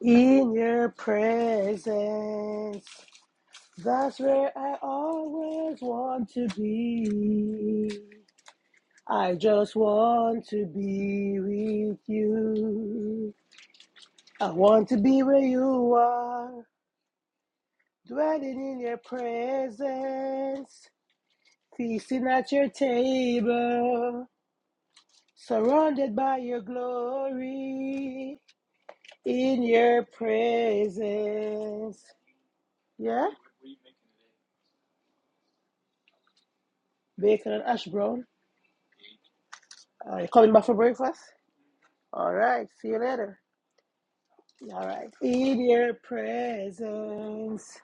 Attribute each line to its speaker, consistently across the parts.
Speaker 1: In your presence, that's where I always want to be. I just want to be with you. I want to be where you are, dwelling in your presence, feasting at your table, surrounded by your glory. In your presence, yeah, bacon and ash brown. Uh, you coming back for breakfast? All right. See you later. All right. In your presence,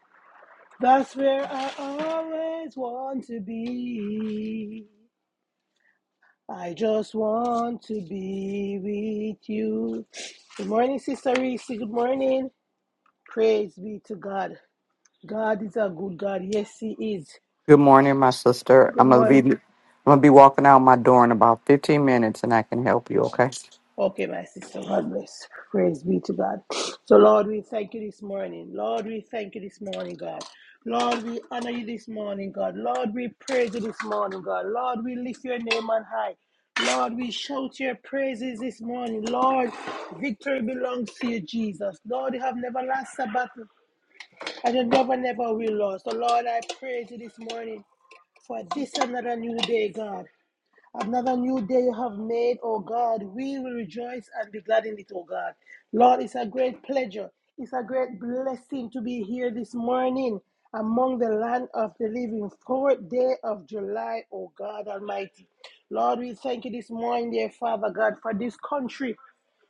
Speaker 1: that's where I always want to be. I just want to be with you. Good morning, Sister Reese. Good morning. Praise be to God. God is a good God. Yes, He is.
Speaker 2: Good morning, my sister.
Speaker 1: Good
Speaker 2: I'm gonna be
Speaker 1: morning.
Speaker 2: I'm gonna be walking out my door in about 15 minutes, and I can help you. Okay?
Speaker 1: Okay, my sister, God bless. Praise be to God. So, Lord, we thank you this morning. Lord, we thank you this morning, God. Lord, we honor you this morning, God. Lord, we praise you this morning, God. Lord, we lift your name on high. Lord, we shout your praises this morning. Lord, victory belongs to you, Jesus. Lord, you have never lost a battle, and you never, never will, Lord. So, Lord, I praise you this morning for this another new day, God. Another new day you have made, oh God. We will rejoice and be glad in it, oh God. Lord, it's a great pleasure. It's a great blessing to be here this morning among the land of the living, fourth day of July, oh God Almighty. Lord, we thank you this morning, dear Father God, for this country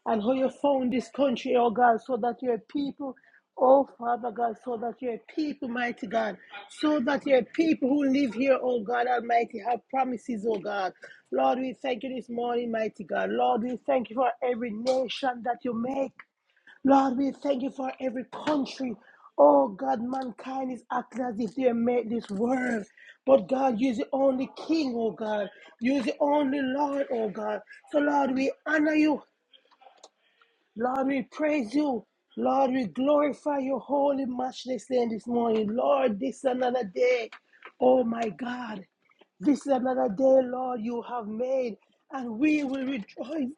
Speaker 1: and how you found this country, oh God, so that your people, oh Father God, so that your people, mighty God, so that your people who live here, oh God Almighty, have promises, oh God. Lord, we thank you this morning, mighty God. Lord, we thank you for every nation that you make. Lord, we thank you for every country. Oh God, mankind is acting as if they made this world. But God, you're the only King, oh God. You're the only Lord, oh God. So Lord, we honor you. Lord, we praise you. Lord, we glorify your holy, matchless name this morning. Lord, this is another day. Oh my God. This is another day, Lord, you have made, and we will rejoice.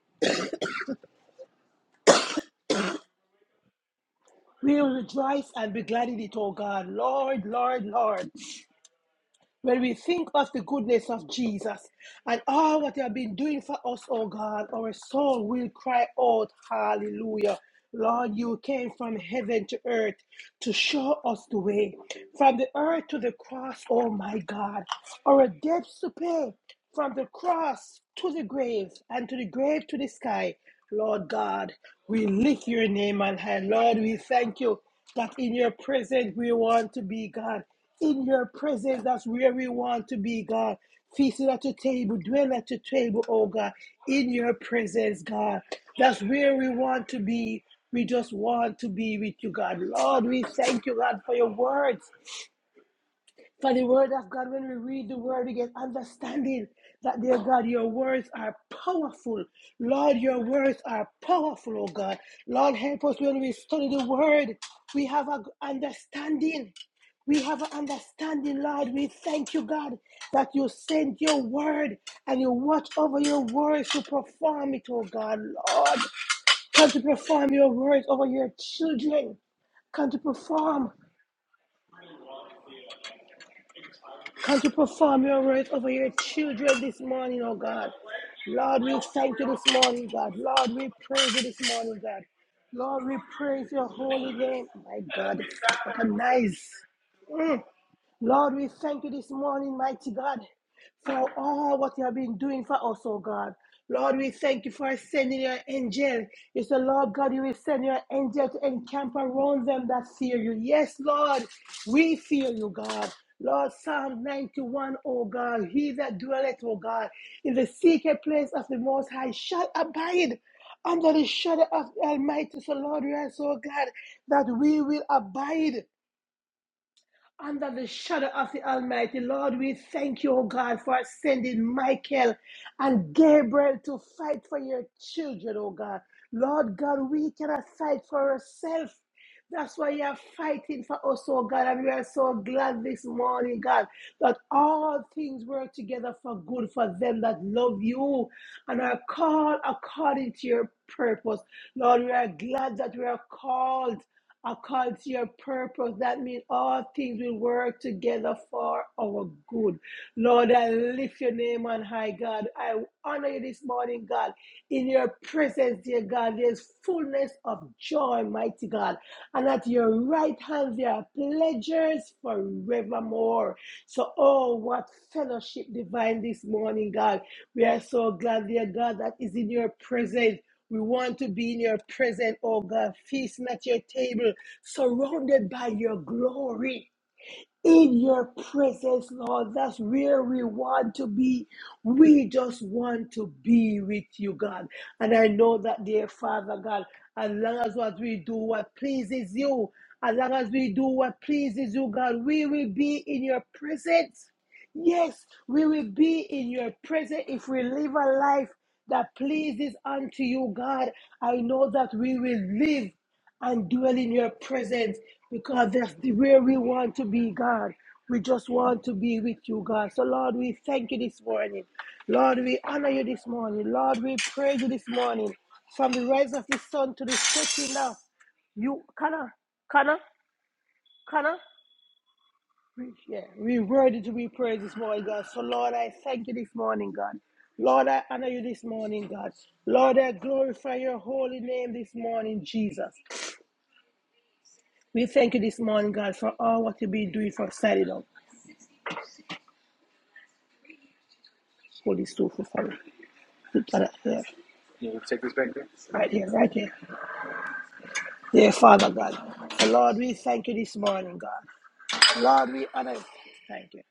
Speaker 1: We will rejoice and be glad in it, oh God. Lord, Lord, Lord. When we think of the goodness of Jesus and all what He has been doing for us, oh God, our soul will cry out, Hallelujah. Lord, you came from heaven to earth to show us the way. From the earth to the cross, oh my God, our debts to pay. From the cross to the grave, and to the grave to the sky. Lord God, we lift your name on high. Lord, we thank you that in your presence we want to be, God in your presence. That's where we want to be, God. Feasting at your table, dwell at your table, oh God, in your presence, God. That's where we want to be. We just want to be with you, God. Lord, we thank you, God, for your words. For the word of God, when we read the word, we get understanding that, dear God, your words are powerful. Lord, your words are powerful, oh God. Lord, help us when we study the word. We have an understanding. We have an understanding, Lord. We thank you, God, that you send your word and you watch over your words to perform it, oh God. Lord, come to perform your words over your children come to perform. Can't you perform your words over your children this morning, oh God? Lord, we thank you this morning, God. Lord, we praise you this morning, God. Lord, we praise your holy name. My God, what a nice. Lord, we thank you this morning, mighty God, for all what you have been doing for us, oh God. Lord, we thank you for sending your angel. You say, Lord God, you will send your angel to encamp around them that fear you. Yes, Lord, we fear you, God. Lord, Psalm 91, oh God, he that dwelleth, oh God, in the secret place of the Most High shall abide under the shadow of the Almighty. So, Lord, we ask, oh God, that we will abide under the shadow of the Almighty. Lord, we thank you, oh God, for sending Michael and Gabriel to fight for your children, oh God. Lord God, we cannot fight for ourselves. That's why you are fighting for us, oh God, and we are so glad this morning, God, that all things work together for good for them that love you and are called according to your purpose. Lord, we are glad that we are called according to your purpose. That means all things will work together for our good. Lord, I lift your name on high, God. I honor you this morning, God. In your presence, dear God, there's fullness of joy, mighty God. And at your right hand, there are pleasures forevermore. So, oh, what fellowship divine this morning, God. We are so glad, dear God, that is in your presence. We want to be in your presence, oh God. Feasting at your table surrounded by your glory in your presence, Lord. That's where we want to be. We just want to be with you, God. And I know that, dear Father God, as long as what we do what pleases you, as long as we do what pleases you, God, we will be in your presence. Yes, we will be in your presence if we live a life that pleases unto you, God. I know that we will live and dwell in your presence because that's the where we want to be, God. We just want to be with you, God. So, Lord, we thank you this morning. Lord, we honor you this morning. Lord, we praise you this morning. From the rise of the sun to the setting of you, Kana, Kana, Kana. We- Yeah, we worthy to be praised this morning, God. So, Lord, I thank you this morning, God. Lord, I honor you this morning, God. Lord, I glorify your holy name this morning, Jesus. We thank you this morning, God, for all what you've been doing for Saturday. Holy Spirit, for it. Put that up there. You want to take this back there? Right here, right here. Dear Father God. Lord, we thank you this morning, God. Lord, we honor you. Thank you.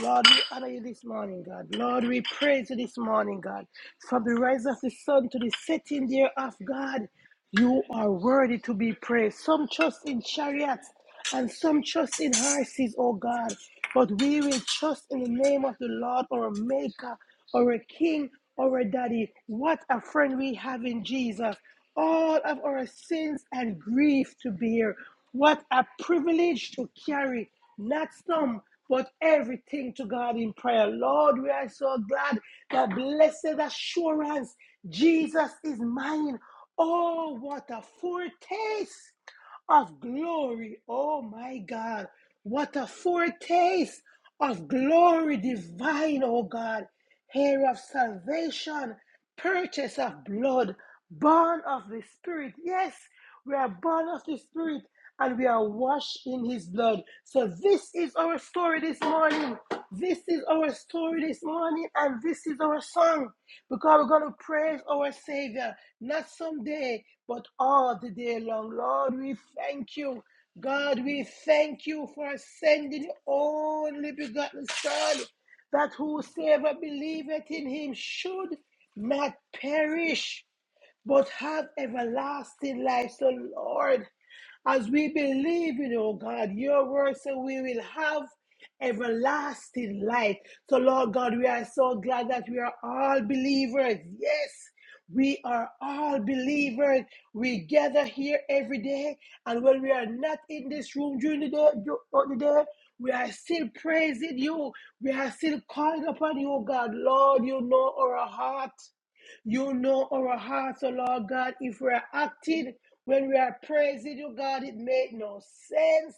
Speaker 1: Lord, we honor you this morning, God. Lord, we praise you this morning, God. From the rise of the sun to the setting thereof, God, you are worthy to be praised. Some trust in chariots and some trust in horses, O God. But we will trust in the name of the Lord, our Maker or a king or a daddy. What a friend we have in Jesus. All of our sins and grief to bear. What a privilege to carry, not some, but everything to God in prayer. Lord, we are so glad that blessed assurance, Jesus is mine. Oh, what a foretaste of glory. Oh my God. What a foretaste of glory divine, oh God. Hair of salvation, purchase of blood, born of the Spirit. Yes, we are born of the Spirit and we are washed in his blood. So this is our story this morning. This is our story this morning, and this is our song because we're going to praise our Savior, not someday, but all the day long. Lord, we thank you. God, we thank you for sending your only begotten Son, that whosoever believeth in him should not perish but have everlasting life. So, Lord, as we believe in you, oh God, your word, so we will have everlasting life. So, Lord God, we are so glad that we are all believers. Yes. We are all believers. We gather here every day, and when we are not in this room during the day, during the day we are still praising you. We are still calling upon you, oh God. Lord, you know our heart. You know our hearts, oh Lord God, if we are acting when we are praising you, God, it made no sense.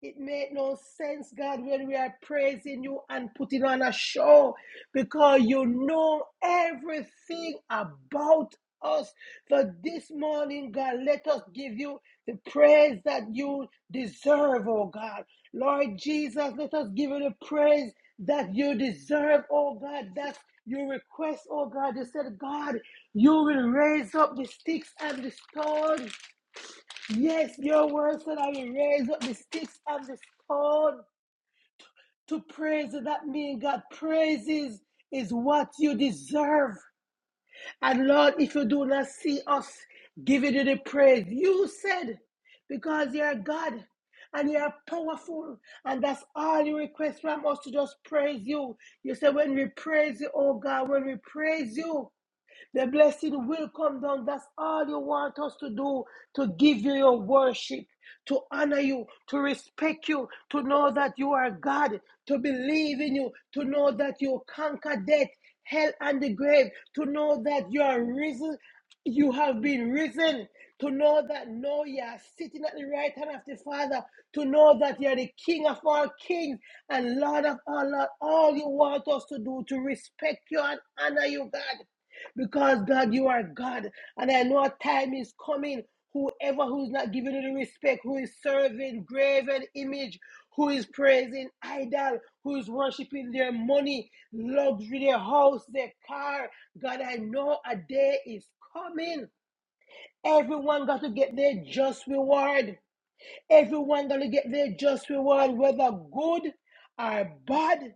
Speaker 1: It made no sense, God, when we are praising you and putting on a show because you know everything about us. For this morning, God, let us give you the praise that you deserve, oh God. Lord Jesus, let us give you the praise that you deserve, oh God. That's your request, oh God. You said, God, you will raise up the sticks and the stone. Yes, your word said, I will raise up the sticks and the stone to praise you. That means, God, praises is what you deserve. And Lord, if you do not see us giving you the praise, you said, because you're God and you're powerful, and that's all you request from us to just praise you. You said, when we praise you, oh God, when we praise you, the blessing will come down. That's all you want us to do to give you your worship, to honor you, to respect you, to know that you are God, to believe in you, to know that you conquer death, hell, and the grave, to know that you are risen, you have been risen, to know that now you are sitting at the right hand of the Father, to know that you are the King of all kings and Lord of all lords. All you want us to do to respect you and honor you, God. Because God, you are God. And I know a time is coming. Whoever who's not giving you the respect, who is serving graven image, who is praising idol, who is worshiping their money, luxury, their house, their car. God, I know a day is coming. Everyone got to get their just reward. Everyone gonna get their just reward, whether good or bad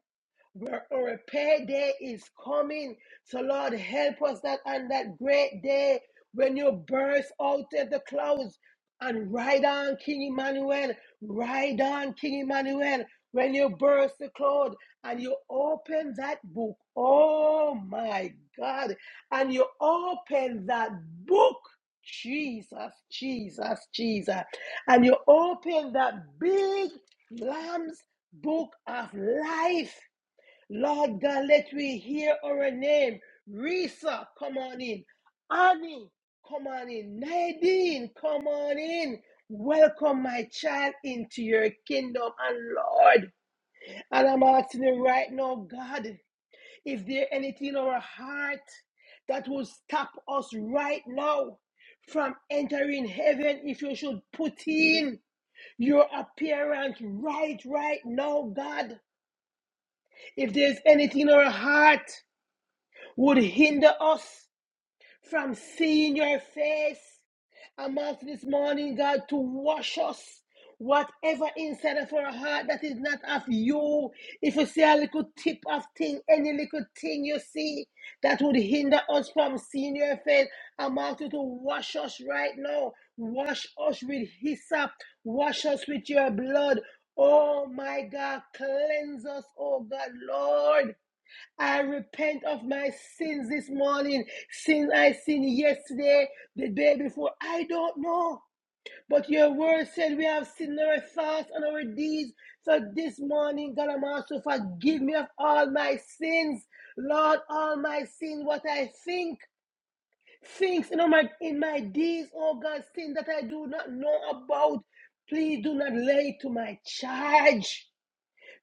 Speaker 1: where a repair day is coming. So, Lord, help us that on that great day when you burst out of the clouds and ride on King Emmanuel, ride on King Emmanuel. When you burst the cloud and you open that book, oh my God, and you open that book, Jesus, Jesus, Jesus, and you open that big Lamb's book of life Lord God, let we hear our name. Risa, come on in. Annie, come on in. Nadine, come on in. Welcome my child into your kingdom and Lord. And I'm asking you right now, God, if there anything in our heart that will stop us right now from entering heaven, if you should put in your appearance right, right now, God. If there's anything in our heart would hinder us from seeing your face. I'm asking this morning, God, to wash us. Whatever inside of our heart that is not of you, if you see a little tip of thing, any little thing you see that would hinder us from seeing your face, I'm asking you to wash us right now. Wash us with hyssop. Wash us with your blood. Oh my God, cleanse us, oh God, Lord. I repent of my sins this morning, sins I sinned yesterday, the day before. I don't know. But your word said we have sinned in our thoughts and our deeds. So this morning, God, I'm also forgive me of all my sins. Lord, all my sins, what I think, things in my, in my deeds, oh God, sin that I do not know about. Please do not lay to my charge.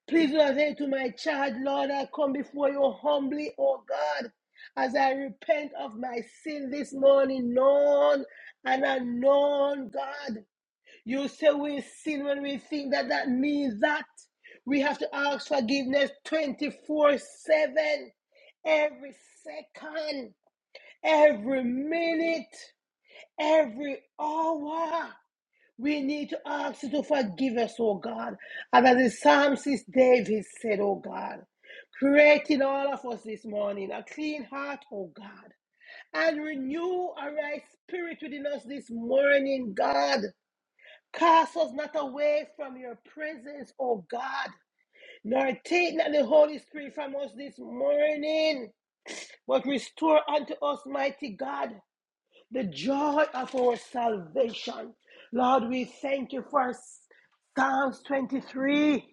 Speaker 1: Please do not take to my child, Lord. I come before you humbly, oh God, as I repent of my sin this morning, known and unknown, God. You say we sin when we think that that means that we have to ask forgiveness 24 7, every second, every minute, every hour. We need to ask you to forgive us, oh God. And as the psalmist David said, oh God, create in all of us this morning a clean heart, oh God, and renew a right spirit within us this morning, God. Cast us not away from your presence, O God, nor take not the Holy Spirit from us this morning, but restore unto us, mighty God the joy of our salvation. Lord, we thank you for Psalms 23.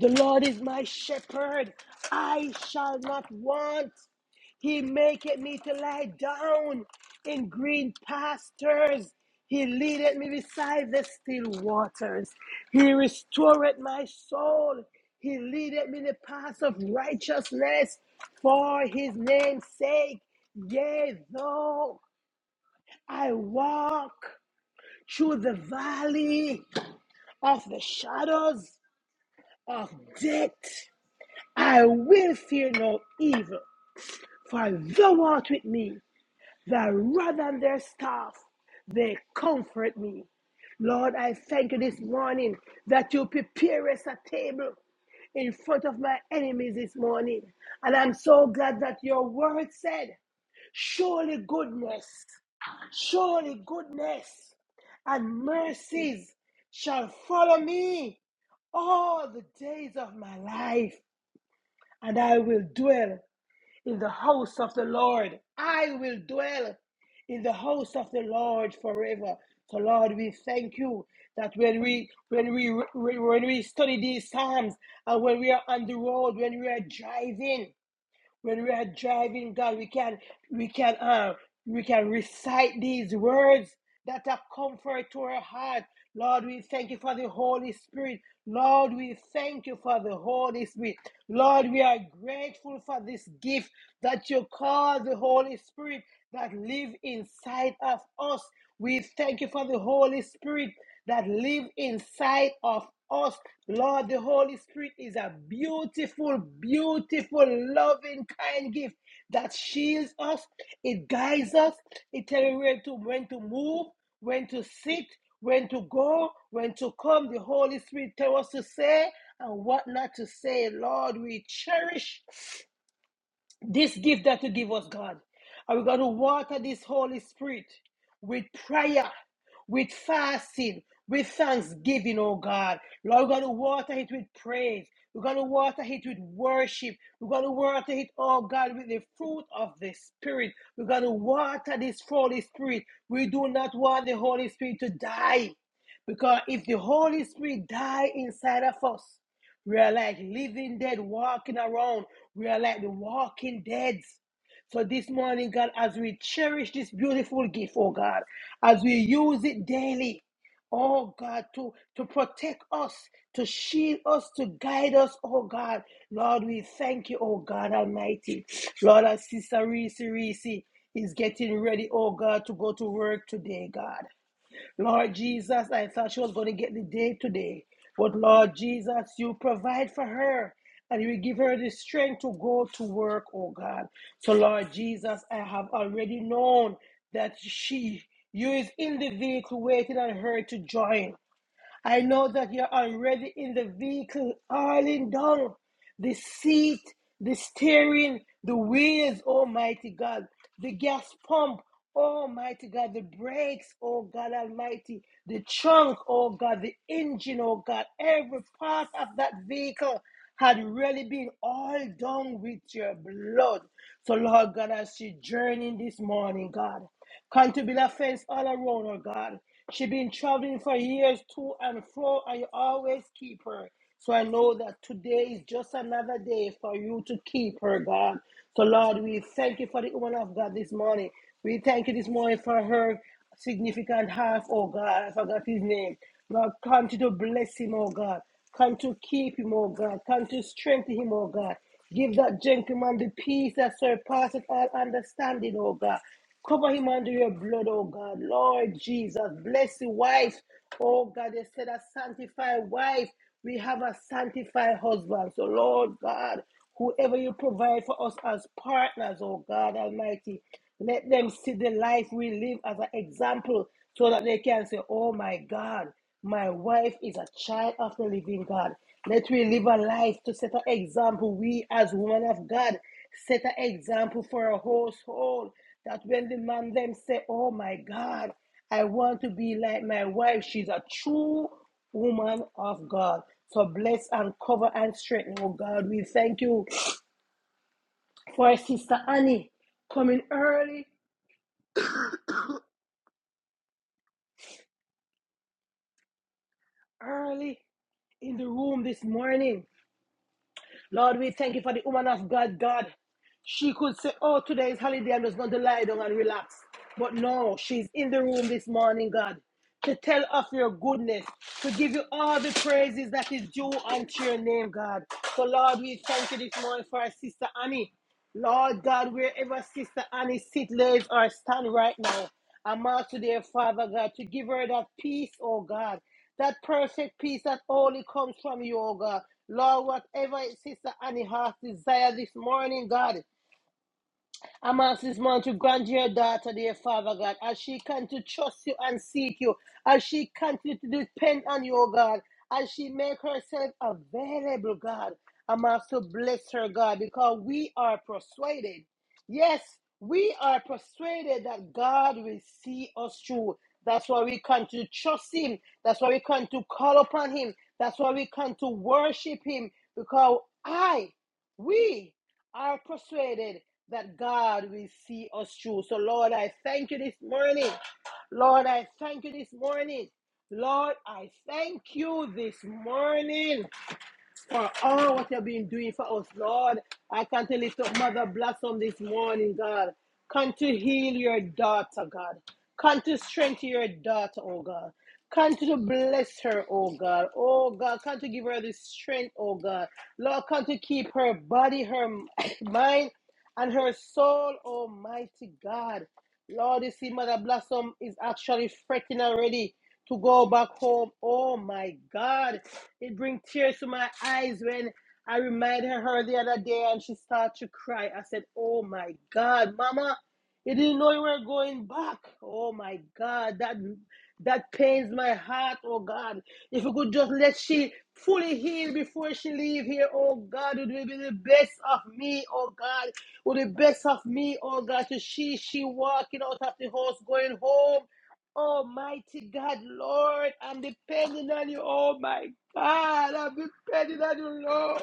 Speaker 1: The Lord is my shepherd, I shall not want. He maketh me to lie down in green pastures. He leadeth me beside the still waters. He restoreth my soul. He leadeth me in the paths of righteousness for his name's sake. Yea, though I walk through the valley of the shadows of death. I will fear no evil, for thou art with me. Thy rod and their staff, they comfort me. Lord, I thank you this morning that you prepare us a table in front of my enemies this morning. And I'm so glad that your word said, Surely goodness. Surely goodness and mercies shall follow me all the days of my life, and I will dwell in the house of the Lord. I will dwell in the house of the Lord forever. So Lord, we thank you that when we when we when we study these psalms and when we are on the road, when we are driving when we are driving, God, we can we can uh, we can recite these words that are comfort to our heart. Lord, we thank you for the Holy Spirit. Lord, we thank you for the Holy Spirit. Lord, we are grateful for this gift that you call the Holy Spirit that live inside of us. We thank you for the Holy Spirit that live inside of us. Lord, the Holy Spirit is a beautiful, beautiful, loving, kind gift that shields us, it guides us, it tells you where to when to move, when to sit, when to go, when to come. The Holy Spirit tells us to say and what not to say. Lord, we cherish this gift that you give us, God. And we're going to water this Holy Spirit with prayer, with fasting, with thanksgiving, oh God. Lord, we're going to water it with praise. We're going to water it with worship. We're going to water it, oh God, with the fruit of the Spirit. We're going to water this Holy Spirit. We do not want the Holy Spirit to die. Because if the Holy Spirit die inside of us, we are like living dead, walking around. We are like the walking dead. So this morning, God, as we cherish this beautiful gift, oh God, as we use it daily, oh God, to, to protect us, to shield us, to guide us, oh God. Lord, we thank you, oh God Almighty. Lord, as Sister Reese Reese is getting ready, oh God, to go to work today, God. Lord Jesus, I thought she was going to get the day today. But Lord Jesus, you provide for her and you will give her the strength to go to work, oh God. So, Lord Jesus, I have already known that she, you is in the vehicle waiting on her to join. I know that you're already in the vehicle, all in done the seat, the steering, the wheels, Almighty God, the gas pump, Almighty God, the brakes, oh God Almighty, the trunk, oh God, the engine, oh God, every part of that vehicle had really been all done with your blood. So, Lord God, as she journeying this morning, God, come to be the fence all around her, God. She been traveling for years to and fro, and you always keep her. So I know that today is just another day for you to keep her, God. So, Lord, we thank you for the woman of God this morning. We thank you this morning for her significant half, oh God. I forgot his name. Lord, continue to bless him, oh God. Continue to keep him, oh God. Continue to strengthen him, oh God. Give that gentleman the peace that surpasses all understanding, oh God. Cover him under your blood, oh God. Lord Jesus, bless the wife, oh God. They said a sanctified wife, we have a sanctified husband. So, Lord God, whoever you provide for us as partners, oh God Almighty, let them see the life we live as an example so that they can say, oh my God. My wife is a child of the living God. Let we live a life to set an example. We, as women of God, set an example for a household. That when the man them say, "Oh my God, I want to be like my wife. She's a true woman of God." So bless and cover and strengthen, oh God. We thank you for our sister Annie coming early, early in the room this morning. Lord, we thank you for the woman of God, God. She could say, Oh, today is holiday. I'm just going to lie down and relax. But no, she's in the room this morning, God, to tell of your goodness, to give you all the praises that is due unto your name, God. So, Lord, we thank you this morning for our sister Annie. Lord God, wherever Sister Annie sit, lays, or stand right now, I'm out to their Father God to give her that peace, oh God, that perfect peace that only comes from you, oh God. Lord, whatever Sister Annie has desire this morning, God. I'm asking this man to grant your daughter, dear Father God, as she can to trust you and seek you, as she continue to depend on you, oh God, as she make herself available, God. I'm also bless her, God, because we are persuaded. Yes, we are persuaded that God will see us through. That's why we come to trust Him. That's why we come to call upon Him. That's why we come to worship Him. Because I, we are persuaded that God will see us through. So, Lord, I thank you this morning. Lord, I thank you this morning. Lord, I thank you this morning for all what you have been doing for us, Lord. I can't lift up Mother Blossom this morning, God. Come to heal your daughter, God. Come to strengthen your daughter, oh God. Come to bless her, oh God. Oh God, come to give her the strength, oh God. Lord, come to keep her body, her mind, and her soul, Almighty God. Lord, you see, Mother Blossom is actually fretting already to go back home. Oh my God. It brings tears to my eyes when I reminded her the other day and she started to cry. I said, Oh my God, Mama, you didn't know you were going back. Oh my God, that that pains my heart, oh God. If you could just let she fully heal before she leave here, oh God, it will be the best of me, oh God. With the best of me, oh God, to see she walking out of the house, going home. Almighty God, Lord, I'm depending on you. Oh my God, I'm depending on you, Lord.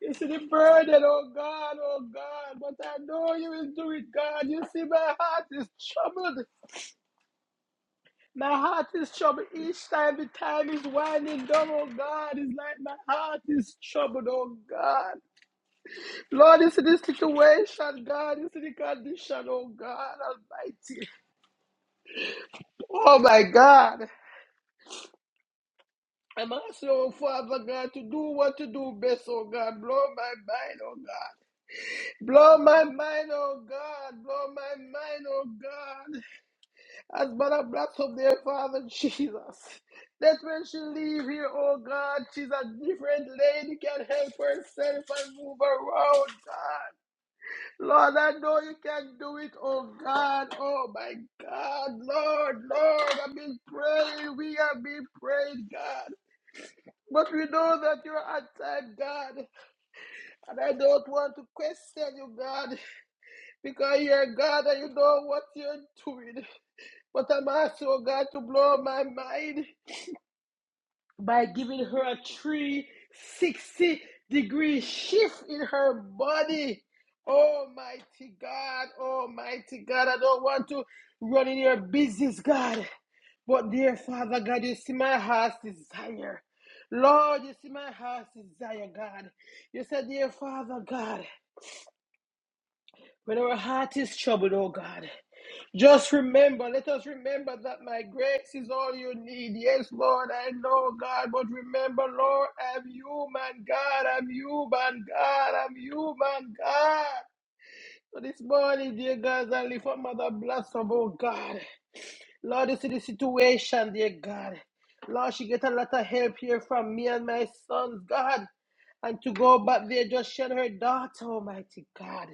Speaker 1: You see the burden, oh God, oh God. But I know you will do it, God. You see, my heart is troubled. My heart is troubled each time the time is winding down, oh God. It's like my heart is troubled, oh God. Lord, you see the situation, God. You see the condition, oh God Almighty. Oh my God. I'm asking, oh Father God, to do what to do best, oh God. Blow my mind, oh God. Blow my mind, oh God. Blow my mind, oh God. As Mother Blacks up there, Father Jesus. That when she leave here, oh God, she's a different lady, can help herself and move around, God. Lord, I know you can do it, oh God. Oh my God, Lord, Lord, I've been praying. We have been praying, God. But we know that you're outside God, and I don't want to question you, God, because you're God and you know what you're doing. But I'm asking oh God to blow my mind by giving her a 360 degree shift in her body. Almighty God, Almighty God, I don't want to run in your business, God. But dear Father God, you see my heart's desire. Lord, you see my heart's desire, God. You said, dear Father God, when our heart is troubled, oh God, just remember, let us remember that my grace is all you need. Yes, Lord, I know, God, but remember, Lord, I'm human, God, I'm human, God, I'm human, God. So this morning, dear God, as I lift up Mother Blossom, oh God. Lord, this is the situation, dear God. Lord, she get a lot of help here from me and my sons, God. And to go back there, just shed her daughter, Almighty God.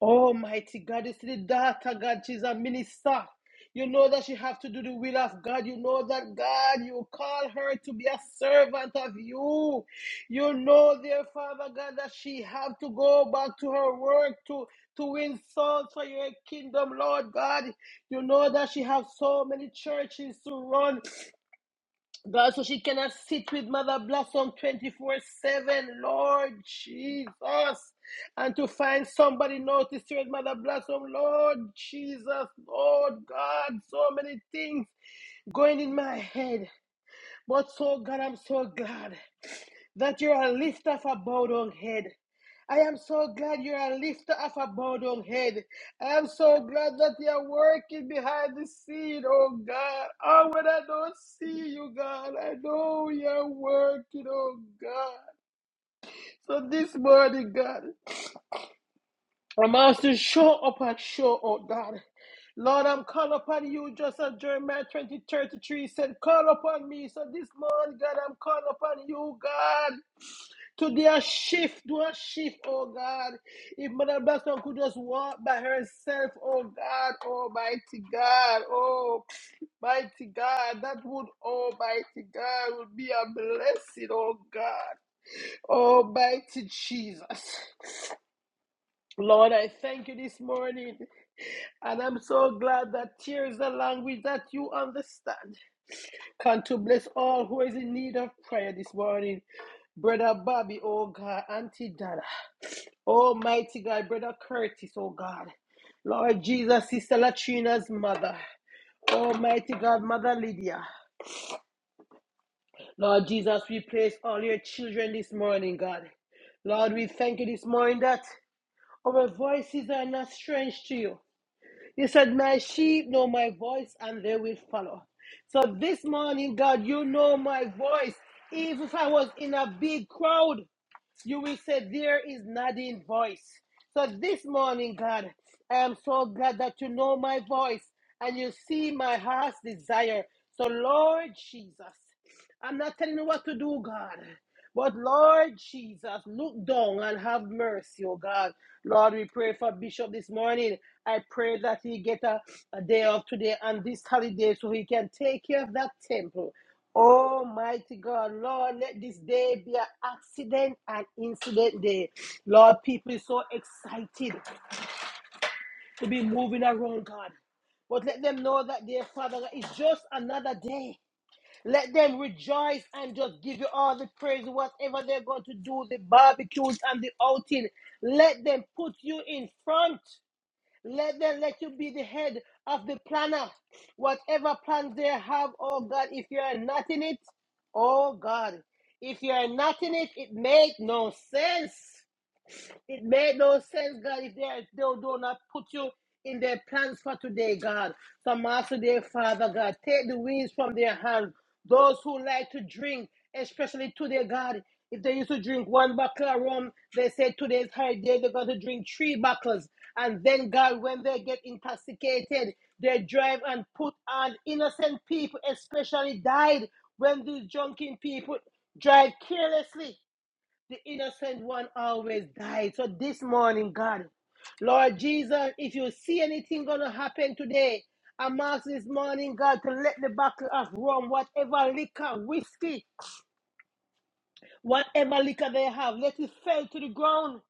Speaker 1: Almighty God, you see the daughter, God, she's a minister. You know that she have to do the will of God. You know that God, you call her to be a servant of you. You know, dear Father God, that she have to go back to her work to to win souls for your kingdom, Lord God. You know that she have so many churches to run. God, so she cannot sit with Mother Blossom 24 7, Lord Jesus. And to find somebody notice her, at Mother Blossom, Lord Jesus, Lord God, so many things going in my head. But so, God, I'm so glad that you're a lifter of a bowed down head. I am so glad you're a lifter of a bowed down head. I am so glad that you're working behind the scene, oh God. Oh, when I don't see you, God, I know you're working, oh God. So this morning, God, I'm asked to show up and show out, God. Lord, I'm calling upon you just as Jeremiah 20, thirty-three said, call upon me. So this morning, God, I'm calling upon you, God. Today a shift, do a shift, oh God. If Mother Blackstone could just walk by herself, oh God, Almighty God, oh mighty God, that would, Almighty God, would be a blessing, oh God, Almighty Jesus. Lord, I thank you this morning, and I'm so glad that here is the language that you understand. Come to bless all who is in need of prayer this morning. Brother Bobby, oh God, Auntie Dana. Almighty God, Brother Curtis, oh God. Lord Jesus, Sister Latrina's mother. Almighty God, Mother Lydia. Lord Jesus, we place all your children this morning, God. Lord, we thank you this morning that our voices are not strange to you. You said, My sheep know my voice and they will follow. So this morning, God, you know my voice. Even if I was in a big crowd, You will say, There is nothing voice. So this morning, God, I am so glad that you know my voice and you see my heart's desire. So, Lord Jesus, I'm not telling you what to do, God. But Lord Jesus, look down and have mercy, oh God. Lord, we pray for Bishop this morning. I pray that he get a, a day off today and this holiday so he can take care of that temple. Almighty God, Lord, let this day be an accident and incident day. Lord, people is so excited to be moving around, God. But let them know that their Father is just another day. Let them rejoice and just give you all the praise, whatever they're going to do, the barbecues and the outing. Let them put you in front. Let them let you be the head of the planner. Whatever plans they have, oh God, if you are not in it, oh God, if you are not in it, it makes no sense. It made no sense, God, if they, if they do not put you in their plans for today, God. So, Master, dear Father, God, take the wings from their hands. Those who like to drink, especially today, God, if they used to drink one bottle of rum, they said today's hard day, they're going to drink three bottles. And then, God, when they get intoxicated, they drive and put on innocent people, especially died when these drunken people drive carelessly the innocent one always died. So this morning, God, Lord Jesus, if you see anything gonna happen today, I'm asking this morning, God, to let the bottle of rum, whatever liquor, whiskey, whatever liquor they have, let it fall to the ground.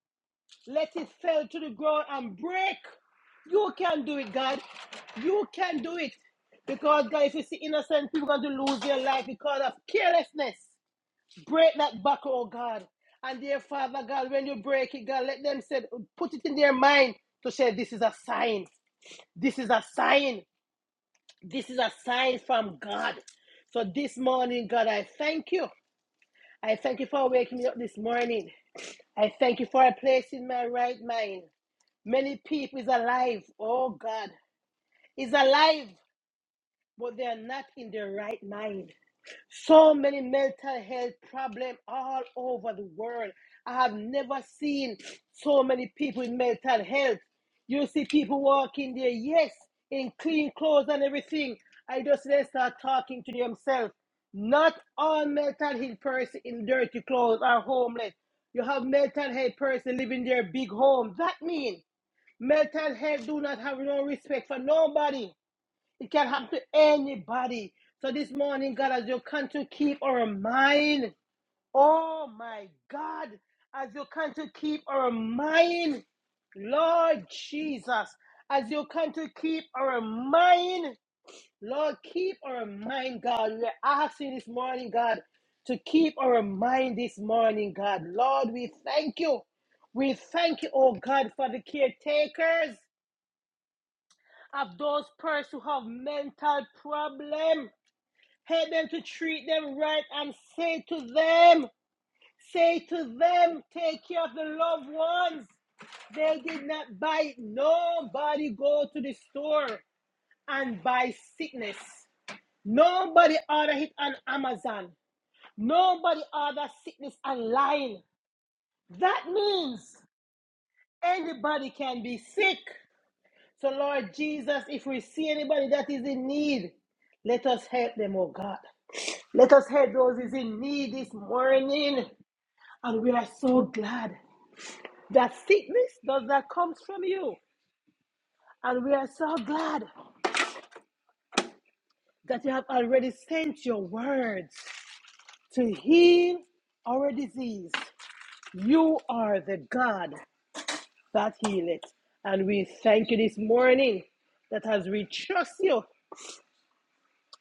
Speaker 1: Let it fall to the ground and break. You can do it, God. You can do it. Because, God, if you see innocent people going to lose their life because of carelessness, Break that back, oh God. And dear Father God, when you break it, God, let them say, put it in their mind to say, this is a sign. This is a sign. This is a sign from God. So this morning, God, I thank you. I thank you for waking me up this morning. I thank you for a place in my right mind. Many people is alive. Oh God, is alive, but they are not in their right mind. So many mental health problems all over the world. I have never seen so many people with mental health. You see people walking there, yes, in clean clothes and everything. I just they start talking to themselves. Not all mental health person in dirty clothes are homeless. You have mental health person living in their big home. That means mental health do not have no respect for nobody. It can happen to anybody. So this morning, God, as you come to keep our mind, oh my God, as you come to keep our mind, Lord Jesus, as you come to keep our mind, Lord, keep our mind, God. We're asking this morning, God, to keep our mind this morning, God. Lord, we thank you. We thank you, oh God, for the caretakers of those persons who have mental problems. Help them to treat them right and say to them, say to them, take care of the loved ones. They did not buy, nobody go to the store and buy sickness. Nobody order it on Amazon. Nobody order sickness online. That means anybody can be sick. So Lord Jesus, if we see anybody that is in need, let us help them, oh God. Let us help those who is in need this morning. And we are so glad that sickness does not come from you. And we are so glad that you have already sent your words to heal our disease. You are the God that healeth. And we thank you this morning that as we trust you,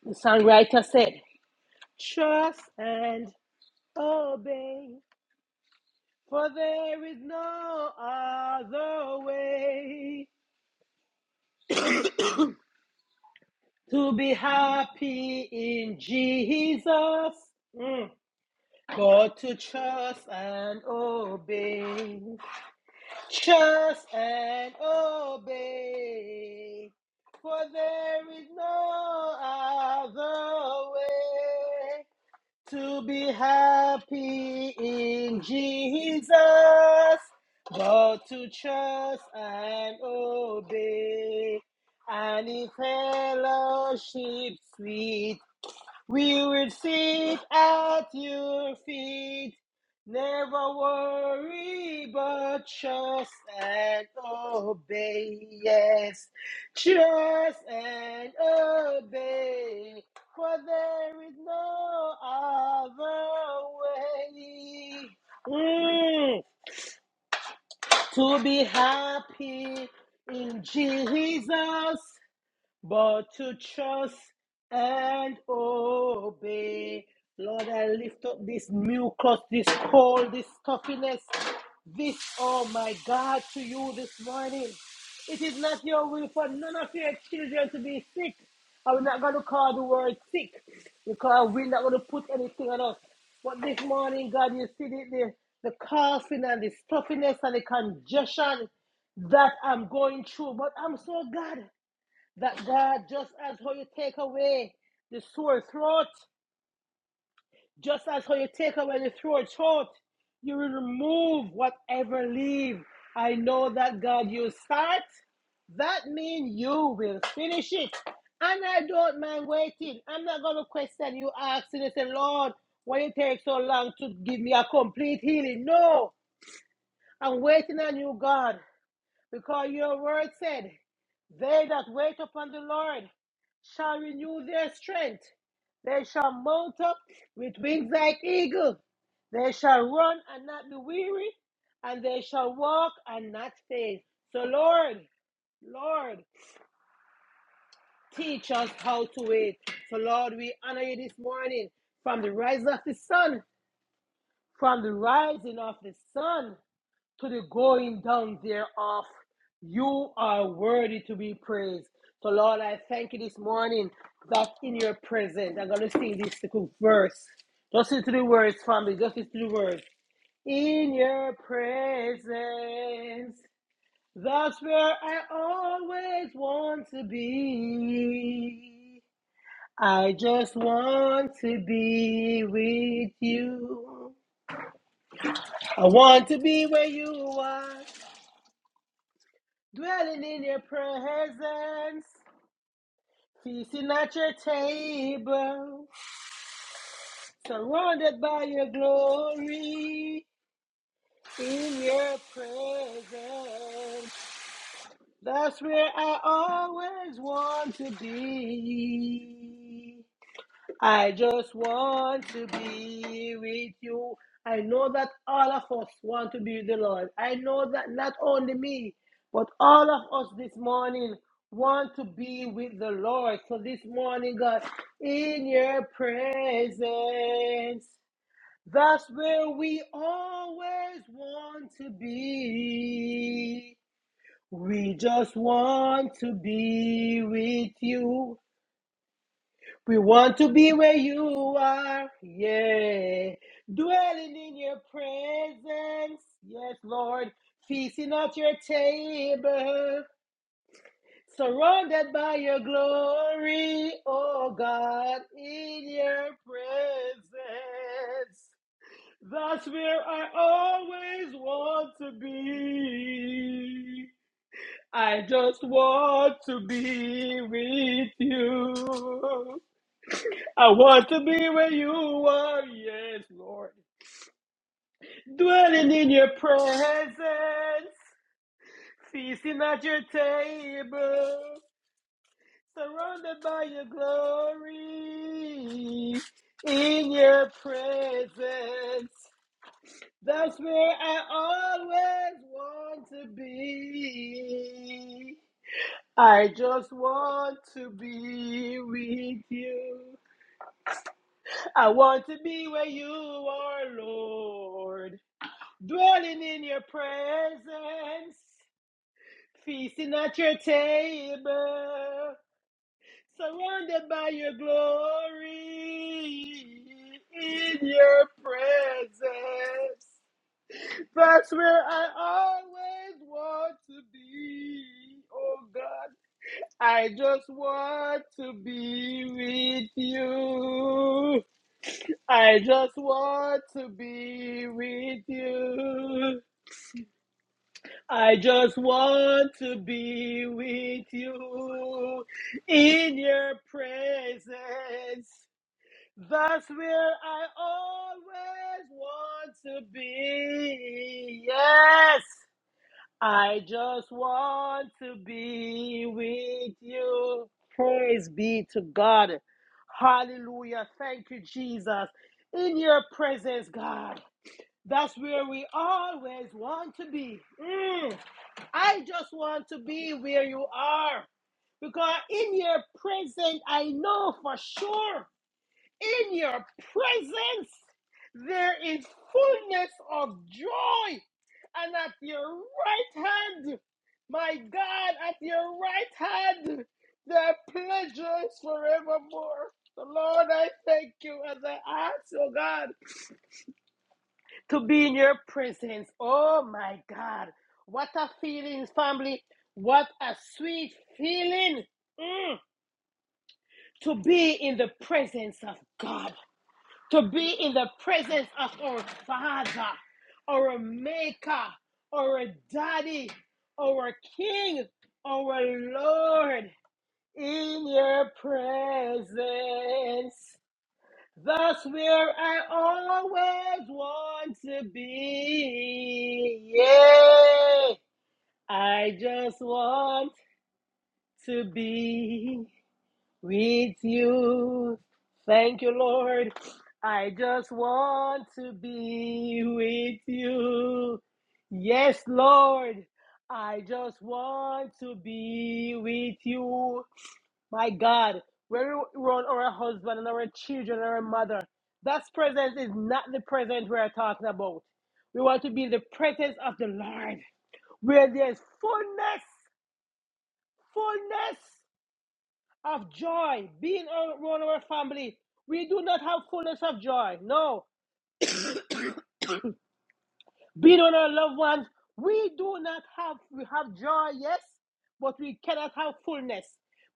Speaker 1: the songwriter said, trust and obey. For there is no other way to be happy in Jesus Mm. but to trust and obey. Trust and obey. For there is no other way. to be happy in Jesus, but to trust and obey, and in fellowship sweet we will sit at your feet, never worry, but trust and obey. Yes, trust and obey, for there is no other way Mm, to be happy in Jesus but to trust and obey. Lord, I lift up this mucus, this cold, this stuffiness, this, oh my God, to you this morning. It is not your will for none of your children to be sick. And we're not going to call the word sick because we're not going to put anything on us. But this morning, God, you see the, the, the coughing and the stuffiness and the congestion that I'm going through. But I'm so glad that God, just as how you take away the sore throat, just as how you take away the sore throat, you will remove whatever leave. I know that God, you start, that means you will finish it. And I don't mind waiting. I'm not going to question you asking and say, Lord, why it takes so long to give me a complete healing? No, I'm waiting on you, God. Because your word said, They that wait upon the Lord shall renew their strength. They shall mount up with wings like eagle. They shall run and not be weary, and they shall walk and not faint. So, Lord, Lord, teach us how to wait. So, Lord, we honor you this morning from the rise of the sun, from the rising of the sun. to the going down thereof. You are worthy to be praised. So, Lord, I thank you this morning that in your presence, I'm going to sing this verse. Just listen to the words, family. Just listen to the words. In your presence, that's where I always want to be. I just want to be with you. I want to be where you are. Dwelling in your presence, feasting at your table, surrounded by your glory, in your presence. That's where I always want to be. I just want to be with you. I know that all of us want to be with the Lord. I know that not only me, but all of us this morning want to be with the Lord. So this morning, God, in your presence, that's where we always want to be. We just want to be with you. We want to be where you are, yeah. Dwelling in your presence, yes, Lord. Feasting at your table, surrounded by your glory, oh God, in your presence. That's where I always want to be. I just want to be with you. I want to be where you are, yes, Lord. Dwelling in your presence, feasting at your table, surrounded by your glory. In your presence, that's where I always want to be. I just want to be with you. I want to be where you are, Lord. Dwelling in your presence, feasting at your table, surrounded by your glory. In your presence, that's where I always want to be. Oh God, I just want to be with you. I just want to be with you. I just want to be with you in your presence. That's where I always want to be. Yes, I just want to be with you. Praise be to God. Hallelujah. Thank you, Jesus. In your presence, God. That's where we always want to be. Mm. I just want to be where you are. Because in your presence, I know for sure, in your presence, there is fullness of joy. And at your right hand, my God, at your right hand, there are pleasures forevermore. So Lord, I thank you as I ask, oh God to be in your presence. Oh my God. What a feeling, family. What a sweet feeling Mm. to be in the presence of God, to be in the presence of our Father, our Maker, our Daddy, our King, our Lord. In your presence that's where I always want to be. Yeah. I just want to be with you. Thank you, Lord. I just want to be with you. Yes, Lord. I just want to be with you. My God, when we run our husband and our children and our mother, that presence is not the presence we are talking about. We want to be in the presence of the Lord, where there's fullness, fullness of joy. Being around our family, we do not have fullness of joy. No, Beat on our loved ones. We do not have, we have joy, yes, but we cannot have fullness.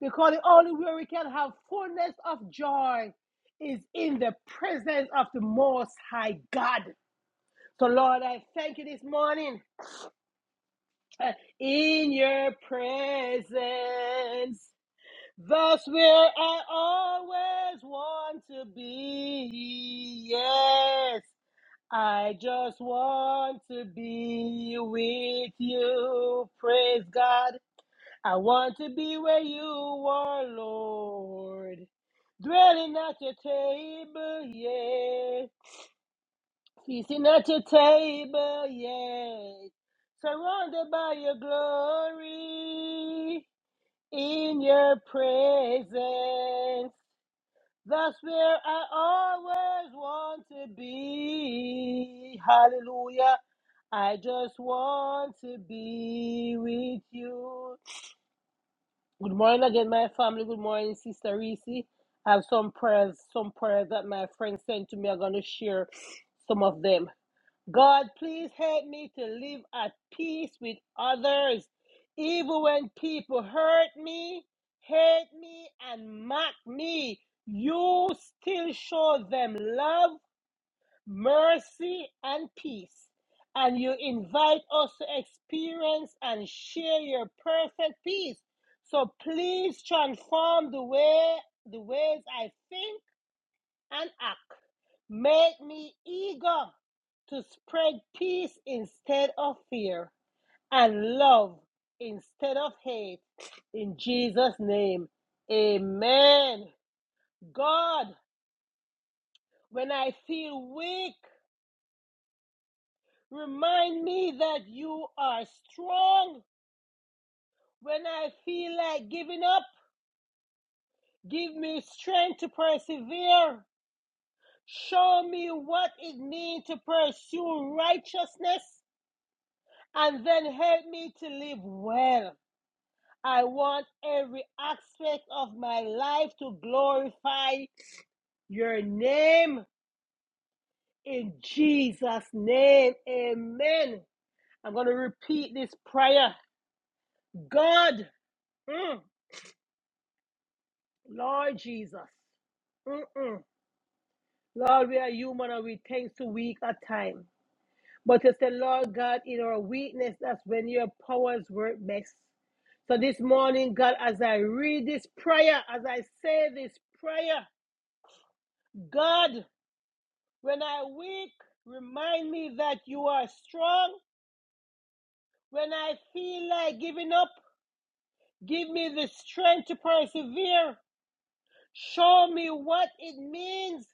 Speaker 1: Because the only way we can have fullness of joy is in the presence of the Most High God. So, Lord, I thank you this morning. Uh, In your presence, that's where I always want to be. Yes. I just want to be with you. Praise God. I want to be where you are, Lord. Dwelling at your table, yeah. Feasting at your table, yeah. Surrounded by your glory in your presence. That's where I always want to be. Hallelujah. I just want to be with you. Good morning again, my family. Good morning, Sister Reese. I have some prayers, some prayers that my friends sent to me. I'm going to share some of them. God, please help me to live at peace with others, even when people hurt me, hate me, and mock me. You still show them love mercy, and peace. And you invite us to experience and share your perfect peace. So please transform the way the ways I think and act. Make me eager to spread peace instead of fear and love instead of hate. In Jesus' name, amen. God, when I feel weak, Remind me that you are strong. When I feel like giving up, give me strength to persevere. Show me what it means to pursue righteousness and then help me to live well. I want every aspect of my life to glorify your name in Jesus' name. Amen. I'm going to repeat this prayer. God. mm, Lord Jesus. Mm-mm. Lord, we are human and we tend to weak at times. But you say, Lord God, in our weakness, that's when your powers work best. So this morning, God, as I read this prayer, as I say this prayer, God, when I weak, remind me that you are strong. When I feel like giving up, give me the strength to persevere. Show me what it means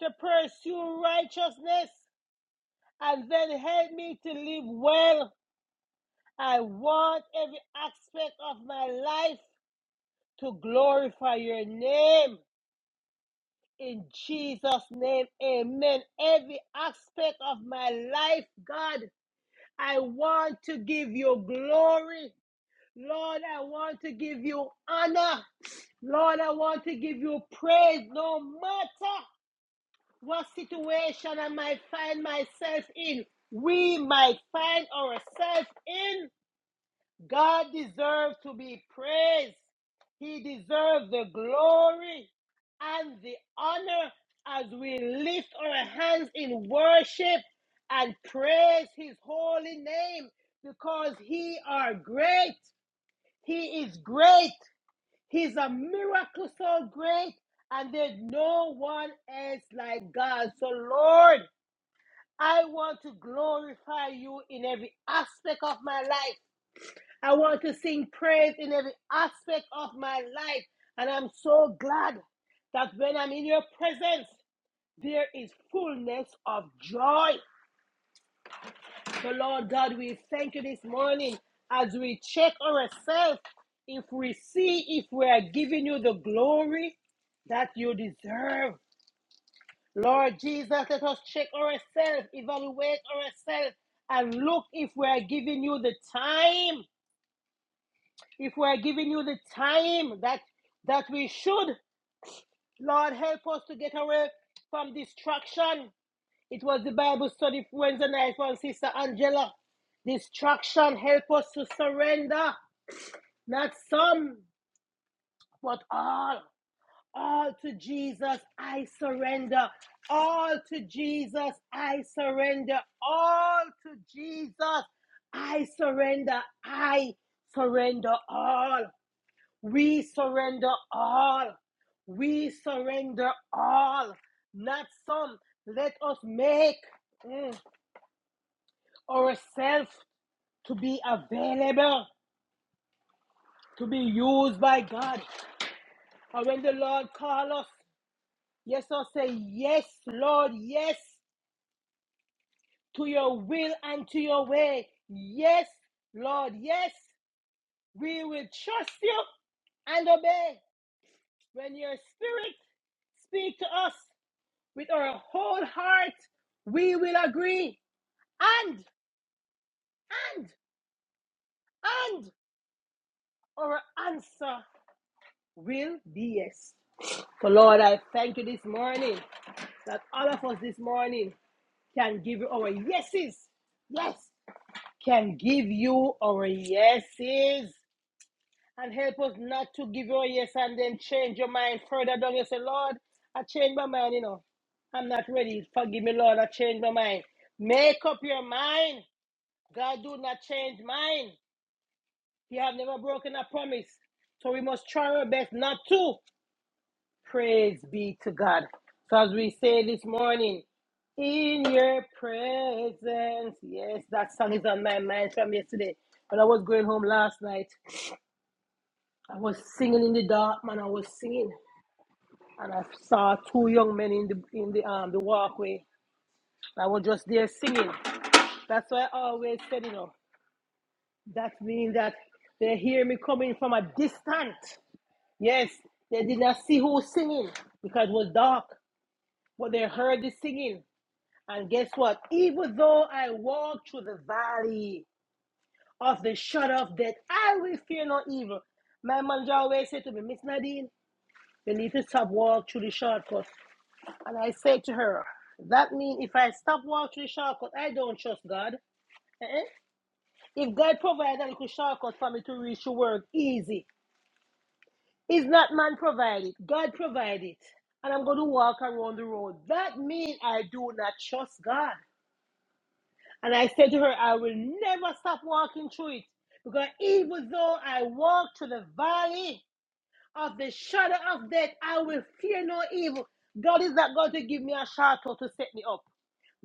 Speaker 1: to pursue righteousness. and then help me to live well. I want every aspect of my life to glorify your name. In Jesus' name, amen. Every aspect of my life, God, I want to give you glory. Lord, I want to give you honor. Lord, I want to give you praise no matter what situation I might find myself in. We might find ourselves in. God deserves to be praised. He deserves the glory and the honor as we lift our hands in worship and praise his holy name because he are great. He is great. He's a miracle so great and there's no one else like God. So Lord, I want to glorify you in every aspect of my life. I want to sing praise in every aspect of my life. And I'm so glad that when I'm in your presence, there is fullness of joy. So, Lord God, we thank you this morning as we check ourselves if we see if we are giving you the glory that you deserve. Lord Jesus, let us check ourselves, evaluate ourselves, and look if we are giving you the time If we're giving you the time that that we should, Lord, help us to get away from distraction. It was the Bible study Wednesday night from Sister Angela. Distraction help us to surrender, not some, but all. All to Jesus, I surrender. All to Jesus, I surrender. All to Jesus, I surrender. I surrender all. We surrender all. We surrender all, not some. Let us make mm, ourselves to be available, to be used by God. And when the Lord calls us, yes, us say, Yes, Lord, yes, to your will and to your way. Yes, Lord, yes, we will trust you and obey. When your spirit speak to us, with our whole heart, we will agree. And, and, and our answer will be yes. So, Lord, I thank you this morning that all of us this morning can give you our yeses. Yes, can give you our yeses. And help us not to give you a yes and then change your mind further down. You say, Lord, I changed my mind, you know. I'm not ready. Forgive me, Lord. I changed my mind. Make up your mind. God do not change mind. He have never broken a promise. So we must try our best not to. Praise be to God. So as we say this morning, in your presence. Yes, that song is on my mind from yesterday. When I was going home last night, I was singing in the dark, man. I was singing, and I saw two young men in the in the um the walkway. I was just there singing. That's why I always said, you know, that means that they hear me coming from a distance. Yes, they did not see who was singing because it was dark, but they heard the singing. And guess what? Even though I walk through the valley of the shadow of death, I will fear no evil. My manager always said to me, Miss Nadine, you need to stop walk through the shortcut. And I said to her, that means if I stop walk through the shortcut, I don't trust God. Eh-eh. If God provided a little shortcut for me to reach the work easy, It's not man provided. God provided. it. And I'm going to walk around the road. That means I do not trust God. And I said to her, I will never stop walking through it. Because even though I walk through the valley of the shadow of death, I will fear no evil. God is not going to give me a shortcut to set me up.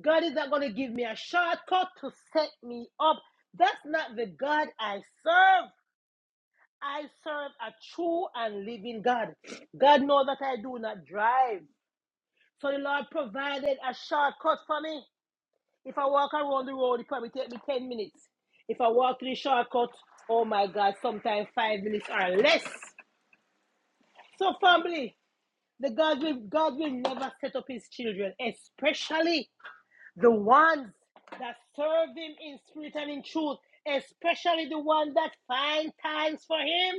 Speaker 1: God is not going to give me a shortcut to set me up. That's not the God I serve. I serve a true and living God. God knows that I do not drive. So the Lord provided a shortcut for me. If I walk around the road, it probably take me 10 minutes. If I walk to the shortcut, oh my God, sometimes five minutes or less. So family, the God will God will never set up his children, especially the ones that serve him in spirit and in truth, especially the one that find times for him.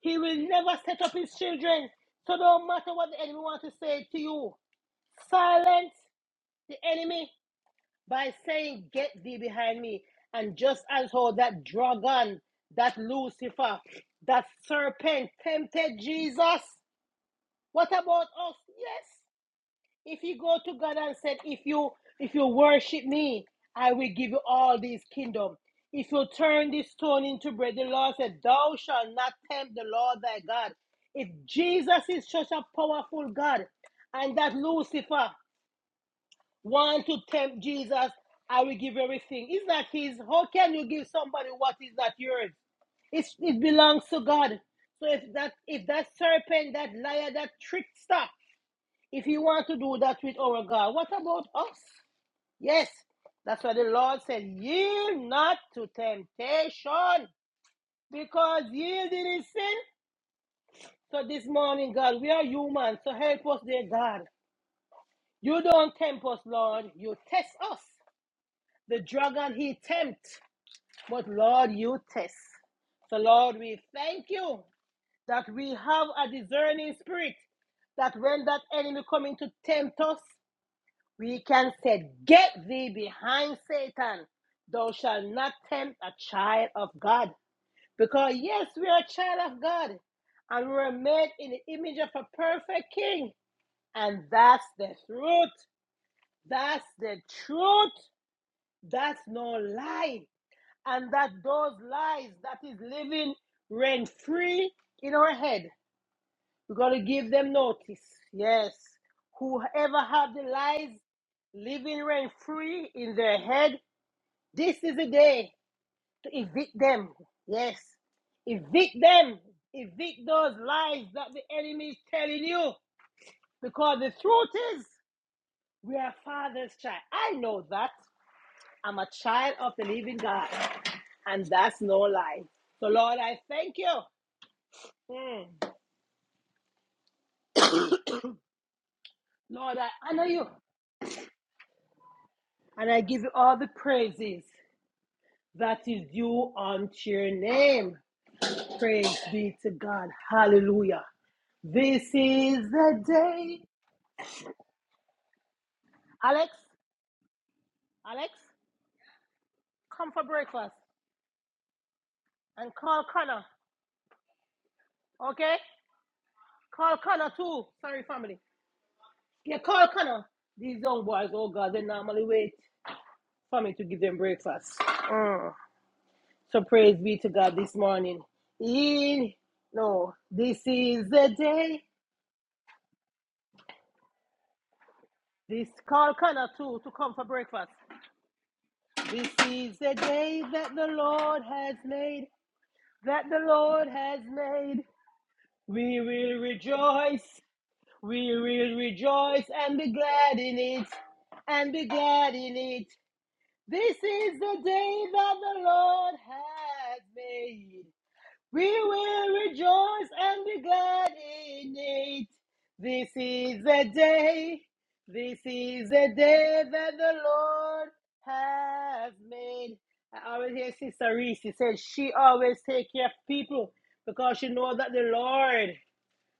Speaker 1: He will never set up his children. So no matter what the enemy wants to say to you, silence the enemy by saying, Get thee behind me. And just as how that dragon, that Lucifer, that serpent tempted Jesus, what about us? Yes. If you go to God and said, if you if you worship me, I will give you all these kingdoms." If you turn this stone into bread, the Lord said, Thou shalt not tempt the Lord thy God. If Jesus is such a powerful God, and that Lucifer want to tempt Jesus, I will give everything. Is that his? How can you give somebody what is not yours? It's, it belongs to God. So if that if that serpent, that liar, that trickster if you want to do that with our God, what about us? Yes, that's why the Lord said, Yield not to temptation, because yielding is sin. So this morning, God, we are human, so help us, dear God. You don't tempt us, Lord, you test us. The dragon he tempts, but Lord, you test. So, Lord, we thank you that we have a discerning spirit that when that enemy coming to tempt us, We can say, Get thee behind Satan. Thou shalt not tempt a child of God. Because, yes, we are a child of God. And we were made in the image of a perfect king. And that's the truth. That's the truth. That's no lie. And that those lies that is living reign free in our head we got to give them notice. Yes. Whoever have the lies living rent free in their head, this is the day to evict them. Yes. Evict them. Evict those lies that the enemy is telling you. Because the truth is, we are father's child. I know that. I'm a child of the living God. And that's no lie. So, Lord, I thank you. Mm. Lord, I honor you. And I give you all the praises. that is due unto your name. Praise be to God. Hallelujah. This is the day. Alex, Alex, come for breakfast and call Connor. Okay? Call Connor too. Sorry, family. Yeah, call Connor. These young boys, oh God, they normally wait for me to give them breakfast. Mm. So praise be to God this morning. In no, this is the day. This call Connor too to come for breakfast. This is the day that the Lord has made, that the Lord has made. We will rejoice, we will rejoice and be glad in it, and be glad in it. This is the day that the Lord has made. We will rejoice and be glad in it. This is the day. This is the day that the Lord has made. I always hear Sister Reese. She says she always take care of people because she knows that the Lord,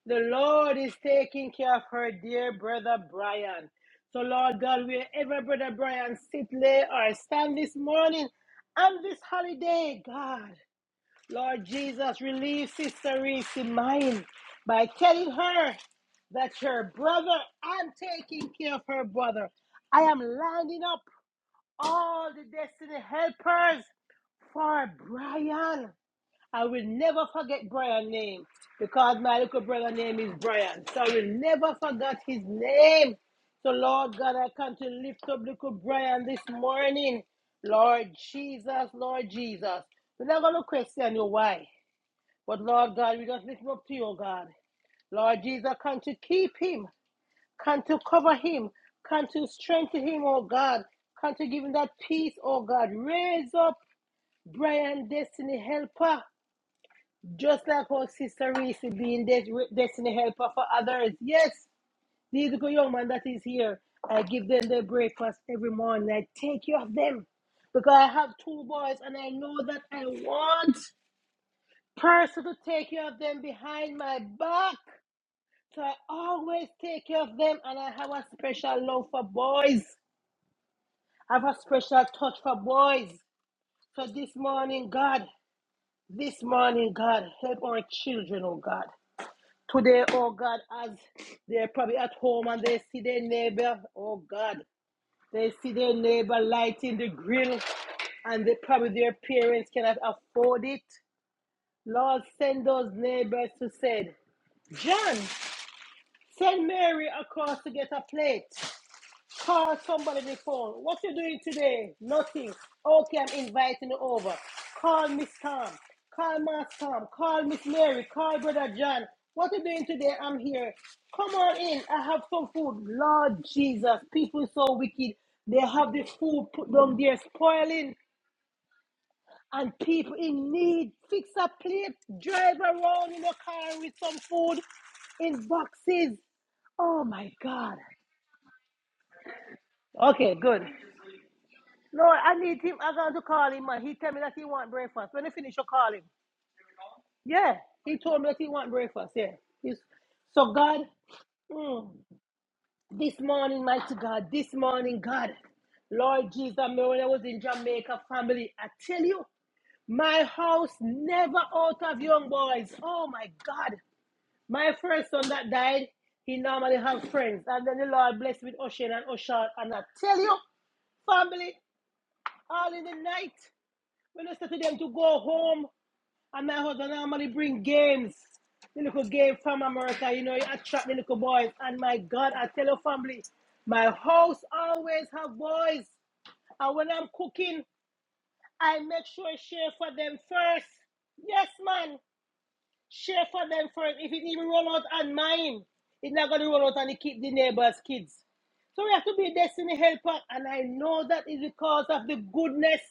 Speaker 1: the Lord is taking care of her dear brother Brian. So Lord God, wherever brother Brian sit, lay or stand this morning and this holiday, God. Lord Jesus, relieve Sister Reese's mind by telling her that her brother, I'm taking care of her brother. I am lining up all the destiny helpers for Brian. I will never forget Brian's name because my little brother's name is Brian. So I will never forget his name. So, Lord God, I come to lift up little Brian this morning. Lord Jesus, Lord Jesus. We're not going to question you why. But Lord God, we just lift him up to you, oh God. Lord Jesus, come to keep him, come to cover him, come to strengthen him, oh God. Come to give him that peace, oh God. Raise up Brian Destiny Helper, just like our sister Reese being des- Destiny Helper for others. Yes, these good young man that is here. I give them their breakfast every morning. I take care of them because I have two boys and I know that I want person to take care of them behind my back. So I always take care of them, and I have a special love for boys. I have a special touch for boys. So this morning, God, this morning, God, help our children, oh God. Today, oh God, as they're probably at home and they see their neighbor, oh God, they see their neighbor lighting the grill, and they probably their parents cannot afford it. Lord, send those neighbors to say, John, send Mary across to get a plate. Call somebody the phone. What you doing today? Nothing. Okay, I'm inviting you over. Call Miss Tom. Call Miss Tom. Call Miss Mary. Call Brother John. What you doing today? I'm here. Come on in. I have some food. Lord Jesus, people so wicked. They have the food put down there, spoiling, and people in need. Fix a plate. Drive around in a car with some food in boxes. Oh my God. Okay, good. No, I need him. I am going to call him, man. He tell me that he want breakfast. When he finish, I call him. Yeah, he told me that he want breakfast. Yeah. He's, so God, mm, this morning, mighty God, this morning, God, Lord Jesus, me when I was in Jamaica, family, I tell you, my house never out of young boys. Oh my God, my first son that died, he normally have friends, and then the Lord blessed with Ocean and Ocean, and I tell you, family, all in the night. When I said to them to go home, and my husband normally bring games, the little game from America, you know, it attract the little boys. And my God, I tell your family, my house always have boys. And when I'm cooking, I make sure I share for them first. Yes, man. Share for them first. If it even run out on mine, it's not going to run out on the, kid, the neighbor's kids. So we have to be a destiny helper. And I know that is because of the goodness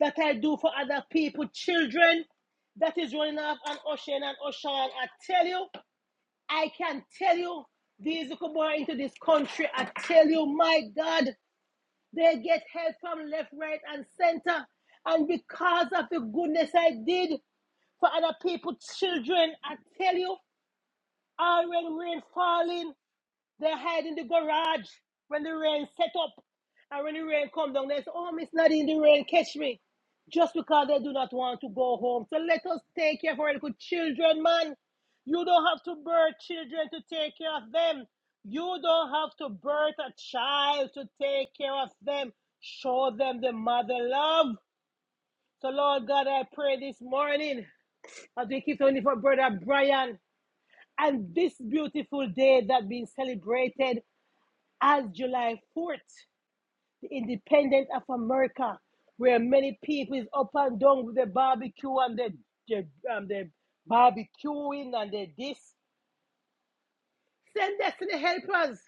Speaker 1: that I do for other people, children that is running off and ocean and ocean. I tell you, I can tell you, these little boy into this country, I tell you, my God, they get help from left, right, and center. And because of the goodness I did for other people, children, I tell you, all when rain falling, they hide in the garage when the rain set up. And when the rain come down, they say, oh, Miss Nadine, the rain catch me. Just because they do not want to go home. So let us take care of our little children, man. You don't have to birth children to take care of them. You don't have to birth a child to take care of them. Show them the mother love. So, Lord God, I pray this morning as we keep on for Brother Brian. And this beautiful day that being celebrated as July 4th, the independence of America, where many people is up and down with the barbecue and the, the, um, the barbecuing and the this. Send destiny helpers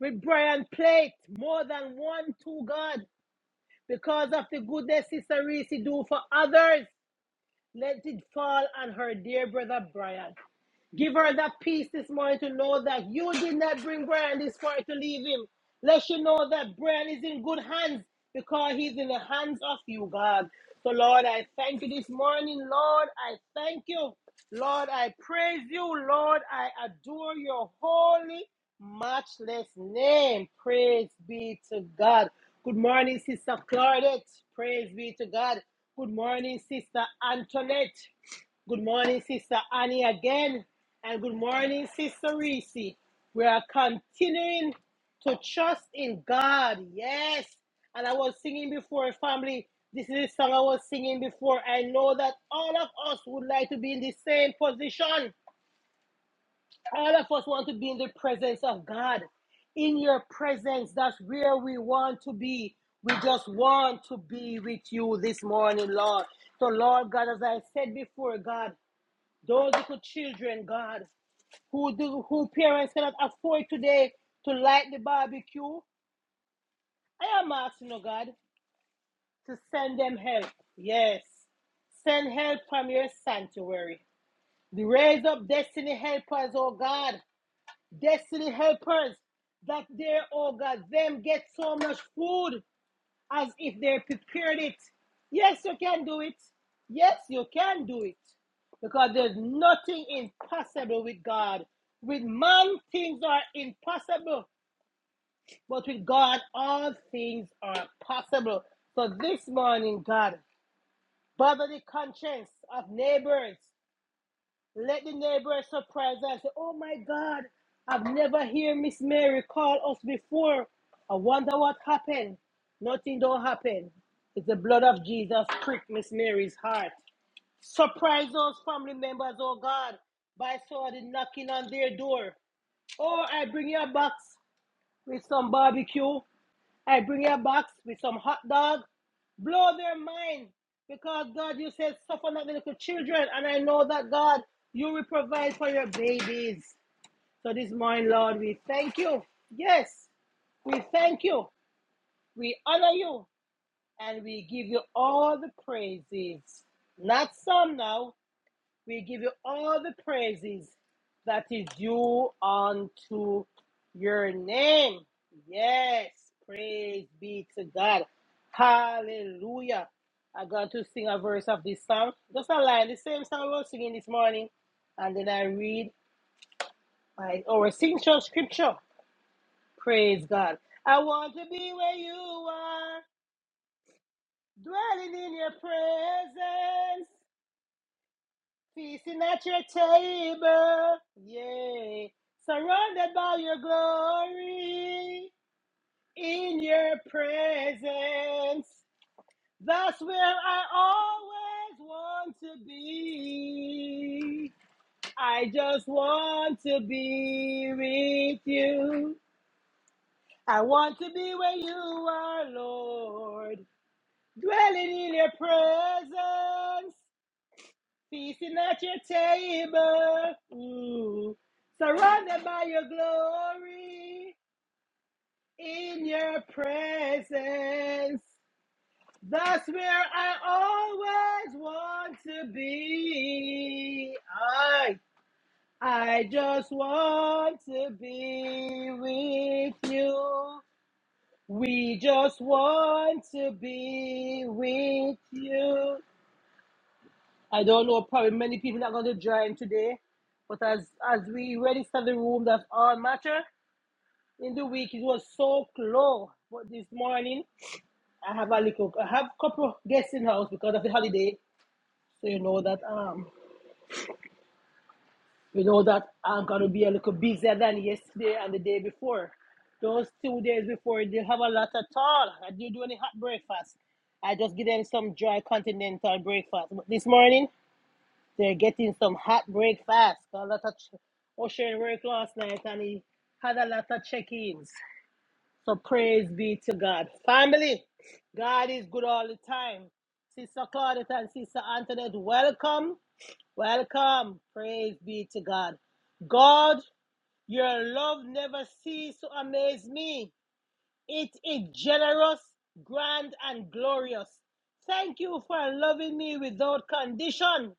Speaker 1: with Brian Plate, more than one to God, because of the goodness Sister Reese do for others. Let it fall on her dear brother Brian. Give her that peace this morning to know that you did not bring Brian this far to leave him. Let you know that Brian is in good hands because he's in the hands of you, God. So, Lord, I thank you this morning. Lord, I thank you. Lord, I praise you. Lord, I adore your holy, matchless name. Praise be to God. Good morning, Sister Claudette. Praise be to God. Good morning, Sister Antoinette. Good morning, Sister Annie again, and good morning, Sister Reese. We are continuing to trust in God. Yes. And I was singing before, family. This is a song I was singing before. I know that all of us would like to be in the same position. All of us want to be in the presence of God. In your presence, that's where we want to be. We just want to be with you this morning, Lord. So, Lord God, as I said before, God, those little children, God, who do who parents cannot afford today to light the barbecue. I am asking, oh God, to send them help. Yes. Send help from your sanctuary. Raise up destiny helpers, oh God. Destiny helpers. That there, oh God, them get so much food. as if they prepared it. Yes, you can do it. Yes, you can do it. Because there's nothing impossible with God. With man, things are impossible, but with God, all things are possible. So this morning, God, bother the conscience of neighbors. Let the neighbors surprise and say, Oh my God, I've never heard Miss Mary call us before. I wonder what happened. Nothing don't happen. It's the blood of Jesus pricked Miss Mary's heart. Surprise those family members, oh God, by sudden knocking on their door. Oh, I bring you a box with some barbecue. I bring you a box with some hot dog. Blow their mind. Because God, you said, suffer not the little children. And I know that God, you will provide for your babies. So this morning, Lord, we thank you. Yes, we thank you. We honor you. And we give you all the praises. Not some now, we give you all the praises that is due unto your name. Yes, praise be to God. Hallelujah. I'm going to sing a verse of this song. Just a line, the same song I was singing this morning. And then I read my or sing some scripture. Praise God. I want to be where you are, dwelling in your presence. Feasting at your table, yeah, Surrounded by your glory, in your presence. That's where I always want to be. I just want to be with you. I want to be where you are, Lord, dwelling in your presence. Feasting at your table. Ooh. Surrounded by your glory. In your presence. That's where I always want to be. I, I just want to be with you. We just want to be with you. I don't know. Probably many people are going to join today. But as as we register the room, that's all matter. In the week, it was so close. But this morning, I have a little, I have a couple of guests in house because of the holiday. So you know that um, you know that I'm gonna be a little busier than yesterday and the day before. Those two days before, they have a lot at all. I didn't do any hot breakfast. I just give them some dry continental breakfast. But this morning. They're getting some hot breakfast. A lot of ch- Ocean work last night and he had a lot of check ins. So praise be to God. Family, God is good all the time. Sister Claudette and Sister Antoinette, welcome. Welcome. Praise be to God. God, your love never ceases to amaze me. It is generous, grand, and glorious. Thank you for loving me without condition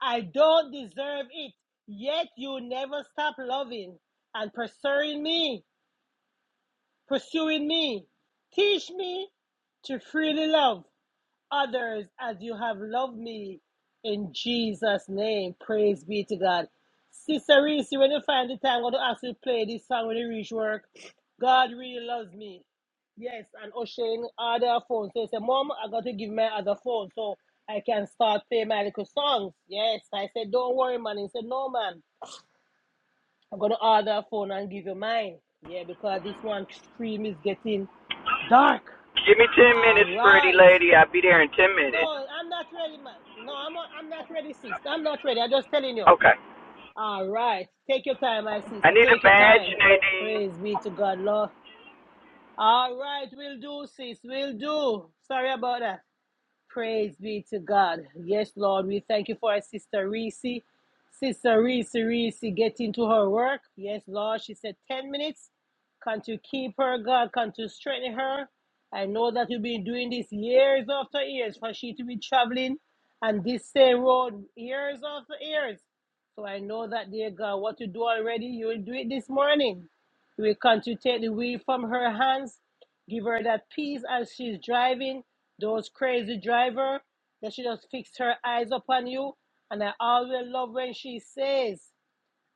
Speaker 1: I don't deserve it. Yet you never stop loving and pursuing me, pursuing me. Teach me to freely love others as you have loved me in Jesus' name. Praise be to God. Sister Reese, when you find the time, I'm going to ask you to play this song when you reach work. God really loves me. Yes, and Oshane other phone. So he said, Mom, I got to give my other phone so I can start playing my little songs. Yes. I said, Don't worry, man. He said, No, man. I'm going to order a phone and give you mine. Yeah, because this one screen is getting dark.
Speaker 2: Give me 10
Speaker 1: All
Speaker 2: minutes, pretty
Speaker 1: right.
Speaker 2: lady. I'll be there in 10 minutes.
Speaker 1: No, I'm not ready, man. No, I'm not, I'm not ready, sis. I'm not ready. I'm just telling you.
Speaker 2: Okay.
Speaker 1: All right. Take your time, my
Speaker 2: I
Speaker 1: sister.
Speaker 2: need a
Speaker 1: Take your
Speaker 2: badge,
Speaker 1: time.
Speaker 2: Nadine.
Speaker 1: Praise be to God, Lord. All right, we'll do, sis. We'll do. Sorry about that. Praise be to God. Yes, Lord, we thank you for our sister Reese. Sister Reese, Reese, get into her work. Yes, Lord, she said 10 minutes. Can to keep her, God, can to strengthen her. I know that you've been doing this years after years for she to be traveling and this same road years after years. So I know that, dear God, what you do already, you will do it this morning. You will come to take the wheel from her hands. Give her that peace as she's driving. Those crazy driver that she just fixed her eyes upon you. And I always love when she says,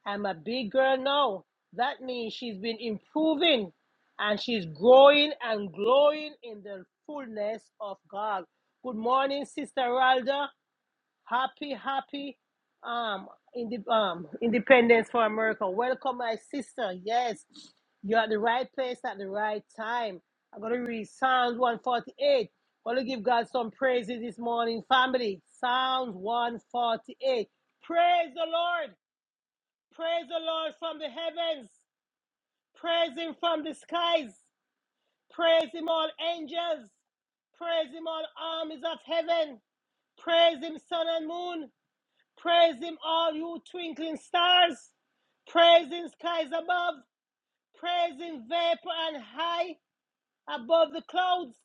Speaker 1: I'm a big girl now. That means she's been improving and she's growing and glowing in the fullness of God. Good morning, Sister Ralda. Happy, happy um, inde- um, Independence for America. Welcome, my sister. Yes, you're at the right place at the right time. I'm going to read Psalms 148. going to give God some praises this morning, family. Psalms 148. Praise the Lord. Praise the Lord from the heavens. Praise Him from the skies. Praise Him, all angels. Praise Him, all armies of heaven. Praise Him, sun and moon. Praise him, all you twinkling stars. Praise in skies above. Praise in vapor and high above the clouds.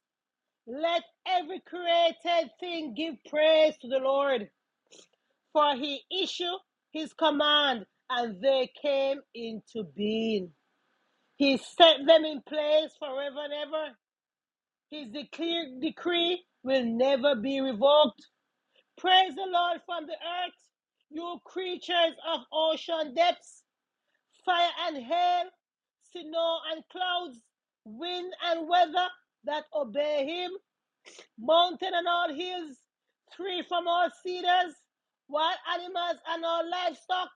Speaker 1: Let every created thing give praise to the Lord. For he issued his command and they came into being. He set them in place forever and ever. His decree, decree will never be revoked. Praise the Lord from the earth, you creatures of ocean depths. fire and hail, snow and clouds, wind and weather that obey him, mountain and all hills, tree from all cedars, wild animals and all livestock,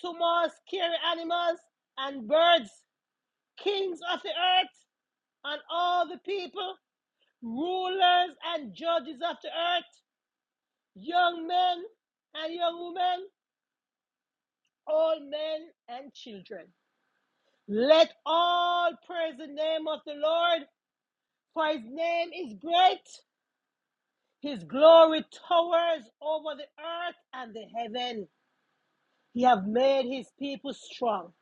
Speaker 1: small scary animals and birds, kings of the earth and all the people, rulers and judges of the earth, young men and young women, old men and children. Let all praise the name of the Lord, for his name is great. His glory towers over the earth and the heaven. He have made his people strong,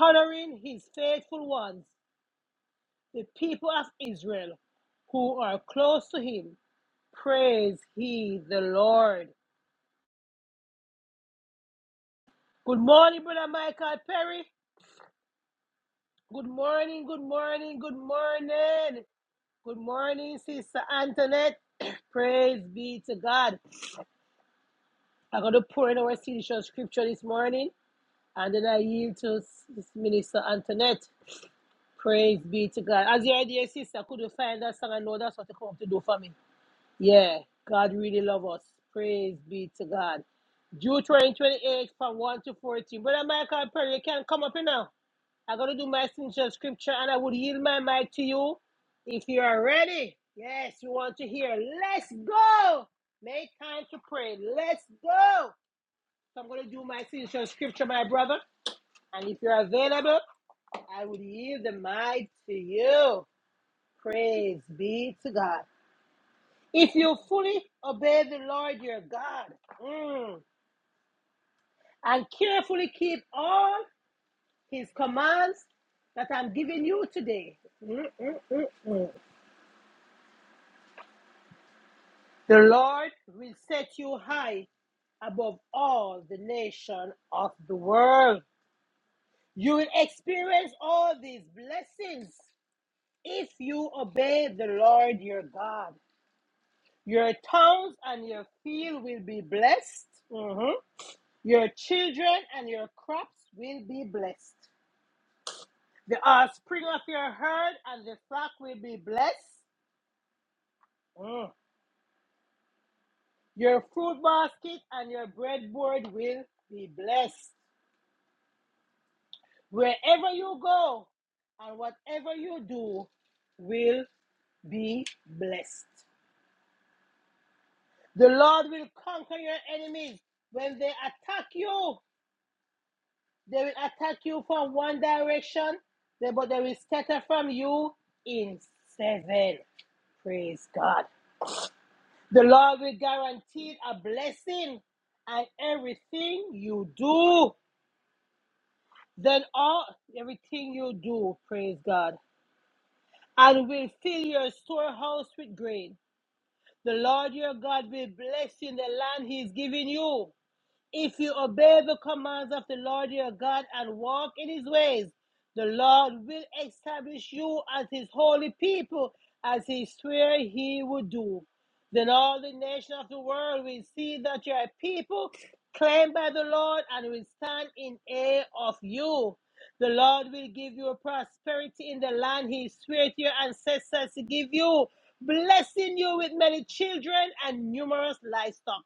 Speaker 1: honoring his faithful ones, the people of Israel who are close to him. Praise he the Lord. Good morning, Brother Michael Perry. Good morning, good morning, good morning. Good morning, Sister Antoinette. Praise be to God. I'm going to pour in our seashell scripture this morning, and then I yield to Minister Antoinette. Praise be to God. As your dear sister, could you find that song? I know that's what you come to do for me. Yeah, God really love us. Praise be to God. Deuteronomy 28 from 1 to 14. Brother Michael Perry, you can't come up here now. I'm going to do my signature scripture, and I would yield my mic to you if you are ready. Yes, you want to hear. Let's go. Make time to pray. Let's go. So I'm going to do my signature scripture, my brother. And if you're available, I will yield the mic to you. Praise be to God. If you fully obey the Lord your God mm, and carefully keep all his commands that I'm giving you today, mm, mm, mm, mm, the Lord will set you high above all the nation of the world. You will experience all these blessings If you obey the Lord your God, your towns and your field will be blessed. Mhm. Your children and your crops will be blessed. The offspring of your herd and the flock will be blessed. Mm. Your fruit basket and your breadboard will be blessed. Wherever you go and whatever you do will be blessed. The Lord will conquer your enemies when they attack you. They will attack you from one direction, but they will scatter from you in seven. Praise God. The Lord will guarantee a blessing and everything you do. Then all everything you do, praise God, and will fill your storehouse with grain. The Lord your God will bless you in the land He is giving you. If you obey the commands of the Lord your God and walk in his ways, the Lord will establish you as his holy people, as he swore he would do. Then all the nations of the world will see that you are a people claimed by the Lord and will stand in awe of you. The Lord will give you prosperity in the land he swore to your ancestors to give you, blessing you with many children and numerous livestock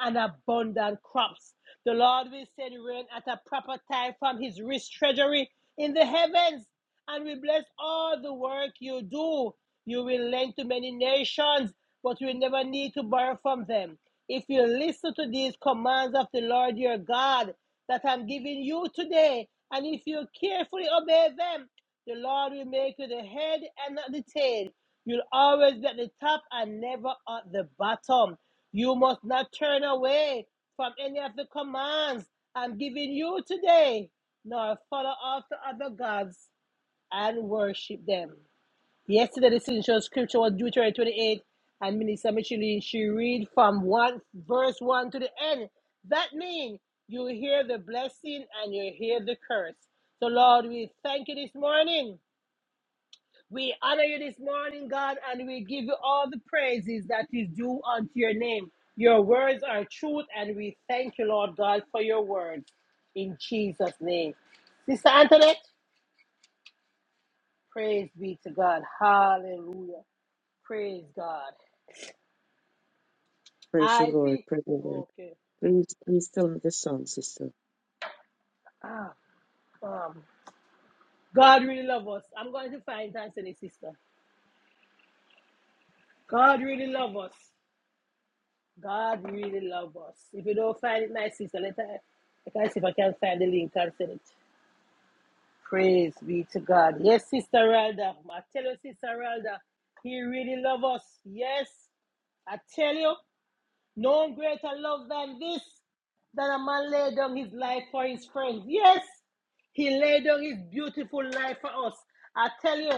Speaker 1: and abundant crops. The Lord will send rain at a proper time from his rich treasury in the heavens and will bless all the work you do. You will lend to many nations, but you will never need to borrow from them. If you listen to these commands of the Lord your God that I'm giving you today, and if you carefully obey them, the Lord will make you the head and not the tail You'll always be at the top and never at the bottom. You must not turn away from any of the commands I'm giving you today, nor follow after other gods and worship them. Yesterday, the signature scripture was Deuteronomy 28, and Minister Micheline, she read from one verse 1 to the end. That means you hear the blessing and you hear the curse. So, Lord, we thank you this morning we honor you this morning, God, and we give you all the praises that is due unto your name. Your words are truth, and we thank you, Lord God, for your words. In Jesus' name. Sister Antoinette, praise be to God. Hallelujah. Praise God. I see. Okay. Um, God really love us. I'm going to find it and say this, sister. God really love us. God really love us. If you don't find it, my sister, let her, I can see if I can find the link and send it. Praise be to God. Yes, Sister Ralda. I tell you, Sister Ralda, He really loves us. Yes, I tell you, no greater love than this, than a man lay down his life for his friends. Yes, he laid down his beautiful life for us. I tell you,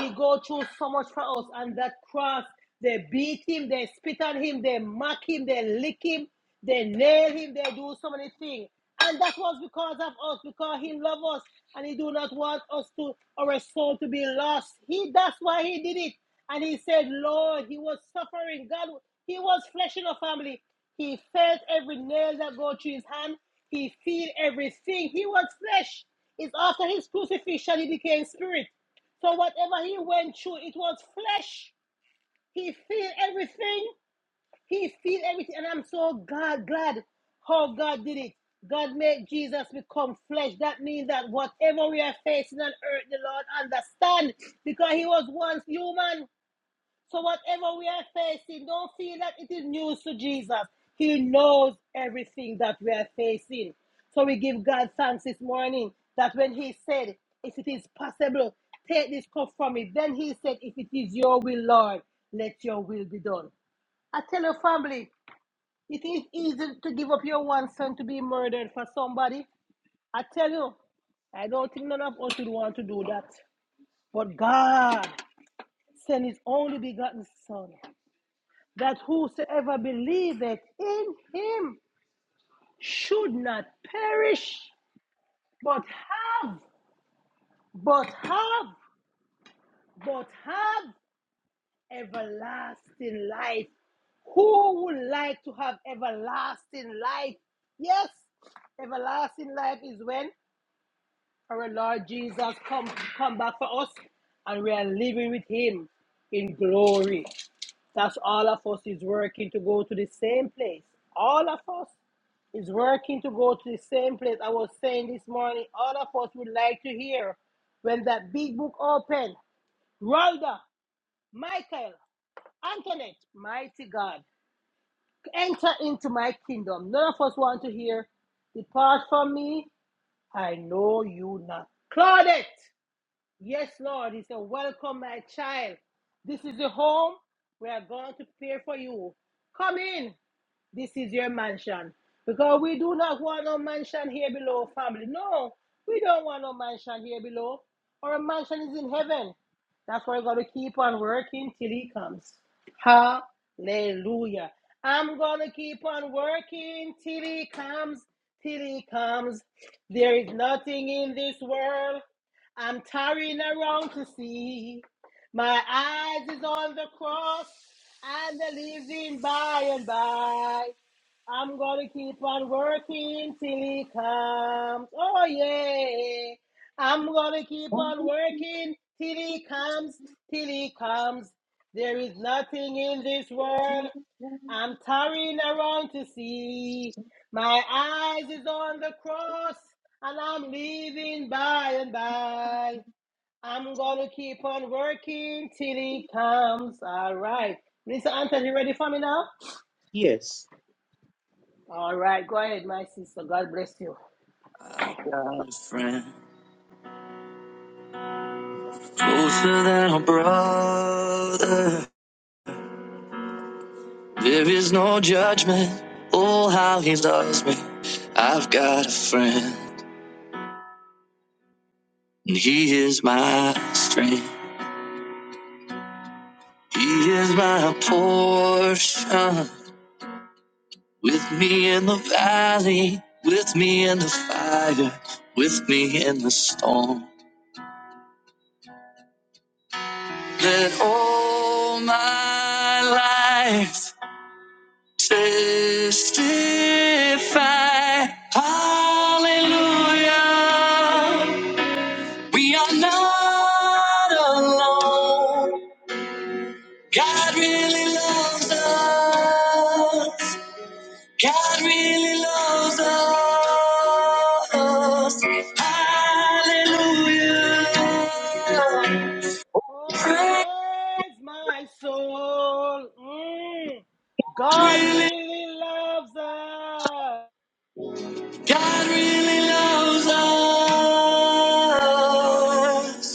Speaker 1: he go through so much for us. And that cross, they beat him, they spit on him, they mock him, they lick him, they nail him, they do so many things. And that was because of us, because he loved us and he do not want us to our soul to be lost. He that's why he did it. And he said, Lord, he was suffering. God, he was flesh in a family. He felt every nail that go through his hand. He feel everything. He was flesh. It's after his crucifixion he became spirit. So whatever he went through, it was flesh. He feel everything. He feel everything. And I'm so glad, glad how God did it. God made Jesus become flesh. That means that whatever we are facing on earth, the Lord understand because he was once human. So whatever we are facing, don't feel that it is news to Jesus. He knows everything that we are facing. So we give God thanks this morning that when He said, If it is possible, take this cup from me. Then He said, If it is your will, Lord, let your will be done. I tell your family, it is easy to give up your one son to be murdered for somebody. I tell you, I don't think none of us would want to do that. But God sent His only begotten Son that whosoever believeth in him should not perish, but have, but have, but have everlasting life. Who would like to have everlasting life? Yes, everlasting life is when our Lord Jesus come come back for us and we are living with him in glory. That's all of us is working to go to the same place. All of us is working to go to the same place. I was saying this morning, all of us would like to hear when that big book open, Rhonda, Michael, Antoinette, mighty God, enter into my kingdom. None of us want to hear, depart from me, I know you not. Claudette, yes, Lord, he said, welcome, my child. This is the home we are going to prepare for you. Come in. This is your mansion. Because we do not want no mansion here below, family. No, we don't want no mansion here below. Our mansion is in heaven. That's why we're going to keep on working till he comes. Hallelujah. I'm going to keep on working till he comes, till he comes. There is nothing in this world I'm tarrying around to see. My eyes is on the cross. And the living by and by. I'm gonna keep on working till he comes. Oh yeah. I'm gonna keep on working till he comes, till he comes. There is nothing in this world I'm tarrying around to see. My eyes is on the cross and I'm living by and by. I'm gonna keep on working till he comes. All right. Minister Anthony, you ready for me now? All right, go ahead, my sister. God bless you.
Speaker 3: I've got a friend closer than a brother. There is no judgment. Oh, how he loves me. I've got a friend, and he is my strength. He is my portion. With me in the valley, with me in the fire, with me in the storm. Let all my life Testify, hallelujah. We are not alone. God really loves us. God really loves us.
Speaker 1: Uh,
Speaker 3: Hallelujah.
Speaker 1: oh,
Speaker 3: Praise
Speaker 1: praise my soul. Mm. God
Speaker 3: really,
Speaker 1: really loves us.
Speaker 3: God really loves us.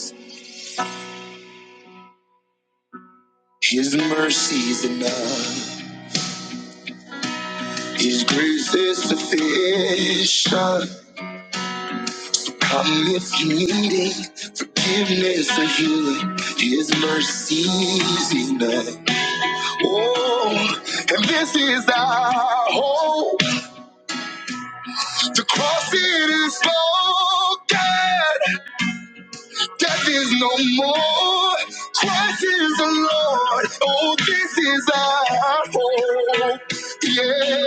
Speaker 3: His mercy is enough. His grace is sufficient. Come if you need it. Forgiveness or healing. His mercy is enough. Oh, and this is our hope. The cross it is spoken. Death is no more. Christ is the Lord. Oh, this is our hope. Yeah.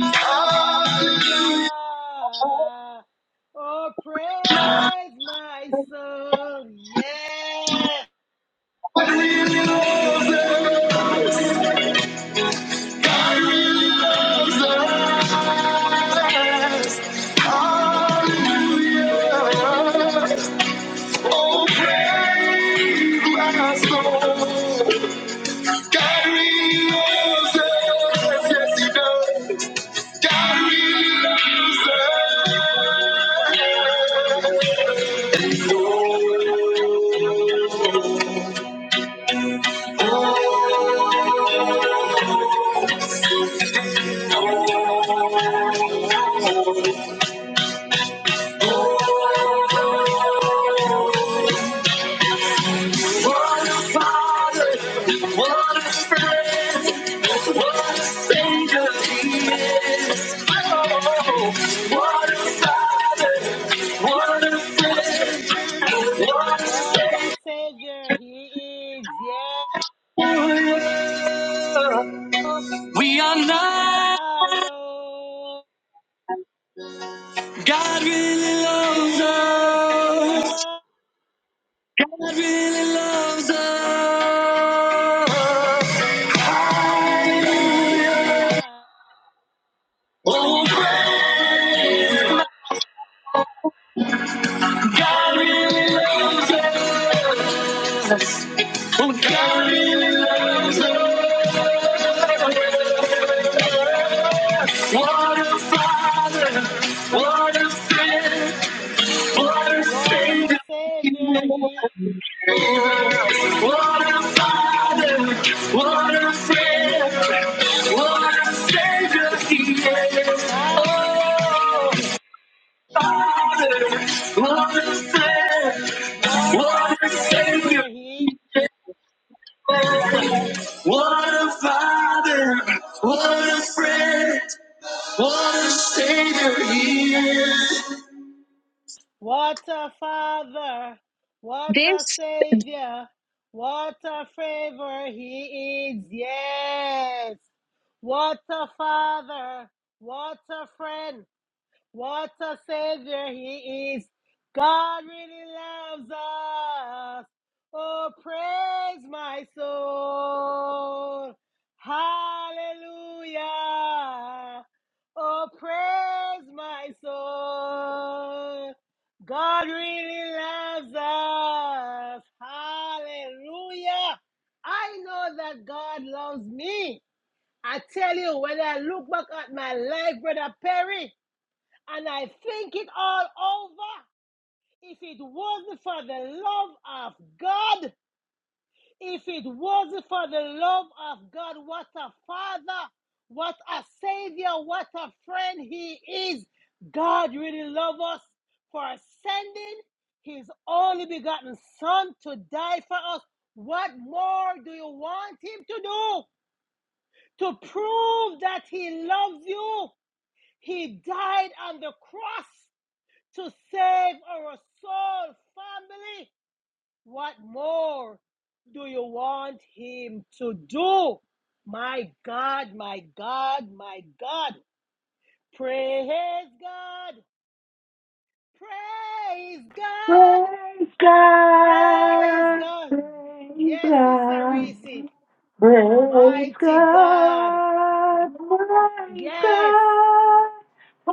Speaker 1: Hallelujah.
Speaker 3: Hallelujah.
Speaker 1: Oh, praise my soul. Yeah. What a savior he is. Yeah. up
Speaker 3: We are
Speaker 1: that
Speaker 3: not.
Speaker 1: I love.
Speaker 3: God really loves
Speaker 1: Yes, he
Speaker 3: us.
Speaker 1: loves
Speaker 3: God really loves us.
Speaker 1: hallelujah.
Speaker 3: Hallelujah. Oh,
Speaker 1: Praise my soul.
Speaker 3: God really loves us. Oh, God really loves us. What a father. What a friend. What a
Speaker 1: What a
Speaker 3: savior.
Speaker 1: savior he is.
Speaker 3: What a father, what a friend, what a savior he is.
Speaker 1: how
Speaker 3: Oh, father, what a friend,
Speaker 1: what a
Speaker 3: what a savior,
Speaker 1: savior he is.
Speaker 3: what a father, what a friend, what a savior he is.
Speaker 1: what a father what a savior what a favor he is yes what a father what a friend What a Savior He is. God really loves us. Oh, praise my soul. Hallelujah. Oh, praise my soul. God really loves us. Hallelujah. I know that God loves me. I tell you, when I look back at my life, Brother Perry, and I think it all over. If it wasn't for the love of God, if it wasn't for the love of God, what a father, what a savior, what a friend he is. God really loves us for sending his only begotten son to die for us. What more do you want him to do? To prove that he loves you. He died on the cross to save our soul family. What more do you want him to do? My God, my God, my God. Praise God. Praise God.
Speaker 2: Praise
Speaker 1: Praise
Speaker 2: God.
Speaker 1: God.
Speaker 2: Praise
Speaker 1: Yes, Sister
Speaker 2: God.
Speaker 1: Reese.
Speaker 2: Praise
Speaker 1: Mighty God.
Speaker 2: God. Praise
Speaker 1: Yes.
Speaker 2: God.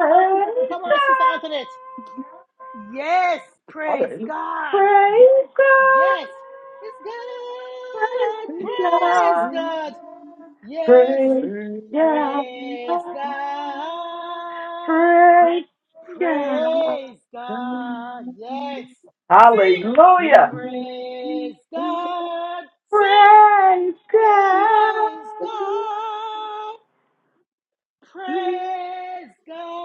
Speaker 2: Praise
Speaker 1: Come on, Sister Antoinette.
Speaker 2: God.
Speaker 1: Yes. Praise
Speaker 2: Hallelujah.
Speaker 1: God.
Speaker 2: Praise God.
Speaker 1: Yes, it's God.
Speaker 2: Praise
Speaker 1: Praise
Speaker 2: God.
Speaker 1: God. Yes,
Speaker 2: Praise God.
Speaker 1: praise God.
Speaker 2: Praise God.
Speaker 1: Praise God. Yes, sing.
Speaker 2: Hallelujah.
Speaker 1: Praise God. Sing.
Speaker 2: Praise God.
Speaker 1: Praise God. Praise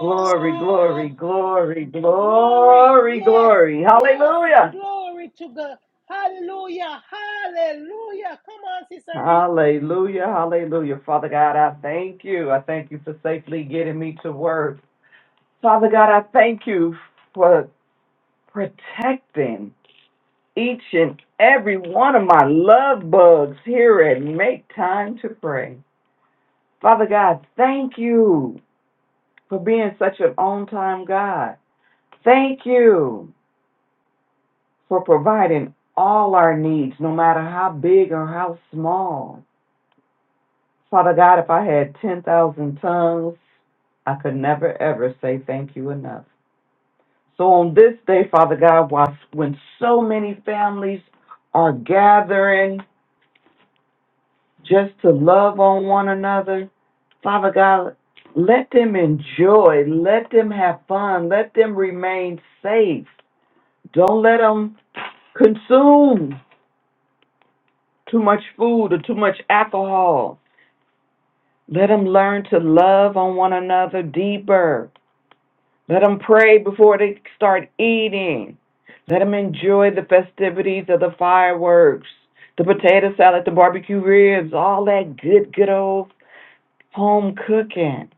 Speaker 2: Glory, glory, glory,
Speaker 1: Glory.
Speaker 2: glory,
Speaker 1: Yes.
Speaker 2: glory.
Speaker 1: Yes.
Speaker 2: Hallelujah.
Speaker 1: Glory to God. Hallelujah. Hallelujah. Come on, Sister Reese.
Speaker 2: Hallelujah, hallelujah. Father God, I thank you. I thank you for safely getting me to work. Father God, I thank you for protecting each and every one of my love bugs here and make time to pray. Father God, thank you for being such an on time God. Thank you for providing all our needs, no matter how big or how small. Father God, if I had 10,000 tongues, I could never ever say thank you enough. So on this day, Father God, while- when so many families are gathering just to love on one another, Father God, let them enjoy, let them have fun, let them remain safe. Don't let them consume too much food or too much alcohol. Let them learn to love on one another deeper Let them pray before they start eating. Let them enjoy the festivities of the fireworks, the potato salad, the barbecue ribs, all that good, good old home cooking.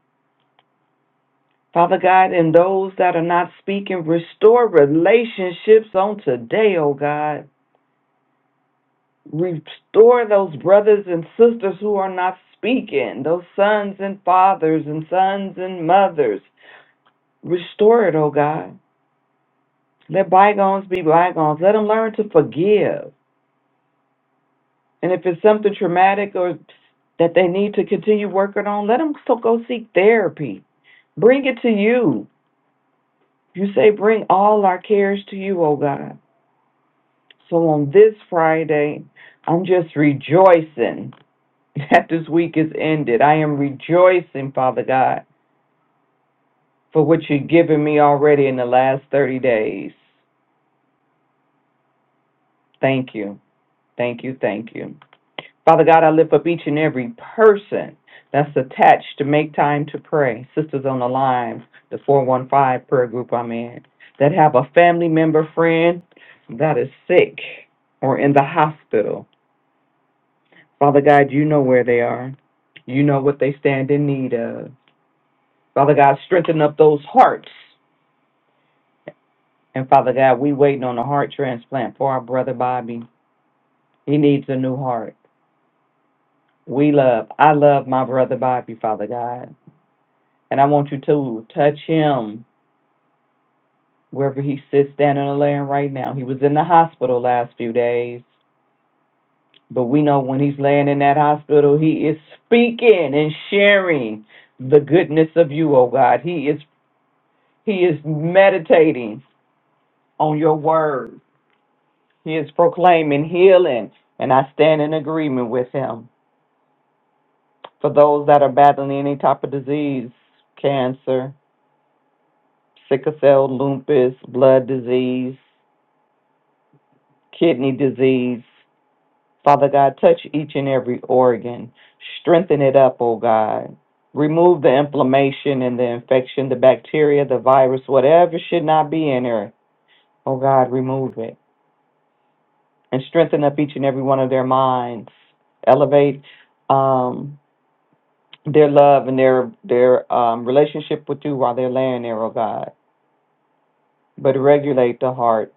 Speaker 2: Father God, and those that are not speaking, restore relationships on today, oh God. Restore those brothers and sisters who are not speaking, those sons and fathers and sons and mothers. Restore it, oh God. Let bygones be bygones. Let them learn to forgive. And if it's something traumatic or that they need to continue working on, let them so go seek therapy. Bring it to you. You say, bring all our cares to you, oh God. So on this Friday, I'm just rejoicing that this week is ended. I am rejoicing, Father God, for what you've given me already in the last 30 days. Thank you. Thank you. Thank you. Father God, I lift up each and every person that's attached to make time to pray. Sisters on the line, the 415 prayer group I'm in, that have a family member, friend that is sick or in the hospital. Father God, you know where they are. You know what they stand in need of. Father God, strengthen up those hearts. And Father God, we waiting on a heart transplant for our brother Bobby. He needs a new heart. We love, I love my brother Bobby, Father God. And I want you to touch him wherever he sits standing or laying right now. He was in the hospital last few days. But we know when he's laying in that hospital, he is speaking and sharing the goodness of you, oh God. He is he is meditating on your word. He is proclaiming healing. And I stand in agreement with him. For those that are battling any type of disease, cancer, sickle cell, lupus, blood disease, kidney disease. Father God, touch each and every organ. Strengthen it up, oh God. Remove the inflammation and the infection, the bacteria, the virus, whatever should not be in her. Oh God, remove it. And strengthen up each and every one of their minds. Elevate um, their love and their their um, relationship with you while they're laying there, oh God. But regulate the heart.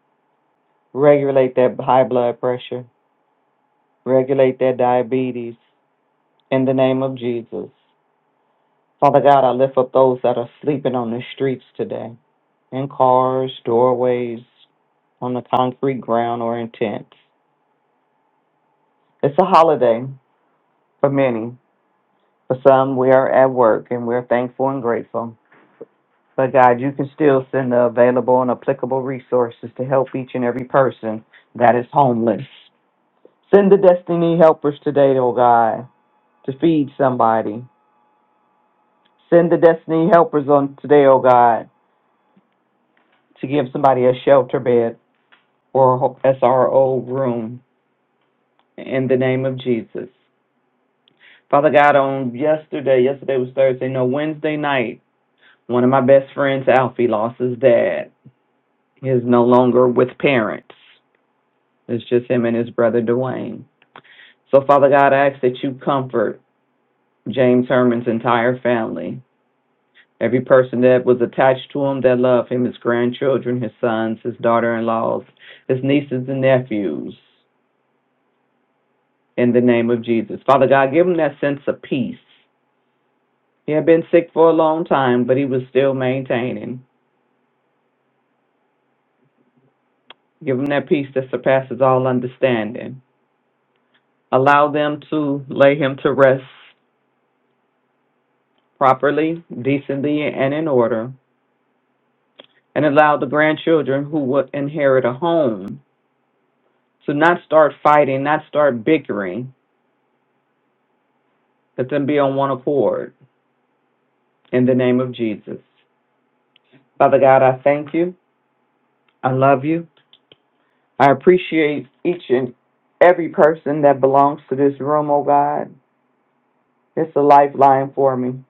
Speaker 2: Regulate that high blood pressure. Regulate that diabetes. In the name of Jesus. Father God, I lift up those that are sleeping on the streets today, in cars, doorways, on the concrete ground, or in tents. It's a holiday for many. For some, we are at work and we're thankful and grateful. But God, you can still send the available and applicable resources to help each and every person that is homeless. Send the destiny helpers today, oh God, to feed somebody. Send the destiny helpers on today, oh God, to give somebody a shelter bed or SRO room in the name of Jesus. Father God, on yesterday, yesterday was Thursday, no, Wednesday night, one of my best friends, Alfie, lost his dad. He is no longer with parents. It's just him and his brother, Dwayne. So, Father God, I ask that you comfort James Herman's entire family. Every person that was attached to him, that loved him, his grandchildren, his sons, his daughter in laws, his nieces and nephews, in the name of Jesus. Father God, give him that sense of peace He had been sick for a long time, but he was still maintaining. Give him that peace that surpasses all understanding. Allow them to lay him to rest properly, decently, and in order. And allow the grandchildren who would inherit a home to not start fighting, not start bickering. Let them be on one accord in the name of Jesus. Father God, I thank you. I love you. I appreciate each and every person that belongs to this room, oh God. It's a lifeline for me.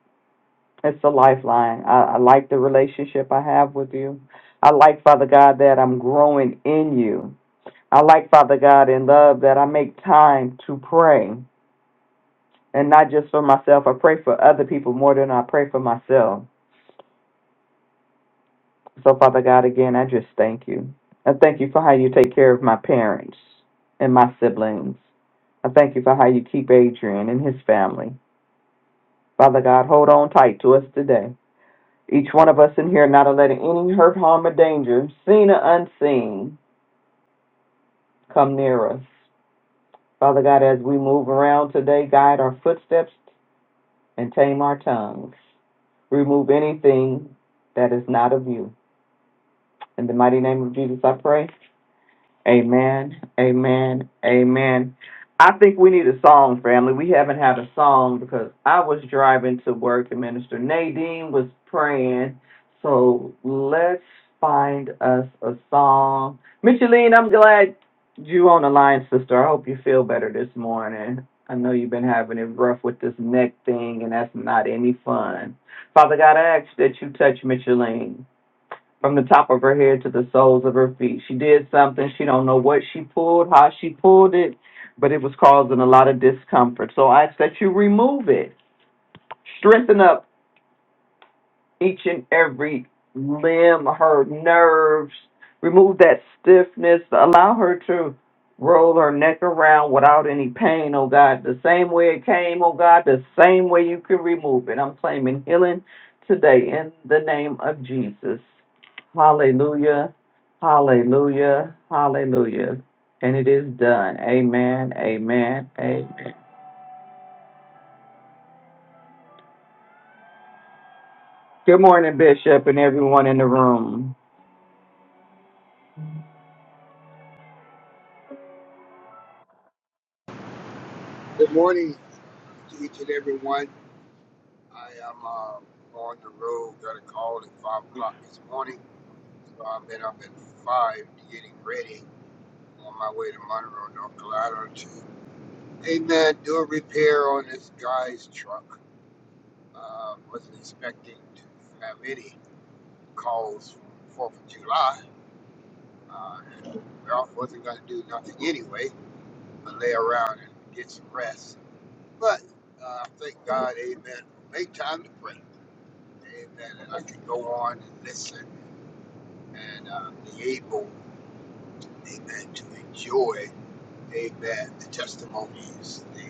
Speaker 2: It's a lifeline. I, I like the relationship I have with you. I like, Father God, that I'm growing in you. I like, Father God, in love that I make time to pray. And not just for myself, I pray for other people more than I pray for myself. So, Father God, again, I just thank you. I thank you for how you take care of my parents and my siblings. I thank you for how you keep Adrian and his family. Father God, hold on tight to us today. Each one of us in here not letting any hurt, harm, or danger, seen or unseen, come near us. Father God, as we move around today, guide our footsteps and tame our tongues. Remove anything that is not of you. In the mighty name of Jesus, I pray. Amen. Amen. Amen. I think we need a song, family. We haven't had a song because I was driving to work and Minister Nadine was praying. So let's find us a song. Micheline, I'm glad you on the line, sister. I hope you feel better this morning. I know you've been having it rough with this neck thing, and that's not any fun. Father God, I ask that you touch Micheline from the top of her head to the soles of her feet. She did something. She don't know what she pulled, how she pulled it, but it was causing a lot of discomfort. So I ask that you remove it. Strengthen up each and every limb, her nerves, remove that stiffness, allow her to roll her neck around without any pain, oh God. The same way it came, oh God, the same way you can remove it. I'm claiming healing today in the name of Jesus. Hallelujah, hallelujah, hallelujah. And it is done. Amen, amen, amen. Good morning, Bishop, and everyone in the room.
Speaker 4: Good morning to each and every one. I am uh, on the road, got a call at 5 o'clock this morning. So I've been up at 5 getting ready on my way to Monroe, North Carolina to, amen, do a repair on this guy's truck. Uh, wasn't expecting to have any calls from 4th of July. Uh, and Ralph wasn't going to do nothing anyway, but lay around and get some rest. But uh, I thank God, amen, make time to pray. Amen. And I can go on and listen and uh, be able, amen, to enjoy, amen, the testimonies, the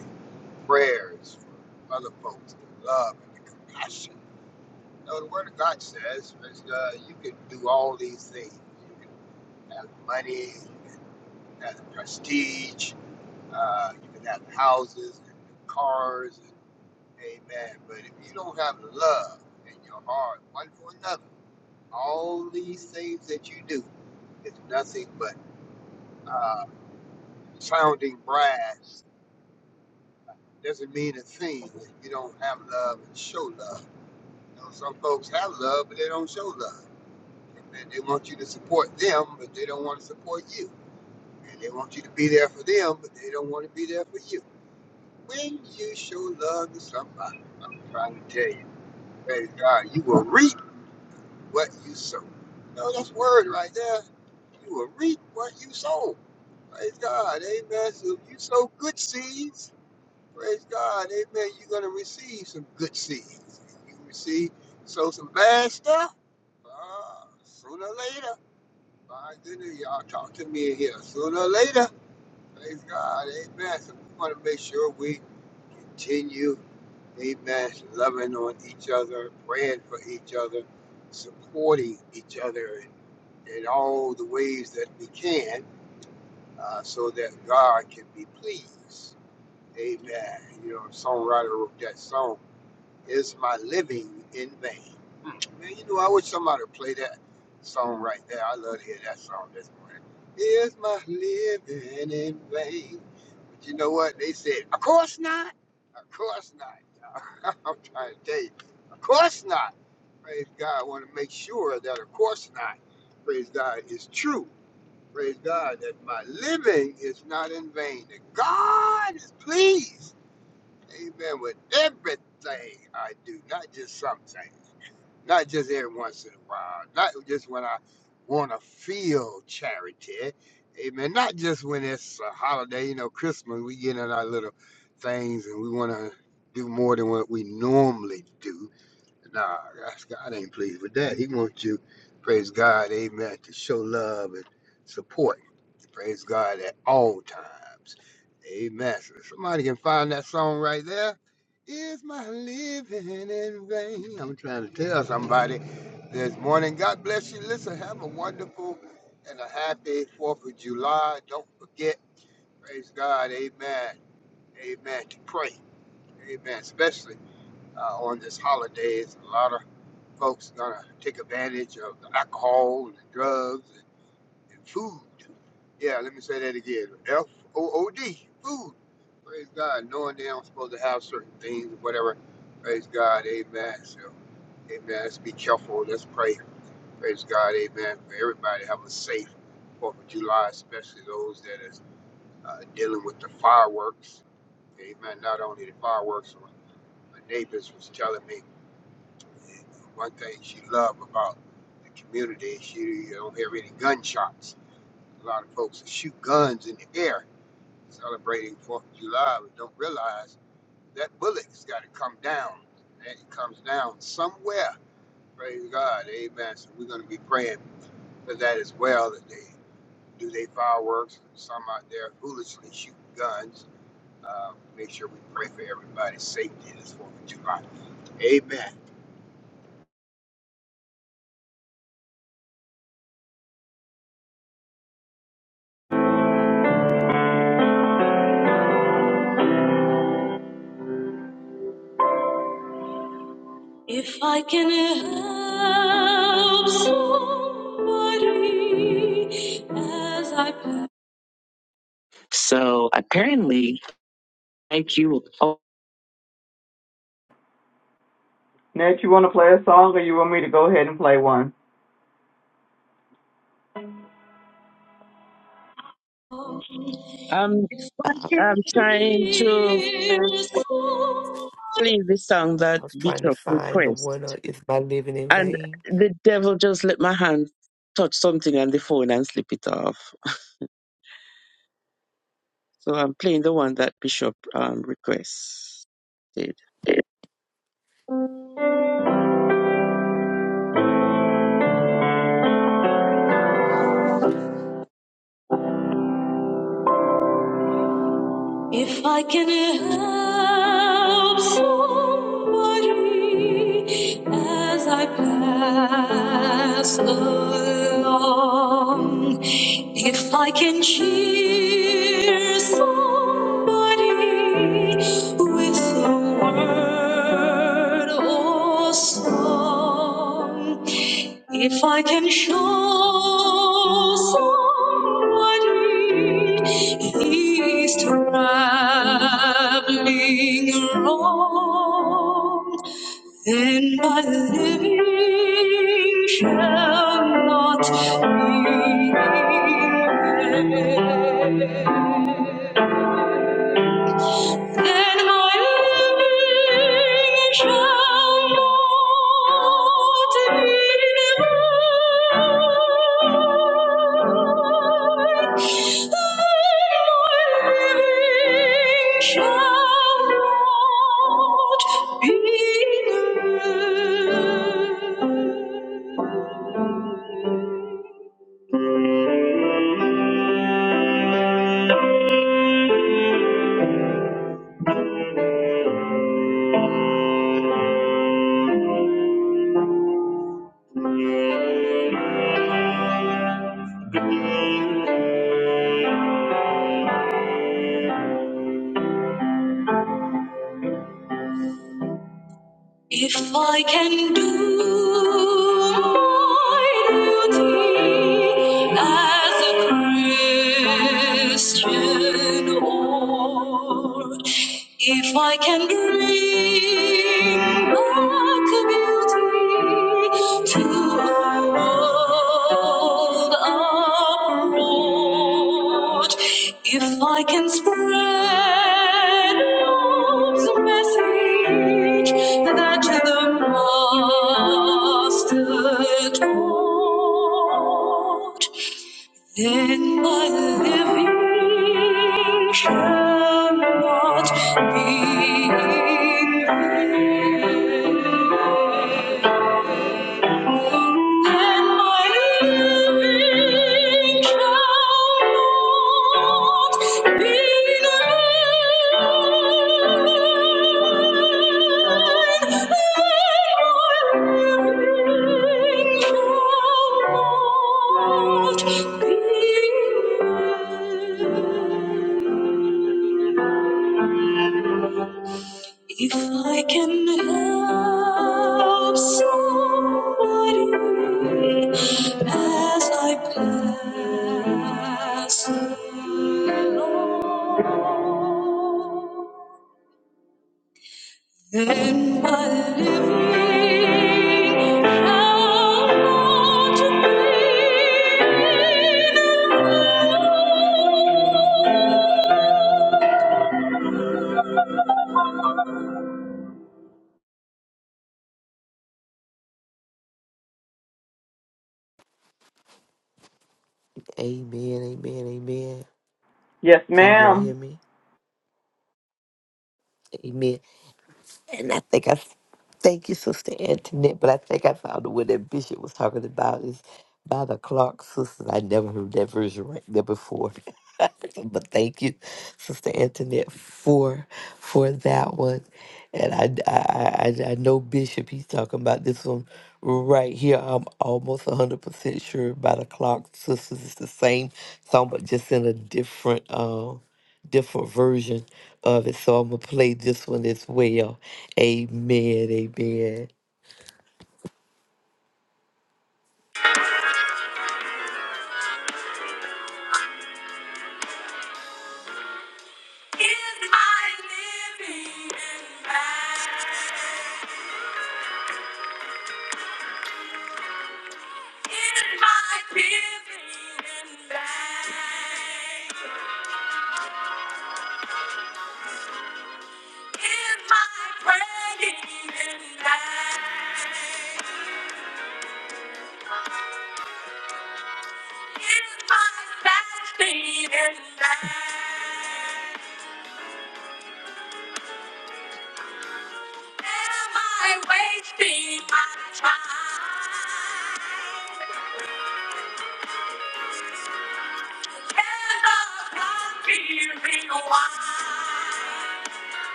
Speaker 4: prayers for other folks, the love and the compassion. No, the Word of God says uh, you can do all these things. You can have money, you can have the prestige, uh, you can have the houses and the cars, and, amen. But if you don't have love in your heart, one for another, All these things that you do is nothing but uh, sounding brass. Doesn't mean a thing if you don't have love and show love. You know, some folks have love, but they don't show love. And they want you to support them, but they don't want to support you. And they want you to be there for them, but they don't want to be there for you. When you show love to somebody, I'm trying to tell you, praise God, you will reap what you sow. You know, that's word right there. You will reap what you sow. Praise God. Amen. So if you sow good seeds, praise God. Amen. You're going to receive some good seeds. You receive, sow some bad stuff. Uh, sooner or later. My goodness, y'all talk to me in here. Sooner or later. Praise God. Amen. So we want to make sure we continue, amen, loving on each other, praying for each other, supporting each other in, in all the ways that we can uh, so that God can be pleased. Amen. You know, songwriter wrote that song. Is my living in vain? Hmm. Man, you know, I wish somebody would play that song right there. I love to hear that song this morning. Is my living in vain? But you know what? They said, of course not. Of course not. y'all." I'm trying to tell you, of course not. Praise God. I want to make sure that of course not. Praise God is true. Praise God that my living is not in vain. That God is pleased Amen. With everything I do, not just something, not just every once in a while, not just when I want to feel charity. Amen. Not just when it's a holiday, you know, Christmas, we get in our little things and we want to do more than what we normally do. Nah, God ain't pleased with that. He wants you, praise God, amen, to show love and support. Praise God at all times. Amen. So if somebody can find that song right there. Is my living in vain? I'm trying to tell somebody this morning. God bless you. Listen, have a wonderful and a happy 4th of July. Don't forget, praise God, amen, amen, to pray, amen, especially uh, on this holiday. It's a lot of folks gonna take advantage of the alcohol and drugs and, and food. Yeah, let me say that again. F O O D, food. Praise God, knowing they aren't supposed to have certain things or whatever. Praise God, amen. So, amen. Let's be careful. Let's pray. Praise God, amen. For everybody, to have a safe Fourth of July, especially those that is uh, dealing with the fireworks. Amen. Not only the fireworks, my neighbors was telling me. And uh, one thing she loved about the community, she don't hear any gunshots. A lot of folks shoot guns in the air celebrating Fourth of July and don't realize that bullet's got to come down. And it comes down somewhere. Praise God. Amen. So we're going to be praying for that as well, that they do their fireworks. Some out there foolishly shooting guns. Uh, make sure we pray for everybody's safety this 4th of July. Amen.
Speaker 3: If I can help somebody as I pass.
Speaker 2: Nat, you want to play a song or you want me to go ahead and play one?
Speaker 3: to. If I can help somebody as I pass along, if I can cheer somebody with a word or song. If I can show somebody he's traveling wrong, then my living shall not be in vain and my living shall not be denied. And my living shall not be denied. If I can do my duty as a Christian, or if I can bring back beauty to road uproot. If I can spread love's message that the master taught, then my living shall not be in vain. Thank you. If I can help somebody as I pass along, then my living shall not be
Speaker 2: Yes, ma'am.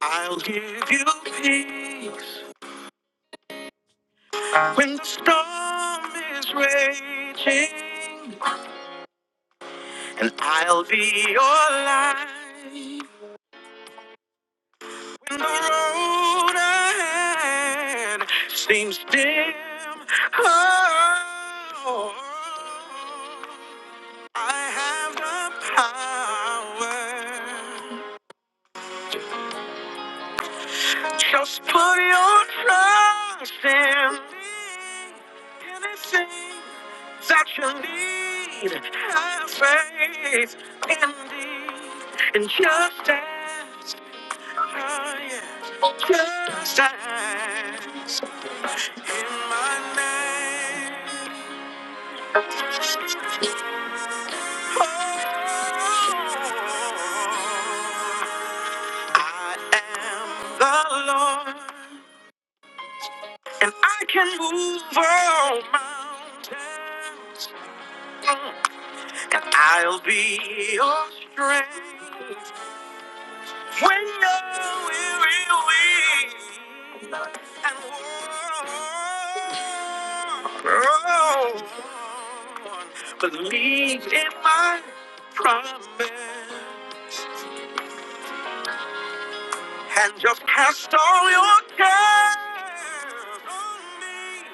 Speaker 5: I'll give you peace when the storm is raging, and I'll be your light when the road ahead seems dim. Oh, I have the power. Just put your trust in me. Anything that you need, have faith in me. And just ask, oh yeah. Just ask in my name. Oh, I am the Lord. And I can move all mountains. And I'll be your strength when you're weary, weak and worn. Believe in my promise. and just cast all your cares on me.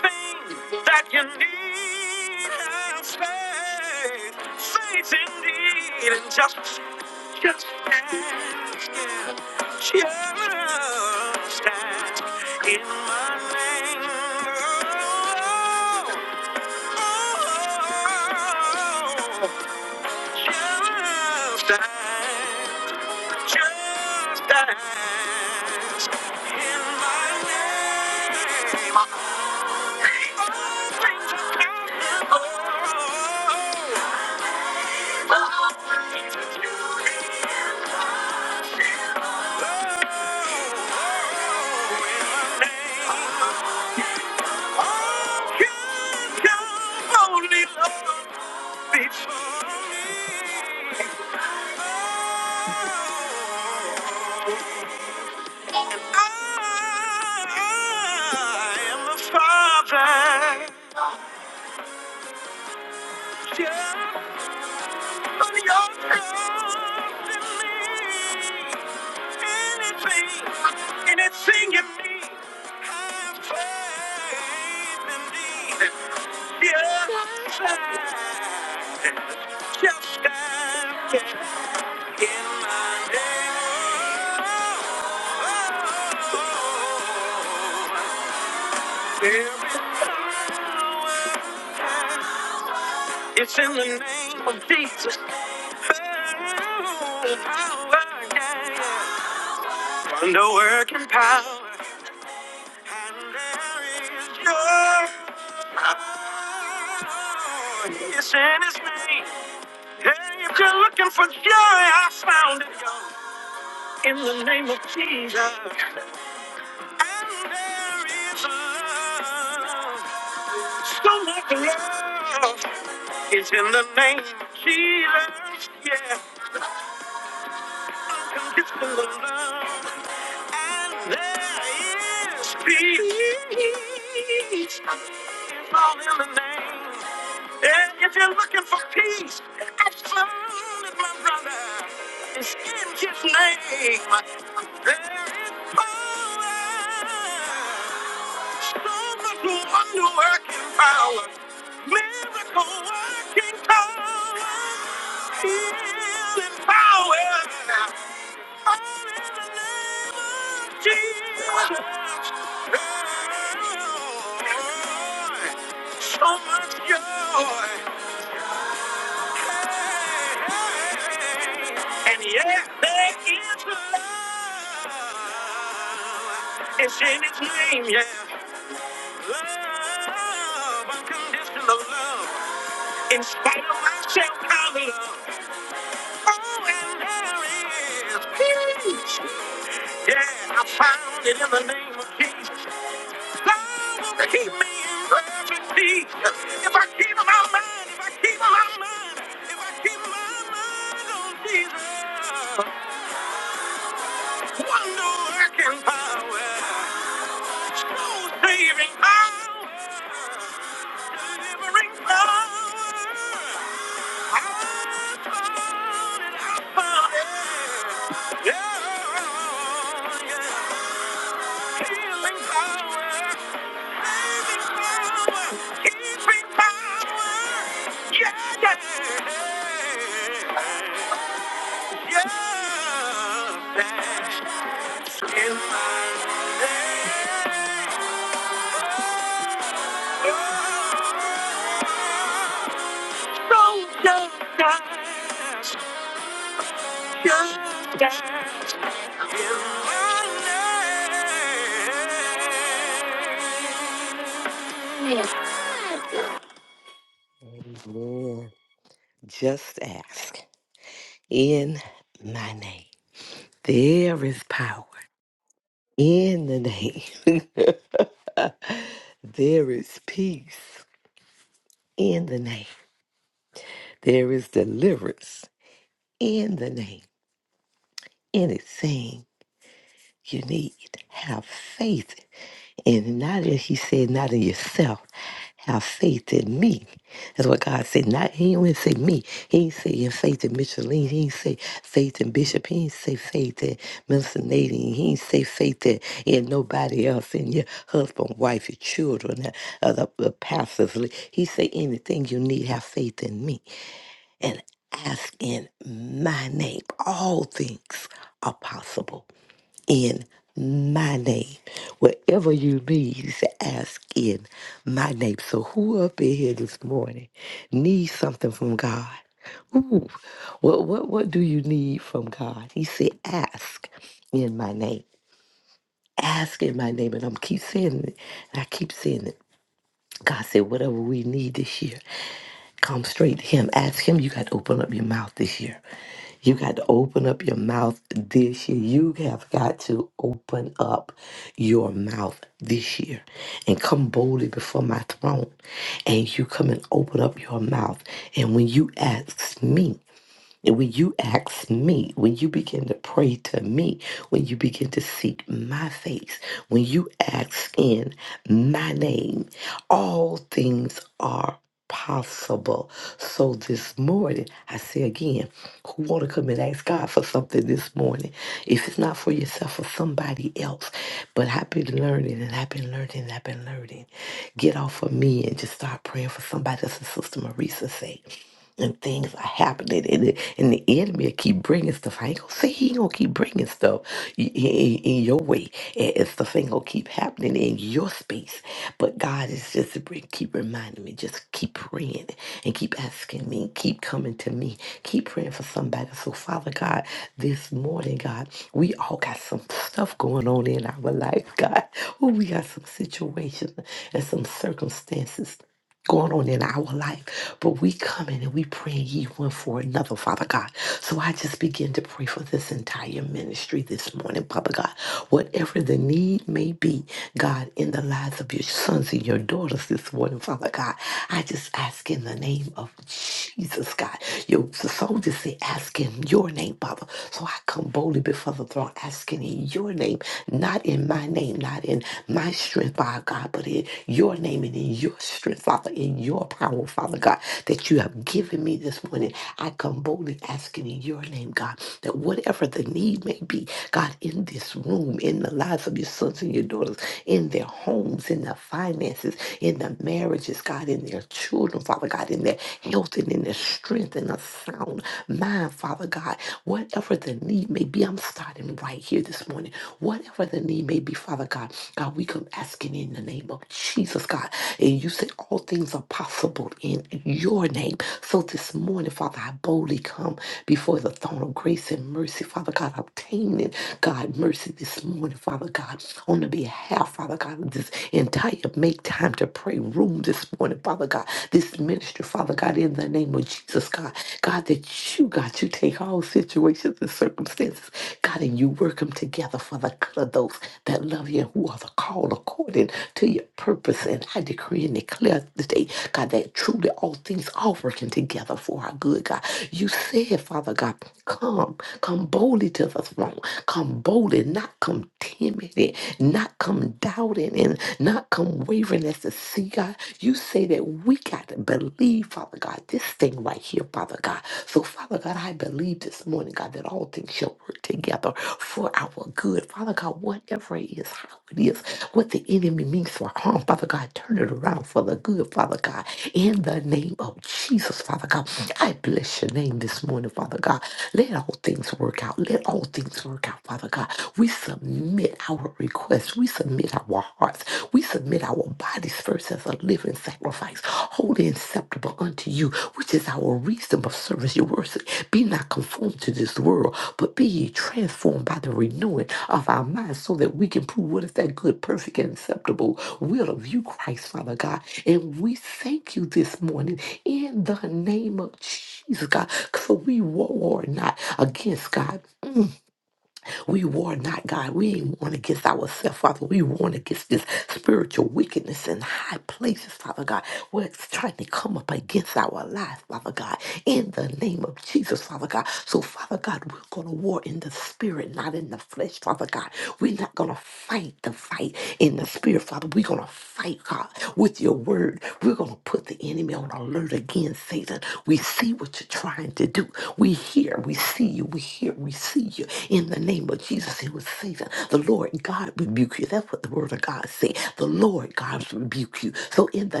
Speaker 5: Anything that you need, have faith, faith indeed, and just, just ask, yeah. just ask in my name. Oh, oh, oh, oh. Just dance, just dance. In my name, all things are possible. Oh, in name, all can come, only love speaks for me. Oh, And I am the father. Just but your trust in me. Anything, anything in me. Have faith in me. Yeah, just ask in my name. Oh, oh, oh, oh. oh, oh. It's in the name of Jesus. Wonder working power. And there is joy. It's in his name. Hey, if you're looking for joy, I found it. And there is love. So much love. It's in the name of Jesus, yeah. Unconditional love, and there is peace. It's all in the name. And if you're looking for peace, I found it, my brother. It's in his name. There is power. So much wonder working power. Miracle working power. Healing power. all in the name of Jesus. So much joy. Hey, hey, hey. And yes, there is love. It's in its name, yeah. Love, unconditional love. In spite of myself, I love. Oh, and there is peace. Yeah, I found it in the name of Jesus. God will keep me in perfect peace. If I keep my mind, if I keep my mind, if I keep my mind on Jesus. Wonder working power. Soul saving power. Delivering power. I turn it. up for it. Yeah, Yeah, yeah. healing power, Saving power, Keeping power. saving keeping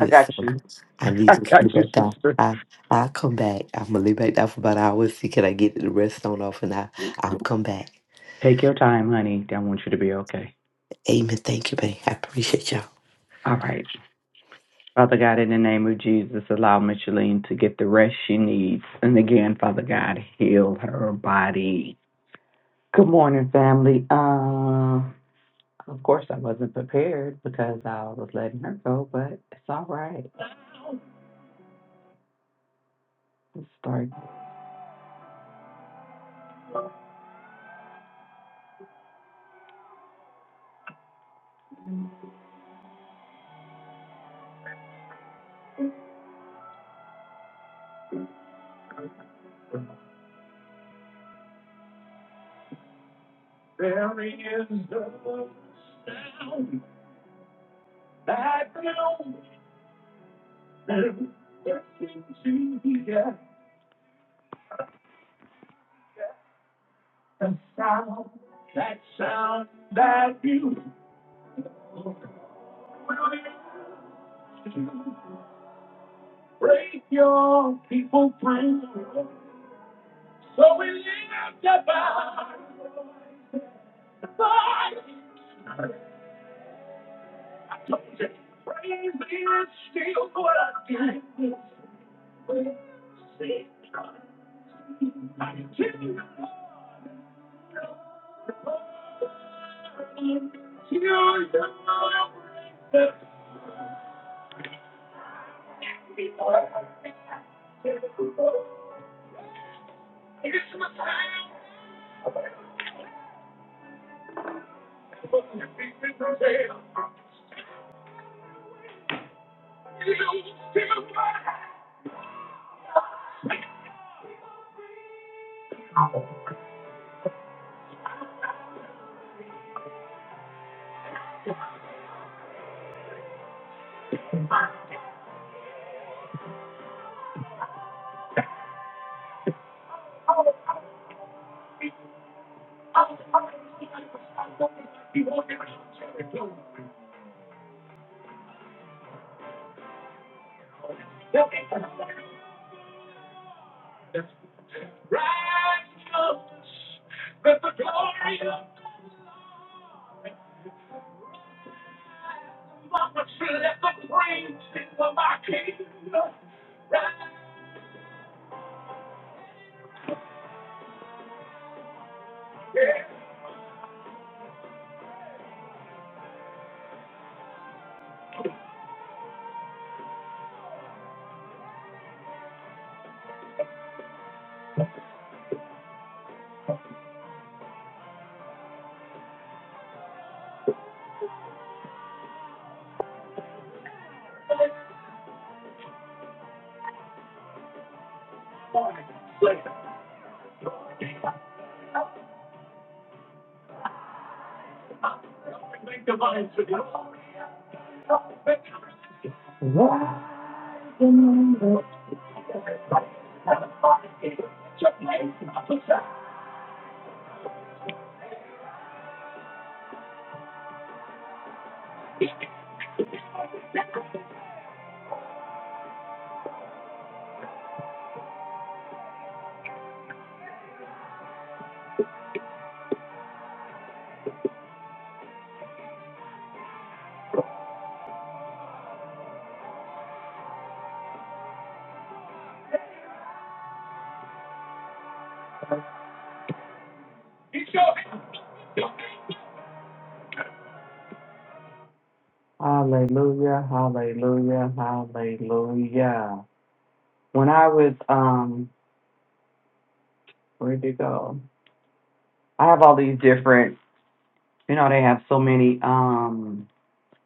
Speaker 2: I got you. I got you, sister. Take your time, honey. I want you to be okay. All right. Father God, in the name of Jesus, allow Micheline to get the rest she needs. And again, Father God, heal her body. Good morning, family. Um, of course, I wasn't prepared because I was letting her go, but it's all right. Let's start. There is no that The sound, that sound, that beautiful to break your people free. So we lift up our voice to you. Hallelujah, hallelujah, hallelujah. When I was, um, where'd it go? I have all these different, you know, they have so many, um.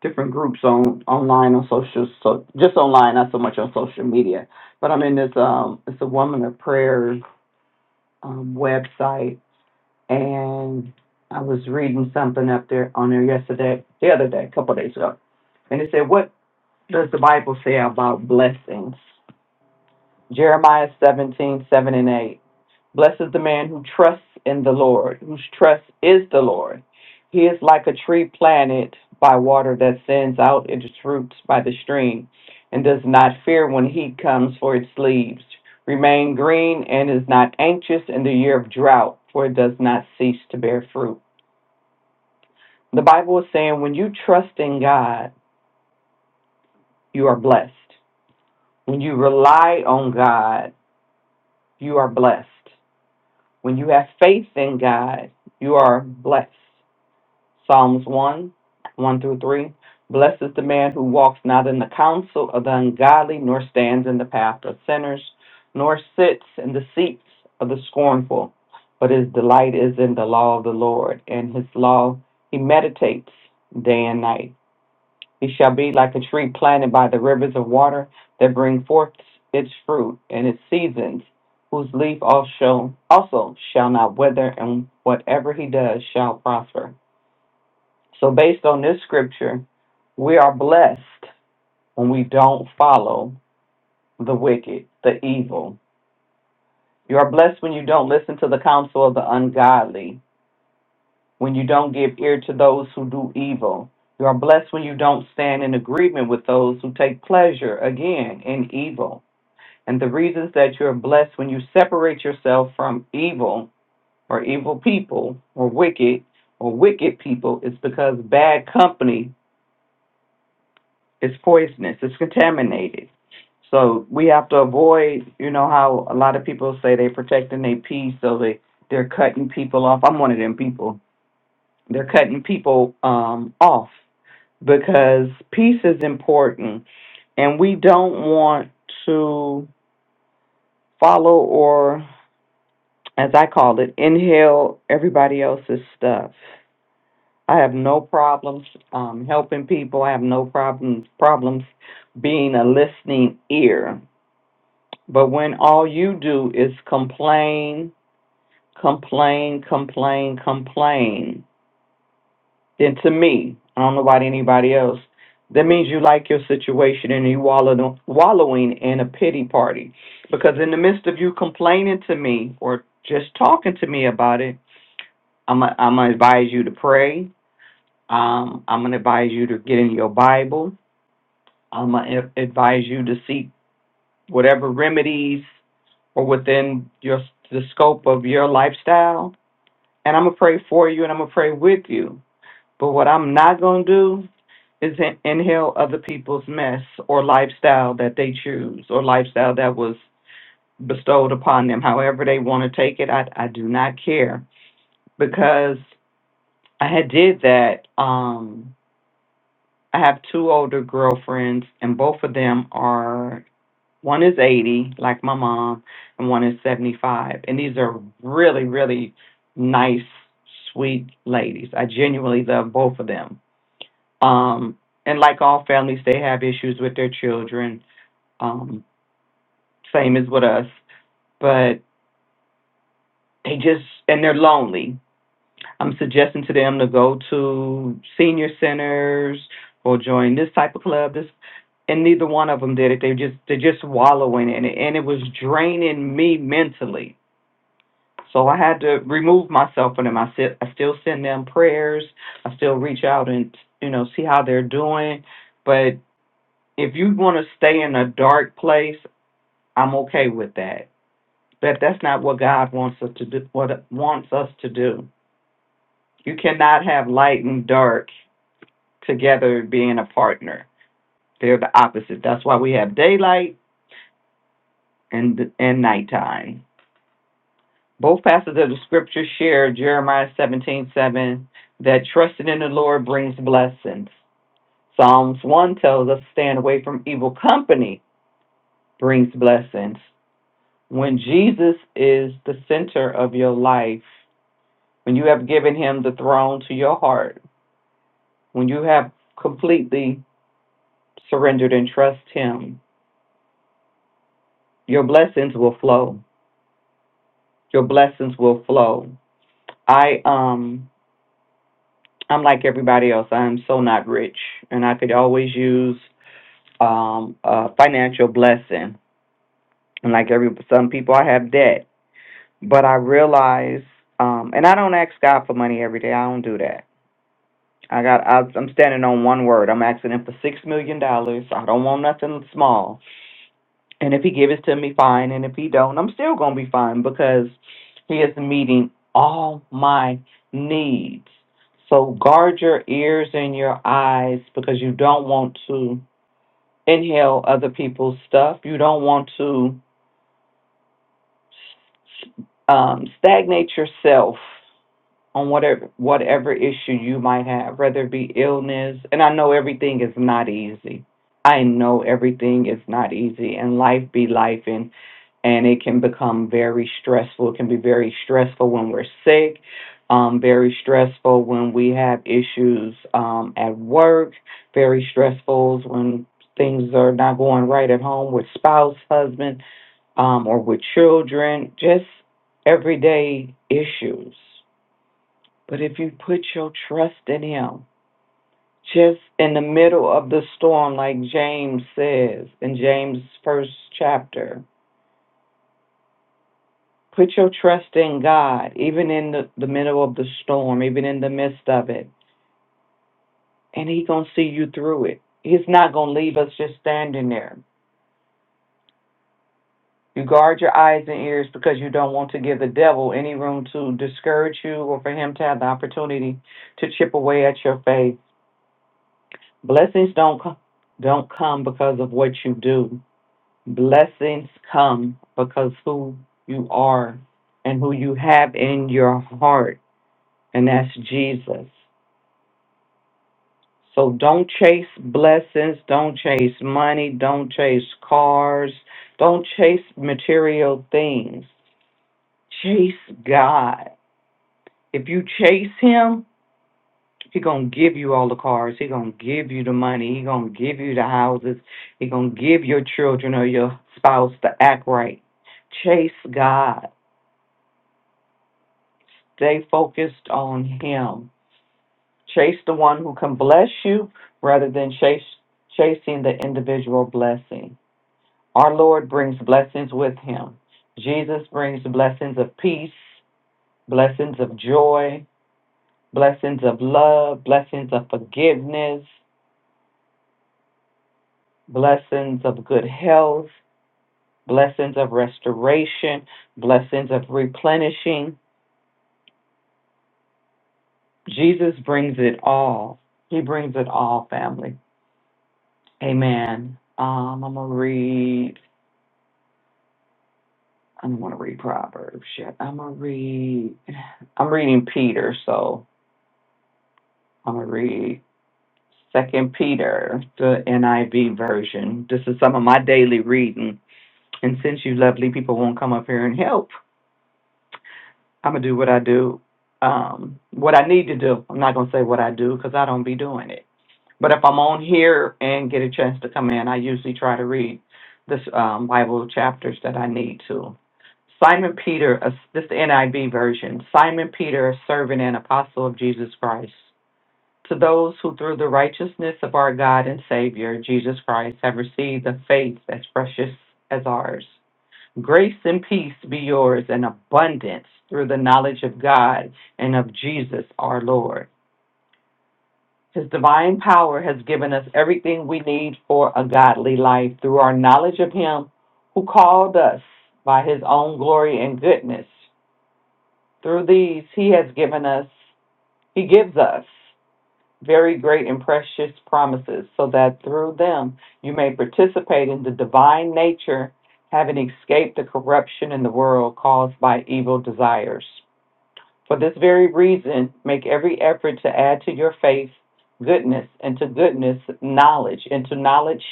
Speaker 2: different groups on online on social so just online not so much on social media but i'm in this um it's a woman of prayer um website and i was reading something up there on there yesterday the other day a couple days ago and it said what does the bible say about blessings jeremiah seventeen seven and 8 Blessed is the man who trusts in the Lord, whose trust is the Lord. He is like a tree planted by water that sends out its roots by the stream and does not fear when heat comes for its leaves. Remain green and is not anxious in the year of drought, for it does not cease to bear fruit. The Bible is saying when you trust in God, you are blessed. When you rely on God, you are blessed. When you have faith in God, you are blessed. Psalms 1 1 through 3. Blessed is the man who walks not in the counsel of the ungodly, nor stands in the path of sinners, nor sits in the seats of the scornful, but his delight is in the law of the Lord, and his law he meditates day and night. He shall be like a tree planted by the rivers of water that bring forth its fruit in its seasons, whose leaf also, also shall not wither, and whatever he does shall prosper. So, based on this scripture, we are blessed when we don't follow the wicked, the evil. You are blessed when you don't listen to the counsel of the ungodly, when you don't give ear to those who do evil. You are blessed when you don't stand in agreement with those who take pleasure, again, in evil. And the reasons that you're blessed when you separate yourself from evil or evil people or wicked or wicked people is because bad company It's poisonous. It's contaminated. So we have to avoid, you know, how a lot of people say they're protecting their peace, so they they're cutting people off. I'm one of them people. They're cutting people um, off because peace is important, and we don't want to follow or, as I call it, inhale everybody else's stuff. I have no problems um, helping people. I have no problems problems being a listening ear But when all you do is complain, complain, complain, complain, then to me, I don't know about anybody else, that means you like your situation and you wallow, wallowing in a pity party. Because in the midst of you complaining to me or just talking to me about it, I'm gonna I'm gonna advise you to pray. Um, I'm gonna advise you to get in your Bible. I'm gonna advise you to seek whatever remedies or within your the scope of your lifestyle. And I'm gonna pray for you, and I'm gonna pray with you. But what I'm not gonna do is in- inhale other people's mess or lifestyle that they choose or lifestyle that was bestowed upon them. However they want to take it, I I do not care because I had did that. Um, I have two older girlfriends, and both of them are One is 80, like my mom, and one is 75. And these are really, really nice, sweet ladies. I genuinely love both of them. Um, and like all families, they have issues with their children, um, same as with us. But they just, and they're lonely. I'm suggesting to them to go to senior centers or join this type of club, this and neither one of them did it. They just they're just wallowing in it, and it was draining me mentally So I had to remove myself from them. I, sit, I still send them prayers. I still reach out and, you know, see how they're doing. But if you want to stay in a dark place, I'm okay with that. But that's not what God wants us to do. What wants us to do. You cannot have light and dark together being a partner. They're the opposite. That's why we have daylight and and nighttime. Both passages of the scripture share Jeremiah seventeen seven that trusting in the Lord brings blessings. Psalms 1 tells us staying away from evil company brings blessings. When Jesus is the center of your life, when you have given him the throne to your heart, when you have completely surrendered and trust him, your blessings will flow. Your blessings will flow. I um I'm like everybody else. I'm so not rich, and I could always use um, a financial blessing. And like every some people, I have debt, but I realize, um, and I don't ask God for money every day. I don't do that. I got. I, I'm standing on one word. I'm asking Him for six million dollars. I don't want nothing small. And if he give it to me, fine. And if he don't, I'm still gonna be fine because he is meeting all my needs. So guard your ears and your eyes because you don't want to inhale other people's stuff. You don't want to um, stagnate yourself on whatever whatever issue you might have, whether it be illness. And I know everything is not easy. I know everything is not easy, and life be life, And and it can become very stressful. It can be very stressful when we're sick, um, very stressful when we have issues um, at work, very stressful when things are not going right at home with spouse, husband, um, or with children, just everyday issues. But if you put your trust in Him, just in the middle of the storm, like James says in James' first chapter, Put your trust in God, even in the, the middle of the storm, even in the midst of it. And He gonna see you through it. He's not gonna leave us just standing there. You guard your eyes and ears because you don't want to give the devil any room to discourage you or for him to have the opportunity to chip away at your faith. Blessings don't come don't come because of what you do. Blessings come because who you are and who you have in your heart, and that's Jesus. So don't chase blessings, don't chase money, don't chase cars, don't chase material things. Chase God. If you chase him, he going to give you all the cars, he going to give you the money, he going to give you the houses, he going to give your children or your spouse to act right. Chase God. Stay focused on him. Chase the one who can bless you rather than chase chasing the individual blessing. Our Lord brings blessings with him. Jesus brings blessings of peace, blessings of joy, blessings of love, blessings of forgiveness, blessings of good health, blessings of restoration, blessings of replenishing. Jesus brings it all. He brings it all, family. Amen. Um, I'm going to read. I don't want to read Proverbs yet. I'm going to read. I'm reading Peter, so I'm going to read. Second Peter, the NIV version. This is some of my daily reading. And since you lovely people won't come up here and help, I'm gonna do what I do, um, what I need to do. I'm not gonna say what I do because I don't be doing it. But if I'm on here and get a chance to come in, I usually try to read this um, Bible chapters that I need to. Simon Peter, a, this is the NIV version. Simon Peter, a servant and apostle of Jesus Christ to those who, through the righteousness of our God and Savior, Jesus Christ, have received a faith as precious as ours, grace and peace be yours in abundance through the knowledge of God and of Jesus our Lord. His divine power has given us everything we need for a godly life through our knowledge of Him who called us by His own glory and goodness. Through these, He has given us, He gives us. very great and precious promises, so that through them you may participate in the divine nature, having escaped the corruption in the world caused by evil desires. For this very reason, make every effort to add to your faith goodness, and to goodness, knowledge, and to knowledge,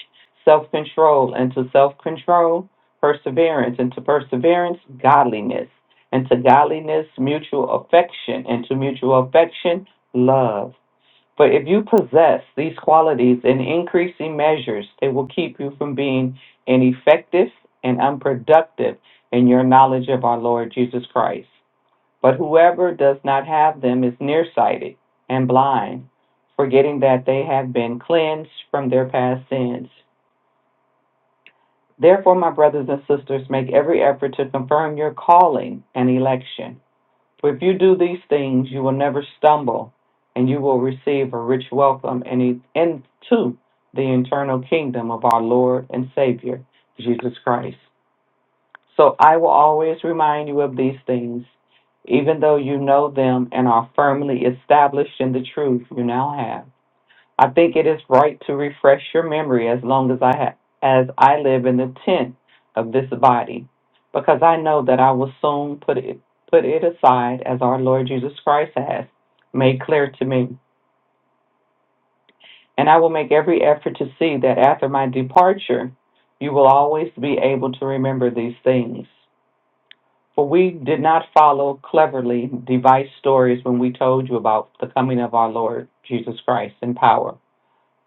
Speaker 2: self control, and to self control, perseverance, and to perseverance, godliness, and to godliness, mutual affection, and to mutual affection, love. For if you possess these qualities in increasing measures, they will keep you from being ineffective and unproductive in your knowledge of our Lord Jesus Christ. But whoever does not have them is nearsighted and blind, forgetting that they have been cleansed from their past sins. Therefore, my brothers and sisters, make every effort to confirm your calling and election. For if you do these things, you will never stumble, and you will receive a rich welcome in- into the eternal kingdom of our Lord and Savior, Jesus Christ. So I will always remind you of these things, even though you know them and are firmly established in the truth you now have. I think it is right to refresh your memory as long as I ha- as I live in the tent of this body, because I know that I will soon put it put it aside as our Lord Jesus Christ has made clear to me. And I will make every effort to see that after my departure, you will always be able to remember these things. For we did not follow cleverly devised stories when we told you about the coming of our Lord Jesus Christ in power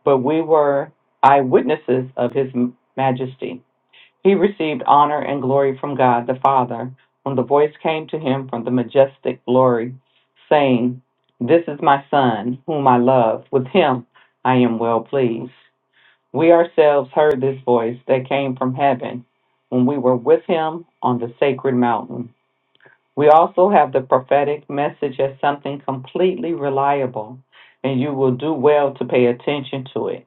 Speaker 2: but we were eyewitnesses of his m- majesty. He received honor and glory from God the Father when the voice came to him from the majestic glory, saying, This is my Son, whom I love. With him I am well pleased. We ourselves heard this voice that came from heaven when we were with him on the sacred mountain. We also have the prophetic message as something completely reliable, and you will do well to pay attention to it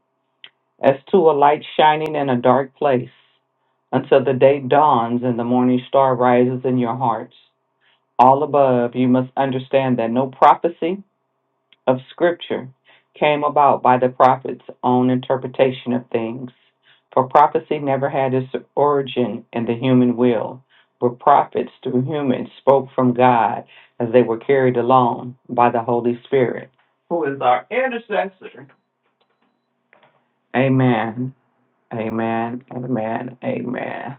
Speaker 2: as to a light shining in a dark place, until the day dawns and the morning star rises in your hearts. All above, you must understand that no prophecy of Scripture came about by the prophet's own interpretation of things, for prophecy never had its origin in the human will, but prophets through humans spoke from God as they were carried along by the Holy Spirit. Who is our intercessor? Amen. Amen. Amen. Amen.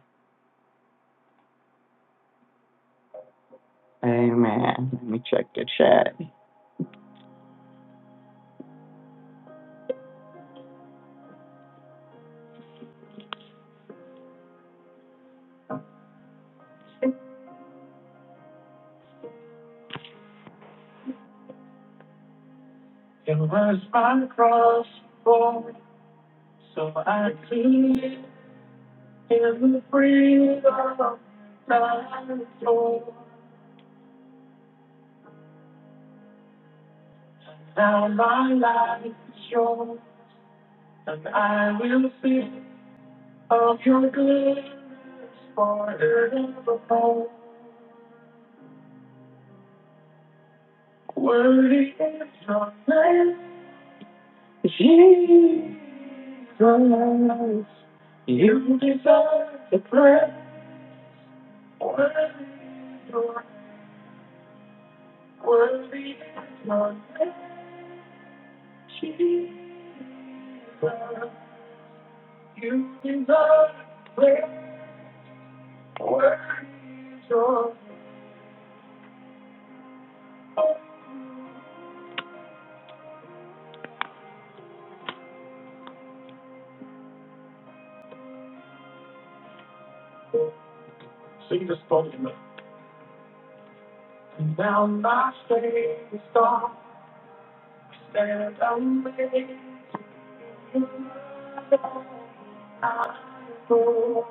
Speaker 2: Amen. Let me check the chat. On the cross, for I see every freedom that is yours. Now my life is yours, and I will sing of your goodness forevermore. Worthy is your name, Jesus. You deserve the praise. Worthy, Lord, worthy, Lord, Jesus, you deserve praise. Worthy, Lord, sing this song to me. And now my faith is gone. Stand amazed. I go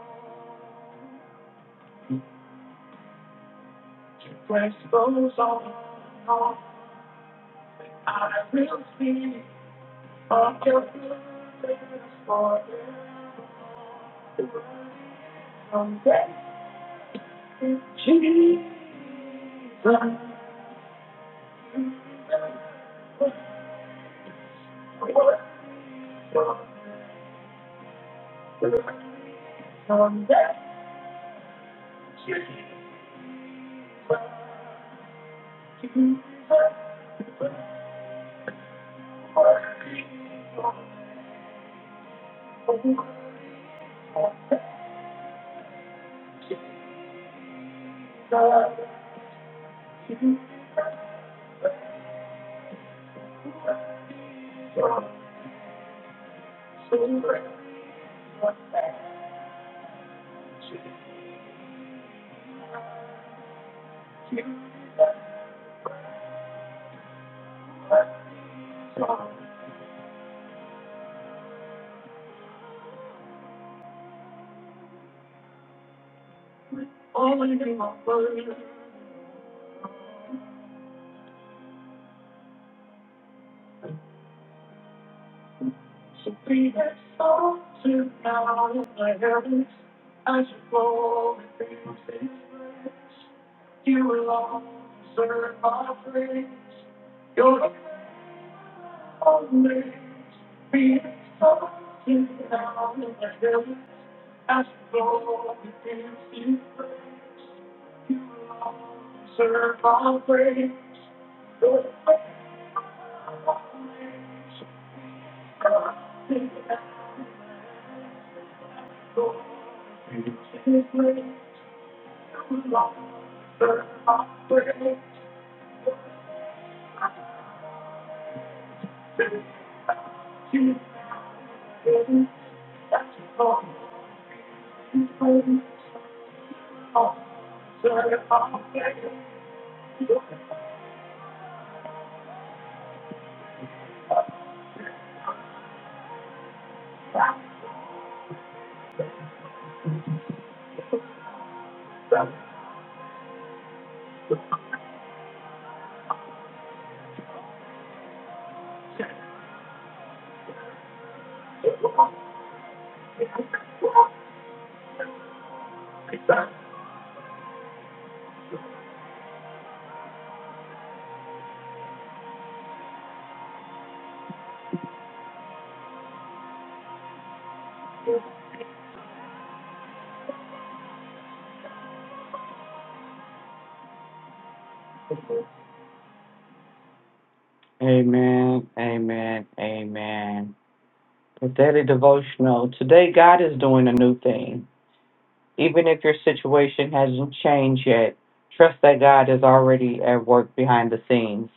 Speaker 2: to press goes on. on. I will see of your goodness forever. Someday, Jesus. You're my sunshine, my only sunshine. When you're around, I sing. You're my sunshine, my only sunshine. So when you're gone, I sing. You're my sunshine, my only sunshine. So be there for me now, in my heaven as I fall. You're my sunshine, my only sunshine. Amen, amen, amen. The daily devotional. Today, God is doing a new thing. Even if your situation hasn't changed yet, trust that God is already at work behind the scenes.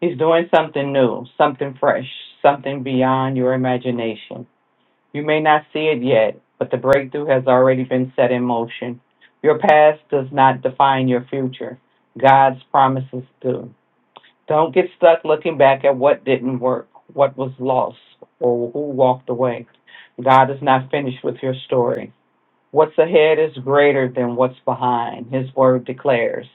Speaker 2: He's doing something new, something fresh, something beyond your imagination. You may not see it yet, but the breakthrough has already been set in motion. Your past does not define your future. God's promises do. Don't get stuck looking back at what didn't work, what was lost, or who walked away. God is not finished with your story. What's ahead is greater than what's behind, his word declares.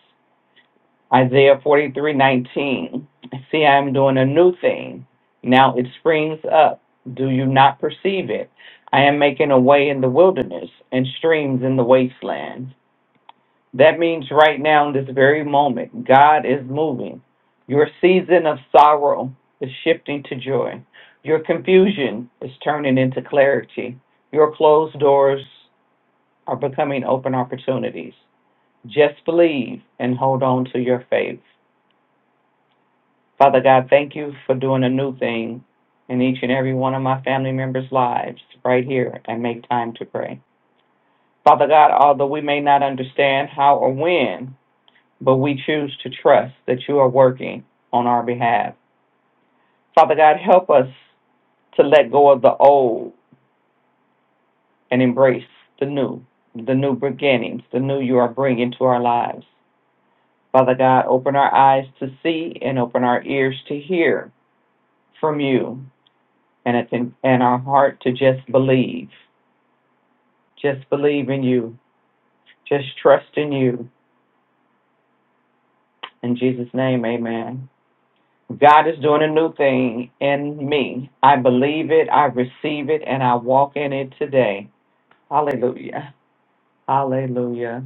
Speaker 2: Isaiah 43:19. See, I am doing a new thing. Now it springs up. Do you not perceive it? I am making a way in the wilderness and streams in the wasteland. That means right now, in this very moment, God is moving. Your season of sorrow is shifting to joy. Your confusion is turning into clarity. Your closed doors are becoming open opportunities. Just believe and hold on to your faith. Father God, thank you for doing a new thing in each and every one of my family members' lives right here and make time to pray. Father God, although we may not understand how or when, but we choose to trust that you are working on our behalf. Father God, help us to let go of the old and embrace the new, the new beginnings, the new you are bringing to our lives. Father God, open our eyes to see and open our ears to hear from you and, it's in, and our heart to just believe. Just believe in you. Just trust in you. In Jesus' name, amen. God is doing a new thing in me. I believe it, I receive it, and I walk in it today. Hallelujah. Hallelujah.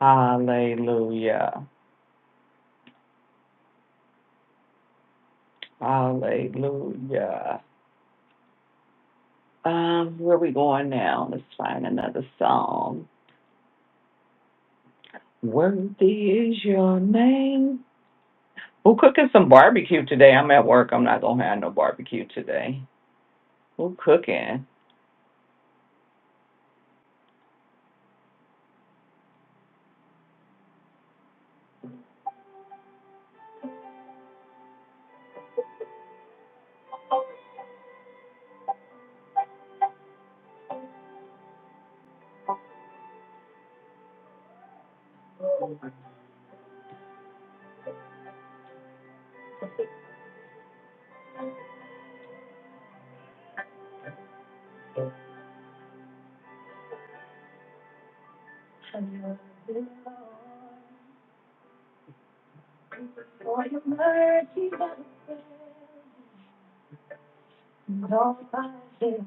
Speaker 2: Hallelujah. Hallelujah. Um, where we going now? Let's find another song. Worthy is your name. Who cooking some barbecue today? I'm at work. I'm not gonna have no barbecue today. Who cooking? Nobody.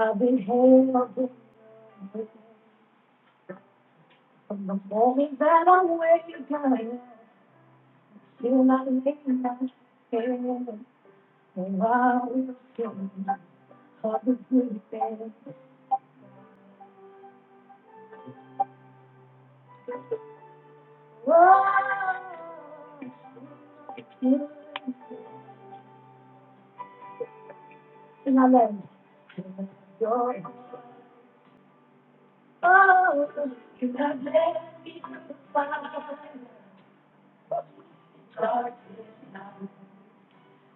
Speaker 2: I've been held in from the moment that I wake up. Feel my name, my name. And I will sing for the good things. Whoa. And I let you in the door. Oh, you have led me to the fire. Darkest night.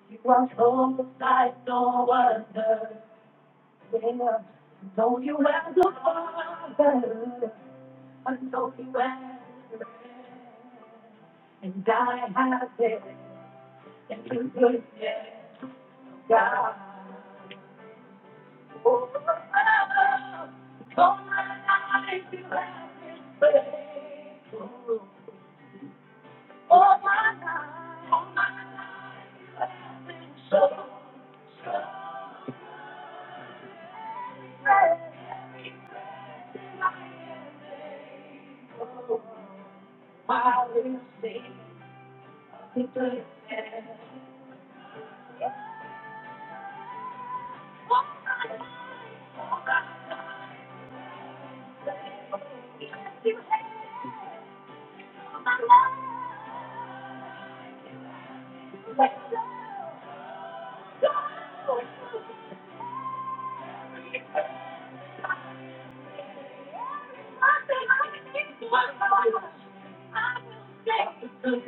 Speaker 2: You are so light, no other. Know you as a father, I know you as, and I have it, and you could get God. Oh, all my life you have been faithful. All my life, all my life been so. I will sing the goodness. Let the people know the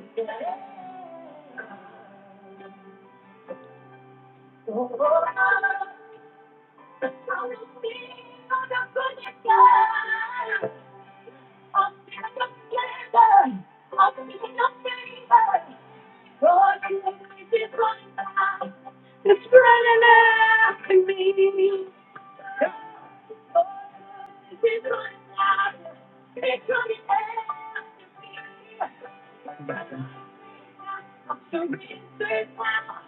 Speaker 2: goodness. Oh, It's running after me. It's running after me. It's running after me. I give you everything. Lord, it's running after me. Lord, it's running after me.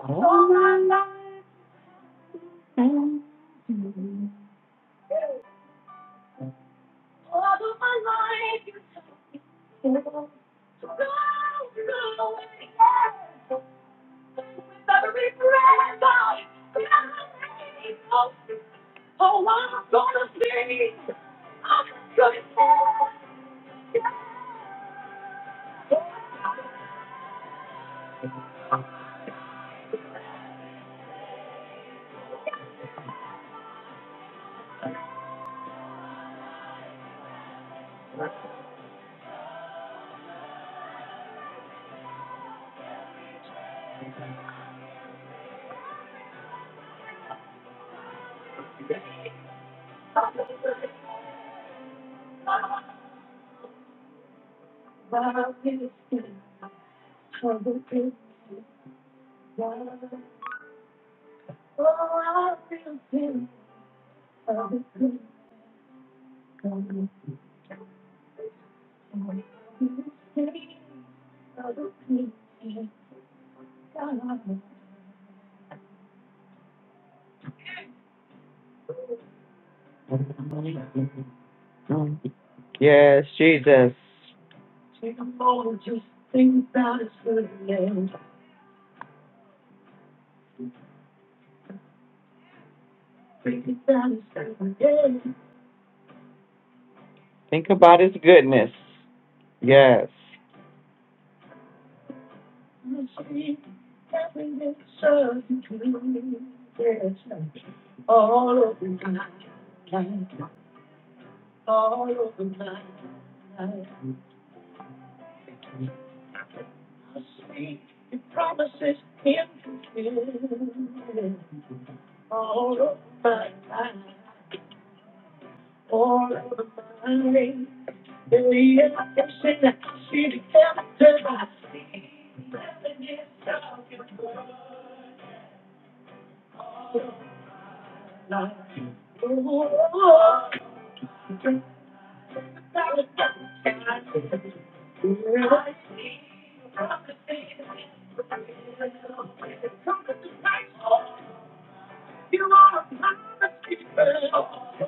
Speaker 2: All my life, all of my life, Go, go, go, with every breath I breathe. Oh, I'm gonna see. I'm gonna see. I'm gonna see. I'm gonna see. Oh, I feel good. I'm good. I'm good. Yes, Jesus. Take a moment, just think about His goodness. Think about His goodness. Think about His goodness. Yes. You see everything so Yes, all over my life, all over my life. I see the promises Him fulfilled. All over my life, all over my life. Baby, I'm pushing that shit after I see it. Stop your blood. Oh, I was outside. Where I see you from the thing that's real. It's something to fight for. You are a monster.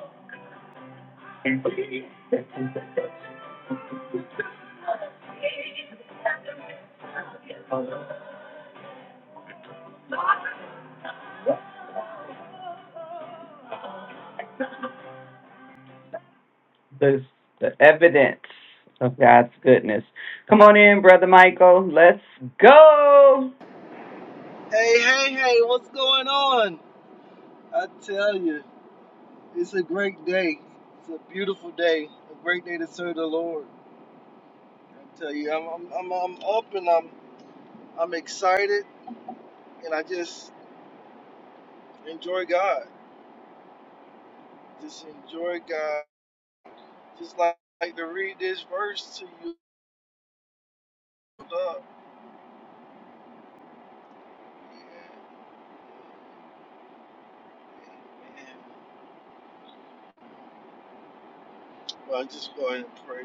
Speaker 2: There's the evidence of God's goodness. Come on in, Brother Michael. Let's go.
Speaker 6: Hey, hey, hey, what's going on? I tell you, it's a great day. It's a beautiful day. A great day to serve the Lord. I tell you, I'm, I'm, I'm, I'm up and I'm, I'm excited and I just enjoy God. Just enjoy God. Just like, like to read this verse to you. Up. Yeah. Amen. Well, just go ahead and pray.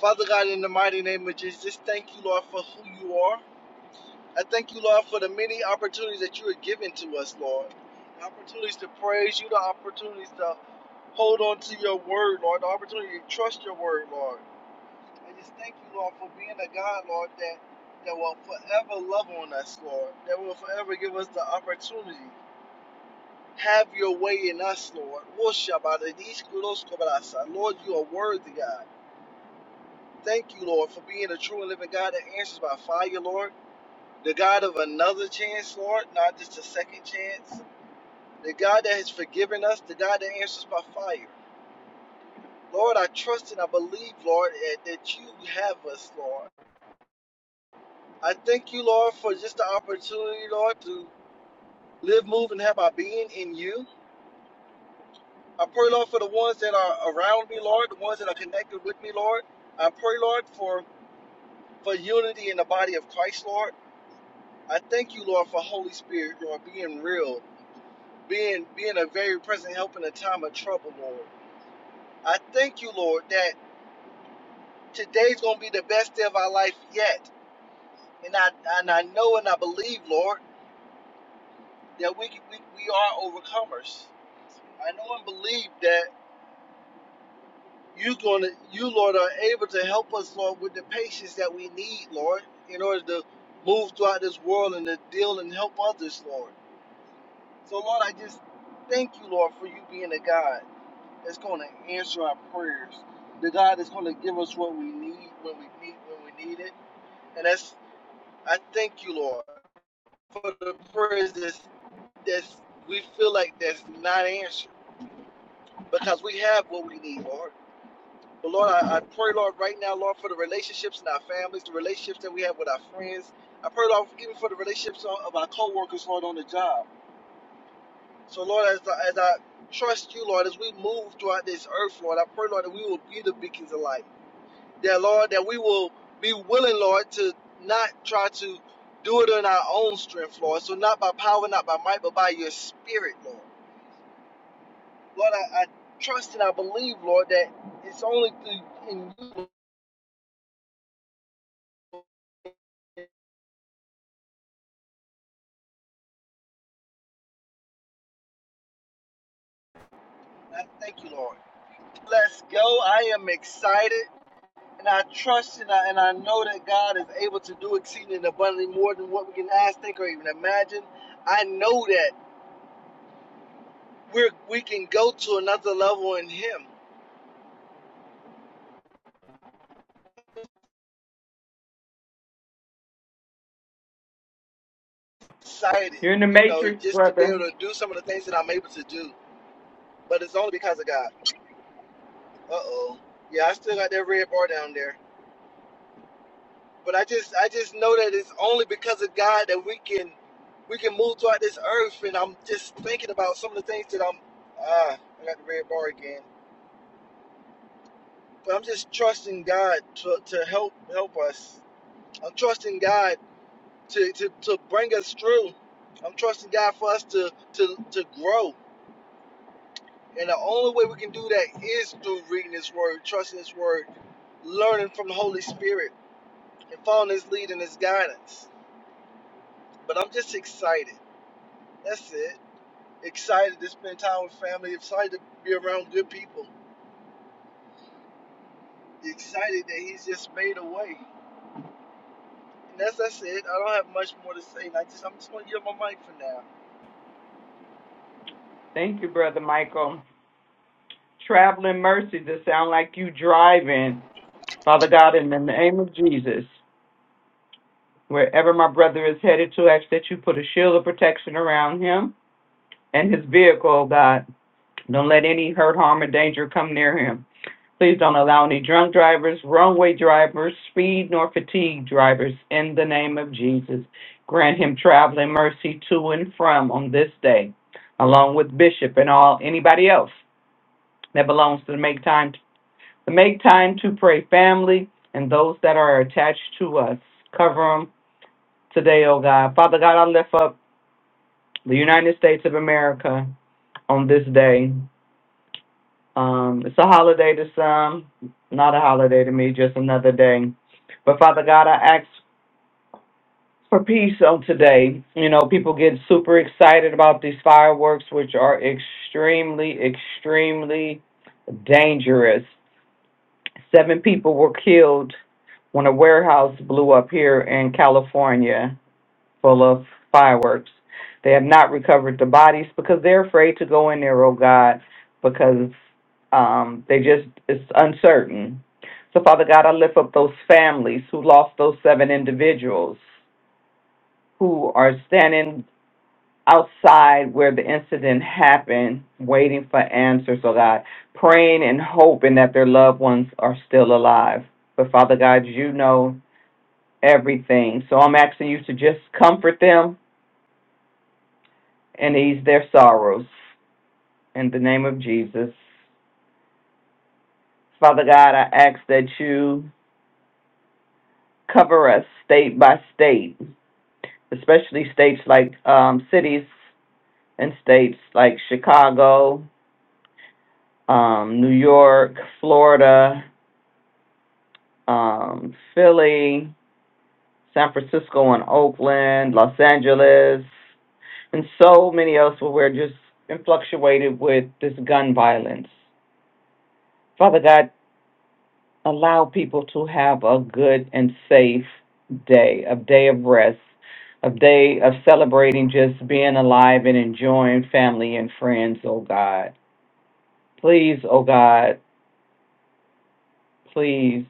Speaker 6: Father God, in the mighty name of Jesus, just thank you, Lord, for who you are. I thank you, Lord, for the many opportunities that you are giving to us, Lord. The opportunities to praise you, the opportunities to hold on to your word, Lord, the opportunity to trust your word, Lord. I just thank you, Lord, for being a God, Lord, that, that will forever love on us, Lord, that will forever give us the opportunity. Have your way in us, Lord. Lord, you are worthy, God. Thank you, Lord, for being a true and living God that answers by fire, Lord. the God of another chance, Lord, not just a second chance. The God that has forgiven us, the God that answers by fire. Lord, I trust and I believe, Lord, that that you have us, Lord. I thank you, Lord, for just the opportunity, Lord, to live, move, and have our being in you. I pray, Lord, for the ones that are around me, Lord, the ones that are connected with me, Lord. I pray, Lord, for, for unity in the body of Christ, Lord. I thank you, Lord, for Holy Spirit, Lord, being real, being being a very present help in a time of trouble, Lord. I thank you, Lord, that today's gonna be the best day of our life yet. And I and I know and I believe, Lord, that we we, we are overcomers. I know and believe that you gonna you, Lord, are able to help us, Lord, with the patience that we need, Lord, in order to move throughout this world and to deal and help others, Lord. So Lord, I just thank you, Lord, for you being a God. that's going to answer our prayers. The God that's going to give us what we need when we need when we need it. And that's I thank you, Lord, for the prayers that's that's we feel like that's not answered because we have what we need, Lord. But Lord, I, I pray, Lord, right now, Lord, for the relationships in our families, the relationships that we have with our friends. I pray, Lord, even for the relationships of of our coworkers, Lord, on the job. So, Lord, as I, as I trust you, Lord, as we move throughout this earth, Lord, I pray, Lord, that we will be the beacons of light. that Lord, that we will be willing, Lord, to not try to do it in our own strength, Lord. So not by power, not by might, but by your spirit, Lord. Lord, I, I trust and I believe, Lord, that it's only through in you. I thank you, Lord. Let's go. I am excited. And I trust and I, and I know that God is able to do exceeding and abundantly more than what we can ask, think, or even imagine. I know that we're, we can go to another level in Him. excited,
Speaker 2: You're in the
Speaker 6: you know,
Speaker 2: matrix,
Speaker 6: just to be
Speaker 2: brother.
Speaker 6: able to do some of the things that I'm able to do. But it's only because of God. Uh oh. Yeah, I still got that red bar down there. But I just I just know that it's only because of God that we can we can move throughout this earth and I'm just thinking about some of the things that I'm ah, I got the red bar again. But I'm just trusting God to, to help help us. I'm trusting God to, to, to bring us through. I'm trusting God for us to to, to grow. And the only way we can do that is through reading His Word, trusting His Word, learning from the Holy Spirit, and following His lead and His guidance. But I'm just excited. That's it. Excited to spend time with family, excited to be around good people, excited that He's just made a way. And that's, that's it. I don't have much more to say. I just, I'm just going to give my mic for now.
Speaker 2: Thank you, Brother Michael. traveling mercy to sound like you driving. Father God, in the name of Jesus, wherever my brother is headed to, ask that you put a shield of protection around him and his vehicle, oh God. Don't let any hurt, harm, or danger come near him. Please don't allow any drunk drivers, wrong-way drivers, speed nor fatigue drivers in the name of Jesus. Grant him traveling mercy to and from on this day, along with Bishop and all anybody else that belongs to the Make Time Make time to pray, family, and those that are attached to us. Cover them today, oh God. Father God, I lift up the United States of America on this day. Um, it's a holiday to some, not a holiday to me, just another day. But Father God, I ask for peace on today. You know, people get super excited about these fireworks, which are extremely, extremely dangerous. Seven people were killed when a warehouse blew up here in California full of fireworks. They have not recovered the bodies because they're afraid to go in there, oh God, because um, they just, it's uncertain. So, Father God, I lift up those families who lost those seven individuals who are standing outside where the incident happened, waiting for answers, oh God, praying and hoping that their loved ones are still alive. But, Father God, you know everything. So I'm asking you to just comfort them and ease their sorrows. In the name of Jesus. Father God, I ask that you cover us state by state, especially states like um, cities and states like Chicago, um, New York, Florida, um, Philly, San Francisco and Oakland, Los Angeles, and so many else where we're just influctuated with this gun violence. Father God, allow people to have a good and safe day, a day of rest, a day of celebrating just being alive and enjoying family and friends, oh God. Please, oh God, please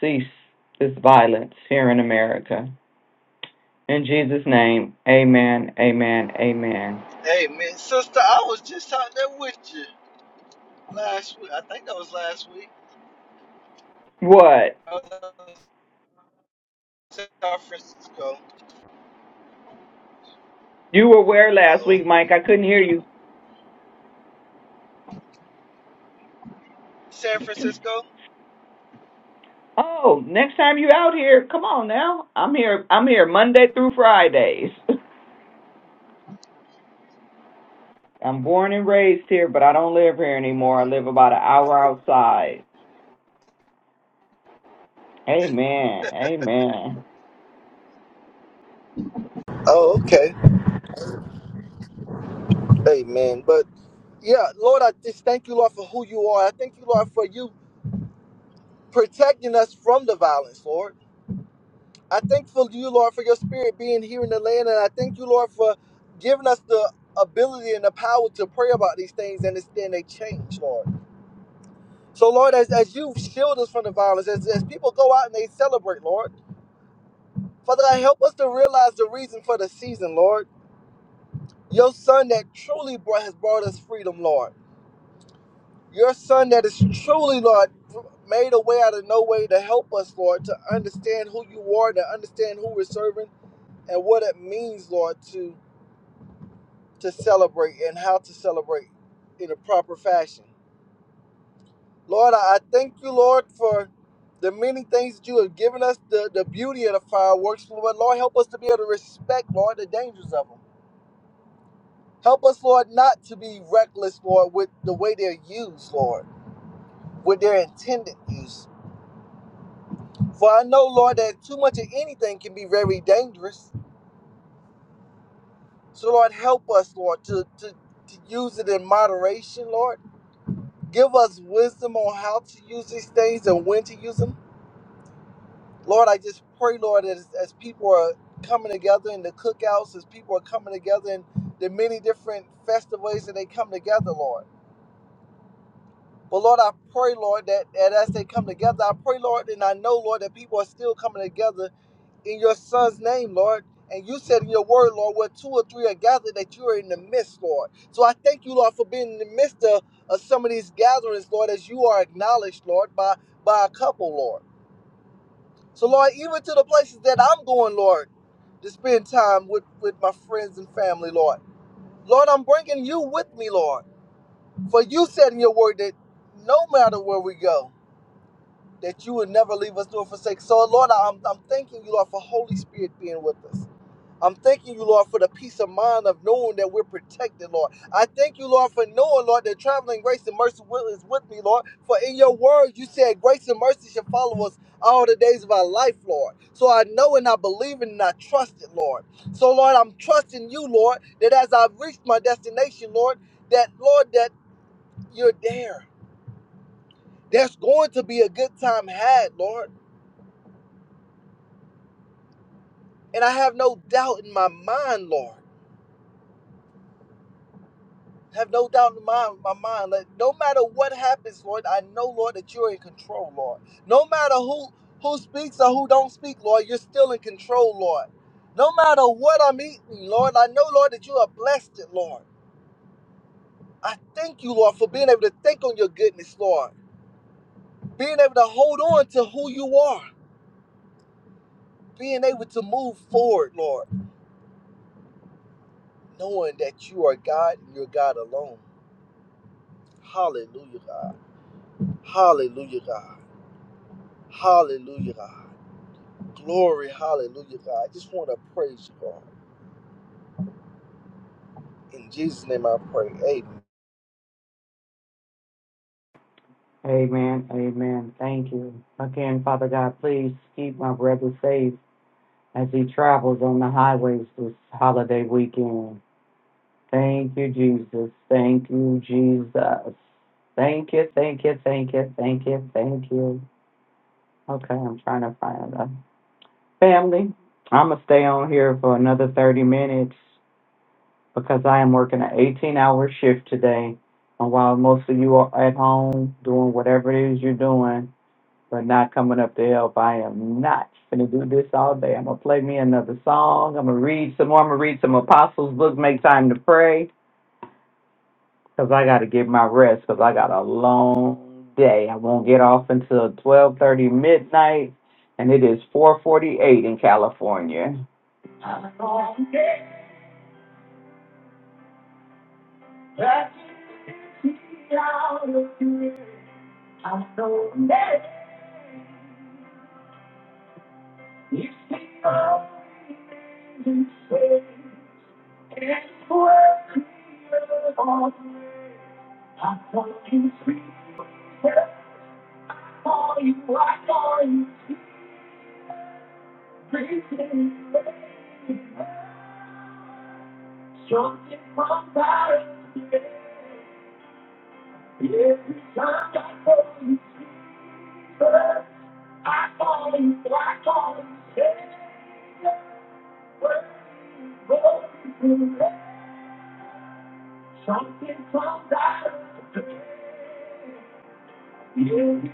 Speaker 2: cease this violence here in America. In Jesus' name, amen, amen, amen.
Speaker 6: Hey, man, sister, I was just out there with you last week. I think that was last week.
Speaker 2: What?
Speaker 6: I was in San Francisco.
Speaker 2: You were where
Speaker 6: Uh
Speaker 2: last
Speaker 6: oh.
Speaker 2: week, Mike? I couldn't hear you.
Speaker 6: San Francisco?
Speaker 2: Oh, next time you out here, come on now. I'm here. I'm here Monday through Fridays. I'm born and raised here, but I don't live here anymore. I live about an hour outside. Amen. Amen.
Speaker 6: Oh, okay. Amen. But yeah, Lord, I just thank you, Lord, for who you are. I thank you, Lord, for you protecting us from the violence, Lord. I thank for you, Lord, for your spirit being here in the land. And I thank you, Lord, for giving us the ability and the power to pray about these things and it's- then they change, Lord. So, Lord, as, as you shield us from the violence, as, as people go out and they celebrate, Lord, Father, God, help us to realize the reason for the season, Lord. Your son that truly brought, has brought us freedom, Lord. Your son that is truly, Lord, made a way out of no way to help us, Lord, to understand who you are, to understand who we're serving, and what it means, Lord, to to celebrate and how to celebrate in a proper fashion. Lord, I I thank you, Lord, for the many things that you have given us, the, the beauty of the fireworks, Lord. Lord, help us to be able to respect, Lord, the dangers of them. Help us, Lord, not to be reckless, Lord, with the way they're used, Lord, with their intended use. For I know, Lord, that too much of anything can be very dangerous. So, Lord, help us, Lord, to, to, to use it in moderation, Lord. Give us wisdom on how to use these things and when to use them. Lord, I just pray, Lord, as, as people are coming together in the cookouts, as people are coming together in the many different festive ways that they come together, Lord. But Lord, I pray, Lord, that, that as they come together, I pray, Lord, and I know, Lord, that people are still coming together in your son's name, Lord. And you said in your word, Lord, where two or three are gathered, that you are in the midst, Lord. So I thank you, Lord, for being in the midst of, of some of these gatherings, Lord, as you are acknowledged, Lord, by, by a couple, Lord. So, Lord, even to the places that I'm going, Lord, to spend time with, with my friends and family, Lord. Lord, I'm bringing you with me, Lord. For you said in your word that no matter where we go, that you would never leave us nor forsake. So, Lord, I'm, I'm thanking you, Lord, for Holy Spirit being with us. I'm thanking you, Lord, for the peace of mind of knowing that we're protected, Lord. I thank you, Lord, for knowing, Lord, that traveling grace and mercy will is with me, Lord. For in your word, you said grace and mercy shall follow us all the days of our life, Lord. So I know and I believe and I trust it, Lord. So, Lord, I'm trusting you, Lord, that as I've reached my destination, Lord, that, Lord, that you're there. There's going to be a good time had, Lord. And I have no doubt in my mind, Lord. Have no doubt in my, my mind. Like, no matter what happens, Lord, I know, Lord, that you're in control, Lord. No matter who who speaks or who don't speak, Lord, you're still in control, Lord. No matter what I'm eating, Lord, I know, Lord, that you are blessed, it, Lord. I thank you, Lord, for being able to think on your goodness, Lord. Being able to hold on to who you are. Being able to move forward, Lord. Knowing that you are God and you're God alone. Hallelujah, God. Hallelujah, God. Hallelujah, God. Glory, hallelujah, God. I just want to praise you, God. In Jesus' name I pray. Amen.
Speaker 2: Amen. Amen. Thank you. Again, Father God, please keep my brother safe as he travels on the highways this holiday weekend. Thank you, Jesus. Thank you, Jesus. Thank you, thank you, thank you, thank you, thank you. Okay, I'm trying to find them. Family, I'm going to stay on here for another 30 minutes because I am working an 18 hour shift today. And while most of you are at home doing whatever it is you're doing, but not coming up to help, I am not going to do this all day. I'm going to play me another song. I'm going to read some more. I'm going to read some Apostles' book, Make Time to Pray, because I got to get my rest because I got a long day. I won't get off until 12.30 midnight, and it is 4.48 in California. I'm gonna get back out of here. I'm so mad. You see, I'm in shame. It's worth it all. I'm talking sweet for you. I call you crazy. Something from Paris. Every time I call you, I call you, I call you, say, we're going to Something from Paris. You we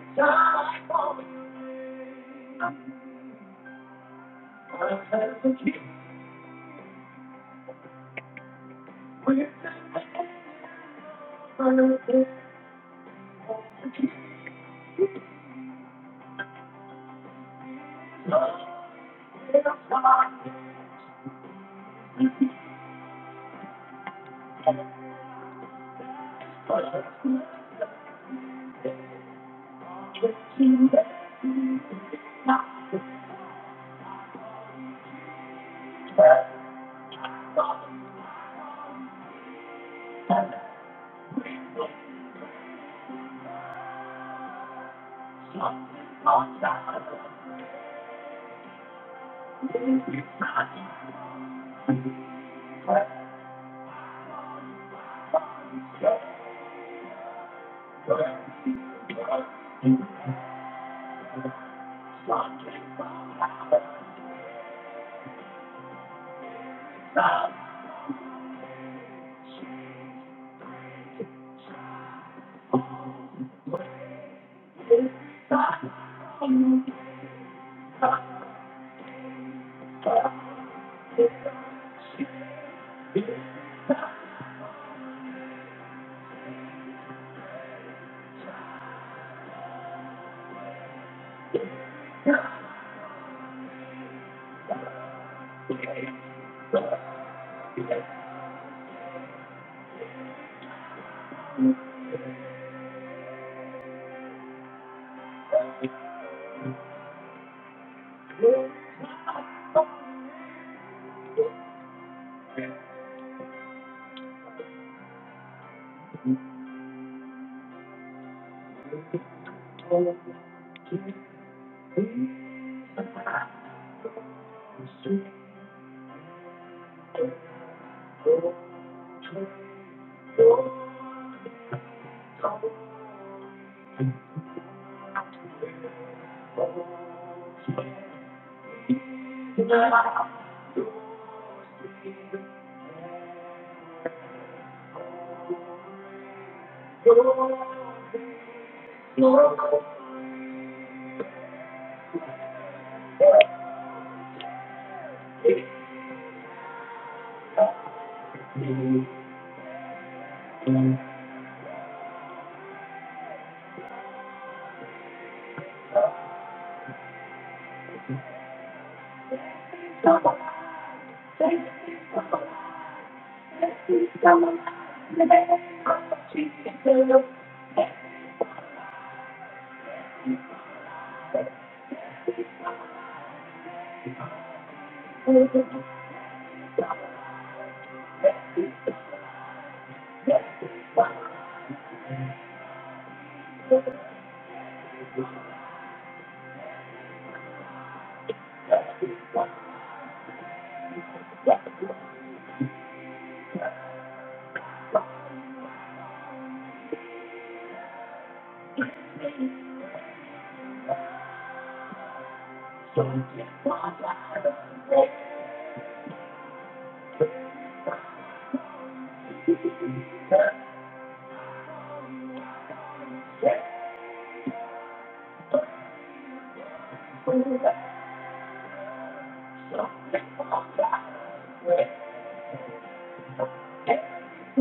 Speaker 2: Thank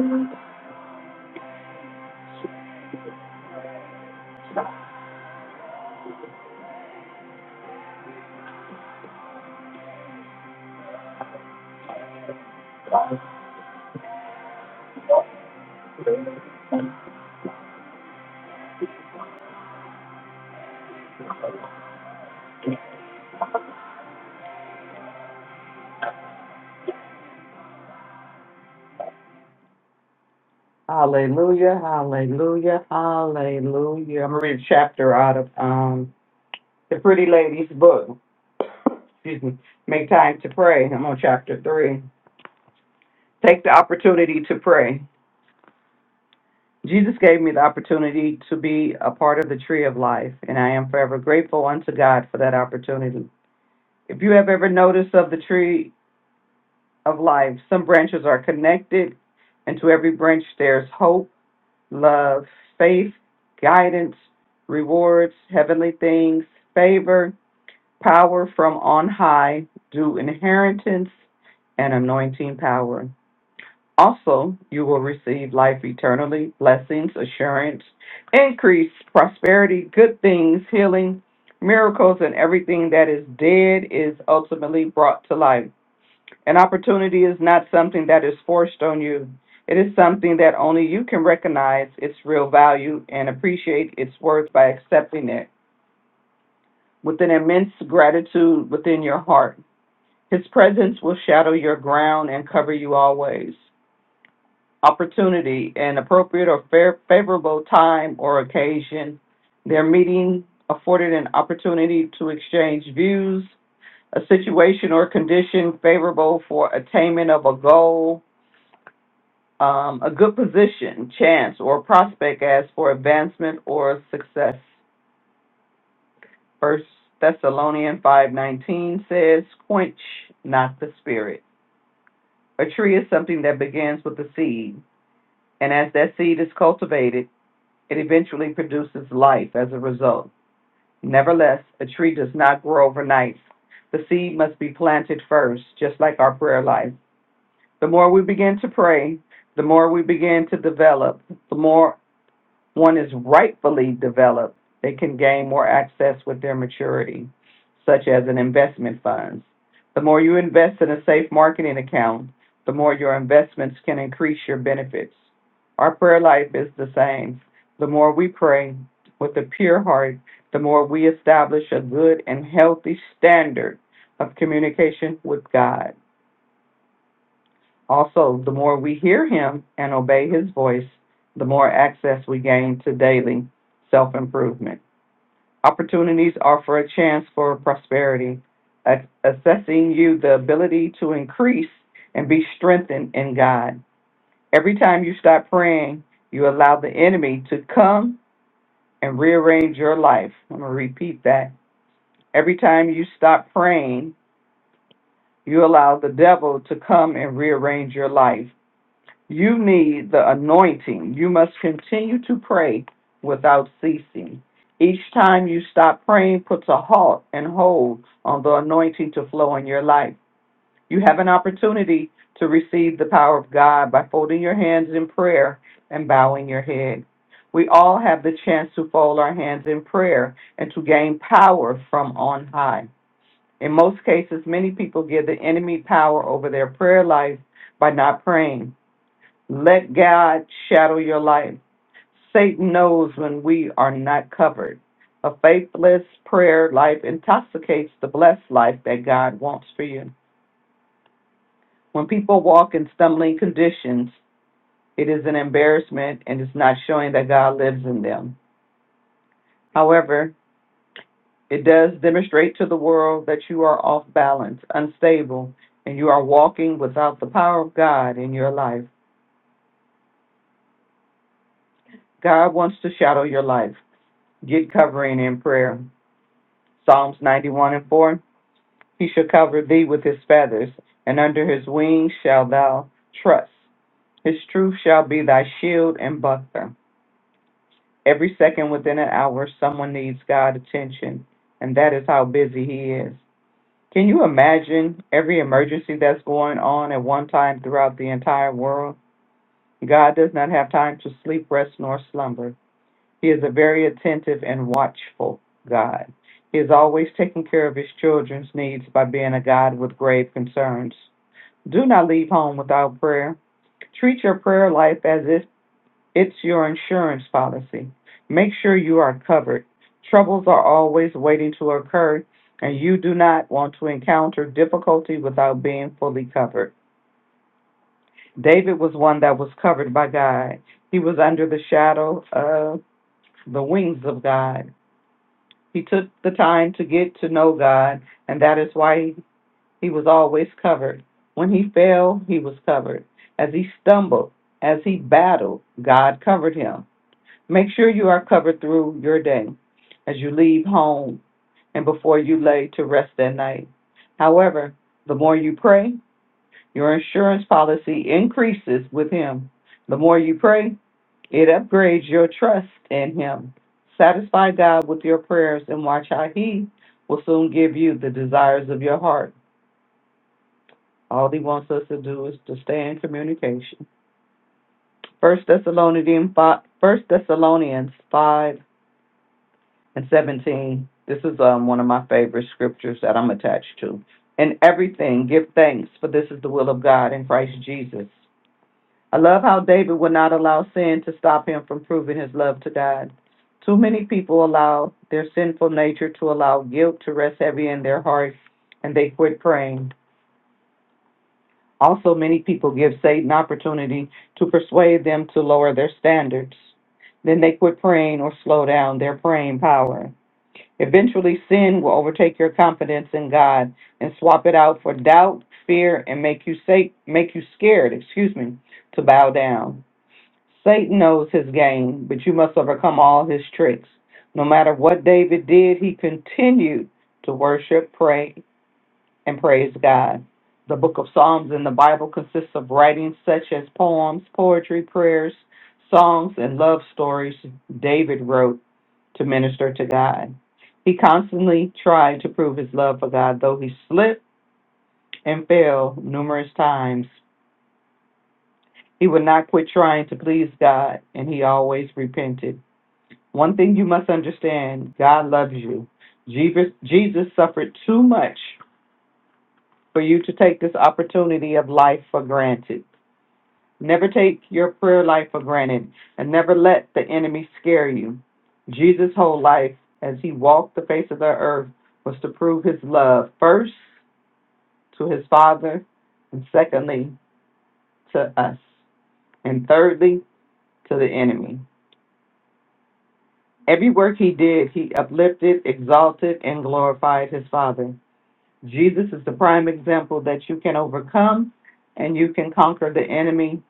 Speaker 2: you. Hallelujah, hallelujah, hallelujah. I'm gonna read a chapter out of um the pretty lady's book. Excuse me. Make time to pray. I'm on chapter three. Take the opportunity to pray. Jesus gave me the opportunity to be a part of the tree of life, and I am forever grateful unto God for that opportunity. If you have ever noticed of the tree of life, some branches are connected, and to every branch there's hope love, faith, guidance, rewards, heavenly things, favor, power from on high, due inheritance, and anointing power. Also, you will receive life eternally, blessings, assurance, increase, prosperity, good things, healing, miracles, and everything that is dead is ultimately brought to life. An opportunity is not something that is forced on you. It is something that only you can recognize its real value and appreciate its worth by accepting it with an immense gratitude within your heart. His presence will shadow your ground and cover you always. Opportunity, an appropriate or fair, favorable time or occasion, their meeting afforded an opportunity to exchange views, a situation or condition favorable for attainment of a goal, um, a good position, chance, or prospect as for advancement or success. First Thessalonians five nineteen says, "Quench not the spirit." A tree is something that begins with a seed, and as that seed is cultivated, it eventually produces life as a result. Nevertheless, a tree does not grow overnight. The seed must be planted first, just like our prayer life. The more we begin to pray, the more we begin to develop, the more one is rightfully developed, they can gain more access with their maturity, such as in investment funds. The more you invest in a safe marketing account, the more your investments can increase your benefits. Our prayer life is the same. The more we pray with a pure heart, the more we establish a good and healthy standard of communication with God. Also, the more we hear Him and obey His voice, the more access we gain to daily self improvement. Opportunities offer a chance for prosperity, assessing you the ability to increase and be strengthened in God. Every time you stop praying, you allow the enemy to come and rearrange your life. I'm going to repeat that. Every time you stop praying, you allow the devil to come and rearrange your life. You need the anointing. You must continue to pray without ceasing. Each time you stop praying puts a halt and hold on the anointing to flow in your life. You have an opportunity to receive the power of God by folding your hands in prayer and bowing your head. We all have the chance to fold our hands in prayer and to gain power from on high. In most cases, many people give the enemy power over their prayer life by not praying. Let God shadow your life. Satan knows when we are not covered. A faithless prayer life intoxicates the blessed life that God wants for you. When people walk in stumbling conditions, it is an embarrassment and it's not showing that God lives in them. However, it does demonstrate to the world that you are off balance, unstable, and you are walking without the power of God in your life. God wants to shadow your life. Get covering in prayer. Psalms 91 and 4. He shall cover thee with his feathers, and under his wings shall thou trust. His truth shall be thy shield and buckler. Every second within an hour, someone needs God's attention, and that is how busy he is. Can you imagine every emergency that's going on at one time throughout the entire world? God does not have time to sleep, rest, nor slumber. He is a very attentive and watchful God. He is always taking care of his children's needs by being a God with grave concerns. Do not leave home without prayer. Treat your prayer life as if it's your insurance policy. Make sure you are covered. Troubles are always waiting to occur, and you do not want to encounter difficulty without being fully covered. David was one that was covered by God. He was under the shadow of the wings of God. He took the time to get to know God, and that is why he, he was always covered. When he fell, he was covered. As he stumbled, as he battled, God covered him. Make sure you are covered through your day as you leave home and before you lay to rest at night. However, the more you pray, your insurance policy increases with him. The more you pray, it upgrades your trust in Him. Satisfy God with your prayers and watch how He will soon give you the desires of your heart. All He wants us to do is to stay in communication. First Thessalonians five, First Thessalonians five and seventeen. This is um, one of my favorite scriptures that I'm attached to. In everything, give thanks, for this is the will of God in Christ Jesus. I love how David would not allow sin to stop him from proving his love to God. Too many people allow their sinful nature to allow guilt to rest heavy in their hearts and they quit praying. Also, many people give Satan opportunity to persuade them to lower their standards. Then they quit praying or slow down their praying power. Eventually, sin will overtake your confidence in God and swap it out for doubt, fear, and make you sa- make you scared, excuse me, to bow down. Satan knows his game, but you must overcome all his tricks. No matter what David did, he continued to worship, pray, and praise God. The book of Psalms in the Bible consists of writings such as poems, poetry, prayers, songs, and love stories David wrote to minister to God. He constantly tried to prove his love for God, though he slipped and fell numerous times. He would not quit trying to please God, and he always repented. One thing you must understand God loves you. Jesus, Jesus suffered too much for you to take this opportunity of life for granted. Never take your prayer life for granted and never let the enemy scare you. Jesus' whole life as he walked the face of the earth was to prove his love first to his Father and secondly to us and thirdly to the enemy. Every work he did, he uplifted, exalted, and glorified his Father. Jesus is the prime example that you can overcome and you can conquer the enemy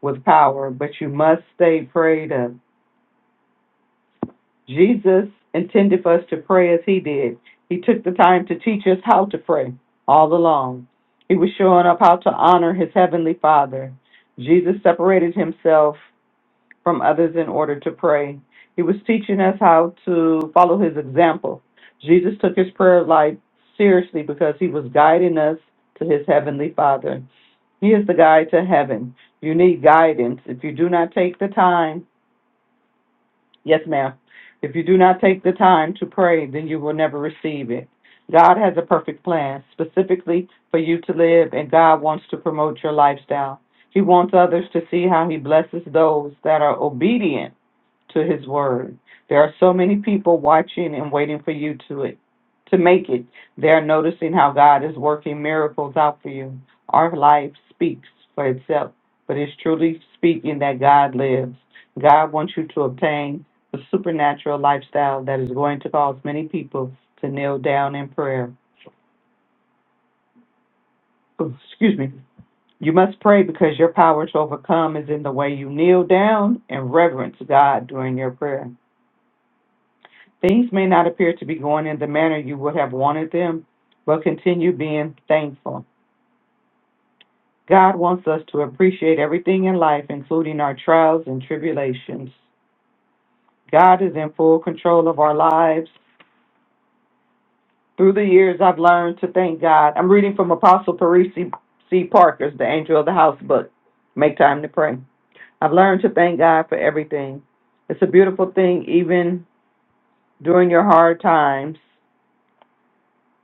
Speaker 2: with power, but you must stay prayed up. Jesus intended for us to pray as he did. He took the time to teach us how to pray all along. He was showing up how to honor his heavenly Father. Jesus separated himself from others in order to pray. He was teaching us how to follow his example. Jesus took his prayer life seriously because he was guiding us to his heavenly Father. He is the guide to heaven. You need guidance. If you do not take the time, yes, ma'am. If you do not take the time to pray, then you will never receive it. God has a perfect plan specifically for you to live, and God wants to promote your lifestyle. He wants others to see how He blesses those that are obedient to his word. There are so many people watching and waiting for you to it to make it. They're noticing how God is working miracles out for you. Our life speaks for itself, but it's truly speaking that God lives. God wants you to obtain the supernatural lifestyle that is going to cause many people to kneel down in prayer. Oh, Excuse me. You must pray because your power to overcome is in the way you kneel down and reverence God during your prayer. Things may not appear to be going in the manner you would have wanted them, but continue being thankful. God wants us to appreciate everything in life, including our trials and tribulations. God is in full control of our lives. Through the years, I've learned to thank God. I'm reading from Apostle Parisi C. Parker's The Angel of the House book, Make Time to Pray. I've learned to thank God for everything. It's a beautiful thing, even during your hard times.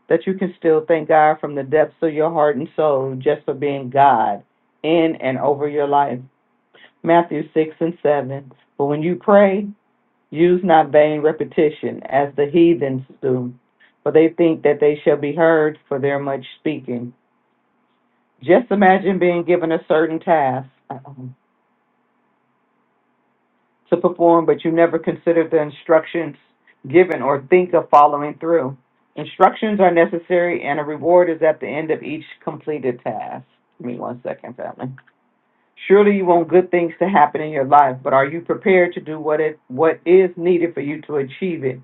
Speaker 2: that you can still thank God from the depths of your heart and soul just for being God in and over your life. Matthew 6 and 7. But when you pray, use not vain repetition as the heathens do, for they think that they shall be heard for their much speaking. Just imagine being given a certain task. to perform, but you never consider the instructions given or think of following through. Instructions are necessary, and a reward is at the end of each completed task. Give me one second, family. Surely you want good things to happen in your life, but are you prepared to do what it what is needed for you to achieve it?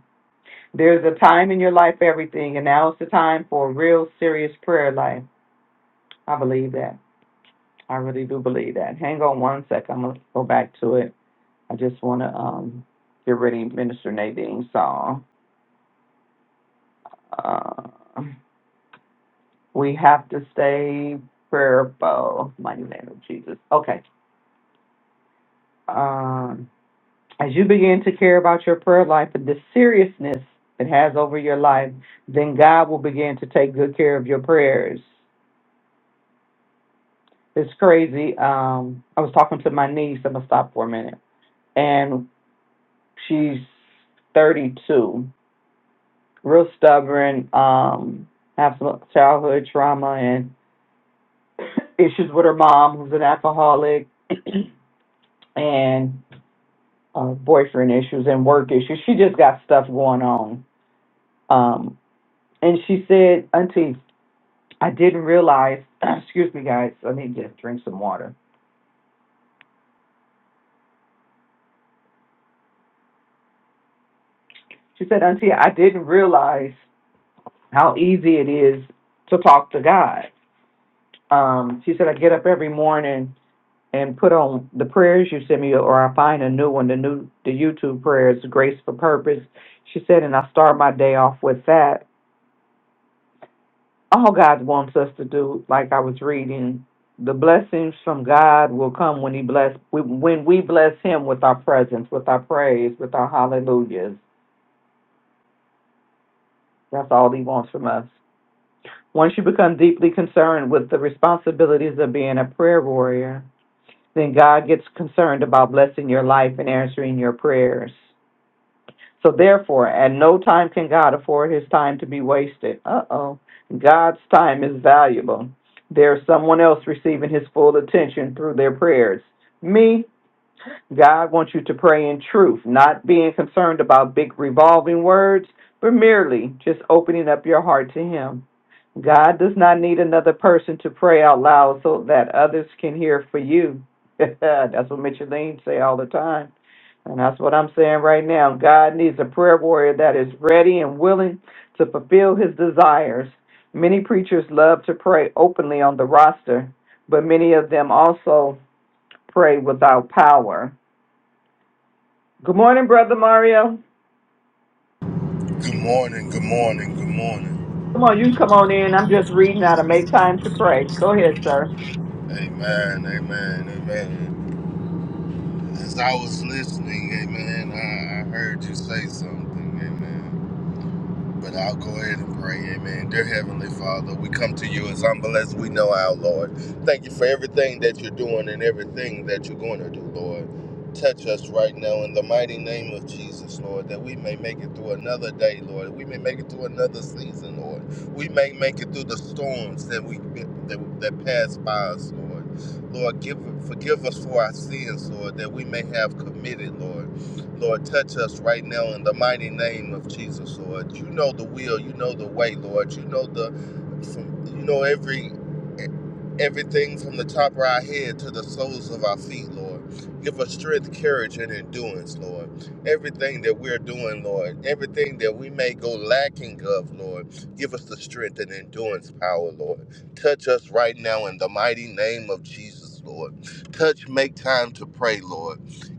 Speaker 2: There's a time in your life for everything, and now is the time for a real serious prayer life. I believe that. I really do believe that. Hang on one sec. I'm gonna go back to it. I just want to um, get ready, Minister Nadine's song. Uh, we have to stay prayerful, mighty name of Jesus. Okay. Um, as you begin to care about your prayer life and the seriousness it has over your life, then God will begin to take good care of your prayers. It's crazy. Um, I was talking to my niece. I'm gonna stop for a minute, and she's 32 real stubborn, um, have some childhood trauma and issues with her mom, who's an alcoholic, and uh, boyfriend issues and work issues. She just got stuff going on. Um, and she said, Auntie, I didn't realize, excuse me, guys, I need to drink some water. She said, Auntie, I didn't realize how easy it is to talk to God. Um, she said, I get up every morning and put on the prayers you send me, or I find a new one, the new the YouTube prayers, Grace for Purpose. She said, and I start my day off with that. All God wants us to do, like I was reading, the blessings from God will come when He bless when we bless Him with our presence, with our praise, with our hallelujahs. That's all He wants from us. Once you become deeply concerned with the responsibilities of being a prayer warrior, then God gets concerned about blessing your life and answering your prayers. So therefore, at no time can God afford his time to be wasted. Uh oh. God's time is valuable. There's someone else receiving his full attention through their prayers. Me? God wants you to pray in truth, not being concerned about big revolving words, but merely just opening up your heart to Him. God does not need another person to pray out loud so that others can hear for you. that's what Micheline say all the time. And that's what I'm saying right now. God needs a prayer warrior that is ready and willing to fulfill his desires. Many preachers love to pray openly on the roster, but many of them also pray without power. Good morning, Brother Mario.
Speaker 7: Good morning, good morning, good morning.
Speaker 2: Come on, you can come on in. I'm just reading how to make time to pray. Go ahead, sir.
Speaker 7: Amen, amen, amen. As I was listening, amen, I, I heard you say something, amen. But I'll go ahead and pray. Amen. Dear Heavenly Father, we come to you as humble as we know our Lord. Thank you for everything that you're doing and everything that you're going to do, Lord. Touch us right now in the mighty name of Jesus, Lord, that we may make it through another day, Lord. We may make it through another season, Lord. We may make it through the storms that we that, that pass by us, Lord. Lord, give forgive us for our sins, Lord, that we may have committed, Lord. Lord, touch us right now in the mighty name of Jesus, Lord. You know the will, you know the way, Lord. You know the, from, you know every everything from the top of our head to the soles of our feet, Lord. Give us strength, courage, and endurance, Lord. Everything that we're doing, Lord, everything that we may go lacking of, Lord, give us the strength and endurance power, Lord. Touch us right now in the mighty name of Jesus, Lord. Touch, make time to pray, Lord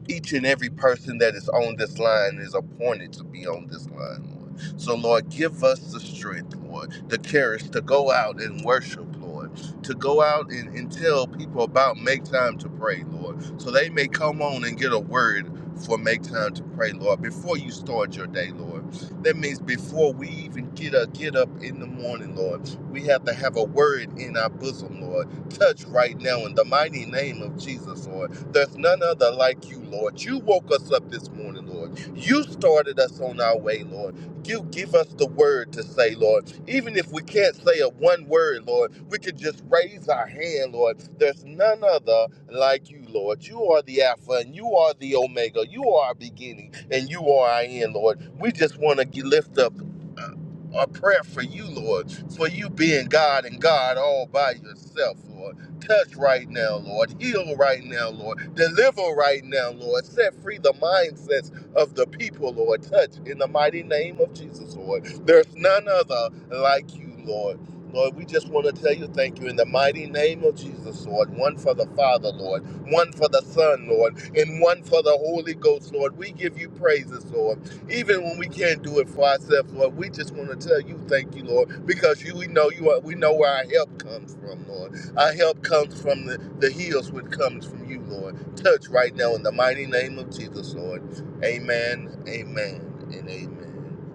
Speaker 7: each and every person that is on this line is appointed to be on this line, Lord. So, Lord, give us the strength, Lord, the courage to go out and worship, Lord, to go out and, and tell people about make time to pray, Lord, so they may come on and get a word for make time to pray, Lord, before you start your day, Lord. That means before we even get up, get up in the morning, Lord, we have to have a word in our bosom, Lord. Touch right now in the mighty name of Jesus, Lord there's none other like you, Lord. You woke us up this morning, Lord. You started us on our way, Lord. You give us the word to say, Lord. Even if we can't say a one word, Lord, we could just raise our hand, Lord. There's none other like you, Lord. You are the Alpha and you are the Omega. You are our beginning and you are our end, Lord. We just want to lift up uh, a prayer for you, Lord, for you being God and God all by yourself, Lord. Touch right now, Lord. Heal right now, Lord. Deliver right now, Lord. Set free the mindsets of the people, Lord. Touch in the mighty name of Jesus, Lord. There's none other like you, Lord. Lord, we just want to tell you thank you in the mighty name of Jesus, Lord. One for the Father, Lord. One for the Son, Lord. And one for the Holy Ghost, Lord. We give you praises, Lord. Even when we can't do it for ourselves, Lord, we just want to tell you thank you, Lord, because you we know you are, we know where our help comes from, Lord. Our help comes from the, the hills which comes from you, Lord. Touch right now in the mighty name of Jesus, Lord. Amen, amen, and amen.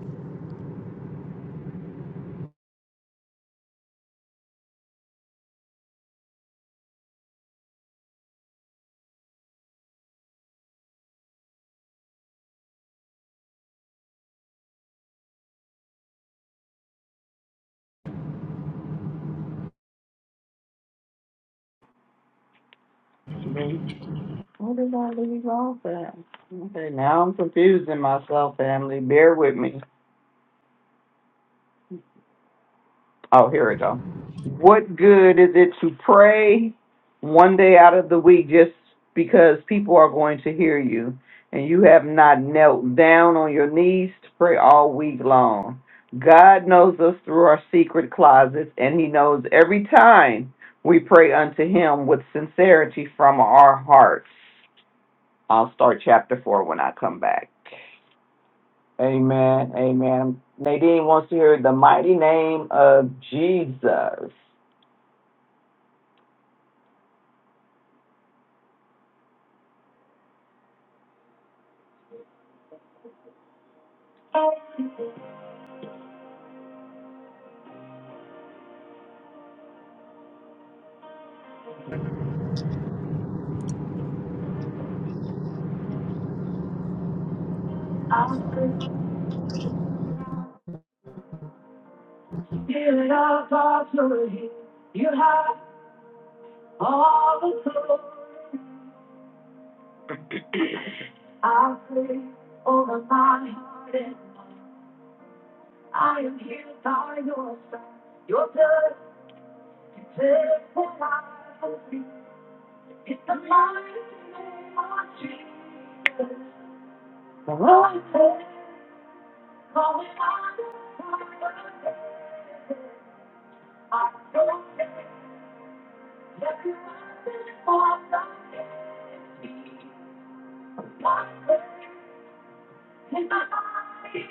Speaker 2: Mhm. What did I leave off at? Okay, now I'm confusing myself, family. Bear with me. Oh, here we go. What good is it to pray one day out of the week just because people are going to hear you and you have not knelt down on your knees to pray all week long? God knows us through our secret closets and He knows every time we pray unto Him with sincerity from our hearts. I'll start chapter 4 when I come back. Amen. Amen. Nadine wants to hear the mighty name of Jesus. I'm gonna take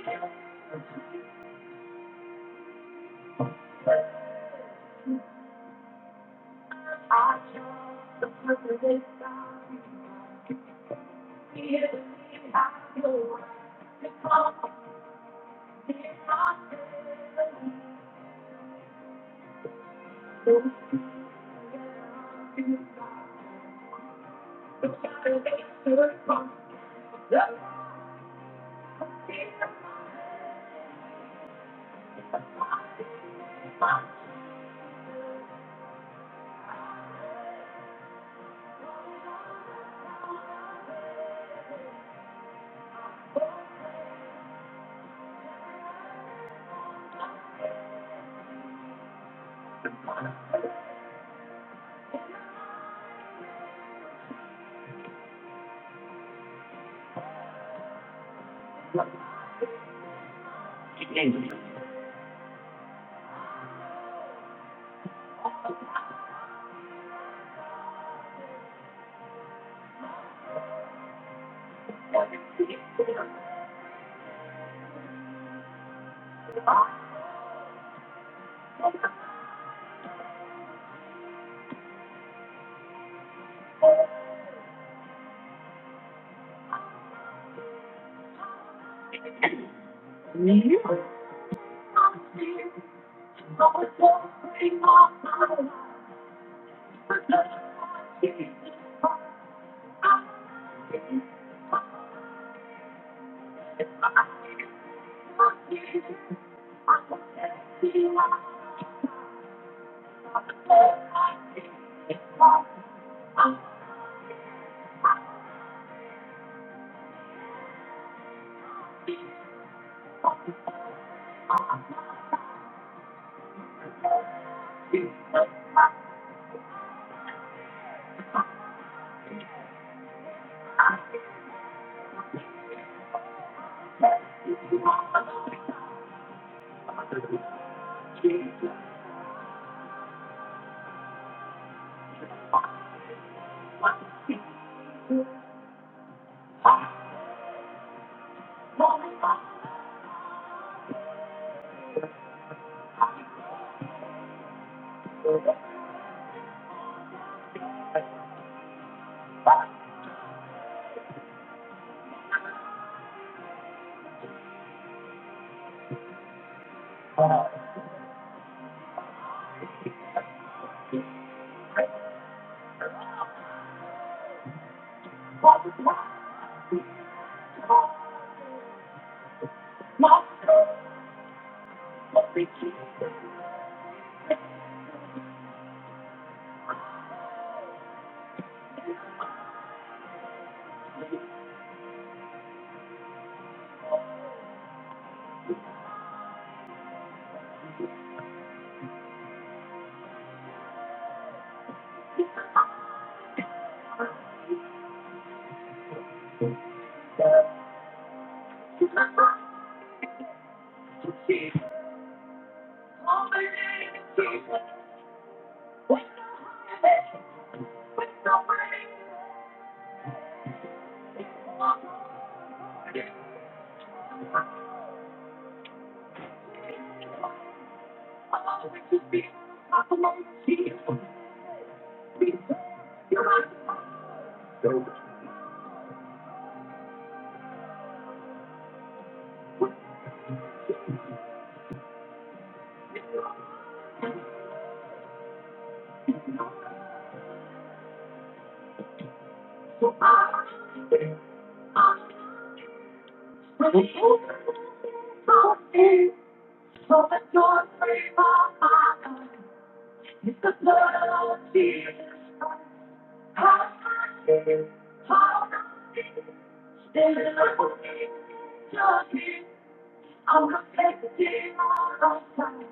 Speaker 2: the deal outside.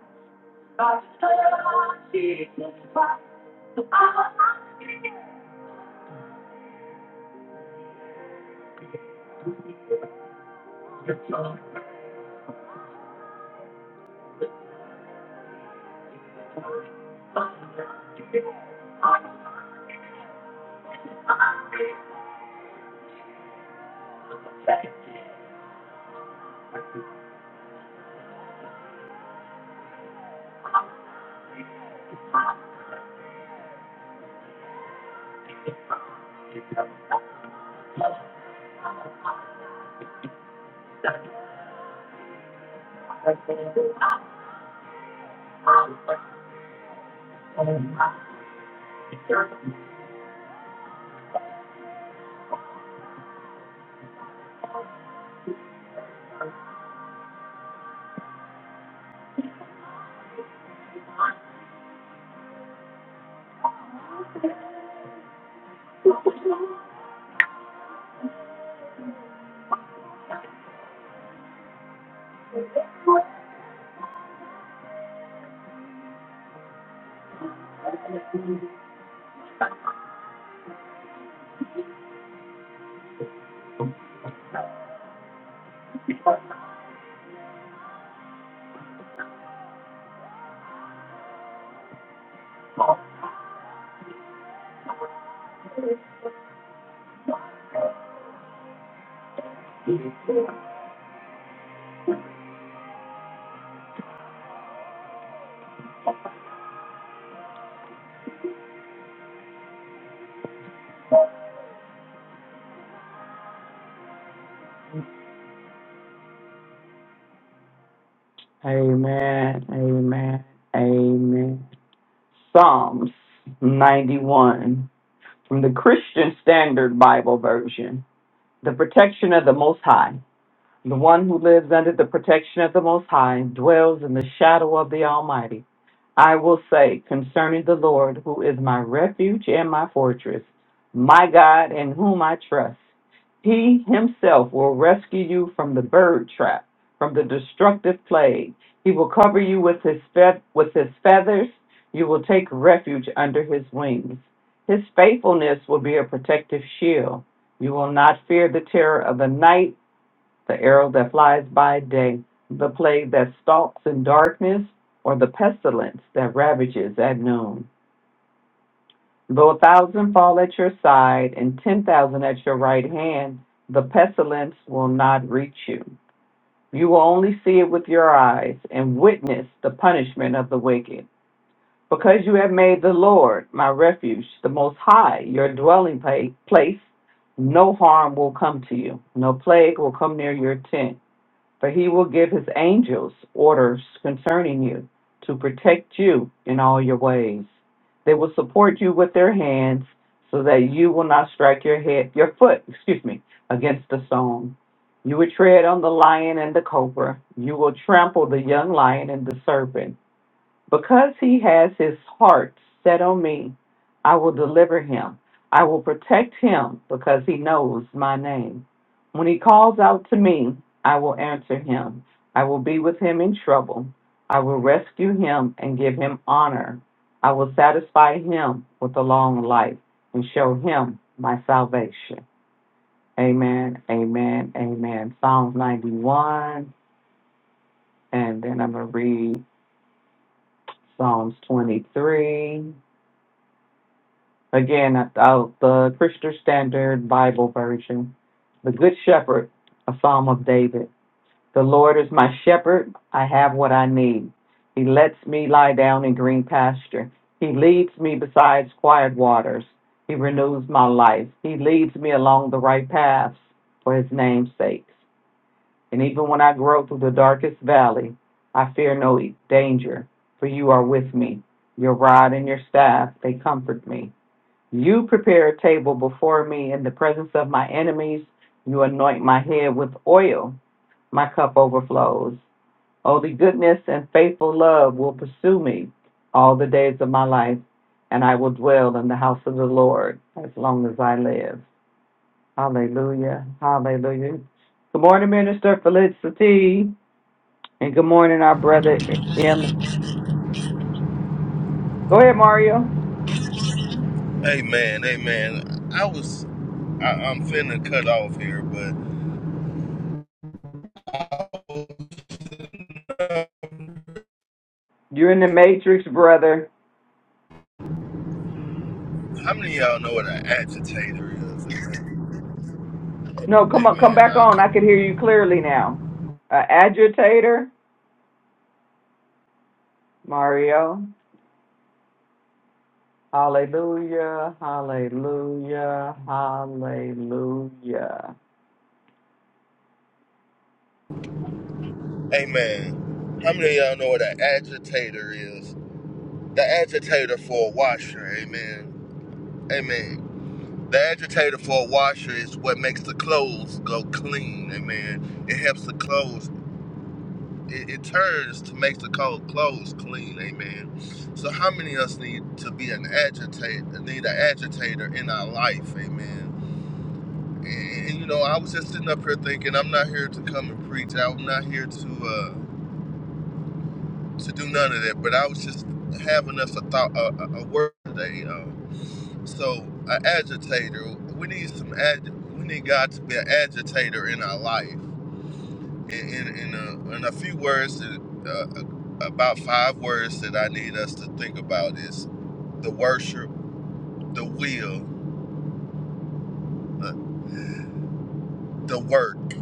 Speaker 2: By the blood of Jesus Christ, Amen. Amen. Amen. Psalms 91 from the Christian Standard Bible Version. The protection of the Most High. The one who lives under the protection of the Most High dwells in the shadow of the Almighty. I will say concerning the Lord, who is my refuge and my fortress, my God in whom I trust. He himself will rescue you from the bird trap, from the destructive plague. He will cover you with his, fe- with his feathers. You will take refuge under his wings. His faithfulness will be a protective shield. You will not fear the terror of the night the arrow that flies by day, the plague that stalks in darkness, or the pestilence that ravages at noon. Though a thousand fall at your side and ten thousand at your right hand, the pestilence will not reach you. You will only see it with your eyes and witness the punishment of the wicked. Because you have made the Lord my refuge, the Most High, your dwelling pa- place, no harm will come to you, no plague will come near your tent. For he will give his angels orders concerning you to protect you in all your ways. They will support you with their hands so that you will not strike your head, your foot, excuse me, against the stone. You will tread on the lion and the cobra. You will trample the young lion and the serpent. Because he has his heart set on me, I will deliver him. I will protect him because he knows my name. When he calls out to me, I will answer him. I will be with him in trouble. I will rescue him and give him honor. I will satisfy him with a long life and show him my salvation. Amen, amen, amen. Psalms 91, and then I'm going to read Psalms 23. Again, I- I'll, the Christian Standard Bible Version. The Good Shepherd, a Psalm of David. The Lord is my shepherd. I have what I need. He lets me lie down in green pasture. He leads me beside quiet waters. He renews my life. He leads me along the right paths for his name's sake. And even when I grow through the darkest valley, I fear no danger, for you are with me. Your rod and your staff, they comfort me. You prepare a table before me in the presence of my enemies. You anoint my head with oil. My cup overflows. Only goodness and faithful love will pursue me all the days of my life, and I will dwell in the house of the Lord as long as I live. Hallelujah. Hallelujah. Good morning, Minister Felicity. And good morning, our brother. Em. Go ahead, Mario.
Speaker 7: Amen, amen. I was, I, I'm finna cut off here, but
Speaker 2: You're in the matrix, brother.
Speaker 7: how many of y'all know what an agitator is? Amen.
Speaker 2: No, come on, come
Speaker 7: Amen.
Speaker 2: back
Speaker 7: Uh,
Speaker 2: on. I
Speaker 7: come,
Speaker 2: can hear you clearly now. Uh, agitator, Mario. Hallelujah, hallelujah, hallelujah.
Speaker 7: amen. How many of y'all know what an agitator is? The agitator for a washer, amen. Amen. The agitator for a washer is what makes the clothes go clean, amen. It helps the clothes, it, it turns to make the co- clothes clean, amen. So, how many of us need to be an agitator, need an agitator in our life, amen? And, and, you know, I was just sitting up here thinking, I'm not here to come and preach, I'm not here to uh, to do none of that, but I was just having us a thought, a, a a word today. Uh, So, an agitator, we need some ag- we need God to be an agitator in our life. In in, in, a, in a few words, uh, uh, about five words that I need us to think about is the worship, the will, the, the work.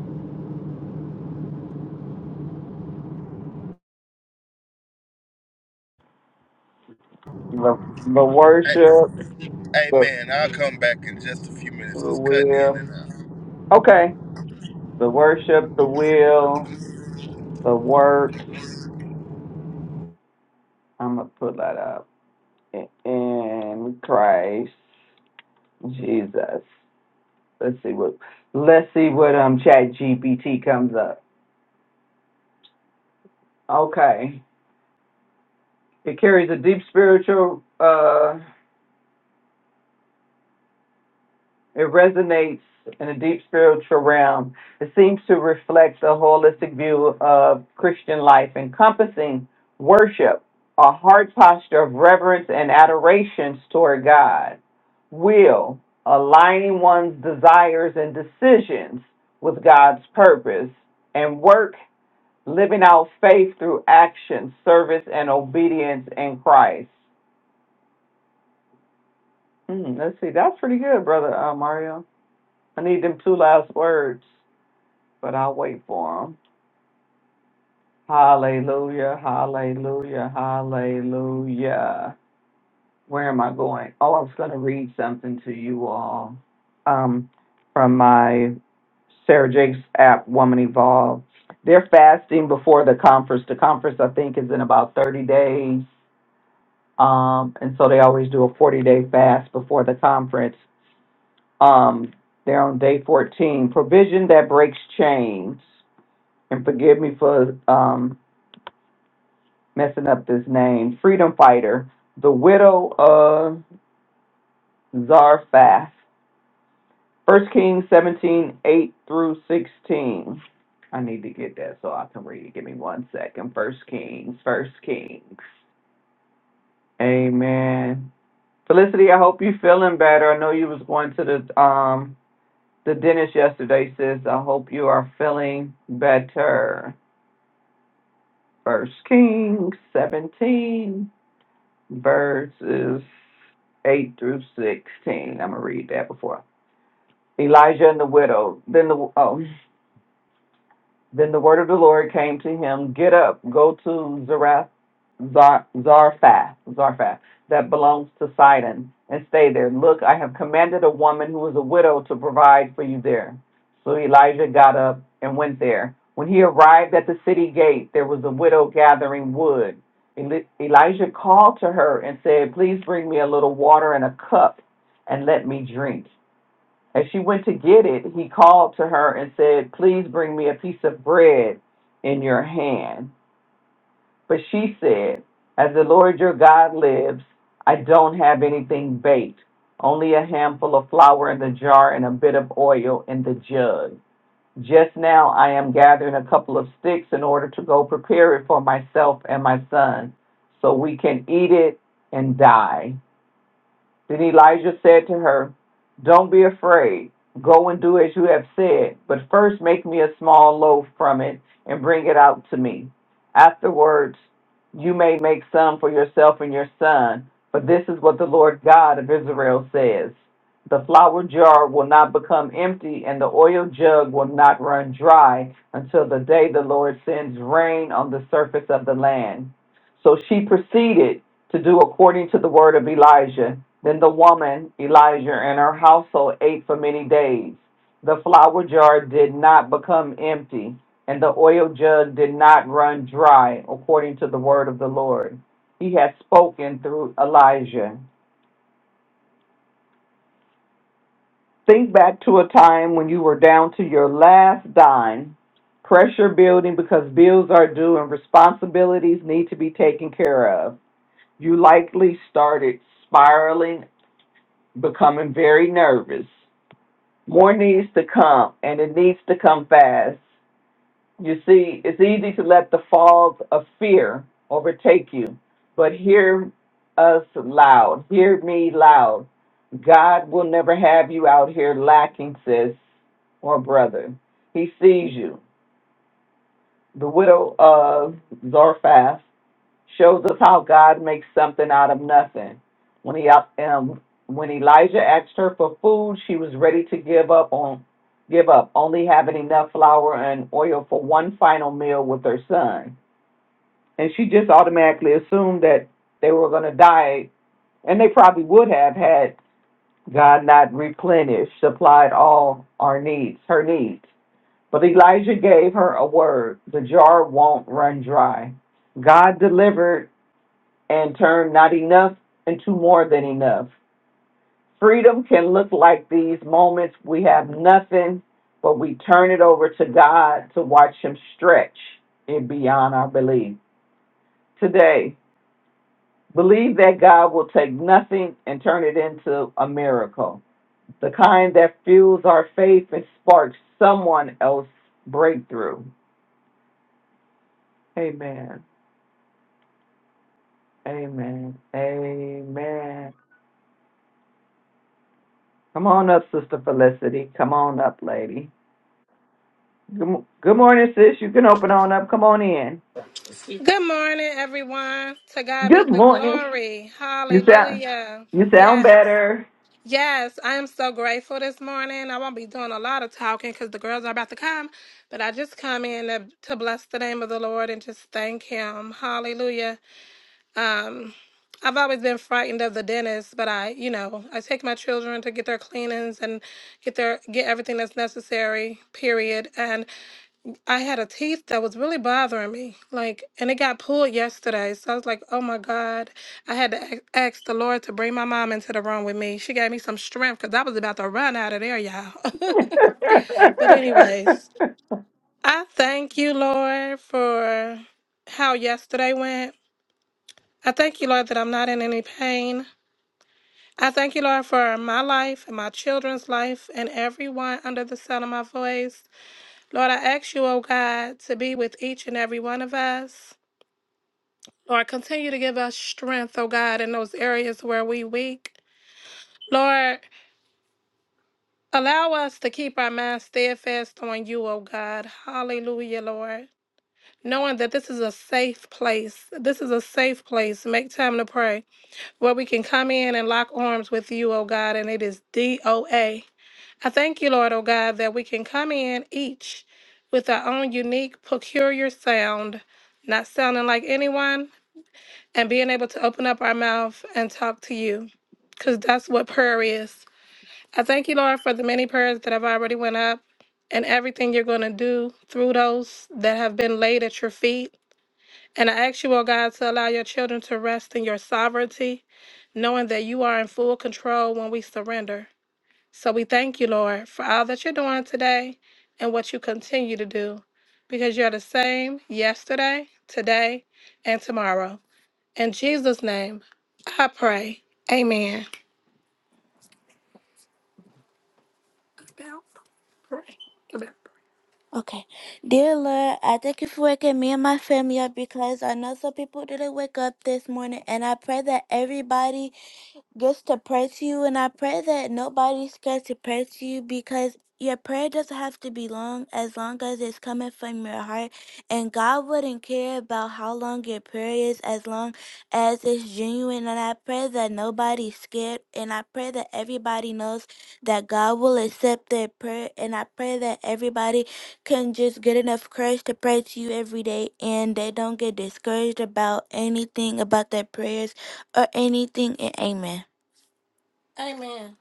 Speaker 2: The, the
Speaker 7: A-
Speaker 2: worship, the,
Speaker 7: Amen. I'll come back in just a few
Speaker 2: the
Speaker 7: minutes. It's cutting in
Speaker 2: will.
Speaker 7: and out.
Speaker 2: Okay, the worship, the will, the work. I'm going to put that up. In in Christ Jesus. Let's see what let's see what um chat GPT comes up. Okay. It carries a deep spiritual, uh, it resonates in a deep spiritual realm. It seems to reflect a holistic view of Christian life, encompassing worship, a heart posture of reverence and adoration toward God, will, aligning one's desires and decisions with God's purpose, and work, living out faith through action, service, and obedience in Christ. Mm, let's see. That's pretty good, brother uh, Mario. I need them two last words, but I'll wait for them. Hallelujah, hallelujah, hallelujah. Where am I going? Oh, I was going to read something to you all um, from my Sarah Jakes app, Woman Evolve. They're fasting before the conference. The conference, I think, is in about 30 days. Um, and so they always do a 40 day fast before the conference. Um, they're on day 14. Provision that breaks chains. And forgive me for um, messing up this name. Freedom fighter, the widow of Zarephath. First Kings 17 8 through 16. I need to get that so I can read it. Give me one second. First Kings, First Kings. Amen. Felicity, I hope you're feeling better. I know you was going to the um The dentist yesterday says, I hope you are feeling better. First Kings 17, verses 8 through 16. I'm going to read that before. Elijah and the widow. Then the, oh, Then the word of the Lord came to him, Get up, go to Zarephath, Zar, Zarphath, Zarphath, that belongs to Sidon, and stay there. Look, I have commanded a woman who is a widow to provide for you there. So Elijah got up and went there. When he arrived at the city gate, there was a widow gathering wood. Eli- Elijah called to her and said, Please bring me a little water and a cup and let me drink. As she went to get it, he called to her and said, Please bring me a piece of bread in your hand. But she said, As the Lord your God lives, I don't have anything baked, only a handful of flour in the jar and a bit of oil in the jug. Just now I am gathering a couple of sticks in order to go prepare it for myself and my son, so we can eat it and die. Then Elijah said to her, Don't be afraid. Go and do as you have said, but first make me a small loaf from it and bring it out to me. Afterwards, you may make some for yourself and your son, for this is what the Lord God of Israel says. The flour jar will not become empty, and the oil jug will not run dry until the day the Lord sends rain on the surface of the land. So she proceeded to do according to the word of Elijah. Then the woman, Elijah, and her household ate for many days. The flour jar did not become empty, and the oil jug did not run dry, according to the word of the Lord. He had spoken through Elijah. Think back to a time when you were down to your last dime. Pressure building because bills are due and responsibilities need to be taken care of. You likely started spiraling becoming very nervous. More needs to come, and it needs to come fast. You see, it's easy to let the fog of fear overtake you, but hear us loud. Hear me loud. God will never have you out here lacking, sis or brother. He sees you. The widow of Zarephath shows us how God makes something out of nothing. When he uh, um, when Elijah asked her for food, she was ready to give up on give up, only having enough flour and oil for one final meal with her son. And she just automatically assumed that they were going to die, and they probably would have had God not replenished, supplied all our needs, her needs. But Elijah gave her a word: the jar won't run dry. God delivered and turn not enough into more than enough. Freedom can look like these moments we have nothing, but we turn it over to God to watch Him stretch it beyond our belief. Today, believe that God will take nothing and turn it into a miracle, the kind that fuels our faith and sparks someone else's breakthrough. Amen. Amen. Amen. Come on up, Sister Felicity. Come on up, lady. Good, mo- good morning, sis. You can open on up. Come on in.
Speaker 8: Good morning, everyone. To God be
Speaker 2: Good
Speaker 8: the
Speaker 2: morning.
Speaker 8: glory.
Speaker 2: You sound
Speaker 8: Hallelujah.
Speaker 2: you sound
Speaker 8: Yes.
Speaker 2: better.
Speaker 8: Yes, I am so grateful this morning. I won't be doing a lot of talking because the girls are about to come, but I just come in to, to bless the name of the Lord and just thank Him. Hallelujah. Um, I've always been frightened of the dentist, but I, you know, I take my children to get their cleanings and get their get everything that's necessary. Period. And I had a teeth that was really bothering me, like, and it got pulled yesterday. So I was like, "Oh my God!" I had to a- ask the Lord to bring my mom into the room with me. She gave me some strength because I was about to run out of there, y'all. but anyways, I thank you, Lord, for how yesterday went. I thank you, Lord, that I'm not in any pain. I thank you, Lord, for my life and my children's life and everyone under the sound of my voice. Lord, I ask you, oh God, to be with each and every one of us. Lord, continue to give us strength, oh God, in those areas where we weak. Lord, allow us to keep our minds steadfast on you, oh God. Hallelujah, Lord. Knowing that this is a safe place. This is a safe place. Make time to pray. Where we can come in and lock arms with you, oh God, and it is DOA. I thank you, Lord, oh God, that we can come in each with our own unique, peculiar sound, not sounding like anyone, and being able to open up our mouth and talk to you because that's what prayer is. I thank you, Lord, for the many prayers that have already went up and everything you're going to do through those that have been laid at your feet. And I ask you, oh God, to allow your children to rest in your sovereignty, knowing that you are in full control when we surrender. So we thank you, Lord, for all that you're doing today and what you continue to do, because you're the same yesterday, today, and tomorrow. In Jesus' name, I pray. Amen. Okay. Dear Lord, I thank you for waking me and my family up because I know some people didn't wake up this morning, and I pray that everybody just to pray to you. And I pray that nobody's scared to pray to you because your prayer doesn't have to be long as long as it's coming from your heart. And God wouldn't care about how long your prayer is as long as it's genuine. And I pray that nobody's scared. And I pray that everybody knows that God will accept their prayer. And I pray that everybody can just get enough courage to pray to you every day and they don't get discouraged about anything about their prayers or anything. And amen. Amen.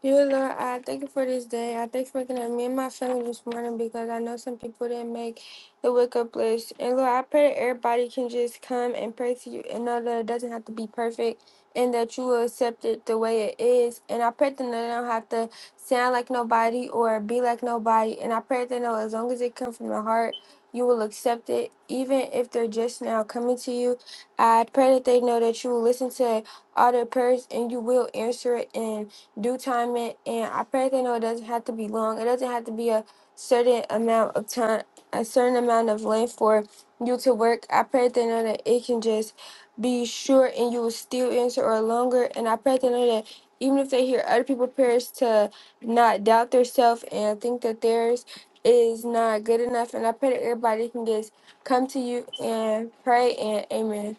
Speaker 8: Dear Lord, I thank you for this day. I thank you for looking at me and my family this morning because I know some people didn't make the wake up list. And Lord, I pray that everybody can just come and pray to you and know that it doesn't have to be perfect and that you will accept it the way it is. And I pray that they don't have to sound like nobody or be like nobody. And I pray that they know as long as it comes from the heart, you will accept it, even if they're just now coming to you. I pray that they know that you will listen to all their prayers and you will answer it. And do time in, and I pray they know it doesn't have to be long. It doesn't have to be a certain amount of time, a certain amount of length for you to work. I pray they know that it can just be short and you will still answer or longer. And I pray they know that even if they hear other people prayers to not doubt themselves and think that theirs is not good enough. And I pray that everybody can just come to you and pray and amen.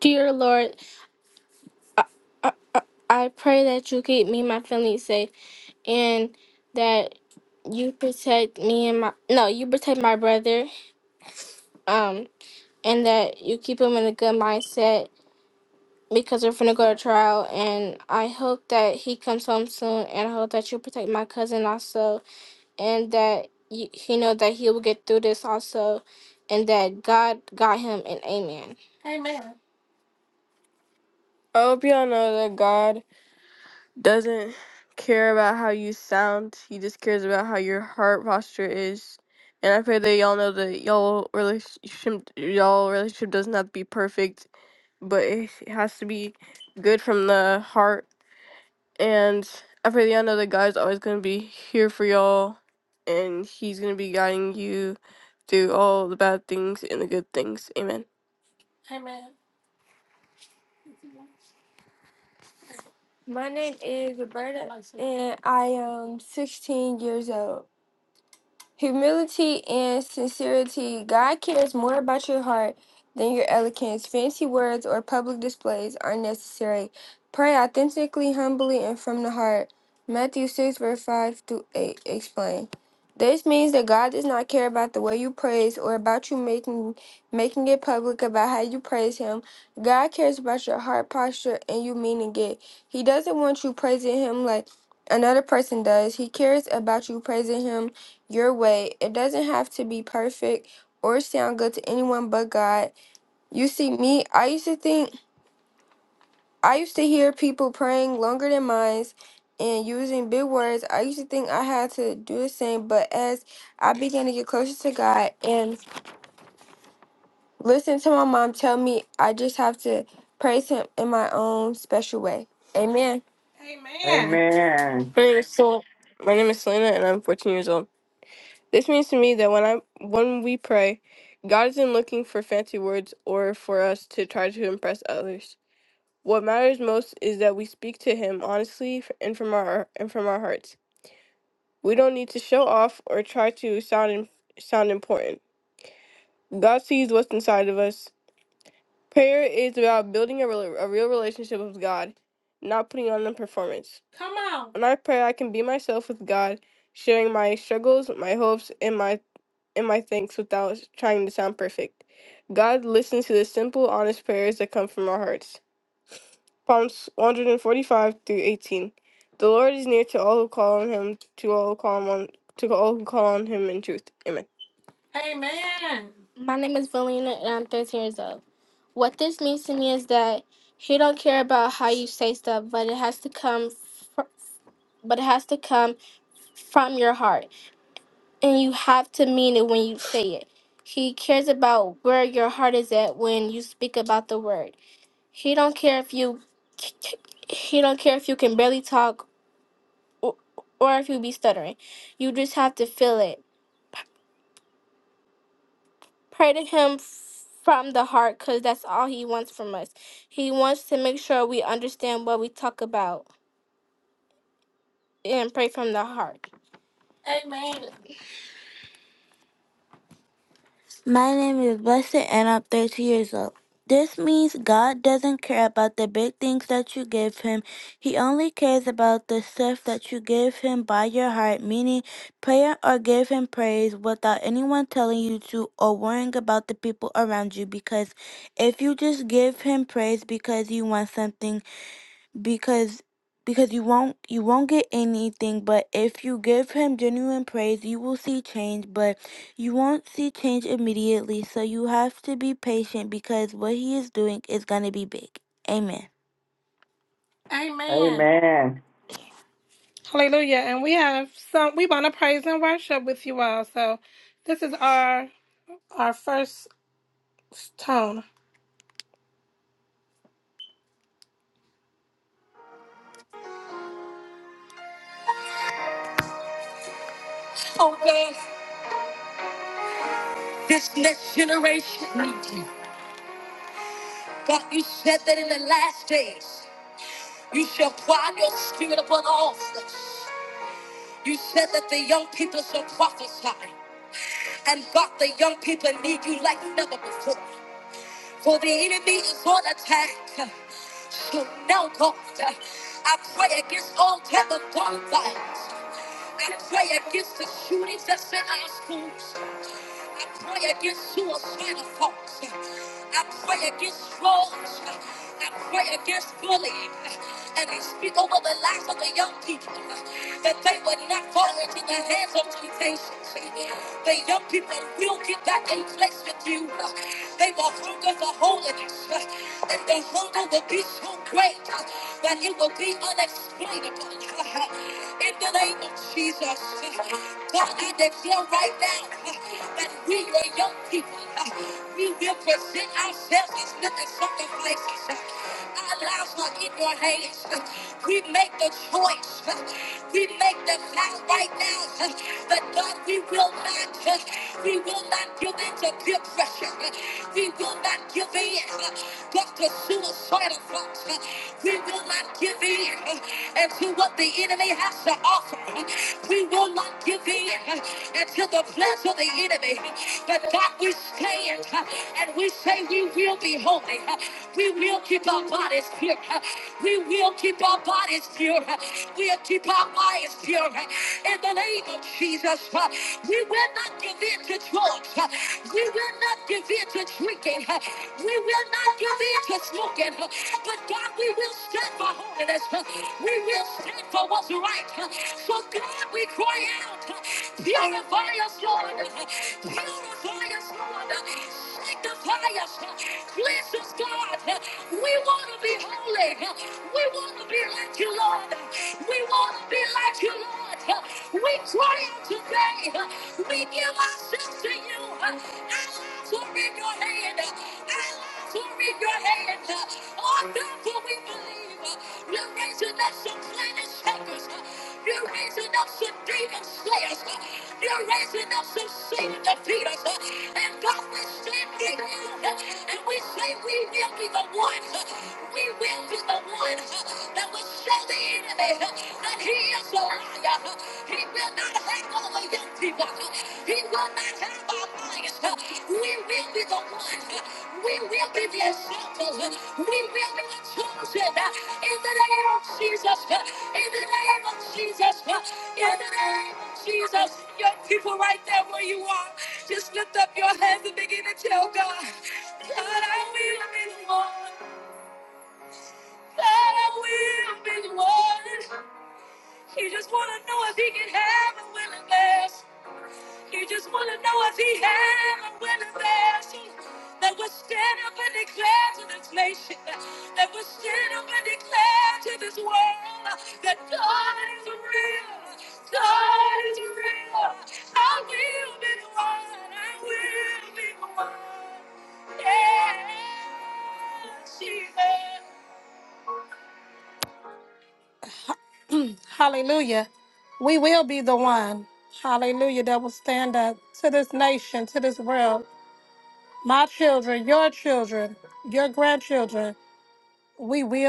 Speaker 8: Dear Lord, I I pray that you keep me and my family safe. and that you protect me and my no, you protect my brother, um, and that you keep him in a good mindset because we're finna go to trial. And I hope that he comes home soon, and I hope that you protect my cousin also, and that you, he know that he will get through this also, and that God got him. And Amen. I hope y'all know that God doesn't care about how you sound. He just cares about how your heart posture is. And I pray that y'all know that y'all relationship, y'all relationship doesn't have to be perfect, but it has to be good from the heart. And I pray that y'all know that God's always gonna be here for y'all, and He's gonna be guiding you through all the bad things and the good things. Amen. My name is Roberta, and I am 16 years old. Humility and sincerity. God cares more about your heart than your eloquence. Fancy words or public displays are necessary. Pray authentically, humbly, and from the heart. Matthew 6, verse 5 through 8. Explain. This means that God does not care about the way you praise or about you making making it public about how you praise him. God cares about your heart posture and you meaning it. He doesn't want you praising him like another person does. He cares about you praising him your way. It doesn't have to be perfect or sound good to anyone but God. You see, me, I used to think, I used to hear people praying longer than mine and using big words. I used to think I had to do the same, but as I began to get closer to God and listen to my mom tell me, I just have to praise Him in my own special way. Amen.
Speaker 2: Amen.
Speaker 8: When we pray, God isn't looking for fancy words or for us to try to impress others. What matters most is that we speak to him honestly f- and from our and from our hearts. We don't need to show off or try to sound im- sound important. God sees what's inside of us. Prayer is about building a, rela- a real relationship with God, not putting on a performance. When I pray, I can be myself with God, sharing my struggles, my hopes, and my and my thanks without trying to sound perfect. God listens to the simple, honest prayers that come from our hearts. Psalms 145 through 18. The Lord is near to all who call on Him, to all who call on to all who call on Him in truth. Amen. My name is Valina, and I'm 13 years old. What this means to me is that He don't care about how you say stuff, but it has to come, fr- but it has to come from your heart, and you have to mean it when you say it. He cares about where your heart is at when you speak about the word. He don't care if you he don't care if you can barely talk or, or if you be stuttering. You just have to feel it. Pray to Him f- from the heart because that's all He wants from us. He wants to make sure we understand what we talk about and pray from the heart. Amen. My name is Blessed and I'm 13 years old. This means God doesn't care about the big things that you give Him. He only cares about the stuff that you give Him by your heart, meaning prayer or give Him praise without anyone telling you to or worrying about the people around you. Because if you just give Him praise because you want something, because because you won't you won't get anything but if you give him genuine praise you will see change but you won't see change immediately so you have to be patient because what he is doing is going to be big amen Amen.
Speaker 2: Amen.
Speaker 8: Hallelujah. And we have some we want to praise and worship with you all. So this is our our first This next generation needs you. God, you said that in the last days you shall pour out your spirit upon all flesh. You said that the young people shall prophesy, and God, the young people need you like never before for the enemy is on attack. So now, God, I pray against all type of gun violence. I pray against the shootings that's in our schools. I pray against suicidal thoughts. I pray against drugs. I pray against bullying. And I speak over the lives of the young people that they would not fall into the hands of temptations. The young people will get back in place with you. They will hunger for holiness. And the hunger will be so great that it will be unexplainable. In the name of Jesus, Forces that feel right now. that we were young people. We will present ourselves as living sacrifices. Our lives are in your hands. We make the choice. We make the vow right now. But God, we will not. We will not give in to peer pressure. We will not give in. But to suicidal front. We will not give in until what the enemy has to offer. We will not give in until the plans of the enemy. But God, we stand and we say we will be holy. We will keep our bodies pure. We will keep our bodies pure. We'll keep our minds pure. In the name of Jesus, we will not not give in to drugs. Uh, We will not give in to drinking. Uh, We will not give in to smoking. Uh, But God, we will stand for holiness. Uh, We will stand for what's right. Uh, So God, we cry out, uh, purify us, Lord. Uh, Purify us, Lord. Uh, like the fire. Cleanse us, God. We want to be holy. We want to be like you, Lord. We want to be like you, Lord. We cry out today. We give ourselves to you. Our lives are in your hand. Our lives are in your hand. Oh, therefore we believe you're raising up some planet shakers. You're raising up some demon slayers. You're raising up some Satan defeaters. And God, we stand in you, and we say we will be the ones, we will be the ones that will show the enemy that he is a liar. He will not hang over young people. He will not have our minds. We will be the ones. We will be the examples. We will be the chosen. In the name of Jesus. In the name of Jesus. In the name of Jesus, your people right there where you are, just lift up your hands and begin to tell God, God, I will be the one. God, I will be the one. He just want to know if he can have a willingness. You just want to know if he had a winning passion that would stand up and declare to this nation, that would stand up and declare to this world that God is real. God is real. I will be the one. I will be the one. Yeah, Jesus. Hallelujah. We will be the one. Hallelujah. That will stand up to this nation, to this world. my children, your children, your grandchildren. We will.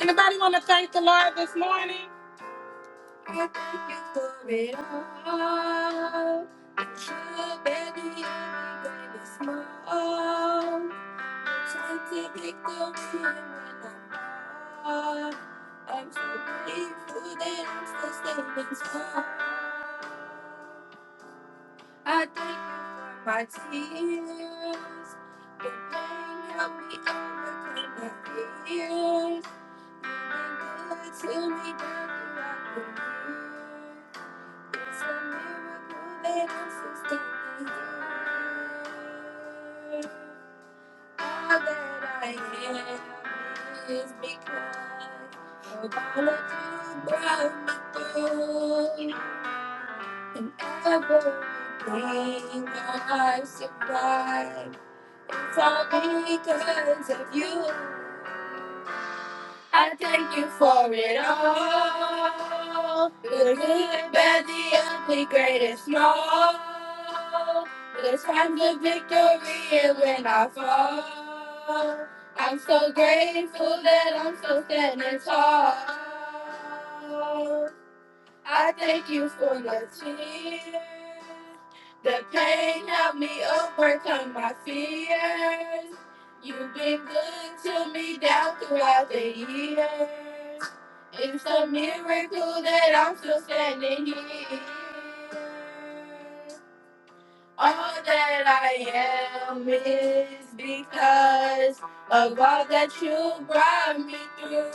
Speaker 8: Anybody want to thank the Lord this morning? Oh, baby, you're my greatest love. I'm trying to make them feel when I'm gone. I'm so grateful that I'm still standing tall. I thank you for my tears. Your pain helped me overcome my fears. You've been good to me down throughout the years. I'm so thankful. I am know it all out the years. It's a miracle that I'm still standing here. All that I am is because of all that you brought me through.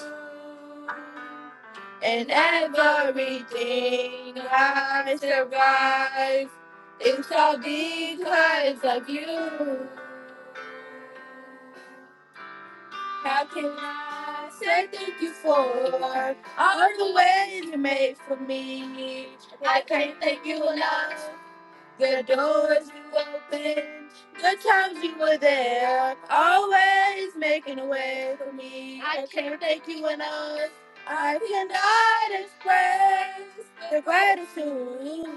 Speaker 8: And everything I survived, it's all because of you. Say thank you for all that you made for me. I can't thank you enough. The doors you opened, the times you were there, always making a way for me. I can't thank you enough. I cannot express the gratitude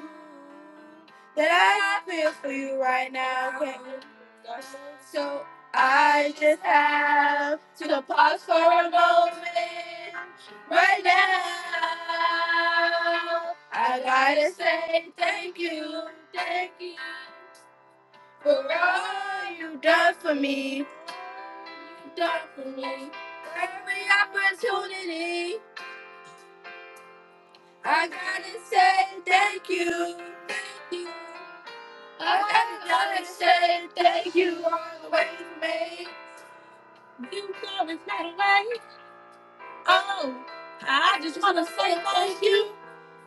Speaker 8: that I feel for you right now. Thank you. I gotta say thank you all the way to me. You know it's not a way. Oh, I just wanna say thank you.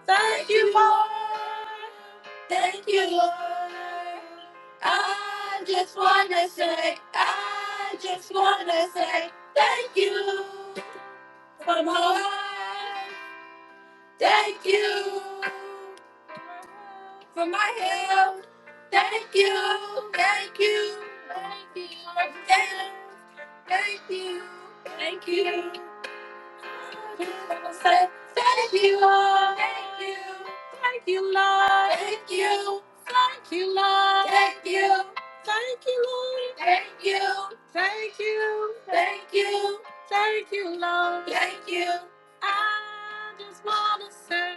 Speaker 8: Thank you, Lord. Thank you, Lord. I just wanna say, I just wanna say, thank you for my life. Thank you for my health. Thank you, thank you, thank you, thank you, thank you, thank you. Say Thank you, Lord. Thank you. Thank you, Lord. Thank you. Thank you, Lord. Thank you. Thank you, Lord. Thank you. Thank you. Thank you. Thank you, Lord. Thank you. I just want to say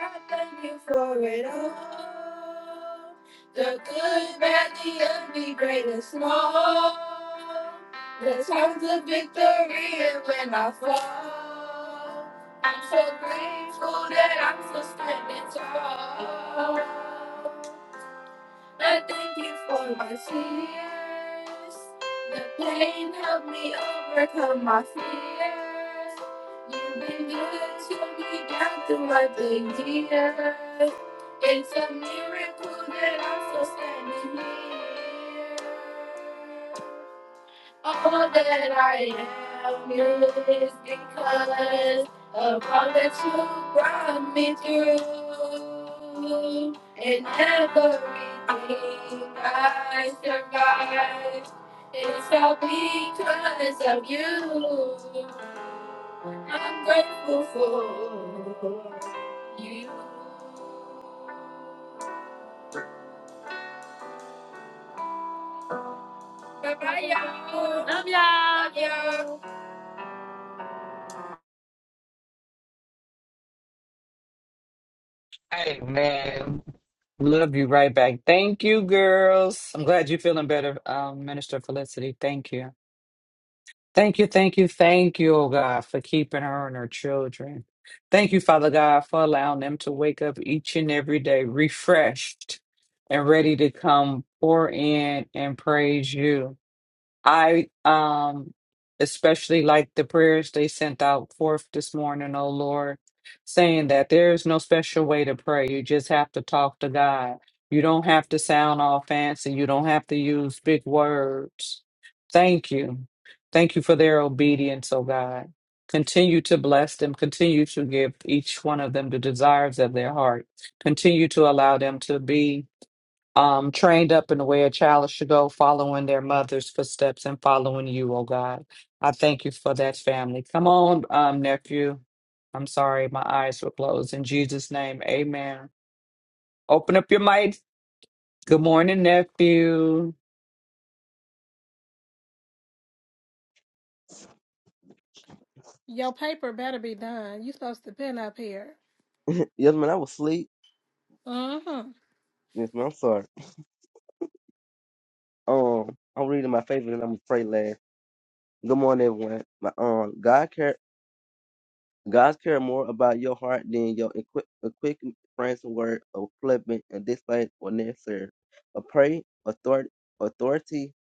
Speaker 8: I thank you for it all. The good, bad, the ugly, great and small. The times of victory and when I fall, I'm so grateful that I'm still standing tall. I thank you for my tears. The pain helped me overcome my fears. You've been good to me down throughout the years. It's a miracle that I'm still standing here. All that I am is because of all that you brought me through. And everything I survived, it's all because of you. I'm grateful for you. Bye-bye, y'all. Love y'all. Love y'all.
Speaker 2: Hey man, love you right back. Thank you, girls. I'm glad you're feeling better, um, Minister Felicity. Thank you. Thank you, thank you, thank you, oh God, for keeping her and her children. Thank you, Father God, for allowing them to wake up each and every day refreshed and ready to come pour in and praise you. I um especially like the prayers they sent out forth this morning, oh Lord, saying that there is no special way to pray. You just have to talk to God. You don't have to sound all fancy. You don't have to use big words. Thank you. Thank you for their obedience, oh God. Continue to bless them. Continue to give each one of them the desires of their heart. Continue to allow them to be um, trained up in the way a child should go, following their mother's footsteps and following you, oh God. I thank you for that family. Come on, um, nephew. I'm sorry, my eyes were closed. In Jesus' name, amen. Open up your mic. Good morning, nephew.
Speaker 8: Your paper better be done. You supposed to been up here.
Speaker 9: Yes, man, I was asleep.
Speaker 8: Mm-hmm.
Speaker 9: Yes, man, I'm sorry. Um, I'm reading my favorite and I'm afraid last. Good morning, everyone. My um, God care, God care more about your heart than your equi- quick friends word of flippant and display or necessary. A pray authority, authority,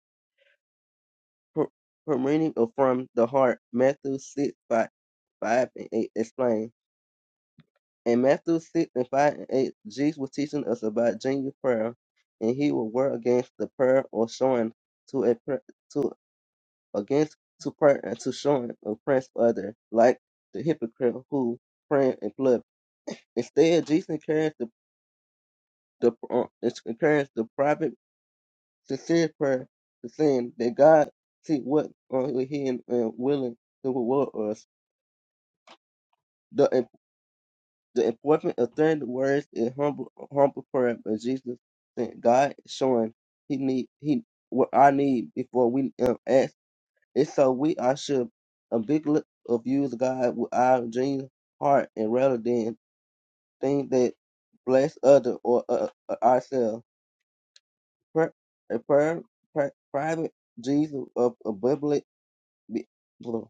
Speaker 9: per, permeating from the heart. Matthew six five, five and eight explain. In Matthew six and five and eight, Jesus was teaching us about genuine prayer, and he will war against the prayer or showing to a prayer. against to part and to showing oppressed other, like the hypocrite who praying in public. Instead, Jesus encouraged the, the uh, encouraged the private sincere prayer to sin that God see what only He hidden and willing to reward us. The im- the important authority words in humble humble prayer, but Jesus sent God showing he need he what I need before we um, ask If so, we I should ably abuse God with our genuine heart and rather than things that bless other or uh, uh, ourselves. Pri- A prayer, pri- private Jesus of a public. be- hold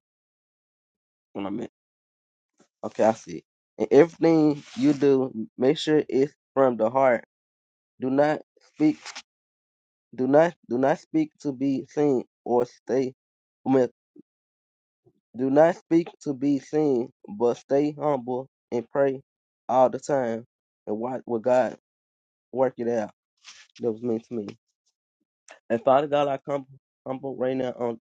Speaker 9: on a minute. Okay, I see. And everything you do, make sure it's from the heart. Do not speak. Do not do not speak to be seen or stay. Do not speak to be seen, but stay humble and pray all the time and watch what God work it out. That was meant to me. And Father God, I come humble right now on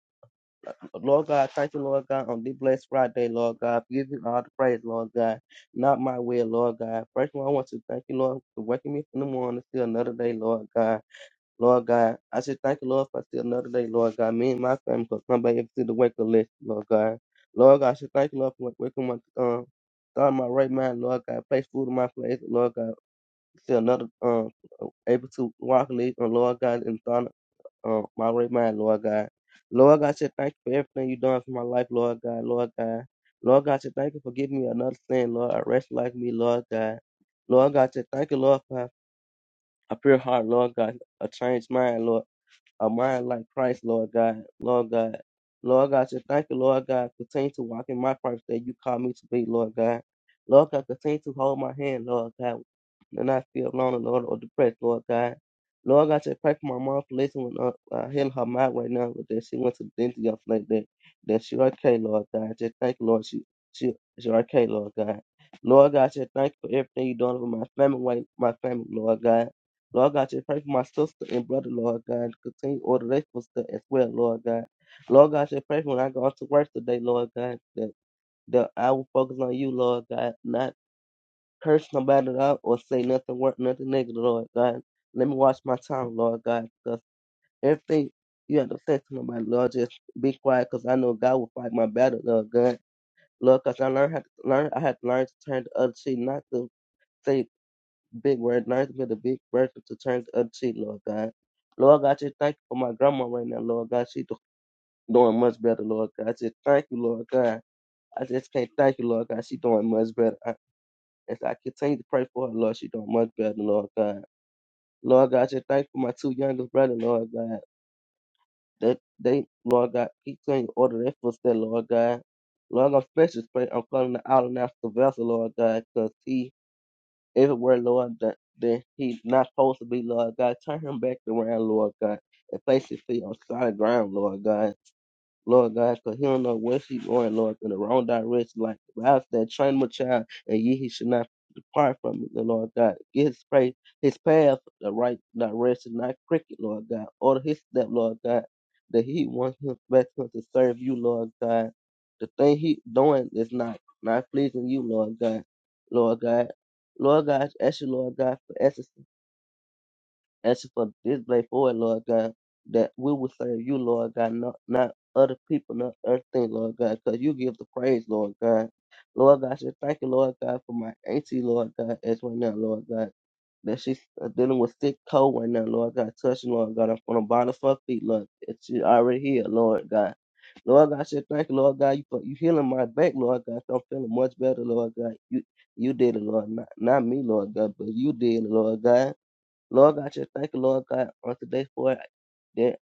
Speaker 9: Lord God, thank you, Lord God, on this blessed Friday, Lord God. Give you all the praise, Lord God. Not my will, Lord God. First of all, I want to thank you, Lord, for waking me up in the morning to another day, Lord God. Lord God, I just thank you, Lord, for still another day, Lord God. Me and my family could come back every single wake up list, Lord God. Lord God, I should thank you, Lord, for waking my um thought in my right mind, Lord God, place food in my place, Lord God. Still another um able to walk lead on Lord God and thought um my right mind, Lord God. Lord God, I should thank you for everything you done for my life, Lord God, Lord God. Lord God, I should thank you for giving me another sin, Lord, a rest like me, Lord God. Lord God, I should thank you, Lord, for a pure heart, Lord God, a changed mind, Lord a mind like Christ, Lord God, Lord God. Lord God, just thank you, Lord God. Continue to walk in my purpose that you call me to be, Lord God. Lord God, continue to hold my hand, Lord God, and not feel alone, Lord, or depressed, Lord God. Lord God, just pray for my mom for listening when uh, uh, healing her mind right now, but that she went to the dentist yesterday, like that, that she okay, Lord God. Just thank you, Lord, she, she, she okay, Lord God. Lord God, just thank you for everything you're doing with my family, right- my family, Lord God. Lord God, just pray for my sister and brother, Lord God. Continue to order their footsteps as well, Lord God. Lord God, just pray for when I go on to work today, Lord God, that, that I will focus on you, Lord God, not curse nobody out or say nothing worth nothing negative, Lord God. Let me watch my tongue, Lord God, because everything you have to say to nobody, Lord, just be quiet, because I know God will fight my battle, Lord God. Lord, because I learned how to learn, I had to learn to turn the other cheek, not to say big word. Learn to give the big person to turn the other cheek, Lord God. Lord God, just thank you for my grandma right now, Lord God. She do- doing much better, Lord God. I just thank you, Lord God. I just can't thank you, Lord God. She doing much better. I, as I continue to pray for her, Lord, she doing much better, Lord God. Lord God, I just thank you for my two youngest brothers, Lord God. That they, Lord God, keep saying order their footsteps, Lord God. Lord God, special pray. I'm calling the out and after vessel, Lord God, 'cause he If it were, Lord, that, that he not supposed to be, Lord God, turn him back around, Lord God, and place his feet on solid ground, Lord God. Lord God, because he don't know where she going, Lord, in the wrong direction. Like the Bible said, train my child, and ye he should not depart from it, the Lord God. Get his faith, his path the right direction, not cricket, Lord God. Order his step, Lord God, that he wants him best to serve you, Lord God. The thing he doing is not not pleasing you, Lord God. Lord God. Lord God, I ask you, Lord God, for answers Ask for this blade forward, Lord God, that we will serve you, Lord God, not, not other people, not other things, Lord God, because you give the praise, Lord God. Lord God, I just thank you, Lord God, for my auntie, Lord God, as right now, Lord God, that she's uh, dealing with sick cold right now, Lord God, touching, Lord God, I'm from the bottom of her feet, Lord, that she already here, Lord God. Lord God, I said, thank you, Lord God, you for you healing my back, Lord God. So I'm feeling much better, Lord God. You you did it, Lord, not, not me, Lord God, but you did it, Lord God. Lord God, just thank you, Lord God, on today for it. That,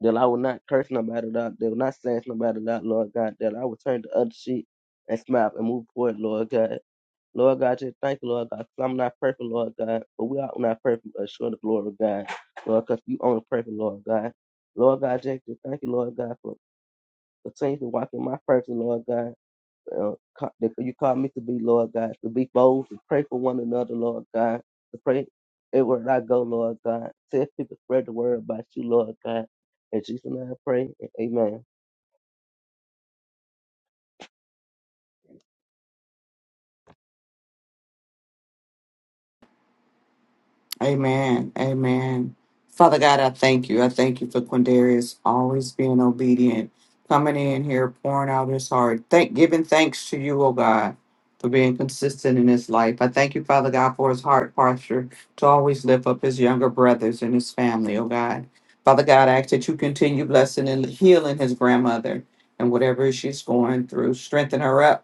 Speaker 9: that I will not curse no matter that. They will not slange no matter that, Lord God. That I will turn the other cheek and smile and move forward, Lord God. Lord God, just thank you, Lord God. 'cause I'm not perfect, Lord God. But we are not perfect, but sure the glory of God. Lord, because you only perfect, Lord God. Lord God, just just thank you, Lord God, for continuing to walk in my purpose, Lord God uh, ca- that you call me to be, Lord God, to be bold, to pray for one another, Lord God, to pray everywhere I go, Lord God. Tell people, spread the word about you, Lord God. In Jesus' name I pray, amen.
Speaker 2: Amen. Amen. Father God, I thank you. I thank you for Quindarius always being obedient, coming in here, pouring out his heart, thank, giving thanks to you, oh God, for being consistent in his life. I thank you, Father God, for his heart posture to always lift up his younger brothers and his family, oh God. Father God, I ask that you continue blessing and healing his grandmother and whatever she's going through. Strengthen her up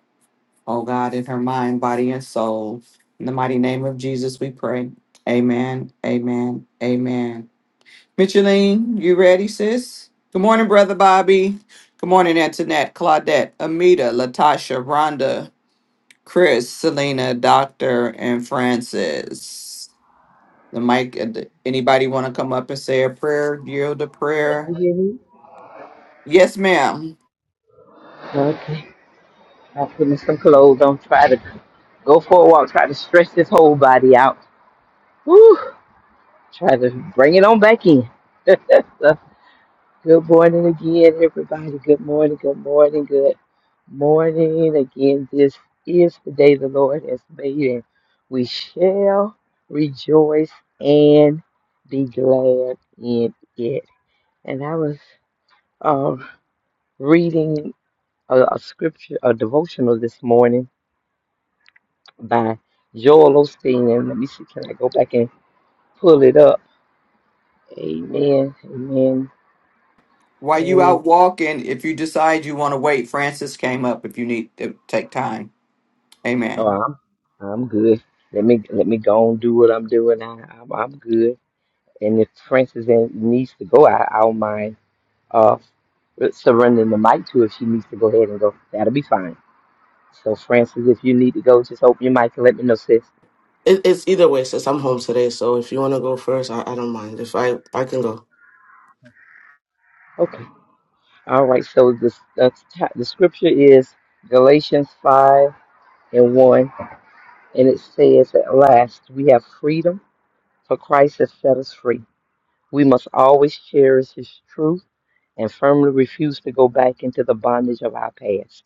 Speaker 2: oh God, in her mind, body, and soul. In the mighty name of Jesus, we pray. Amen. Amen. Amen. Micheline, you ready, sis? Good morning, Brother Bobby. Good morning, Antoinette, Claudette, Amita, Latasha, Rhonda, Chris, Selena, Doctor, and Francis. The mic, anybody want to come up and say a prayer, yield a prayer? Yes, ma'am.
Speaker 5: Okay. I'm putting some clothes on. Try to go for a walk. Try to stretch this whole body out. Woo! Try to bring it on back in. So, good morning again, everybody. Good morning. Good morning. Good. morning. Again, this is the day the Lord has made, and we shall rejoice and be glad in it. And I was um, reading a, a scripture, a devotional this morning by Joel Osteen. And let me see, can I go back and pull it up? Amen. Amen.
Speaker 2: While you
Speaker 5: Amen.
Speaker 2: out walking, if you decide you want to wait, Francis came up if you need to take time.
Speaker 5: Oh,
Speaker 2: Amen.
Speaker 5: I'm, I'm good. Let me let me go and do what I'm doing. I, I'm, I'm good. And if Frances and- needs to go, I, I don't mind uh, surrendering the mic to her if she needs to go ahead and go. That'll be fine. So, Frances, if you need to go, just open your mic and let me know, sis.
Speaker 10: It, it's either way, sis. I'm home today, so if you want to go first, I, I don't mind. If I I can go.
Speaker 5: Okay. All right. So, this, the, t- the scripture is Galatians 5 and 1. And it says, At last, we have freedom, for Christ has set us free. We must always cherish his truth and firmly refuse to go back into the bondage of our past.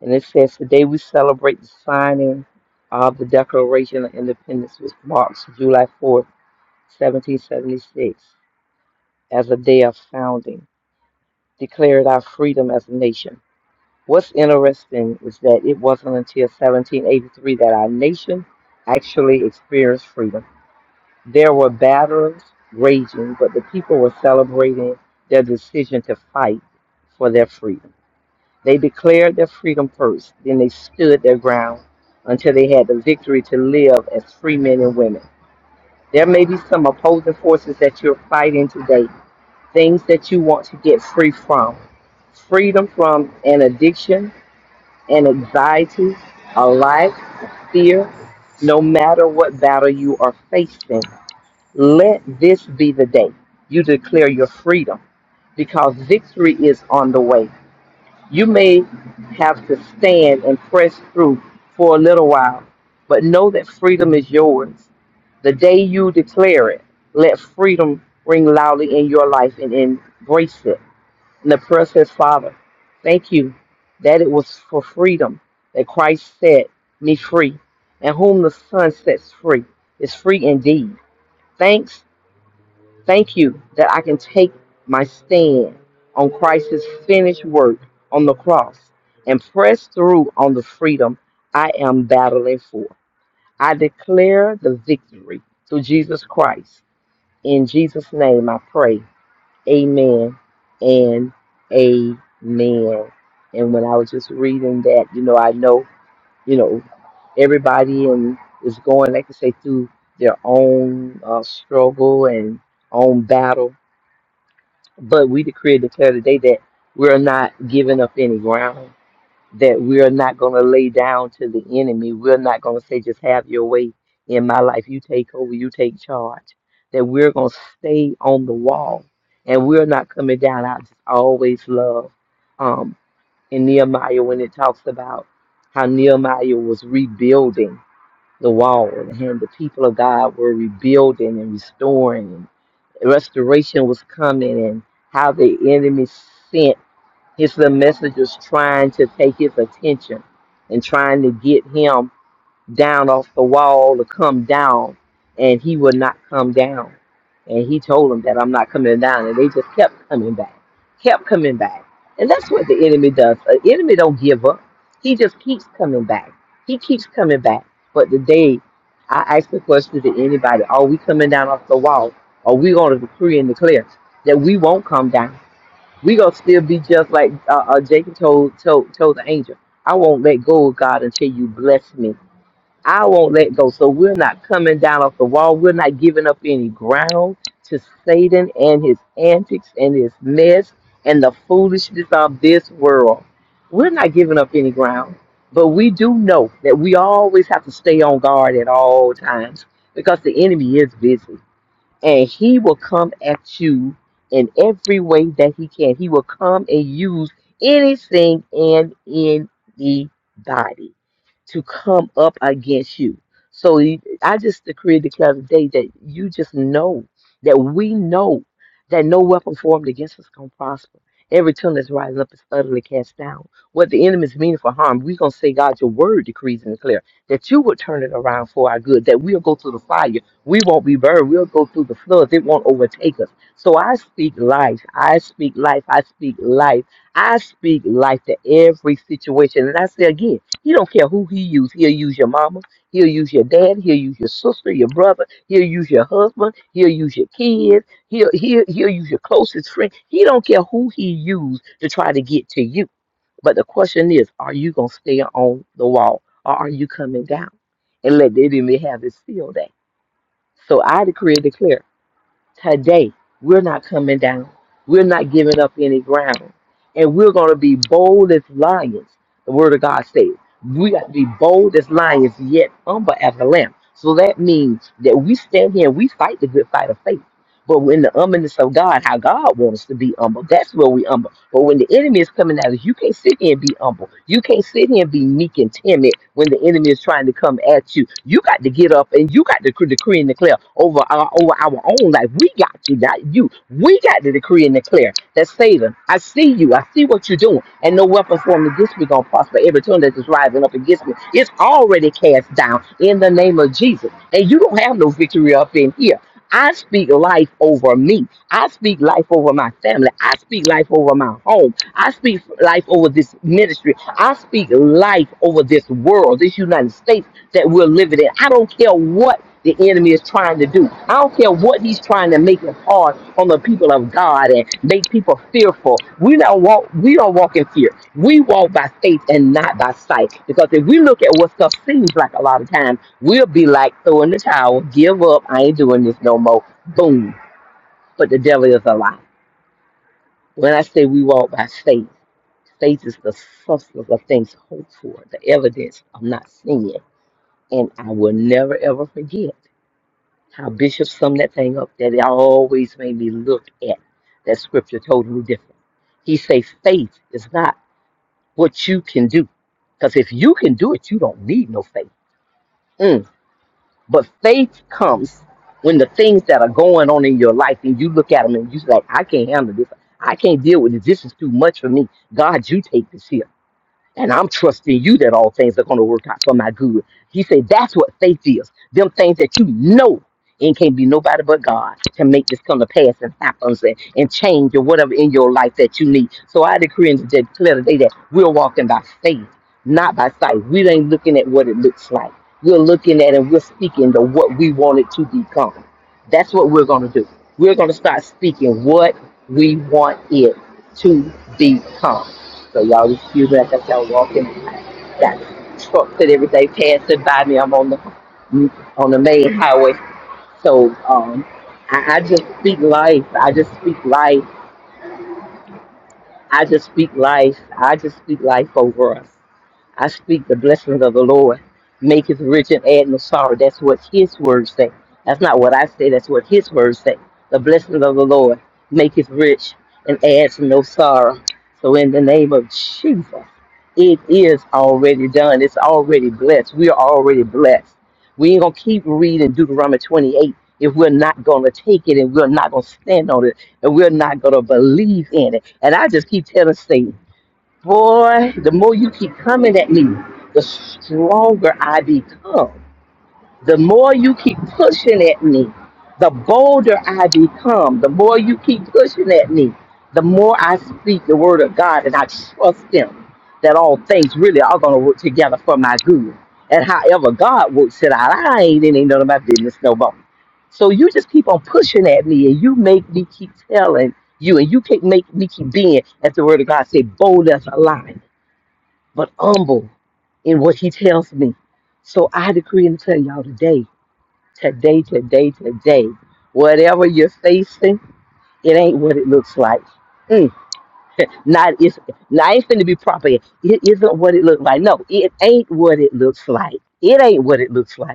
Speaker 5: And it says, Today we celebrate the signing of the Declaration of Independence, which marks July 4th, 1776, as a day of founding, declared our freedom as a nation. What's interesting is that it wasn't until 1783 that our nation actually experienced freedom. There were battles raging, but the people were celebrating their decision to fight for their freedom. They declared their freedom first, then they stood their ground until they had the victory to live as free men and women. There may be some opposing forces that you're fighting today, things that you want to get free from. Freedom from an addiction, an anxiety, a lack, a fear, no matter what battle you are facing. Let this be the day you declare your freedom because victory is on the way. You may have to stand and press through for a little while, but know that freedom is yours. The day you declare it, let freedom ring loudly in your life and embrace it. And the prayer says, Father, thank you that it was for freedom that Christ set me free, and whom the Son sets free is free indeed. Thanks Thank you that I can take my stand on Christ's finished work on the cross and press through on the freedom I am battling for. I declare the victory through Jesus Christ. In Jesus' name I pray. Amen and amen. And when I was just reading that, you know, I know, you know, everybody and is going, like I say, through their own uh, struggle and own battle but we decree and declare today that we're not giving up any ground, that we're not going to lay down to the enemy. We're not going to say, just have your way in my life. You take over, you take charge. That we're going to stay on the wall and we're not coming down. I just always love um, in Nehemiah when it talks about how Nehemiah was rebuilding the wall and the people of God were rebuilding and restoring restoration was coming and how the enemy sent his little messengers trying to take his attention and trying to get him down off the wall to come down, and he would not come down. And he told them that I'm not coming down, and they just kept coming back, kept coming back. And that's what the enemy does. The enemy don't give up. He just keeps coming back. He keeps coming back. But today, I ask the question to anybody: Are we coming down off the wall? Are we going to decree and declare that we won't come down? We gonna still be just like uh, uh, Jacob told, told told the angel. I won't let go of God until you bless me. I won't let go. So we're not coming down off the wall. We're not giving up any ground to Satan and his antics and his mess and the foolishness of this world. We're not giving up any ground. But we do know that we always have to stay on guard at all times because the enemy is busy and he will come at you in every way that he can. He will come and use anything and anybody to come up against you. So you- I just decree and declare today that you just know that we know that no weapon formed against us gonna prosper. Every tongue that's rising up is utterly cast down. What the enemy is meaning for harm, we're gonna say, God, your word decrees and declare that you will turn it around for our good, that we'll go through the fire, we won't be burned, we'll go through the floods, it won't overtake us. So I speak life, I speak life, I speak life, I speak life to every situation. And I say again. He don't care who he use. He'll use your mama. He'll use your dad. He'll use your sister, your brother. He'll use your husband. He'll use your kids. He'll he'll he'll use your closest friend. He don't care who he used to try to get to you. But the question is, are you gonna stay on the wall or are you coming down and let the enemy have his field day? So I decree and declare today. We're not coming down. We're not giving up any ground. And we're going to be bold as lions, the word of God says. We got to be bold as lions, yet humble as a lamb. So that means that we stand here and we fight the good fight of faith. But when the humbleness of God, how God wants to be humble, that's where we humble. But when the enemy is coming at us, you can't sit here and be humble. You can't sit here and be meek and timid when the enemy is trying to come at you. You got to get up and you got to cre- decree and declare over our over our own life. We got to, not you. We got to decree and declare that Satan, I see you, I see what you're doing, and no weapon formed against me gonna prosper. Every tongue that is rising up against me, it's already cast down in the name of Jesus. And you don't have no victory up in here. I speak life over me. I speak life over my family. I speak life over my home. I speak life over this ministry. I speak life over this world, this United States that we're living in. I don't care what the enemy is trying to do. I don't care what he's He's trying to make it hard on the people of God and make people fearful. We don't walk, we don't walk in fear. We walk by faith and not by sight. Because if we look at what stuff seems like a lot of times, we'll be like throwing the towel, give up, I ain't doing this no more. Boom. But the devil is a lie. When I say we walk by faith, faith is the substance of things hoped for, the evidence of not seeing. And I will never ever forget. How Bishop summed that thing up that it always made me look at that scripture totally different. He say faith is not what you can do. Because if you can do it, you don't need no faith. Mm. But faith comes when the things that are going on in your life and you look at them and you like, I can't handle this. I can't deal with this. This is too much for me. God, you take this here. And I'm trusting you that all things are going to work out for my good. He said, that's what faith is. Them things that you know and can't be nobody but God can make this come to pass and happens and, and change or whatever in your life that you need. So I decree and declare today that we're walking by faith, not by sight. We ain't looking at what it looks like. We're looking at and we're speaking to what we want it to become. That's what we're going to do. We're going to start speaking what we want it to become. So y'all excuse me, I think y'all walking. I Got trucks and everything passing by me. I'm on the on the main highway. So um, I, I just speak life. I just speak life. I just speak life. I just speak life over us. I speak the blessings of the Lord, make his rich and add no sorrow. That's what his words say. That's not what I say, that's what his words say. The blessings of the Lord, make his rich and adds no sorrow. So in the name of Jesus, it is already done. It's already blessed. We are already blessed. We ain't gonna keep reading Deuteronomy 28 if we're not gonna take it and we're not gonna stand on it and we're not gonna believe in it. And I just keep telling Satan. Boy, the more you keep coming at me, the stronger I become. The more you keep pushing at me, the bolder I become. The more you keep pushing at me, the more I speak the word of God and I trust Him that all things really are going to work together for my good. And however God works it out, I ain't in none of my business no more. So you just keep on pushing at me and you make me keep telling you and you keep make me keep being, as the word of God say, bold as a lion but humble in what he tells me. So I decree and tell y'all today, today, today, today, whatever you're facing, it ain't what it looks like. Mm, not it's not ain't finna be proper. It isn't what it looks like. No, it ain't what it looks like. It ain't what it looks like.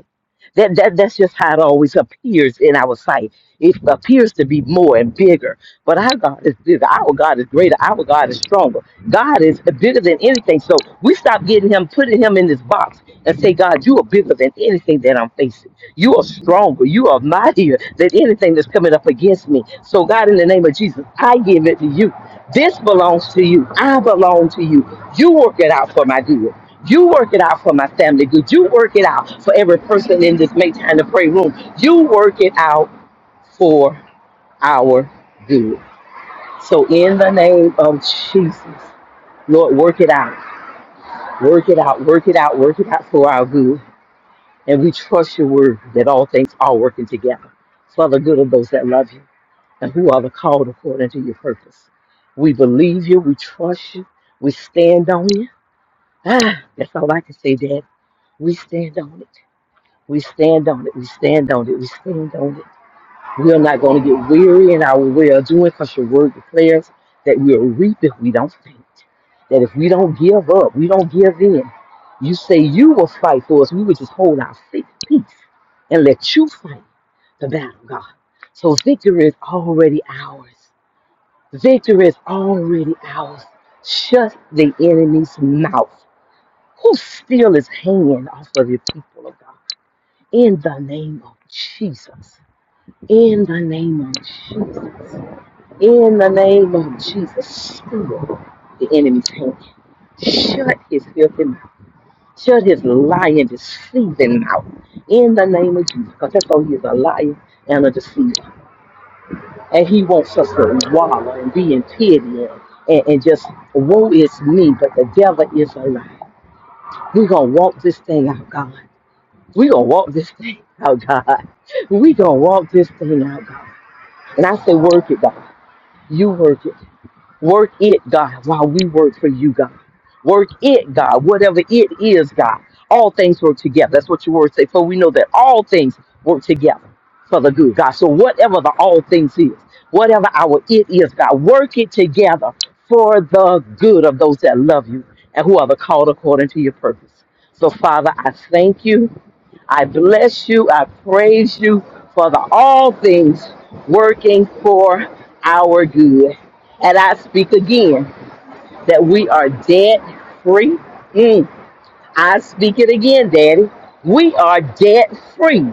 Speaker 5: That, that that's just how it always appears in our sight. It appears to be more and bigger, but our God is bigger. Our God is greater. Our God is stronger. God is bigger than anything. So we stop getting him, putting him in this box, and say, God, you are bigger than anything that I'm facing. You are stronger. You are mightier than anything that's coming up against me. So God, in the name of Jesus, I give it to you. This belongs to you. I belong to you. You work it out for my good. You work it out for my family good. You work it out for every person in this Make Time to Pray room. You work it out for our good. So, in the name of Jesus, Lord, work it out. Work it out. Work it out. Work it out for our good. And we trust your word that all things are working together for the good of those that love you and who are the called according to your purpose. We believe you. We trust you. We stand on you. Ah, that's all I can say, Dad. We stand on it. We stand on it. We stand on it. We stand on it. We are not going to get weary in our well doing because your word declares that we'll reap if we don't faint. That if we don't give up, we don't give in. You say you will fight for us. We will just hold our faith, peace and let you fight the battle, God. So victory is already ours. Victory is already ours. Shut the enemy's mouth. Who steal his hand off of your people, oh God? in the name of Jesus. In the name of Jesus. In the name of Jesus. Seal the enemy's hand. Shut his filthy mouth. Shut his lying, deceiving mouth. In the name of Jesus. Because that's all he is a liar and a deceiver. And he wants us to wallow and be in pity and, and, and just, woe is me, but the devil is a lie. We're going to walk this thing out, God. We gonna walk this thing out, God. We gonna walk this thing out, God. And I say, work it, God. You work it. Work it, God, while we work for you, God. Work it, God, whatever it is, God. All things work together. That's what your word say. For we know that all things work together for the good, God. So whatever the all things is, whatever our it is, God, work it together for the good of those that love you and who are the called according to your purpose. So, Father, I thank you. I bless you. I praise you for the all things working for our good. And I speak again that we are debt free. Mm. I speak it again, Daddy. We are debt free.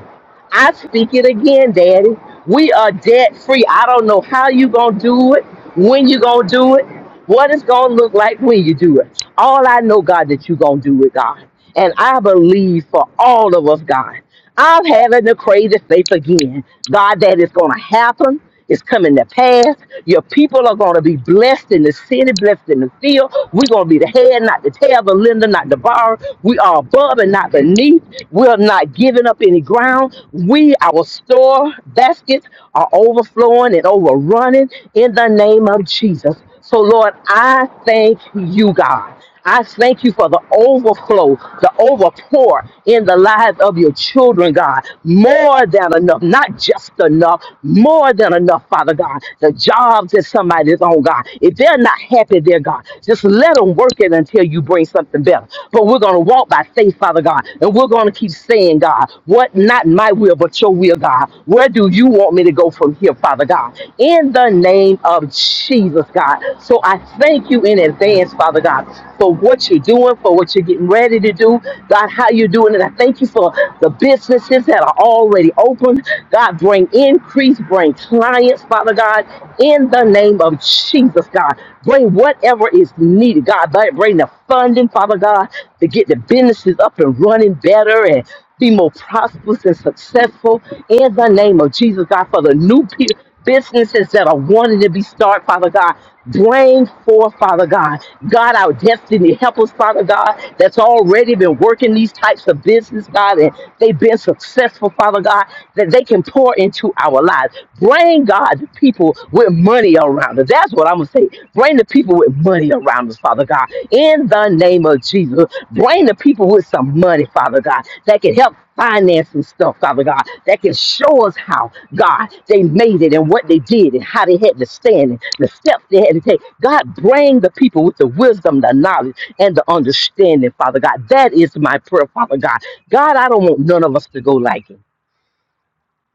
Speaker 5: I speak it again, Daddy. We are debt free. I don't know how you gonna do it, when you gonna do it, what it's gonna look like when you do it. All I know, God, that you gonna do it, God. And I believe for all of us, God. I'm having the crazy faith again, God, that it's gonna happen. It's coming to pass. Your people are going to be blessed in the city, blessed in the field. We're going to be the head, not the tail, the lender, not the borrower. We are above and not beneath. We're not giving up any ground. We, our store baskets are overflowing and overrunning in the name of Jesus. So, Lord, I thank you, God. I thank you for the overflow, the overpour in the lives of your children, God. More than enough, not just enough, more than enough, Father God. The jobs that somebody is on, God. If they're not happy there, God, just let them work it until you bring something better. But we're going to walk by faith, Father God, and we're going to keep saying, God, what not my will, but your will, God. Where do you want me to go from here? here, Father God, in the name of Jesus, God. So I thank you in advance, Father God, for what you're doing, for what you're getting ready to do, God, how you're doing it. I thank you for the businesses that are already open. God, bring increase, bring clients, Father God, in the name of Jesus, God. Bring whatever is needed, God. Bring the funding, Father God, to get the businesses up and running better and be more prosperous and successful in the name of Jesus, God, for the new pe- businesses that are wanting to be started, Father God. Bring forth, Father God. God, our destiny. Help us, Father God, that's already been working these types of business, God, and they've been successful, Father God, that they can pour into our lives. Bring, God, the people with money around us. That's what I'm going to say. Bring the people with money around us, Father God. In the name of Jesus, bring the people with some money, Father God, that can help finance some stuff, Father God, that can show us how, God, they made it and what they did and how they had to stand and the steps they had to take. God, bring the people with the wisdom, the knowledge, and the understanding, Father God. That is my prayer, Father God. God, I don't want none of us to go like him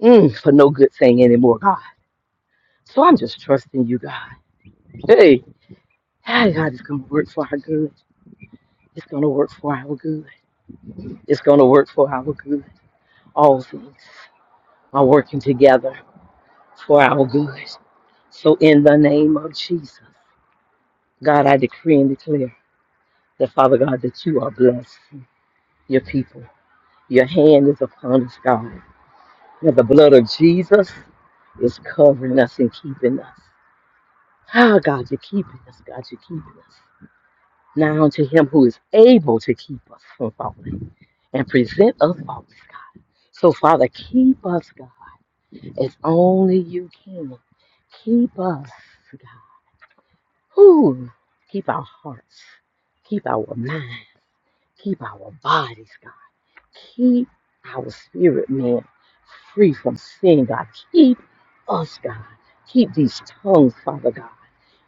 Speaker 5: mm, for no good thing anymore, God. So I'm just trusting you, God. Hey, hey, God is going to work for our good. It's going to work for our good. It's going to work for our good. All things are working together for our good. So, in the name of Jesus, God, I decree and declare that, Father God, that you are blessing your people. Your hand is upon us, God. That the blood of Jesus is covering us and keeping us. Ah, God, you're keeping us. God, you're keeping us. Now unto him who is able to keep us from falling and present us faultless, God. So, Father, keep us, God. as only you can. Keep us, God. Whew. Keep our hearts. Keep our minds. Keep our bodies, God. Keep our spirit, man, free from sin, God. Keep us, God. Keep these tongues, Father God.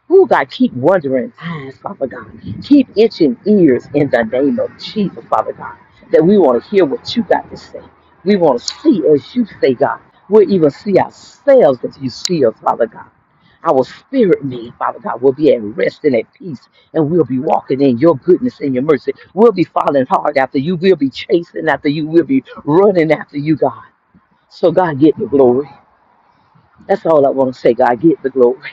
Speaker 5: Who, God, keep wondering eyes, Father God. Keep itching ears in the name of Jesus, Father God. That we want to hear what you got to say. We want to see as you say, God. We'll even see ourselves as you see us, Father God. Our spirit, man, Father God, will be at rest and at peace, and we'll be walking in your goodness and your mercy. We'll be following hard after you. We'll be chasing after you. We'll be running after you, God. So, God, get the glory. That's all I want to say, God. Get the glory.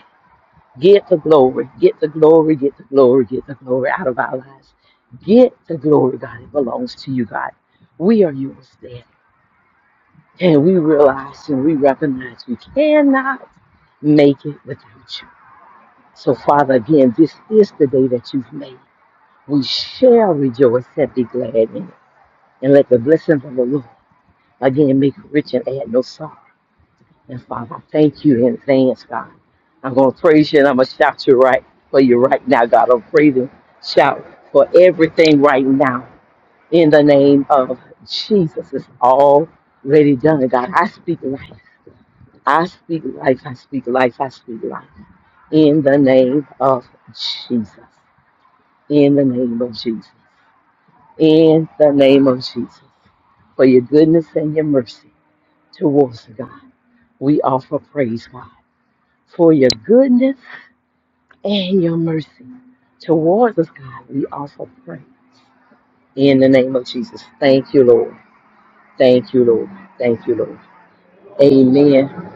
Speaker 5: Get the glory. Get the glory. Get the glory. Get the glory out of our lives. Get the glory, God. It belongs to you, God. We are yours, Dad. And we realize and we recognize we cannot make it without you. So, Father, again, this is the day that you've made. We shall rejoice and be glad in it. And let the blessings of the Lord again make you rich and add no sorrow. And Father, I thank you in advance, God. I'm going to praise you and I'm going to shout you right for you right now, God. I'm praising, shout for everything right now. In the name of Jesus, it's already done, God. I speak life. I speak life. I speak life. I speak life. In the name of Jesus. in the name of Jesus. In the name of Jesus. For your goodness and your mercy towards God. We offer praise, God. For your goodness and your mercy towards us, God. We offer praise. In the name of Jesus. Thank you, Lord. Thank you, Lord. Thank you, Lord. Amen.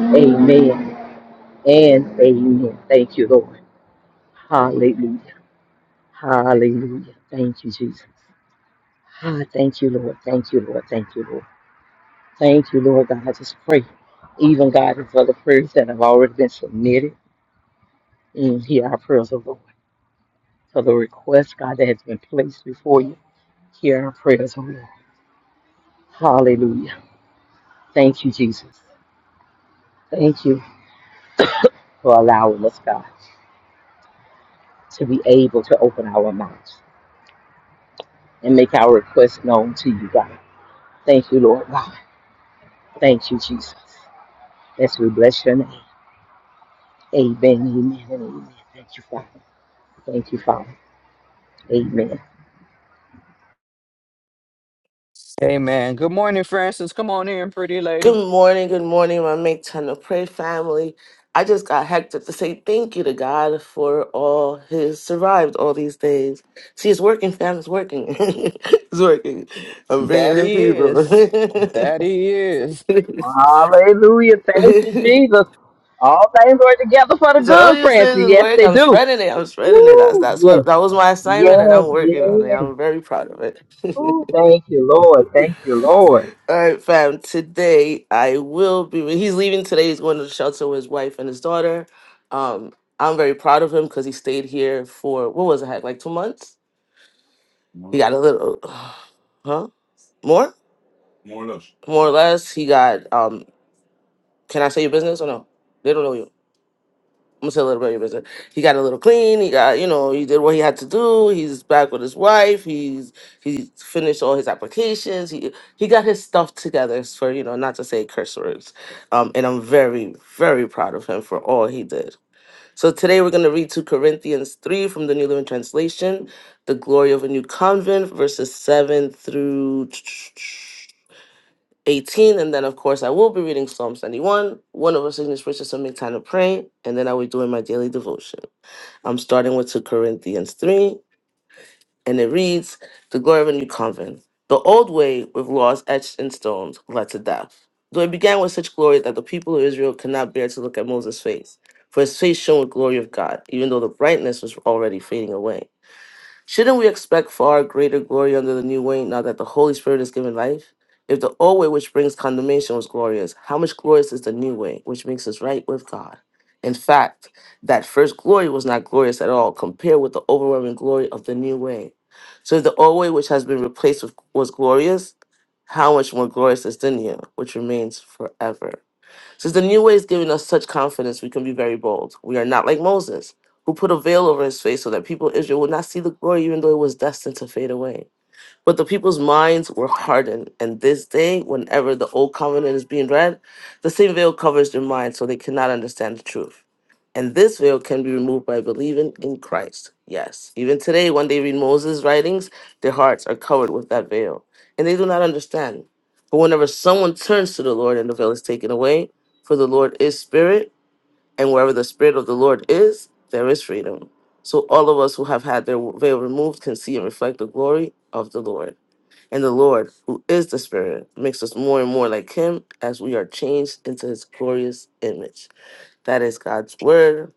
Speaker 5: Amen. And amen. Thank you, Lord. Hallelujah. Hallelujah. Thank you, Jesus. Ah, thank you, Lord. Thank you, Lord. Thank you, Lord. Thank you, Lord God. I just pray, even God, for the prayers that have already been submitted. And hear our prayers, O Lord. For the request, God, that has been placed before you, hear our prayers, O Lord. Hallelujah. Thank you, Jesus. Thank you for allowing us, God, to be able to open our mouths and make our requests known to you, God. Thank you, Lord God. Thank you, Jesus. Yes, we bless your name. Thank you, Father. Thank you,
Speaker 2: Amen. Good morning, Francis. Come on in, pretty lady.
Speaker 10: Good morning, good morning, my make time to pray family. I just got hectic to say thank you to God for all His survived all these days. See, it's working, fam. It's working. it's working. I'm bringing
Speaker 2: That
Speaker 10: in
Speaker 2: he
Speaker 10: people.
Speaker 2: is. That he is.
Speaker 5: Hallelujah. Thank you, Jesus. All things work together for the
Speaker 10: so all
Speaker 5: good,
Speaker 10: you
Speaker 5: Francis.
Speaker 10: says is
Speaker 5: Yes,
Speaker 10: work.
Speaker 5: they
Speaker 10: I'm
Speaker 5: do.
Speaker 10: shredding it. I'm shredding it. That's
Speaker 5: Ooh,
Speaker 10: that's
Speaker 5: yes,
Speaker 10: what that was my assignment, and
Speaker 5: yes,
Speaker 10: I'm working on it.
Speaker 5: yes.
Speaker 10: I'm very proud of it.
Speaker 5: Ooh, thank you, Lord. Thank you, Lord.
Speaker 10: All right, fam. Today I will be. He's leaving today. He's going to the shelter with his wife and his daughter. Um, I'm very proud of him because he stayed here for what was it? Had like two months. He got a little, huh? More, more or less. He got. Um, can I say your business or no? They don't know you. I'm gonna say a little bit. but He got a little clean. He got, you know, he did what he had to do. He's back with his wife. He's he's finished all his applications. He he got his stuff together for you know, not to say curse words. Um, and I'm very very proud of him for all he did. So today we're gonna read two Corinthians three from the New Living Translation, the glory of a new convent, verses seven through. 18. And then, of course, I will be reading Psalm 91, one of our signature prayers to make time to pray. And then I will be doing my daily devotion. I'm starting with 2 Corinthians 3, and it reads The glory of a new convent, the old way with laws etched in stones, led to death. Though it began with such glory that the people of Israel could not bear to look at Moses' face, for his face shone with glory of God, even though the brightness was already fading away. Shouldn't we expect far greater glory under the new way now that the Holy Spirit is given life? If the old way, which brings condemnation, was glorious, how much glorious is the new way, which makes us right with God? In fact, that first glory was not glorious at all compared with the overwhelming glory of the new way. So if the old way, which has been replaced with, was glorious, how much more glorious is the new, which remains forever? Since the new way is giving us such confidence, we can be very bold. We are not like Moses, who put a veil over his face so that people of Israel would not see the glory, even though it was destined to fade away. But the people's minds were hardened, and this day, whenever the old covenant is being read, the same veil covers their minds, so they cannot understand the truth. And this veil can be removed by believing in Christ. Yes. Even today, when they read Moses' writings, their hearts are covered with that veil, and they do not understand. But whenever someone turns to the Lord and the veil is taken away, for the Lord is spirit, and wherever the spirit of the Lord is, there is freedom. So all of us who have had their veil removed can see and reflect the glory of the Lord. And the Lord, who is the Spirit, makes us more and more like Him as we are changed into His glorious image. That is God's Word.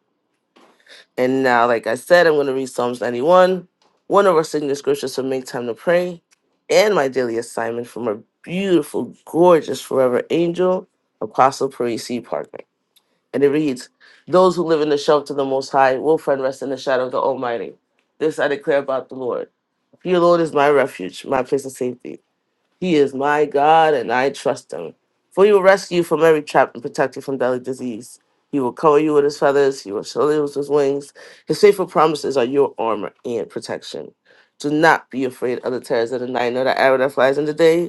Speaker 10: And now, like I said, I'm going to read Psalms 91, one of our signature scriptures to make time to pray, and my daily assignment from our beautiful, gorgeous, forever angel, Apostle Parisi Parker. And it reads Those who live in the shelter of the Most High will find rest in the shadow of the Almighty. This I declare about the Lord. He alone is my refuge, my place of safety. He is my God, and I trust him. For he will rescue you from every trap and protect you from deadly disease. He will cover you with his feathers, he will show you with his wings. His faithful promises are your armor and protection. Do not be afraid of the terrors of the night, nor the arrow that flies in the day,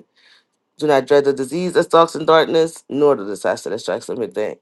Speaker 10: do not dread the disease that stalks in darkness, nor the disaster that strikes at midday.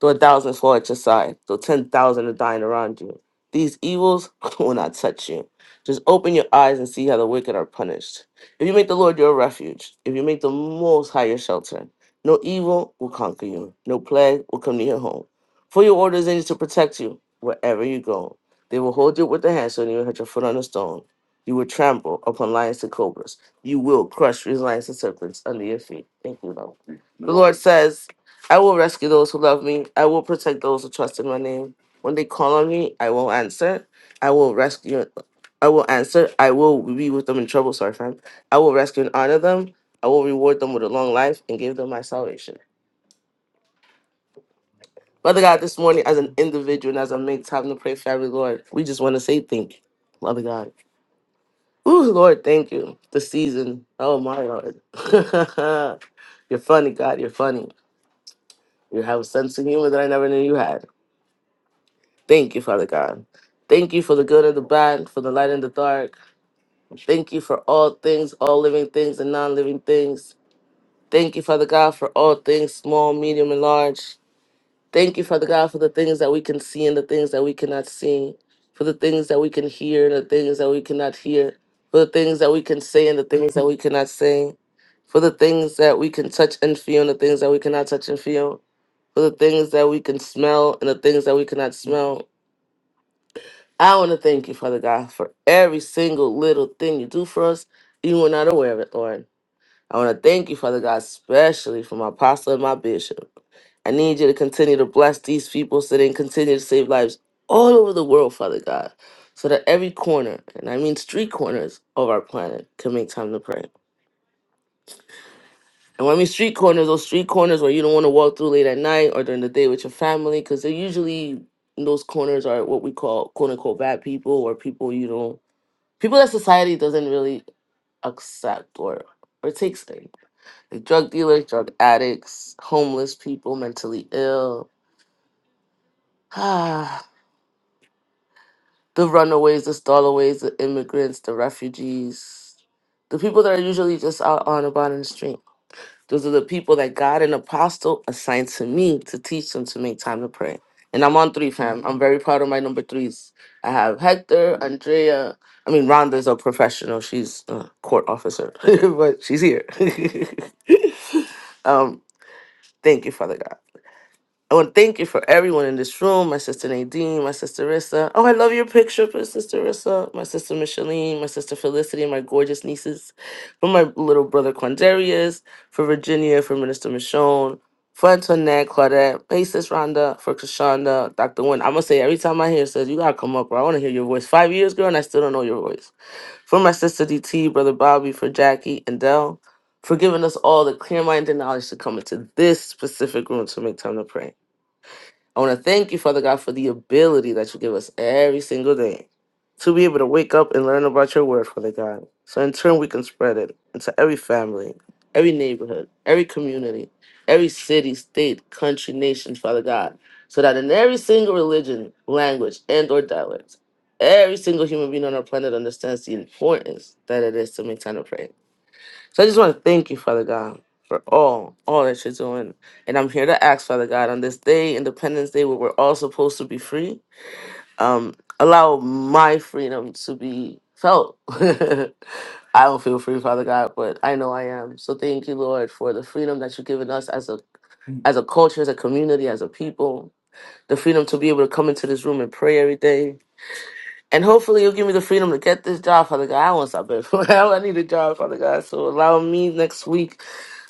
Speaker 10: Though a thousand fall at your side, though 10,000 are dying around you, these evils will not touch you. Just open your eyes and see how the wicked are punished. If you make the Lord your refuge, if you make the Most High your shelter, no evil will conquer you, no plague will come near your home. For your orders angels to protect you wherever you go. They will hold you with their hands so you will hit your foot on a stone. You will trample upon lions and cobras you will crush resilience and serpents under your feet. Thank you, Lord. The Lord says, I will rescue those who love me. I will protect those who trust in my name. When they call on me, I will answer. I will rescue. I will answer. I will be with them in trouble. Sorry, friend. I will rescue and honor them. I will reward them with a long life and give them my salvation. Father God, this morning, as an individual and as I make time to pray, Father Lord, we just want to say thank you, Father God. Ooh, Lord, thank you. The season. Oh my Lord. you're funny, God. You're funny. You have a sense of humor that I never knew you had. Thank you, Father God. Thank you for the good and the bad, for the light and the dark. Thank you for all things, all living things and non living things. Thank you, Father God, for all things, small, medium, and large. Thank you, Father God, for the things that we can see and the things that we cannot see, for the things that we can hear and the things that we cannot hear, for the things that we can say and the things that we cannot say, for the things that we can touch and feel and the things that we cannot touch and feel, for the things that we can smell and the things that we cannot smell. I want to thank you, Father God, for every single little thing you do for us. You are not aware of it, Lord. I want to thank you, Father God, especially for my apostle and my bishop. I need you to continue to bless these people so they can continue to save lives all over the world, Father God, so that every corner, and I mean street corners of our planet, can make time to pray. And when I mean street corners, those street corners where you don't want to walk through late at night or during the day with your family, because they're usually those corners are what we call quote unquote bad people or people you don't, people that society doesn't really accept or or takes. Like drug dealers, drug addicts, homeless people, mentally ill, the runaways, the stallaways, the immigrants, the refugees, the people that are usually just out on about in the street. Those are the people that God and Apostle assigned to me to teach them to make time to pray. And I'm on three, fam. I'm very proud of my number threes. I have Hector, Andrea. I mean, Rhonda's a professional. She's a court officer, but she's here. um, thank you, Father God. I want to thank you for everyone in this room. My sister Nadine, my sister Rissa. Oh, I love your picture for sister Rissa. My sister Micheline, my sister Felicity, and my gorgeous nieces. For my little brother Quandarius, for Virginia, for Minister Michonne, for Antoinette, Claudette, hey sis Rhonda, for Kashonda, Dr. Wynn. I'm gonna say every time I hear it says you gotta come up, bro. I wanna hear your voice. Five years, girl, and I still don't know your voice. For my sister DT, brother Bobby, for Jackie and Dell. For giving us all the clear mind and knowledge to come into this specific room to make time to pray. I want to thank you, Father God, for the ability that you give us every single day to be able to wake up and learn about your word, Father God. So in turn, we can spread it into every family, every neighborhood, every community, every city, state, country, nation, Father God. So that in every single religion, language, and or dialect, every single human being on our planet understands the importance that it is to make time to pray. So I just want to thank you, Father God, for all, all that you're doing. And I'm here to ask, Father God, on this day, Independence Day, where we're all supposed to be free, um, allow my freedom to be felt. I don't feel free, Father God, but I know I am. So thank you, Lord, for the freedom that you've given us as a as a culture, as a community, as a people. The freedom to be able to come into this room and pray every day. And hopefully you'll give me the freedom to get this job, Father God. I want something. I need a job, Father God. So allow me next week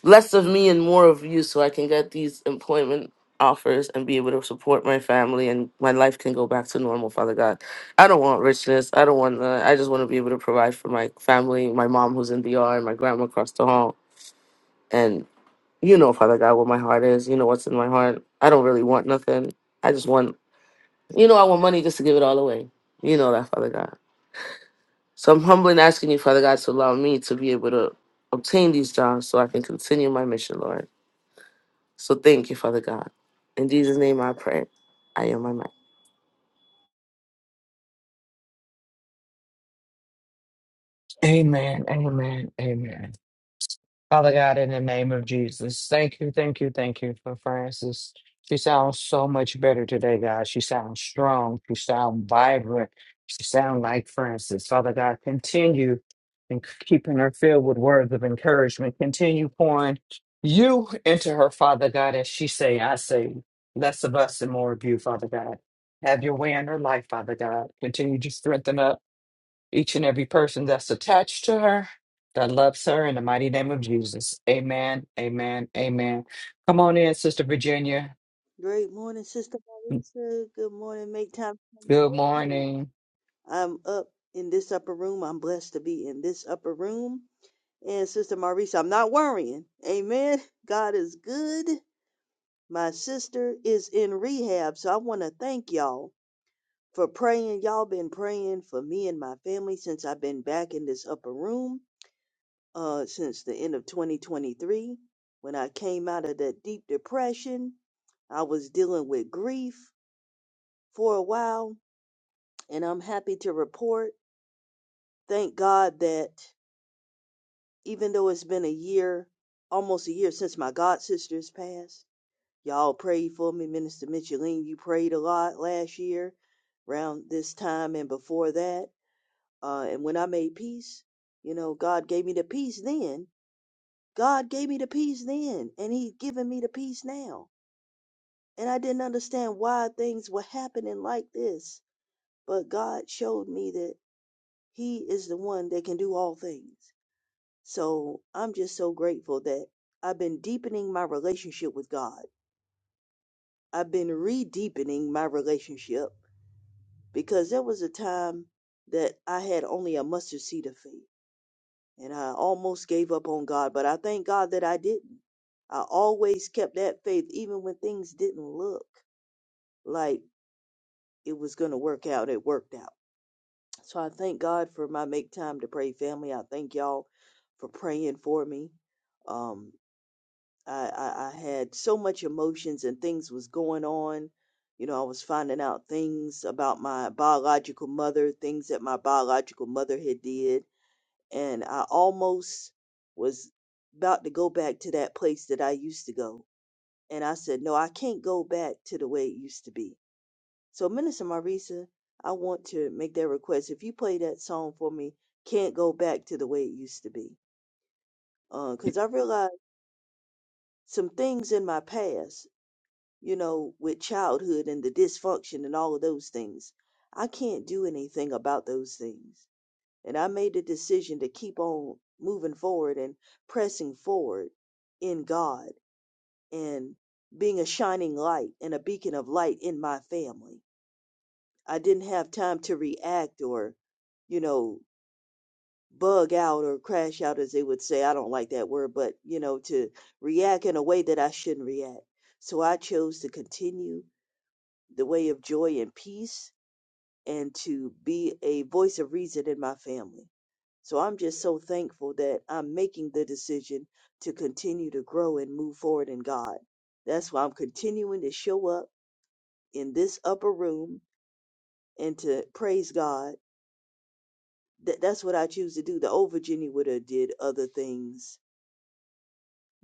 Speaker 10: less of me and more of you so I can get these employment offers and be able to support my family and my life can go back to normal, Father God. I don't want richness. I don't want that. I just want to be able to provide for my family, my mom who's in DR and my grandma across the hall. And you know, Father God, what my heart is. You know what's in my heart. I don't really want nothing. I just want you know, I want money just to give it all away. You know that, Father God. So I'm humbly asking you, Father God, to allow me to be able to obtain these jobs so I can continue my mission, Lord. So thank you, Father God. In Jesus' name I pray. I am my mic.
Speaker 2: Amen. Amen. Amen. Father God, in the name of Jesus, thank you, thank you, thank you for Francis. She sounds so much better today, God. She sounds strong. She sounds vibrant. She sounds like Francis. Father God, continue and keeping her filled with words of encouragement. Continue pouring you into her, Father God, as she say, I say, less of us and more of you, Father God. Have your way in her life, Father God. Continue to strengthen up each and every person that's attached to her, that loves her, in the mighty name of Jesus. Amen, amen, amen. Come on in, Sister Virginia.
Speaker 11: Great morning, Sister Marisa. Good morning. Make time to come
Speaker 2: Good
Speaker 11: join me.
Speaker 2: morning.
Speaker 11: I'm up in this upper room. I'm blessed to be in this upper room. And Sister Marisa, I'm not worrying. Amen. God is good. My sister is in rehab, so I want to thank y'all for praying. Y'all been praying for me and my family since I've been back in this upper room, uh, since the end of 2023, when I came out of that deep depression. I was dealing with grief. for a while, and I'm happy to report, thank God, that even though it's been a year, almost a year since my god sisters passed, y'all prayed for me. Minister Micheline, you prayed a lot last year around this time and before that. Uh, and when I made peace, you know, God gave me the peace then. God gave me the peace then, and He's given me the peace now. And I didn't understand why things were happening like this, but God showed me that He is the one that can do all things. So I'm just so grateful that I've been deepening my relationship with God. I've been re deepening my relationship because there was a time that I had only a mustard seed of faith and I almost gave up on God, but I thank God that I didn't. I always kept that faith even when things didn't look like it was going to work out. It worked out. So I thank God for my make time to pray family. I thank y'all for praying for me. Um, I, I, I had so much emotions and things was going on. You know, I was finding out things about my biological mother, things that my biological mother had did, and I almost was about to go back to that place that I used to go. And I said, no, I can't go back to the way it used to be so, Minister Marisa, I want to make that request. If you play that song for me, can't go back to the way it used to be. Because I realized some things in my past, you know, with childhood and the dysfunction and all of those things. I can't do anything about those things. And I made the decision to keep on moving forward and pressing forward in God and being a shining light and a beacon of light in my family I didn't have time to react or, you know, bug out or crash out, as they would say. I don't like that word, but, you know, to react in a way that I shouldn't react. So I chose to continue the way of joy and peace and to be a voice of reason in my family. So I'm just so thankful that I'm making the decision to continue to grow and move forward in God. That's why I'm continuing to show up in this upper room and to praise God that that's what I choose to do. The old Virginia would have did other things,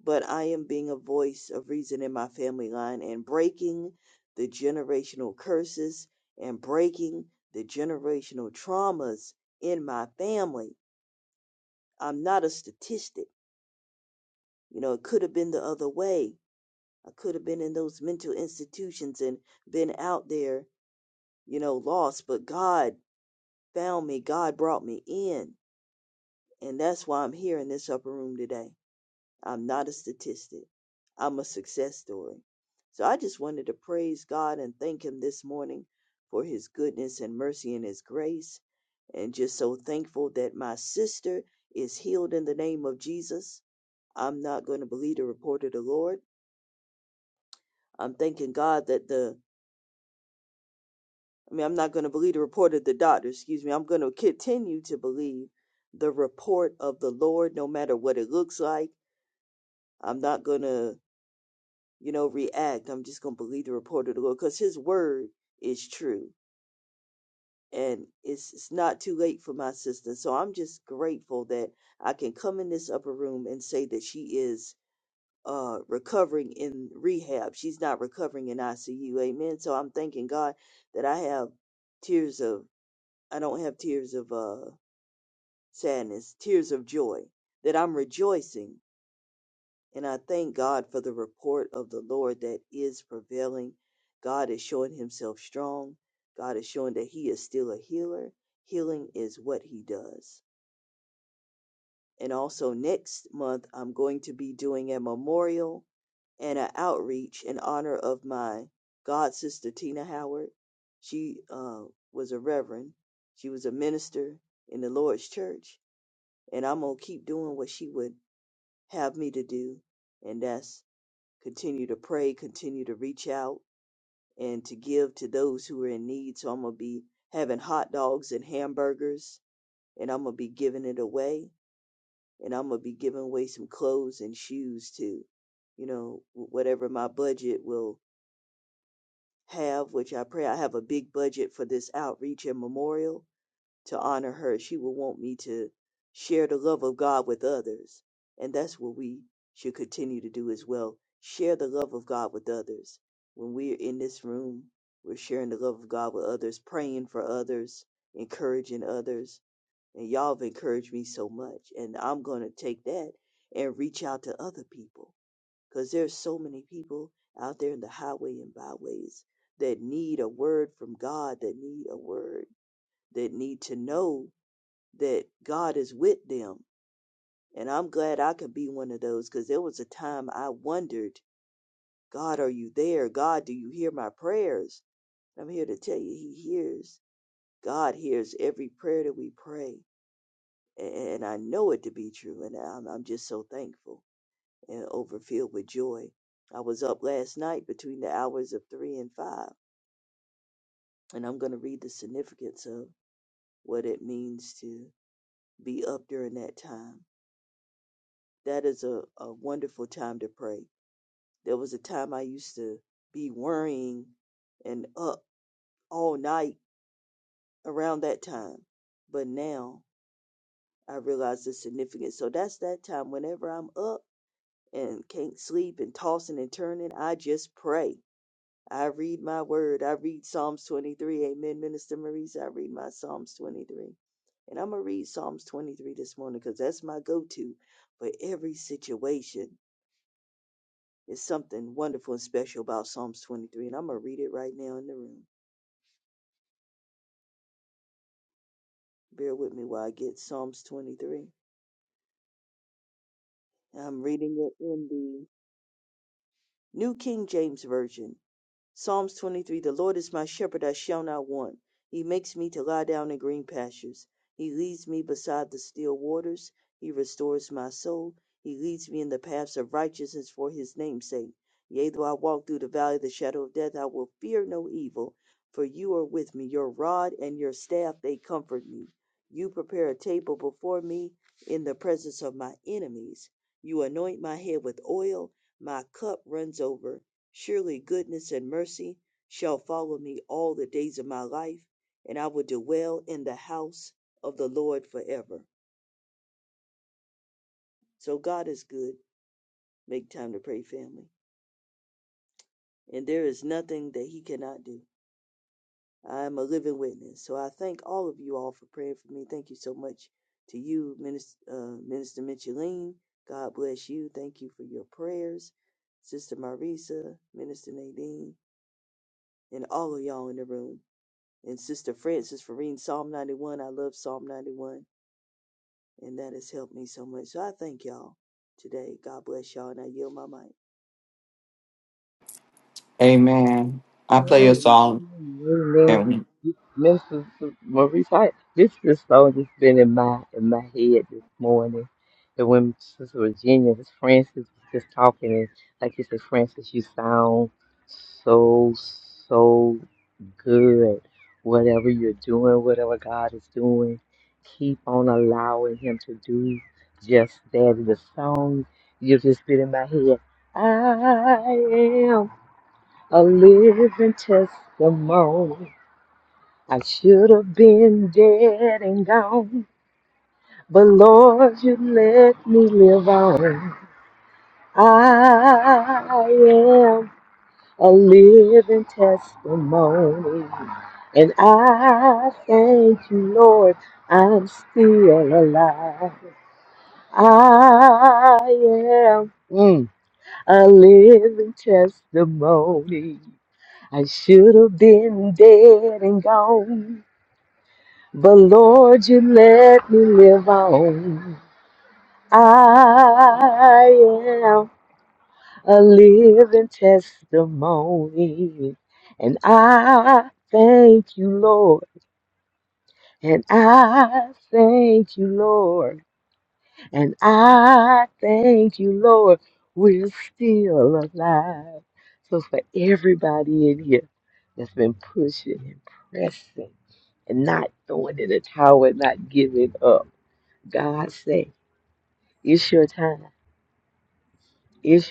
Speaker 11: but I am being a voice of reason in my family line and breaking the generational curses and breaking the generational traumas in my family. I'm not a statistic. You know, it could have been the other way. I could have been in those mental institutions and been out there, you know, lost, but God found me. God brought me in. And that's why I'm here in this upper room today. I'm not a statistic. I'm a success story. So I just wanted to praise God and thank Him this morning for His goodness and mercy and His grace. And just so thankful that my sister is healed in the name of Jesus. I'm not going to believe the report of the Lord. I'm thanking God that the, I mean, I'm not going to believe the report of the doctor, excuse me. I'm going to continue to believe the report of the Lord no matter what it looks like. I'm not going to you know, react. I'm just going to believe the report of the Lord because his word is true. And it's, it's not too late for my sister. So I'm just grateful that I can come in this upper room and say that she is uh, recovering in rehab. She's not recovering in ICU. Amen. So I'm thanking God that I have tears of, I don't have tears of uh, sadness, tears of joy, that I'm rejoicing And I thank God for the report of the Lord that is prevailing. God is showing himself strong. God is showing that he is still a healer. Healing is what he does. And also, next month, I'm going to be doing a memorial and an outreach in honor of my god sister Tina Howard. She uh, was a reverend. She was a minister in the Lord's church, and I'm gonna keep doing what she would have me to do, and that's continue to pray, continue to reach out and to give to those who are in need. So I'm gonna be having hot dogs and hamburgers, and I'm gonna be giving it away, and I'm gonna be giving away some clothes and shoes too. You know, whatever my budget will have, which I pray I have a big budget for this outreach and memorial. to honor her, she will want me to share the love of God with others. And that's what we should continue to do as well. Share the love of God with others. When we're in this room, we're sharing the love of God with others, praying for others, encouraging others. And y'all have encouraged me so much. And I'm going to take that and reach out to other people because there's so many people out there in the highway and byways that need a word from God, that need a word, that need to know that God is with them. And I'm glad I could be one of those because there was a time I wondered, God, are you there? God, do you hear my prayers? I'm here to tell you, He hears. God hears every prayer that we pray. And I know it to be true. And I'm, I'm just so thankful and overfilled with joy. I was up last night between the hours of three and five. And I'm going to read the significance of what it means to be up during that time. That is a, a wonderful time to pray There was a time I used to be worrying and up all night around that time. But now I realize the significance. So that's that time. Whenever I'm up and can't sleep and tossing and turning, I just pray. I read my word. I read Psalms 23. Amen, Minister Maurice. I read my Psalms 23. And I'm going to read Psalms 23 this morning because that's my go to for every situation. There's something wonderful and special about Psalms 23. And I'm going to read it right now in the room. Bear with me while I get Psalms 23. I'm reading it in the New King James Version. Psalms 23 The Lord is my shepherd, I shall not want. He makes me to lie down in green pastures. He leads me beside the still waters. He restores my soul. He leads me in the paths of righteousness for his name's sake. Yea, though I walk through the valley of the shadow of death, I will fear no evil, for you are with me. Your rod and your staff, they comfort me. You prepare a table before me in the presence of my enemies. You anoint my head with oil, my cup runs over. Surely goodness and mercy shall follow me all the days of my life, and I will dwell in the house of the Lord forever. So God is good. Make time to pray, family. And there is nothing that He cannot do. I am a living witness. So I thank all of you all for praying for me. Thank you so much to you, Minister, uh, Minister Micheline. God bless you. Thank you for your prayers, Sister Marisa, Minister Nadine, and all of y'all in the room. And Sister Francis for reading Psalm 91. I love Psalm 91, and that has helped me so much. So I thank y'all today. God bless y'all, and I yield my mic.
Speaker 2: Amen. I play a song
Speaker 5: Amen.
Speaker 2: and
Speaker 5: Minister Maurice, I, this this song just been in my in my head this morning. And when Sister Virginia was Francis was just talking and like you said, Francis, you sound so so good. Whatever you're doing, whatever God is doing, keep on allowing Him to do just that. The song you just been in my head. I am a living testimony. I should have been dead and gone, but Lord, you let me live on. I am a living testimony. And I thank you, Lord, I'm still alive. I am mm, a living testimony. I should have been dead and gone, but Lord, you let me live on. I am. a living testimony. And I thank you, Lord. And I thank you, Lord. And I thank you, Lord. We're still alive. So for everybody in here that's been pushing and not throwing in the towel, not giving up, it's your time.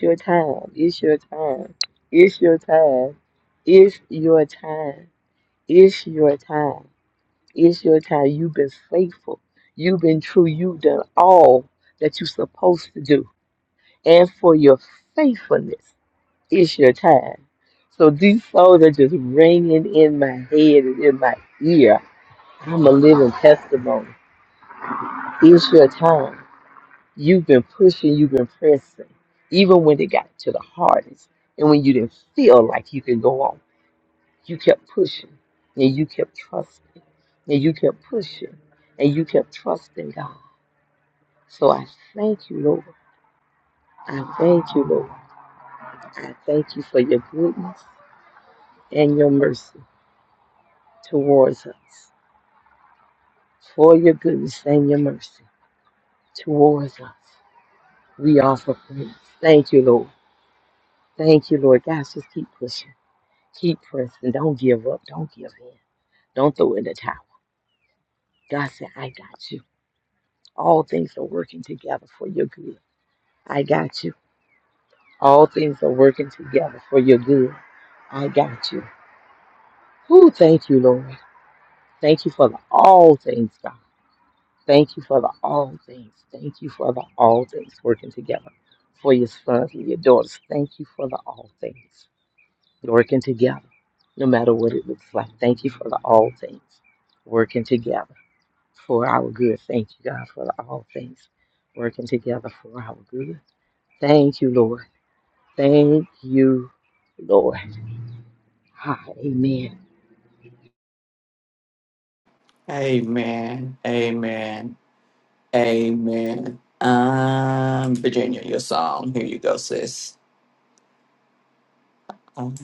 Speaker 5: Your time. It's your time. Your time. It's your time. It's your time. It's your time. You've been faithful. You've been true. You've done all that you're supposed to do. And for your faithfulness, it's your time. So these souls are just ringing in my head and in my ear. I'm a living testimony. It's your time. You've been pushing, you've been pressing, even when it got to the hardest and when you didn't feel like you could go on. You kept pushing and you kept trusting and you kept pushing and you kept trusting God. So I thank you, Lord. I thank you, Lord. I thank you for your goodness and your mercy towards us. For your mercy towards us, Lord. Keep pressing. Don't give in. Don't throw in the towel. God said, I got you. All things are working together for your good. I got you. All things are working together for your good. I got you. Who thank you, Lord. Thank you for the all things, God. Thank you for the all things. Thank you for the all things working together for your sons and your daughters. Thank you for the all things working together, no matter what it looks like. Thank you for the all things working together for our good. Thank you, God, for the all things working together for our good. Thank you, Lord. Thank you, Lord. Ah, amen.
Speaker 2: amen, amen. Amen. Um, Virginia, your song. Here you go, sis. Um,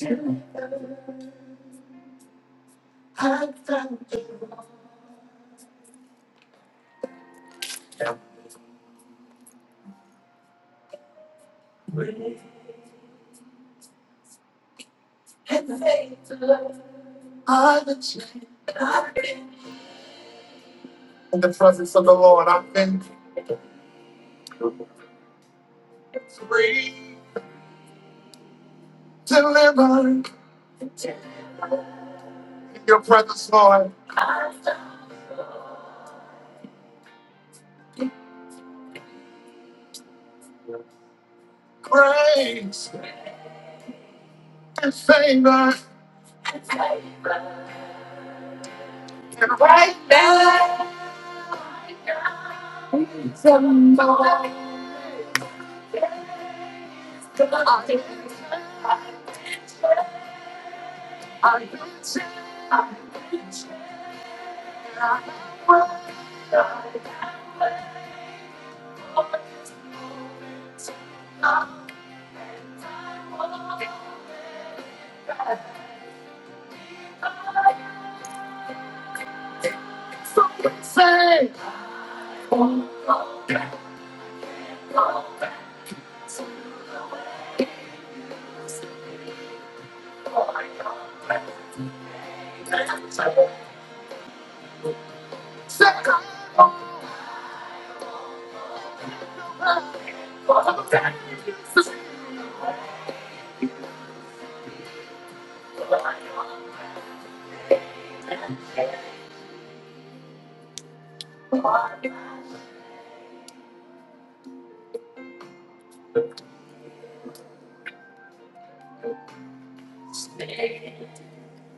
Speaker 2: In the presence of the Lord, I've been free, delivered. In your presence, Lord, grace and favor. And right now, somebody. I get you, I get you, I am well, I am well. Always open to love, And I will be back. I-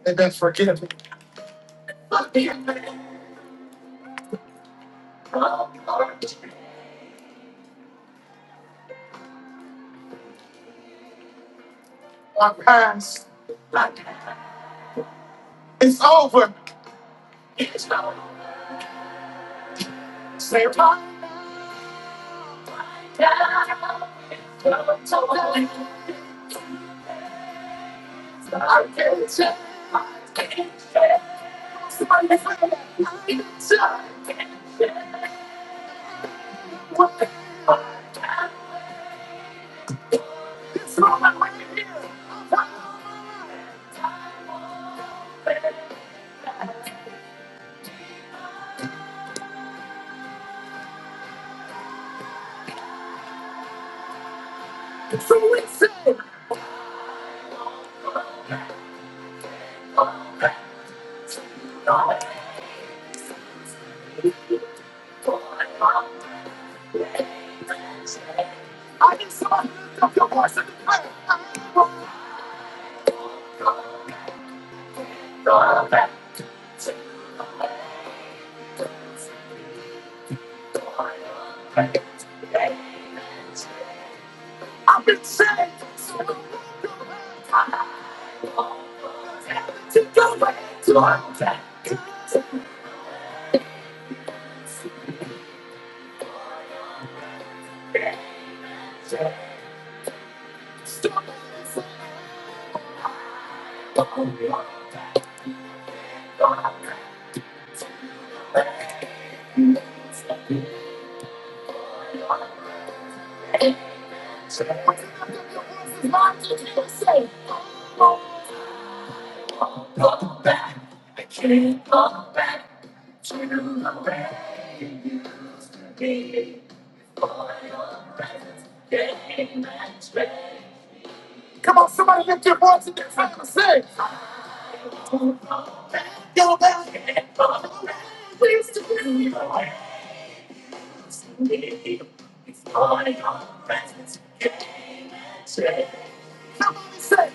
Speaker 2: And then forgive me. My past. I- It's over. It's over. Say my name. I've been saved. so long. To go back to back, I can't go back to the way it used to be. For your presence came and strayed. Come on, somebody lift your voice and try to be the last to leave. It's for your presence came and strayed." say.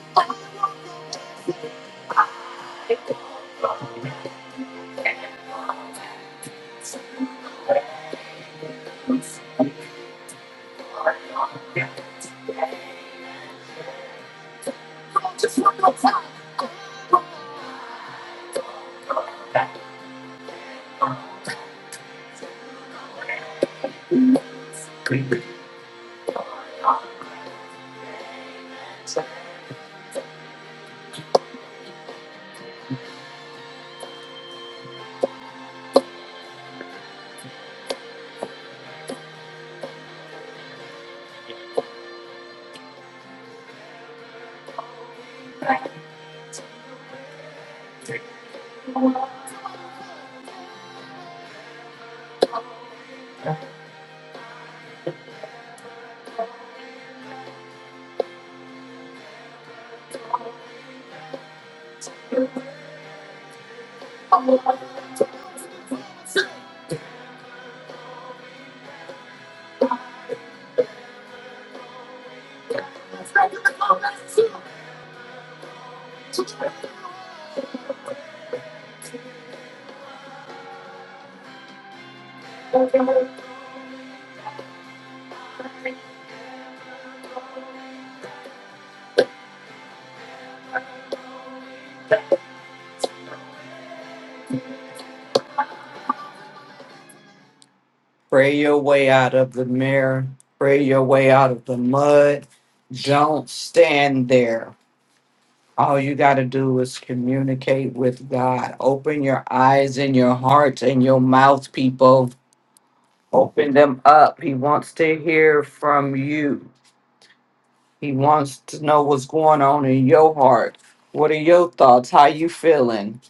Speaker 2: "Oh, oh." Pray your way out of the mirror. Pray your way out of the mud. Don't stand there. All you got to do is communicate with God. Open your eyes and your hearts and your mouth, people. Open them up. He wants to hear from you. He wants to know what's going on in your heart. What are your thoughts? How you feeling?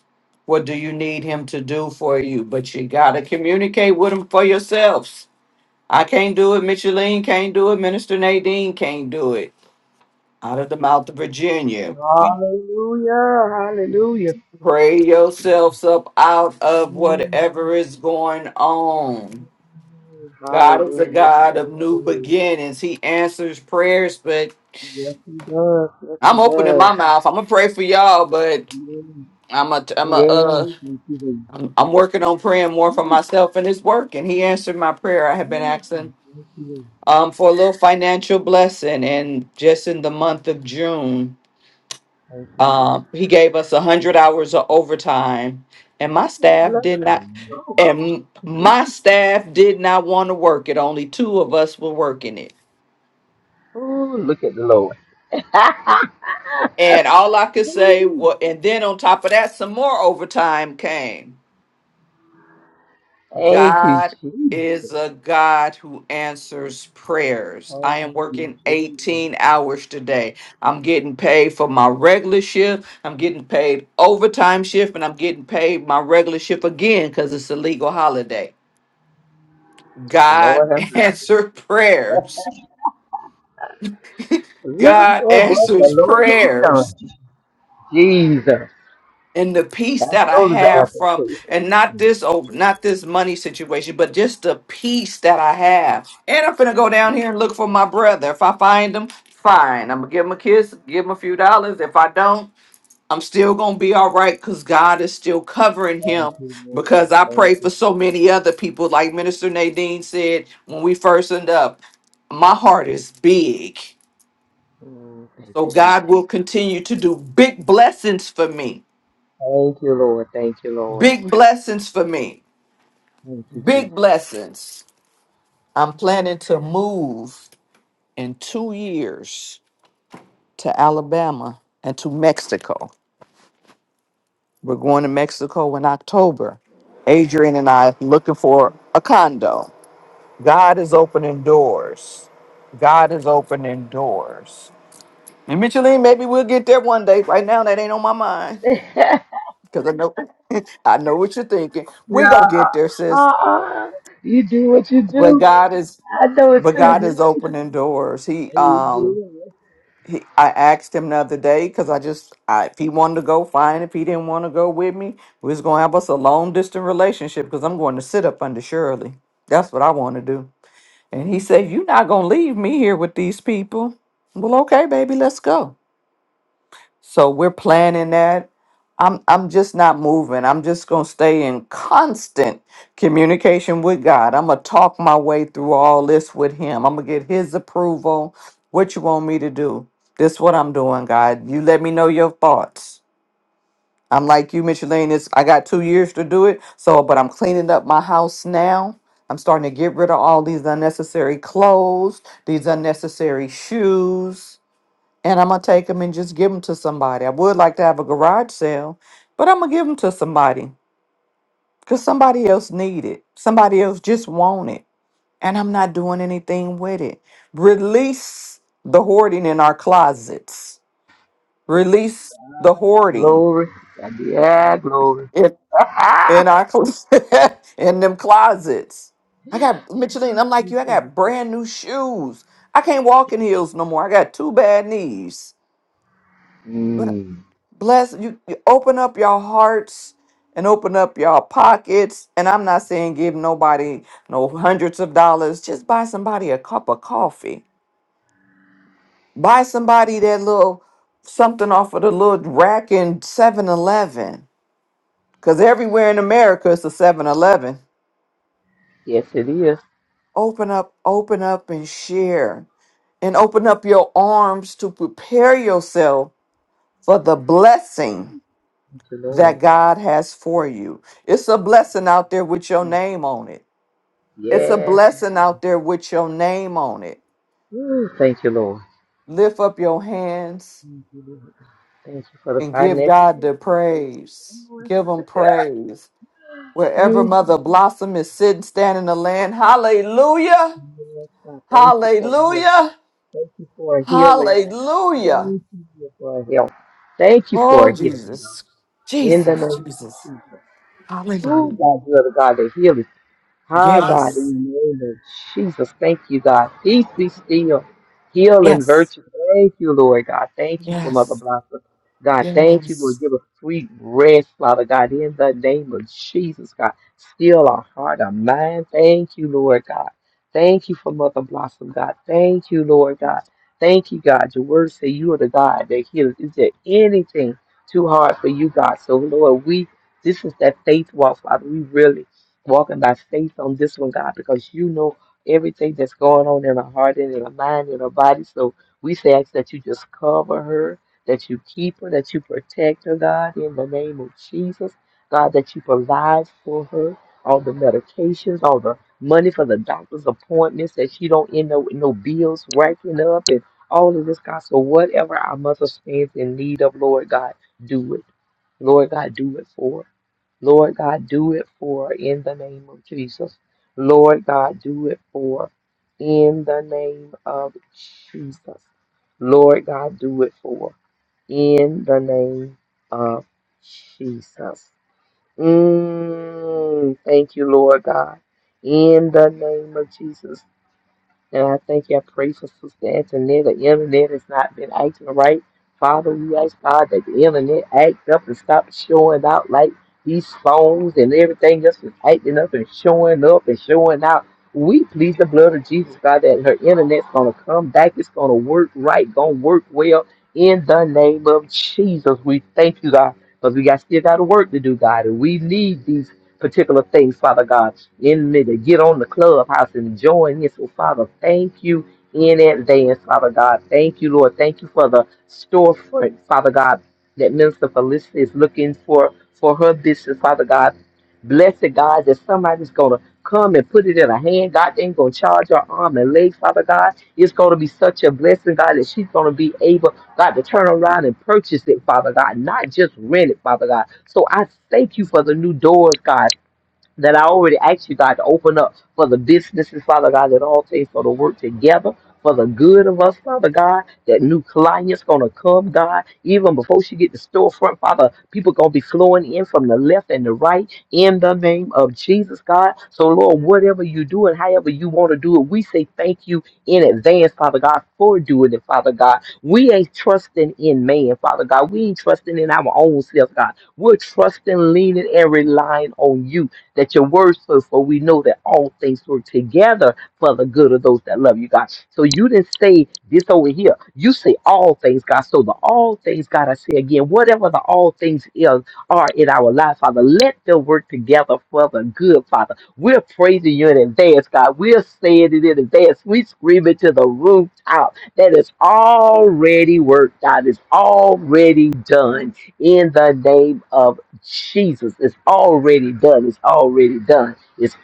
Speaker 2: What do you need him to do for you? But you got to communicate with him for yourselves. I can't do it. Micheline can't do it. Minister Nadine can't do it. Out of the mouth of Virginia.
Speaker 5: Hallelujah.
Speaker 2: Pray yourselves up out of whatever is going on. God is a God of new beginnings. He answers prayers, but I'm opening my mouth. I'm gonna pray for y'all, but I'm a, I'm a, uh, I'm, I'm working on praying more for myself, and it's working. He answered my prayer. I have been asking um for a little financial blessing, and just in the month of June. Um, he gave us a hundred hours of overtime, and my staff did not. And my staff did not want to work it. Only two of us were working it,
Speaker 5: Oh, look at the Lord.
Speaker 2: and all I could say was. And then on top of that, some more overtime came. God is a God who answers prayers. I am
Speaker 5: Thank you,
Speaker 2: working
Speaker 5: Jesus.
Speaker 2: 18 hours today. I'm getting paid for my regular shift. I'm getting paid overtime shift, and I'm getting paid my regular shift again because it's a legal holiday.
Speaker 5: The Lord,
Speaker 2: God
Speaker 5: have mercy.
Speaker 2: answered prayers.
Speaker 5: Look at
Speaker 2: God
Speaker 5: what the
Speaker 2: answers
Speaker 5: Lord has
Speaker 2: prayers.
Speaker 5: done. Jesus.
Speaker 2: and the peace
Speaker 5: That's
Speaker 2: that I
Speaker 5: those are the
Speaker 2: have
Speaker 5: answers
Speaker 2: from
Speaker 5: for you.
Speaker 2: and not this oh not this money situation, but just the peace that I have. And I'm finna go down here and look for my brother. If I find him, fine. I'm gonna give him a kiss, give him a few dollars. If I don't, I'm still gonna be all right because God is still covering
Speaker 5: Thank
Speaker 2: him
Speaker 5: you, Lord.
Speaker 2: because I
Speaker 5: Thank
Speaker 2: pray
Speaker 5: you.
Speaker 2: for so many other people. Like Minister Nadine said when we first end up, my heart is big.
Speaker 5: Mm, thank
Speaker 2: So
Speaker 5: you, Jesus.
Speaker 2: God will continue to do big blessings for me.
Speaker 5: Thank you, Lord. Thank you, Lord.
Speaker 2: Big blessings for me. Big blessings. I'm planning to move in two years to Alabama and to Mexico. We're going to Mexico in October. Adrian and I looking for a condo. God is opening doors. God is opening doors. And Micheline, maybe we'll get there one day. Right now, that ain't on my mind because I know I know what you're thinking. We
Speaker 5: no,
Speaker 2: gonna get there, sis.
Speaker 5: uh-uh. you do what you
Speaker 2: But
Speaker 5: do.
Speaker 2: God is
Speaker 5: I know it's
Speaker 2: but
Speaker 5: because
Speaker 2: God is
Speaker 5: Thank
Speaker 2: opening doors. He um
Speaker 5: you. Yes.
Speaker 2: he, I asked him the other day because I just I, if he wanted to go, fine. If he didn't want to go with me, we was gonna have us a long distance relationship because I'm going to sit up under Shirley. That's what I want to do. And he said, "You're not gonna leave me here with these people." Well, okay, baby, let's go. So we're planning that. I'm I'm just not moving. I'm just gonna stay in constant communication with God. I'm gonna talk my way through all this with Him. I'm gonna get His approval. What you want me to do? This what I'm doing, God. You let me know your thoughts. I'm like you, Micheline. It's I got two years to do it. So, but I'm cleaning up my house now. I'm starting to get rid of all these unnecessary clothes, these unnecessary shoes and I'm gonna take them and just give them to somebody. I would like to have a garage sale, but I'm gonna give them to somebody because somebody else need it. Somebody else just want it, and I'm not doing anything with it. Release the hoarding in our closets. Release the hoarding
Speaker 5: glory. Glory,
Speaker 2: in, in our cl- in them closets. I got Micheline. I'm like you. I got brand new shoes. I can't walk in heels no more. I got two bad knees. Bless you, you open up your hearts and open up your pockets. And I'm not saying give nobody no hundreds of dollars. Just buy somebody a cup of coffee. Buy somebody that little something off of the little rack in 7 Eleven. Because everywhere in America it's a Seven Eleven. Open up, open up and share. And open up your arms to prepare yourself for the blessing that God has for you. It's a blessing out there with your name on it. It's a blessing out there with your name on it.
Speaker 5: Lord.
Speaker 2: Lift up your hands and give God the praise. Give him praise. Wherever
Speaker 5: Thank you,
Speaker 2: Mother Blossom is sitting, standing in the land, hallelujah,
Speaker 5: God. Thank you for a healing.
Speaker 2: hallelujah,
Speaker 5: Thank you for a healing, God.
Speaker 2: hallelujah.
Speaker 5: Thank you for a healing. Thank you for
Speaker 2: Oh,
Speaker 5: a healing,
Speaker 2: Jesus,
Speaker 5: God. In the name
Speaker 2: Jesus,
Speaker 5: of
Speaker 2: Jesus,
Speaker 5: Jesus. Ooh,
Speaker 2: hallelujah.
Speaker 5: God, you are the God that heals. Hi, God,
Speaker 2: Yes,
Speaker 5: in the name of Jesus, thank you, God. Peace be still. Heal and
Speaker 2: yes,
Speaker 5: virtue. Thank you, Lord God. Thank you for Mother
Speaker 2: yes,
Speaker 5: Blossom. God, thank you,
Speaker 2: yes.
Speaker 5: Lord. Give us sweet rest, Father God, in the name of Jesus, God. Still our heart, our mind. Thank you, Lord God. Thank you for Mother Blossom, God. Thank you, Lord God. Thank you, God. Your word say you are the God that heals. Is there anything too hard for you, God? So, Lord, we this is that faith walk, Father. We really walking by faith on this one, God, because you know everything that's going on in her heart and in her mind and her body. So we say ask that you just cover her, that you keep her, that you protect her, God, in the name of Jesus. God, that you provide for her all the medications, all the money for the doctor's appointments, that she don't end up with no bills racking up and all of this, God. So whatever our mother stands in need of, Lord God, do it. Lord God, do it for her. Lord God, do it for in the name of Jesus. Lord God, do it for in the name of Jesus. Lord God, do it for in the name of Jesus. Mm, thank you, Lord God. In the name of Jesus. And I thank you. I pray for Sister Antoinette. The internet has not been acting right. Father, we ask God that the internet act up and stop showing out like these phones and everything else is acting up and showing up and showing out. We plead the blood of Jesus, God, that her internet's going to come back. It's going to work right, going to work well. In the name of Jesus, we thank you, God, because we got still got work to do, God, and we need these particular things, Father God in me to get on the clubhouse and join in. So, Father, thank you in advance, Father God. Thank you, Lord. Thank you for the storefront, Father God, that Minister Felicity is looking for for her business, Father God. Bless it, God, that somebody's going to come and put it in her hand. God, they ain't going to charge her arm and leg, Father God. It's going to be such a blessing, God, that she's going to be able, God, to turn around and purchase it, Father God, not just rent it, Father God. So I thank you for the new doors, God that I already asked you, God, to open up for the businesses, Father God, that all things going to work together for the good of us, Father God. That new client's going to come, God. Even before she get the storefront, Father, people going to be flowing in from the left and the right in the name of Jesus, God. So, Lord, whatever you do and however you want to do it, we say thank you in advance, Father God, for doing it, Father God. We ain't trusting in man, Father God. We ain't trusting in our own self, God. We're trusting, leaning, and relying on you that your word says, for we know that all things work together for the good of those that love you, God. So you didn't say this over here. You say all things, God. So the all things, God, I say again, whatever the all things is, are in our life, Father, let them work together for the good, Father. We're praising you in advance, God. We're saying it in advance. We scream it to the rooftop that it's already worked out. It's already done in the name of Jesus. It's already done. It's it's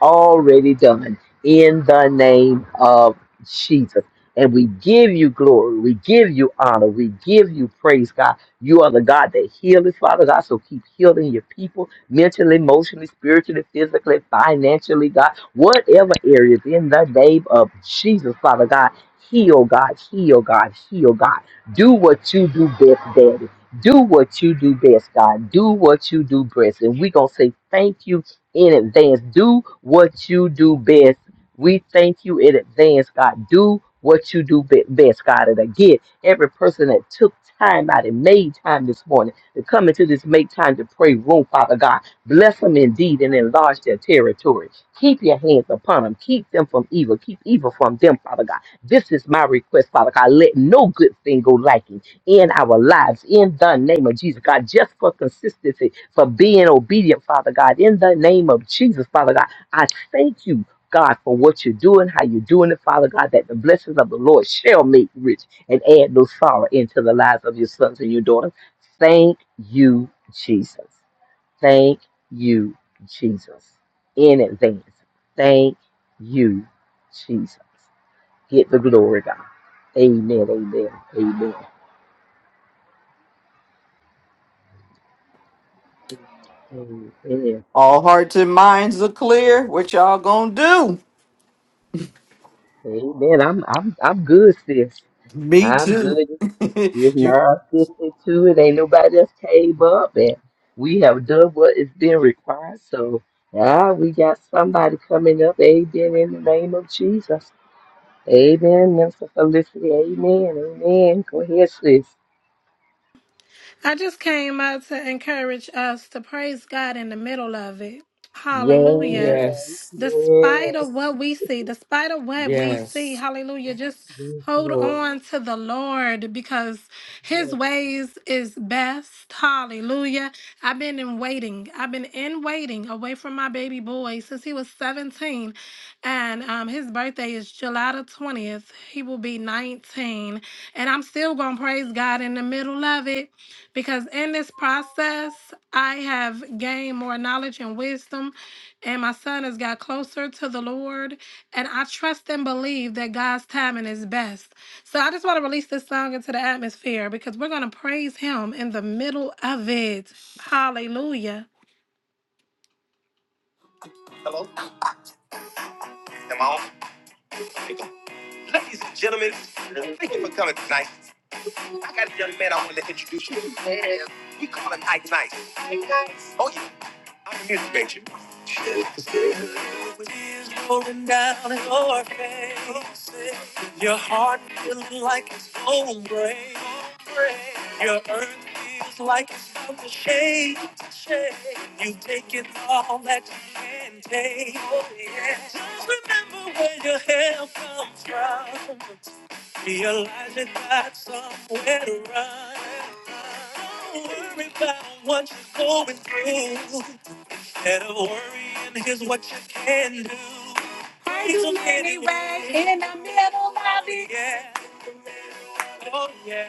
Speaker 5: already done in the name of Jesus. And we give you glory. We give you honor. We give you praise, God. You are the God that heals, Father God. So keep healing your people mentally, emotionally, spiritually, physically, financially, God. Whatever areas in the name of Jesus, Father God. Heal, God. Heal, God. Heal, God. Do what you do best, Daddy. Do what you do best, God. Do what you do best. And we're going to say thank you in advance. Do what you do best. We thank you in advance, God. Do what you do be- best, God. And again, every person that took time out and made time this morning to come into this make time to pray room, Father God, bless them indeed and enlarge their territory. Keep your hands upon them. Keep them from evil. Keep evil from them, Father God. This is my request, Father God. Let no good thing go lacking in our lives in the name of Jesus, God, just for consistency, for being obedient, Father God, in the name of Jesus, Father God, I ask you, God, for what you're doing, how you're doing it, Father God, that the blessings of the Lord shall make you rich and into the loves of your daughter. Thank you, Jesus. Thank you, Jesus. And thank you. Jesus. Get amen. Amen.
Speaker 2: All hearts and minds are clear. What y'all gonna do?
Speaker 5: Amen. I'm I'm I'm good, sis.
Speaker 2: Me
Speaker 5: I'm good.
Speaker 2: too.
Speaker 5: It's
Speaker 2: you,
Speaker 5: nine fifty-two. It ain't nobody else came up, and we have done what is being required. So now we got somebody coming up. Amen. In the name of Jesus. Amen. Minister Felicity. Amen. Amen. Go ahead, sis.
Speaker 8: I just came out to encourage us to praise God in the middle of it. Hallelujah
Speaker 2: yes,
Speaker 8: despite of what we see, despite of what we see,
Speaker 2: yes.
Speaker 8: hallelujah, just hold on to the Lord because his ways is best. Hallelujah. I've been in waiting. I've been in waiting away from my baby boy since he was 17. And um, his birthday is July the 20th. He will be 19. And I'm still going to praise God in the middle of it because in this process, I have gained more knowledge and wisdom and my son has got closer to the Lord, and I trust and believe that God's timing is best. So I just want to release this song into the atmosphere because we're going to praise Him in the middle of it. Hallelujah. Hello, am I on? Ladies and gentlemen, thank you for coming tonight. I got a young man I want to introduce you to. We call him Ike Nice. Oh yeah, I'm a music major. look like a- are earth. Oh, yeah. Just remember where your help comes from. Realizing that somewhere to run. Don't worry about what you're going through. Instead of worrying, here's what you can do. Praise Him anyway. In the middle of it. Yeah. Oh yeah.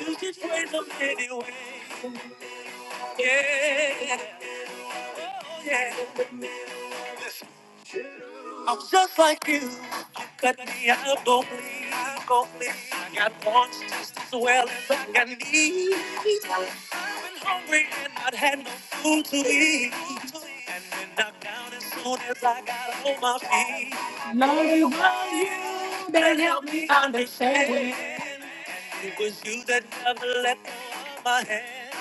Speaker 8: You just praise Him anyway. Yeah. Oh yeah. I'm just like you. You cut me, I go bleed, I go bleed. I got wants just as well as I got needs. I've been hungry and I'd had no food to eat. And been knocked down as soon as I got on my feet. Love you that helped me understand. It was you that never let go of my hand.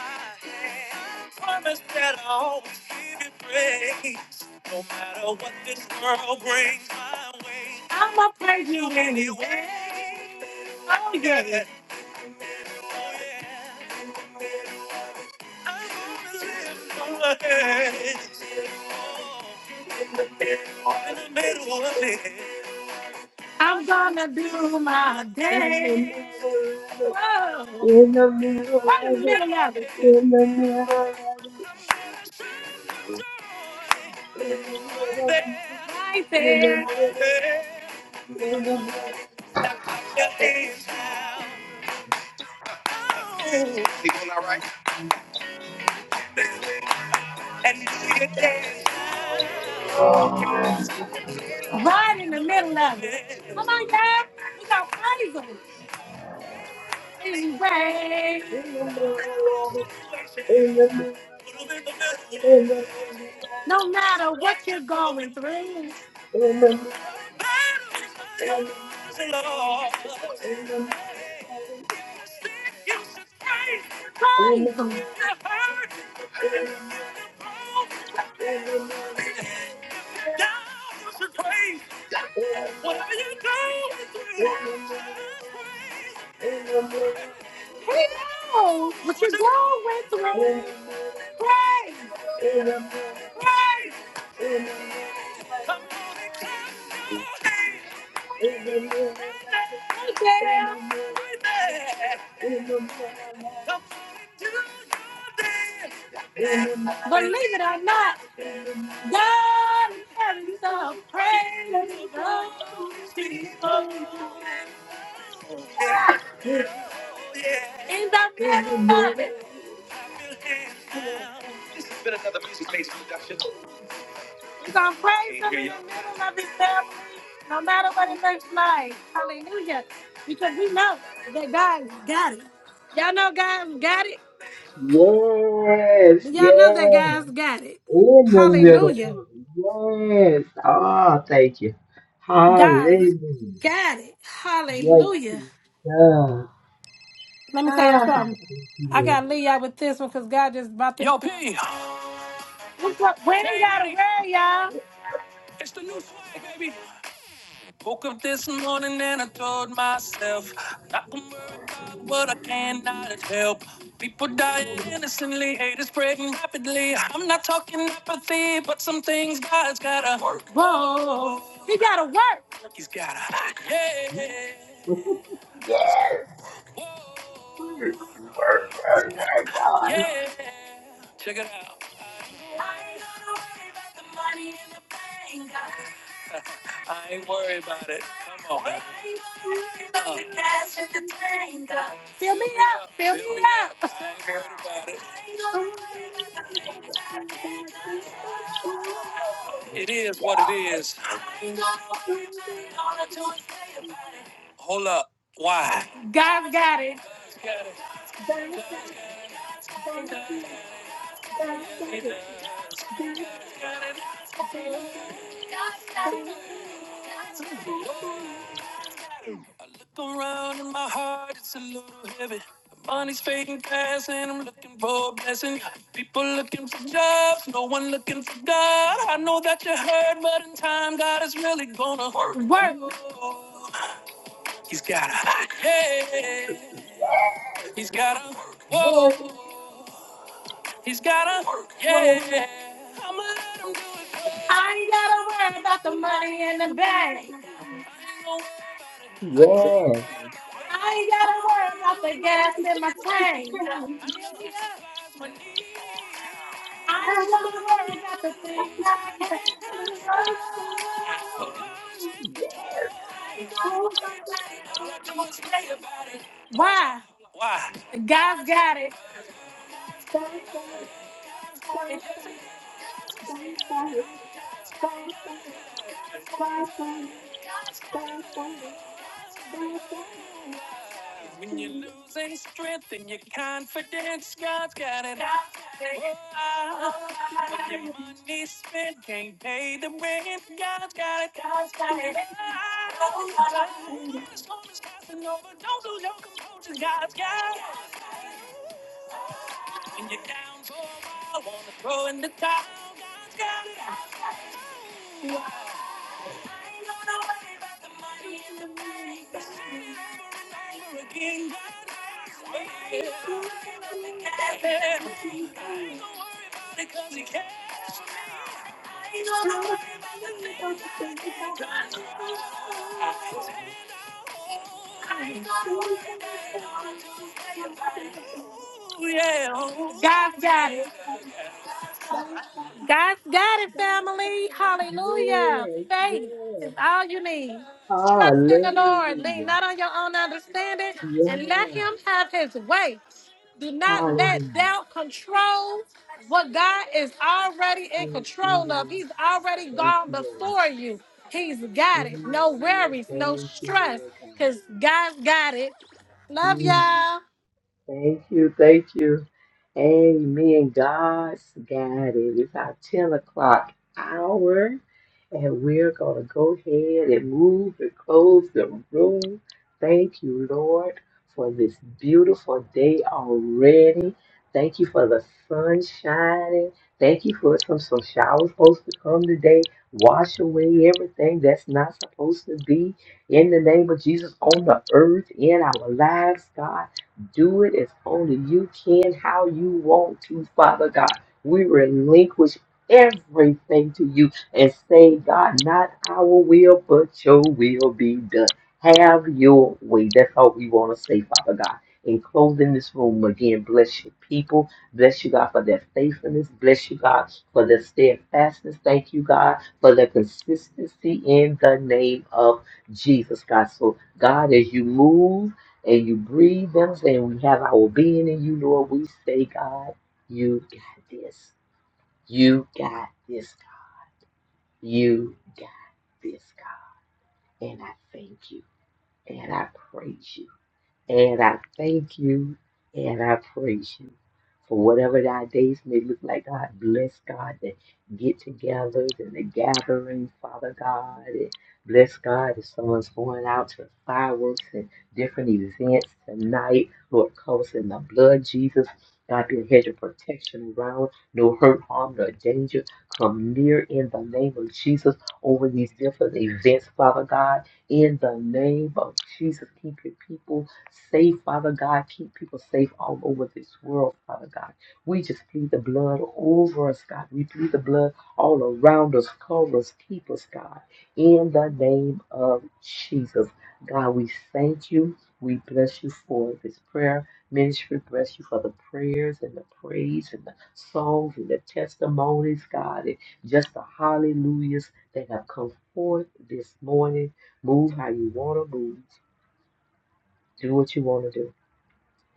Speaker 8: Promise that I'll always give you praise. No matter what this world brings my way, I do anyway. Oh yeah. Oh, yeah. I'm gonna live for it. And I made a way. My day. He doing all right? Come on, girl. We got praise him. Anyway. No matter what you're going through. Praise Him. Whatever you do, He knows what you're going through. Praise, praise. Come on and clap your hands. Right there, right there. Believe it or not, God is having some crazy people Oh, yeah. Oh, yeah. in the middle of it. This has been another music based production. We're gonna praise Him in the middle of His family, no matter what it looks like. Hallelujah. Because we know that God's got it. Y'all know God's got it? Do Y'all know that God's got it. Hallelujah. Guys, got it. Hallelujah. Let me tell y'all something. I gotta leave y'all with this one because God just about to. Yo, P. We got- we ain't gotta worry, y'all. It's the new swag, baby. Woke up this morning and I told myself, not gonna worry about what I cannot help. People dying innocently, haters spreading rapidly. I'm not talking apathy, but some things God's gotta work. Whoa. He's got a yeah. He's got a whoa. He's got a yeah. Check it out. I ain't gonna worry about the money in the bank. I ain't worried about it. Come on. man. Uh, Fill me up. I ain't worried about it. It is what it is. Hold up. Why? He's got it. He does. He does. He's got it I look around and my heart is a little heavy. The money's fading fast and I'm looking for a blessing. People looking for jobs, no one looking for God. I know that you heard, but in time, God is really gonna work. work. He's gotta, yeah. He's gotta, work. whoa. He's got to work, yeah. I'ma let him do it. I ain't gotta worry about the money in the bank. I ain't gonna got gas in my tank. I know he supplies my needs. Don't worry about the. But God control. I ain't gotta worry about it. All I do is pray about it. Why? Why? When you're losing strength and your confidence, God's got it. Oh, when your money spent can't pay the rent, God's got it. God's got it. Oh, when the storm is passing over, don't lose your composure. God's got it. When you're down for a while, wanna throw in the towel. God's got it. I ain't gonna worry about the money in the bank. I said it over and over again. God knows. I ain't gonna worry about the cash in the bank. I ain't gonna worry about it 'cause he cares for me. I ain't gonna worry about the things I can't control. I said, oh, yeah. God got it. God's got it, family. Hallelujah. Faith is all you need. Trust in the Lord. Lean not on your own understanding and let Him have His way. Do not let doubt control what God is already in control of. He's already gone before you. He's got it. No worries, no stress, because God's got it.
Speaker 5: Yeah.
Speaker 8: Y'all.
Speaker 5: Thank you, thank you. Amen. God's got it. It's our 10 o'clock hour, and we're going to go ahead and move and close the room. Thank you, Lord, for this beautiful day already. Thank you for the sun shining. Thank you for some, some showers supposed to come today. Wash away everything that's not supposed to be in the name of Jesus on the earth, in our lives, God. Do it as only you can, how you want to, Father God. We relinquish everything to you and say, God, not our will, but your will be done. Have your way. That's all we want to say, Father God. In closing this room again, bless your people. Bless you, God, for their faithfulness. Bless you, God, for their steadfastness. Thank you, God, for their consistency in the name of Jesus, God. So, God, as you move, and you breathe them, and We have our being in you, Lord. We say, God, you got this. You got this, God. You got this, God. And I thank you and I praise you. And I thank you and I praise you for whatever our days may look like. God bless God the get togethers and the gatherings, Father God. And bless God if someone's going out to fireworks and different events tonight. Lord, cover us in the blood, Jesus. God be a hedge of protection around. No hurt, harm, nor danger. Come near in the name of Jesus over these different events, Father God. In the name of Jesus, keep your people Safe, Father God. Keep people safe all over this world, Father God. We just plead the blood over us, God. We plead the blood all around us, cover us, keep us, God. In the name of Jesus, God, we thank you. We bless you for this prayer ministry. Bless you for the prayers and the praise and the songs and the testimonies, God, and just the hallelujahs that have come forth this morning. Move how you want to move. Do what you want to do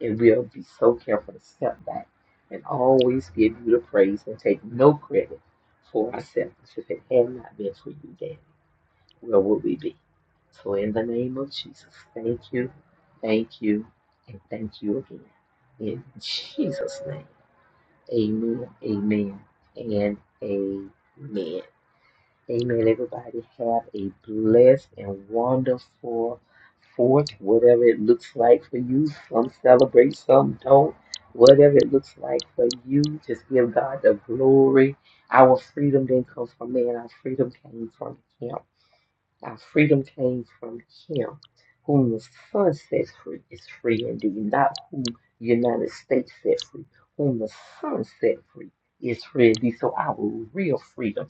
Speaker 5: and we'll be so careful to step back and always give you the praise and take no credit for ourselves. If it had not been for you, Daddy, where would we be? So, in the name of Jesus, thank you, thank you, and thank you again. In Jesus' name, amen, amen, and amen. Amen. Everybody have a blessed and wonderful fourth, whatever it looks like for you. Some celebrate, some don't. Whatever it looks like for you, just give God the glory. Our freedom didn't come from man, our freedom came from Him. Our freedom came from him. Whom the Son sets free is free indeed, not whom the United States set free. Whom the Son set free is free indeed. So our real freedom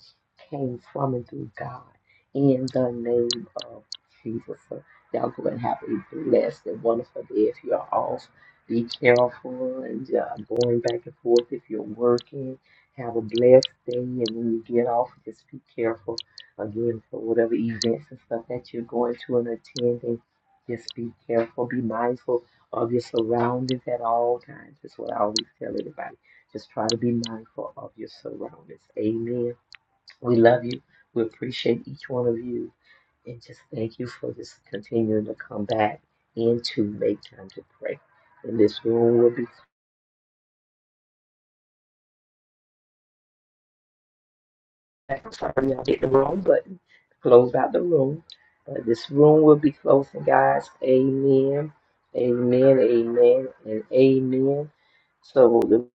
Speaker 5: came from and through God in the name of Jesus. So y'all go and have a blessed and wonderful day if you are off. Be careful and uh, going back and forth if you're working. Have a blessed day, and when you get off, just be careful again for whatever events and stuff that you're going to and attending. Just be careful, be mindful of your surroundings at all times. That's what I always tell everybody. Just try to be mindful of your surroundings. Amen. We love you. We appreciate each one of you. And just thank you for just continuing to come back and to make time to pray. And this room will be I'm sorry y'all hit the wrong button. close out the room. But this room will be closing, guys. Amen. Amen. Amen. And amen. So the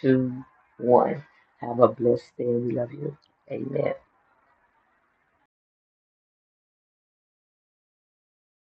Speaker 5: two, one. Have a blessed day. We love you. Amen.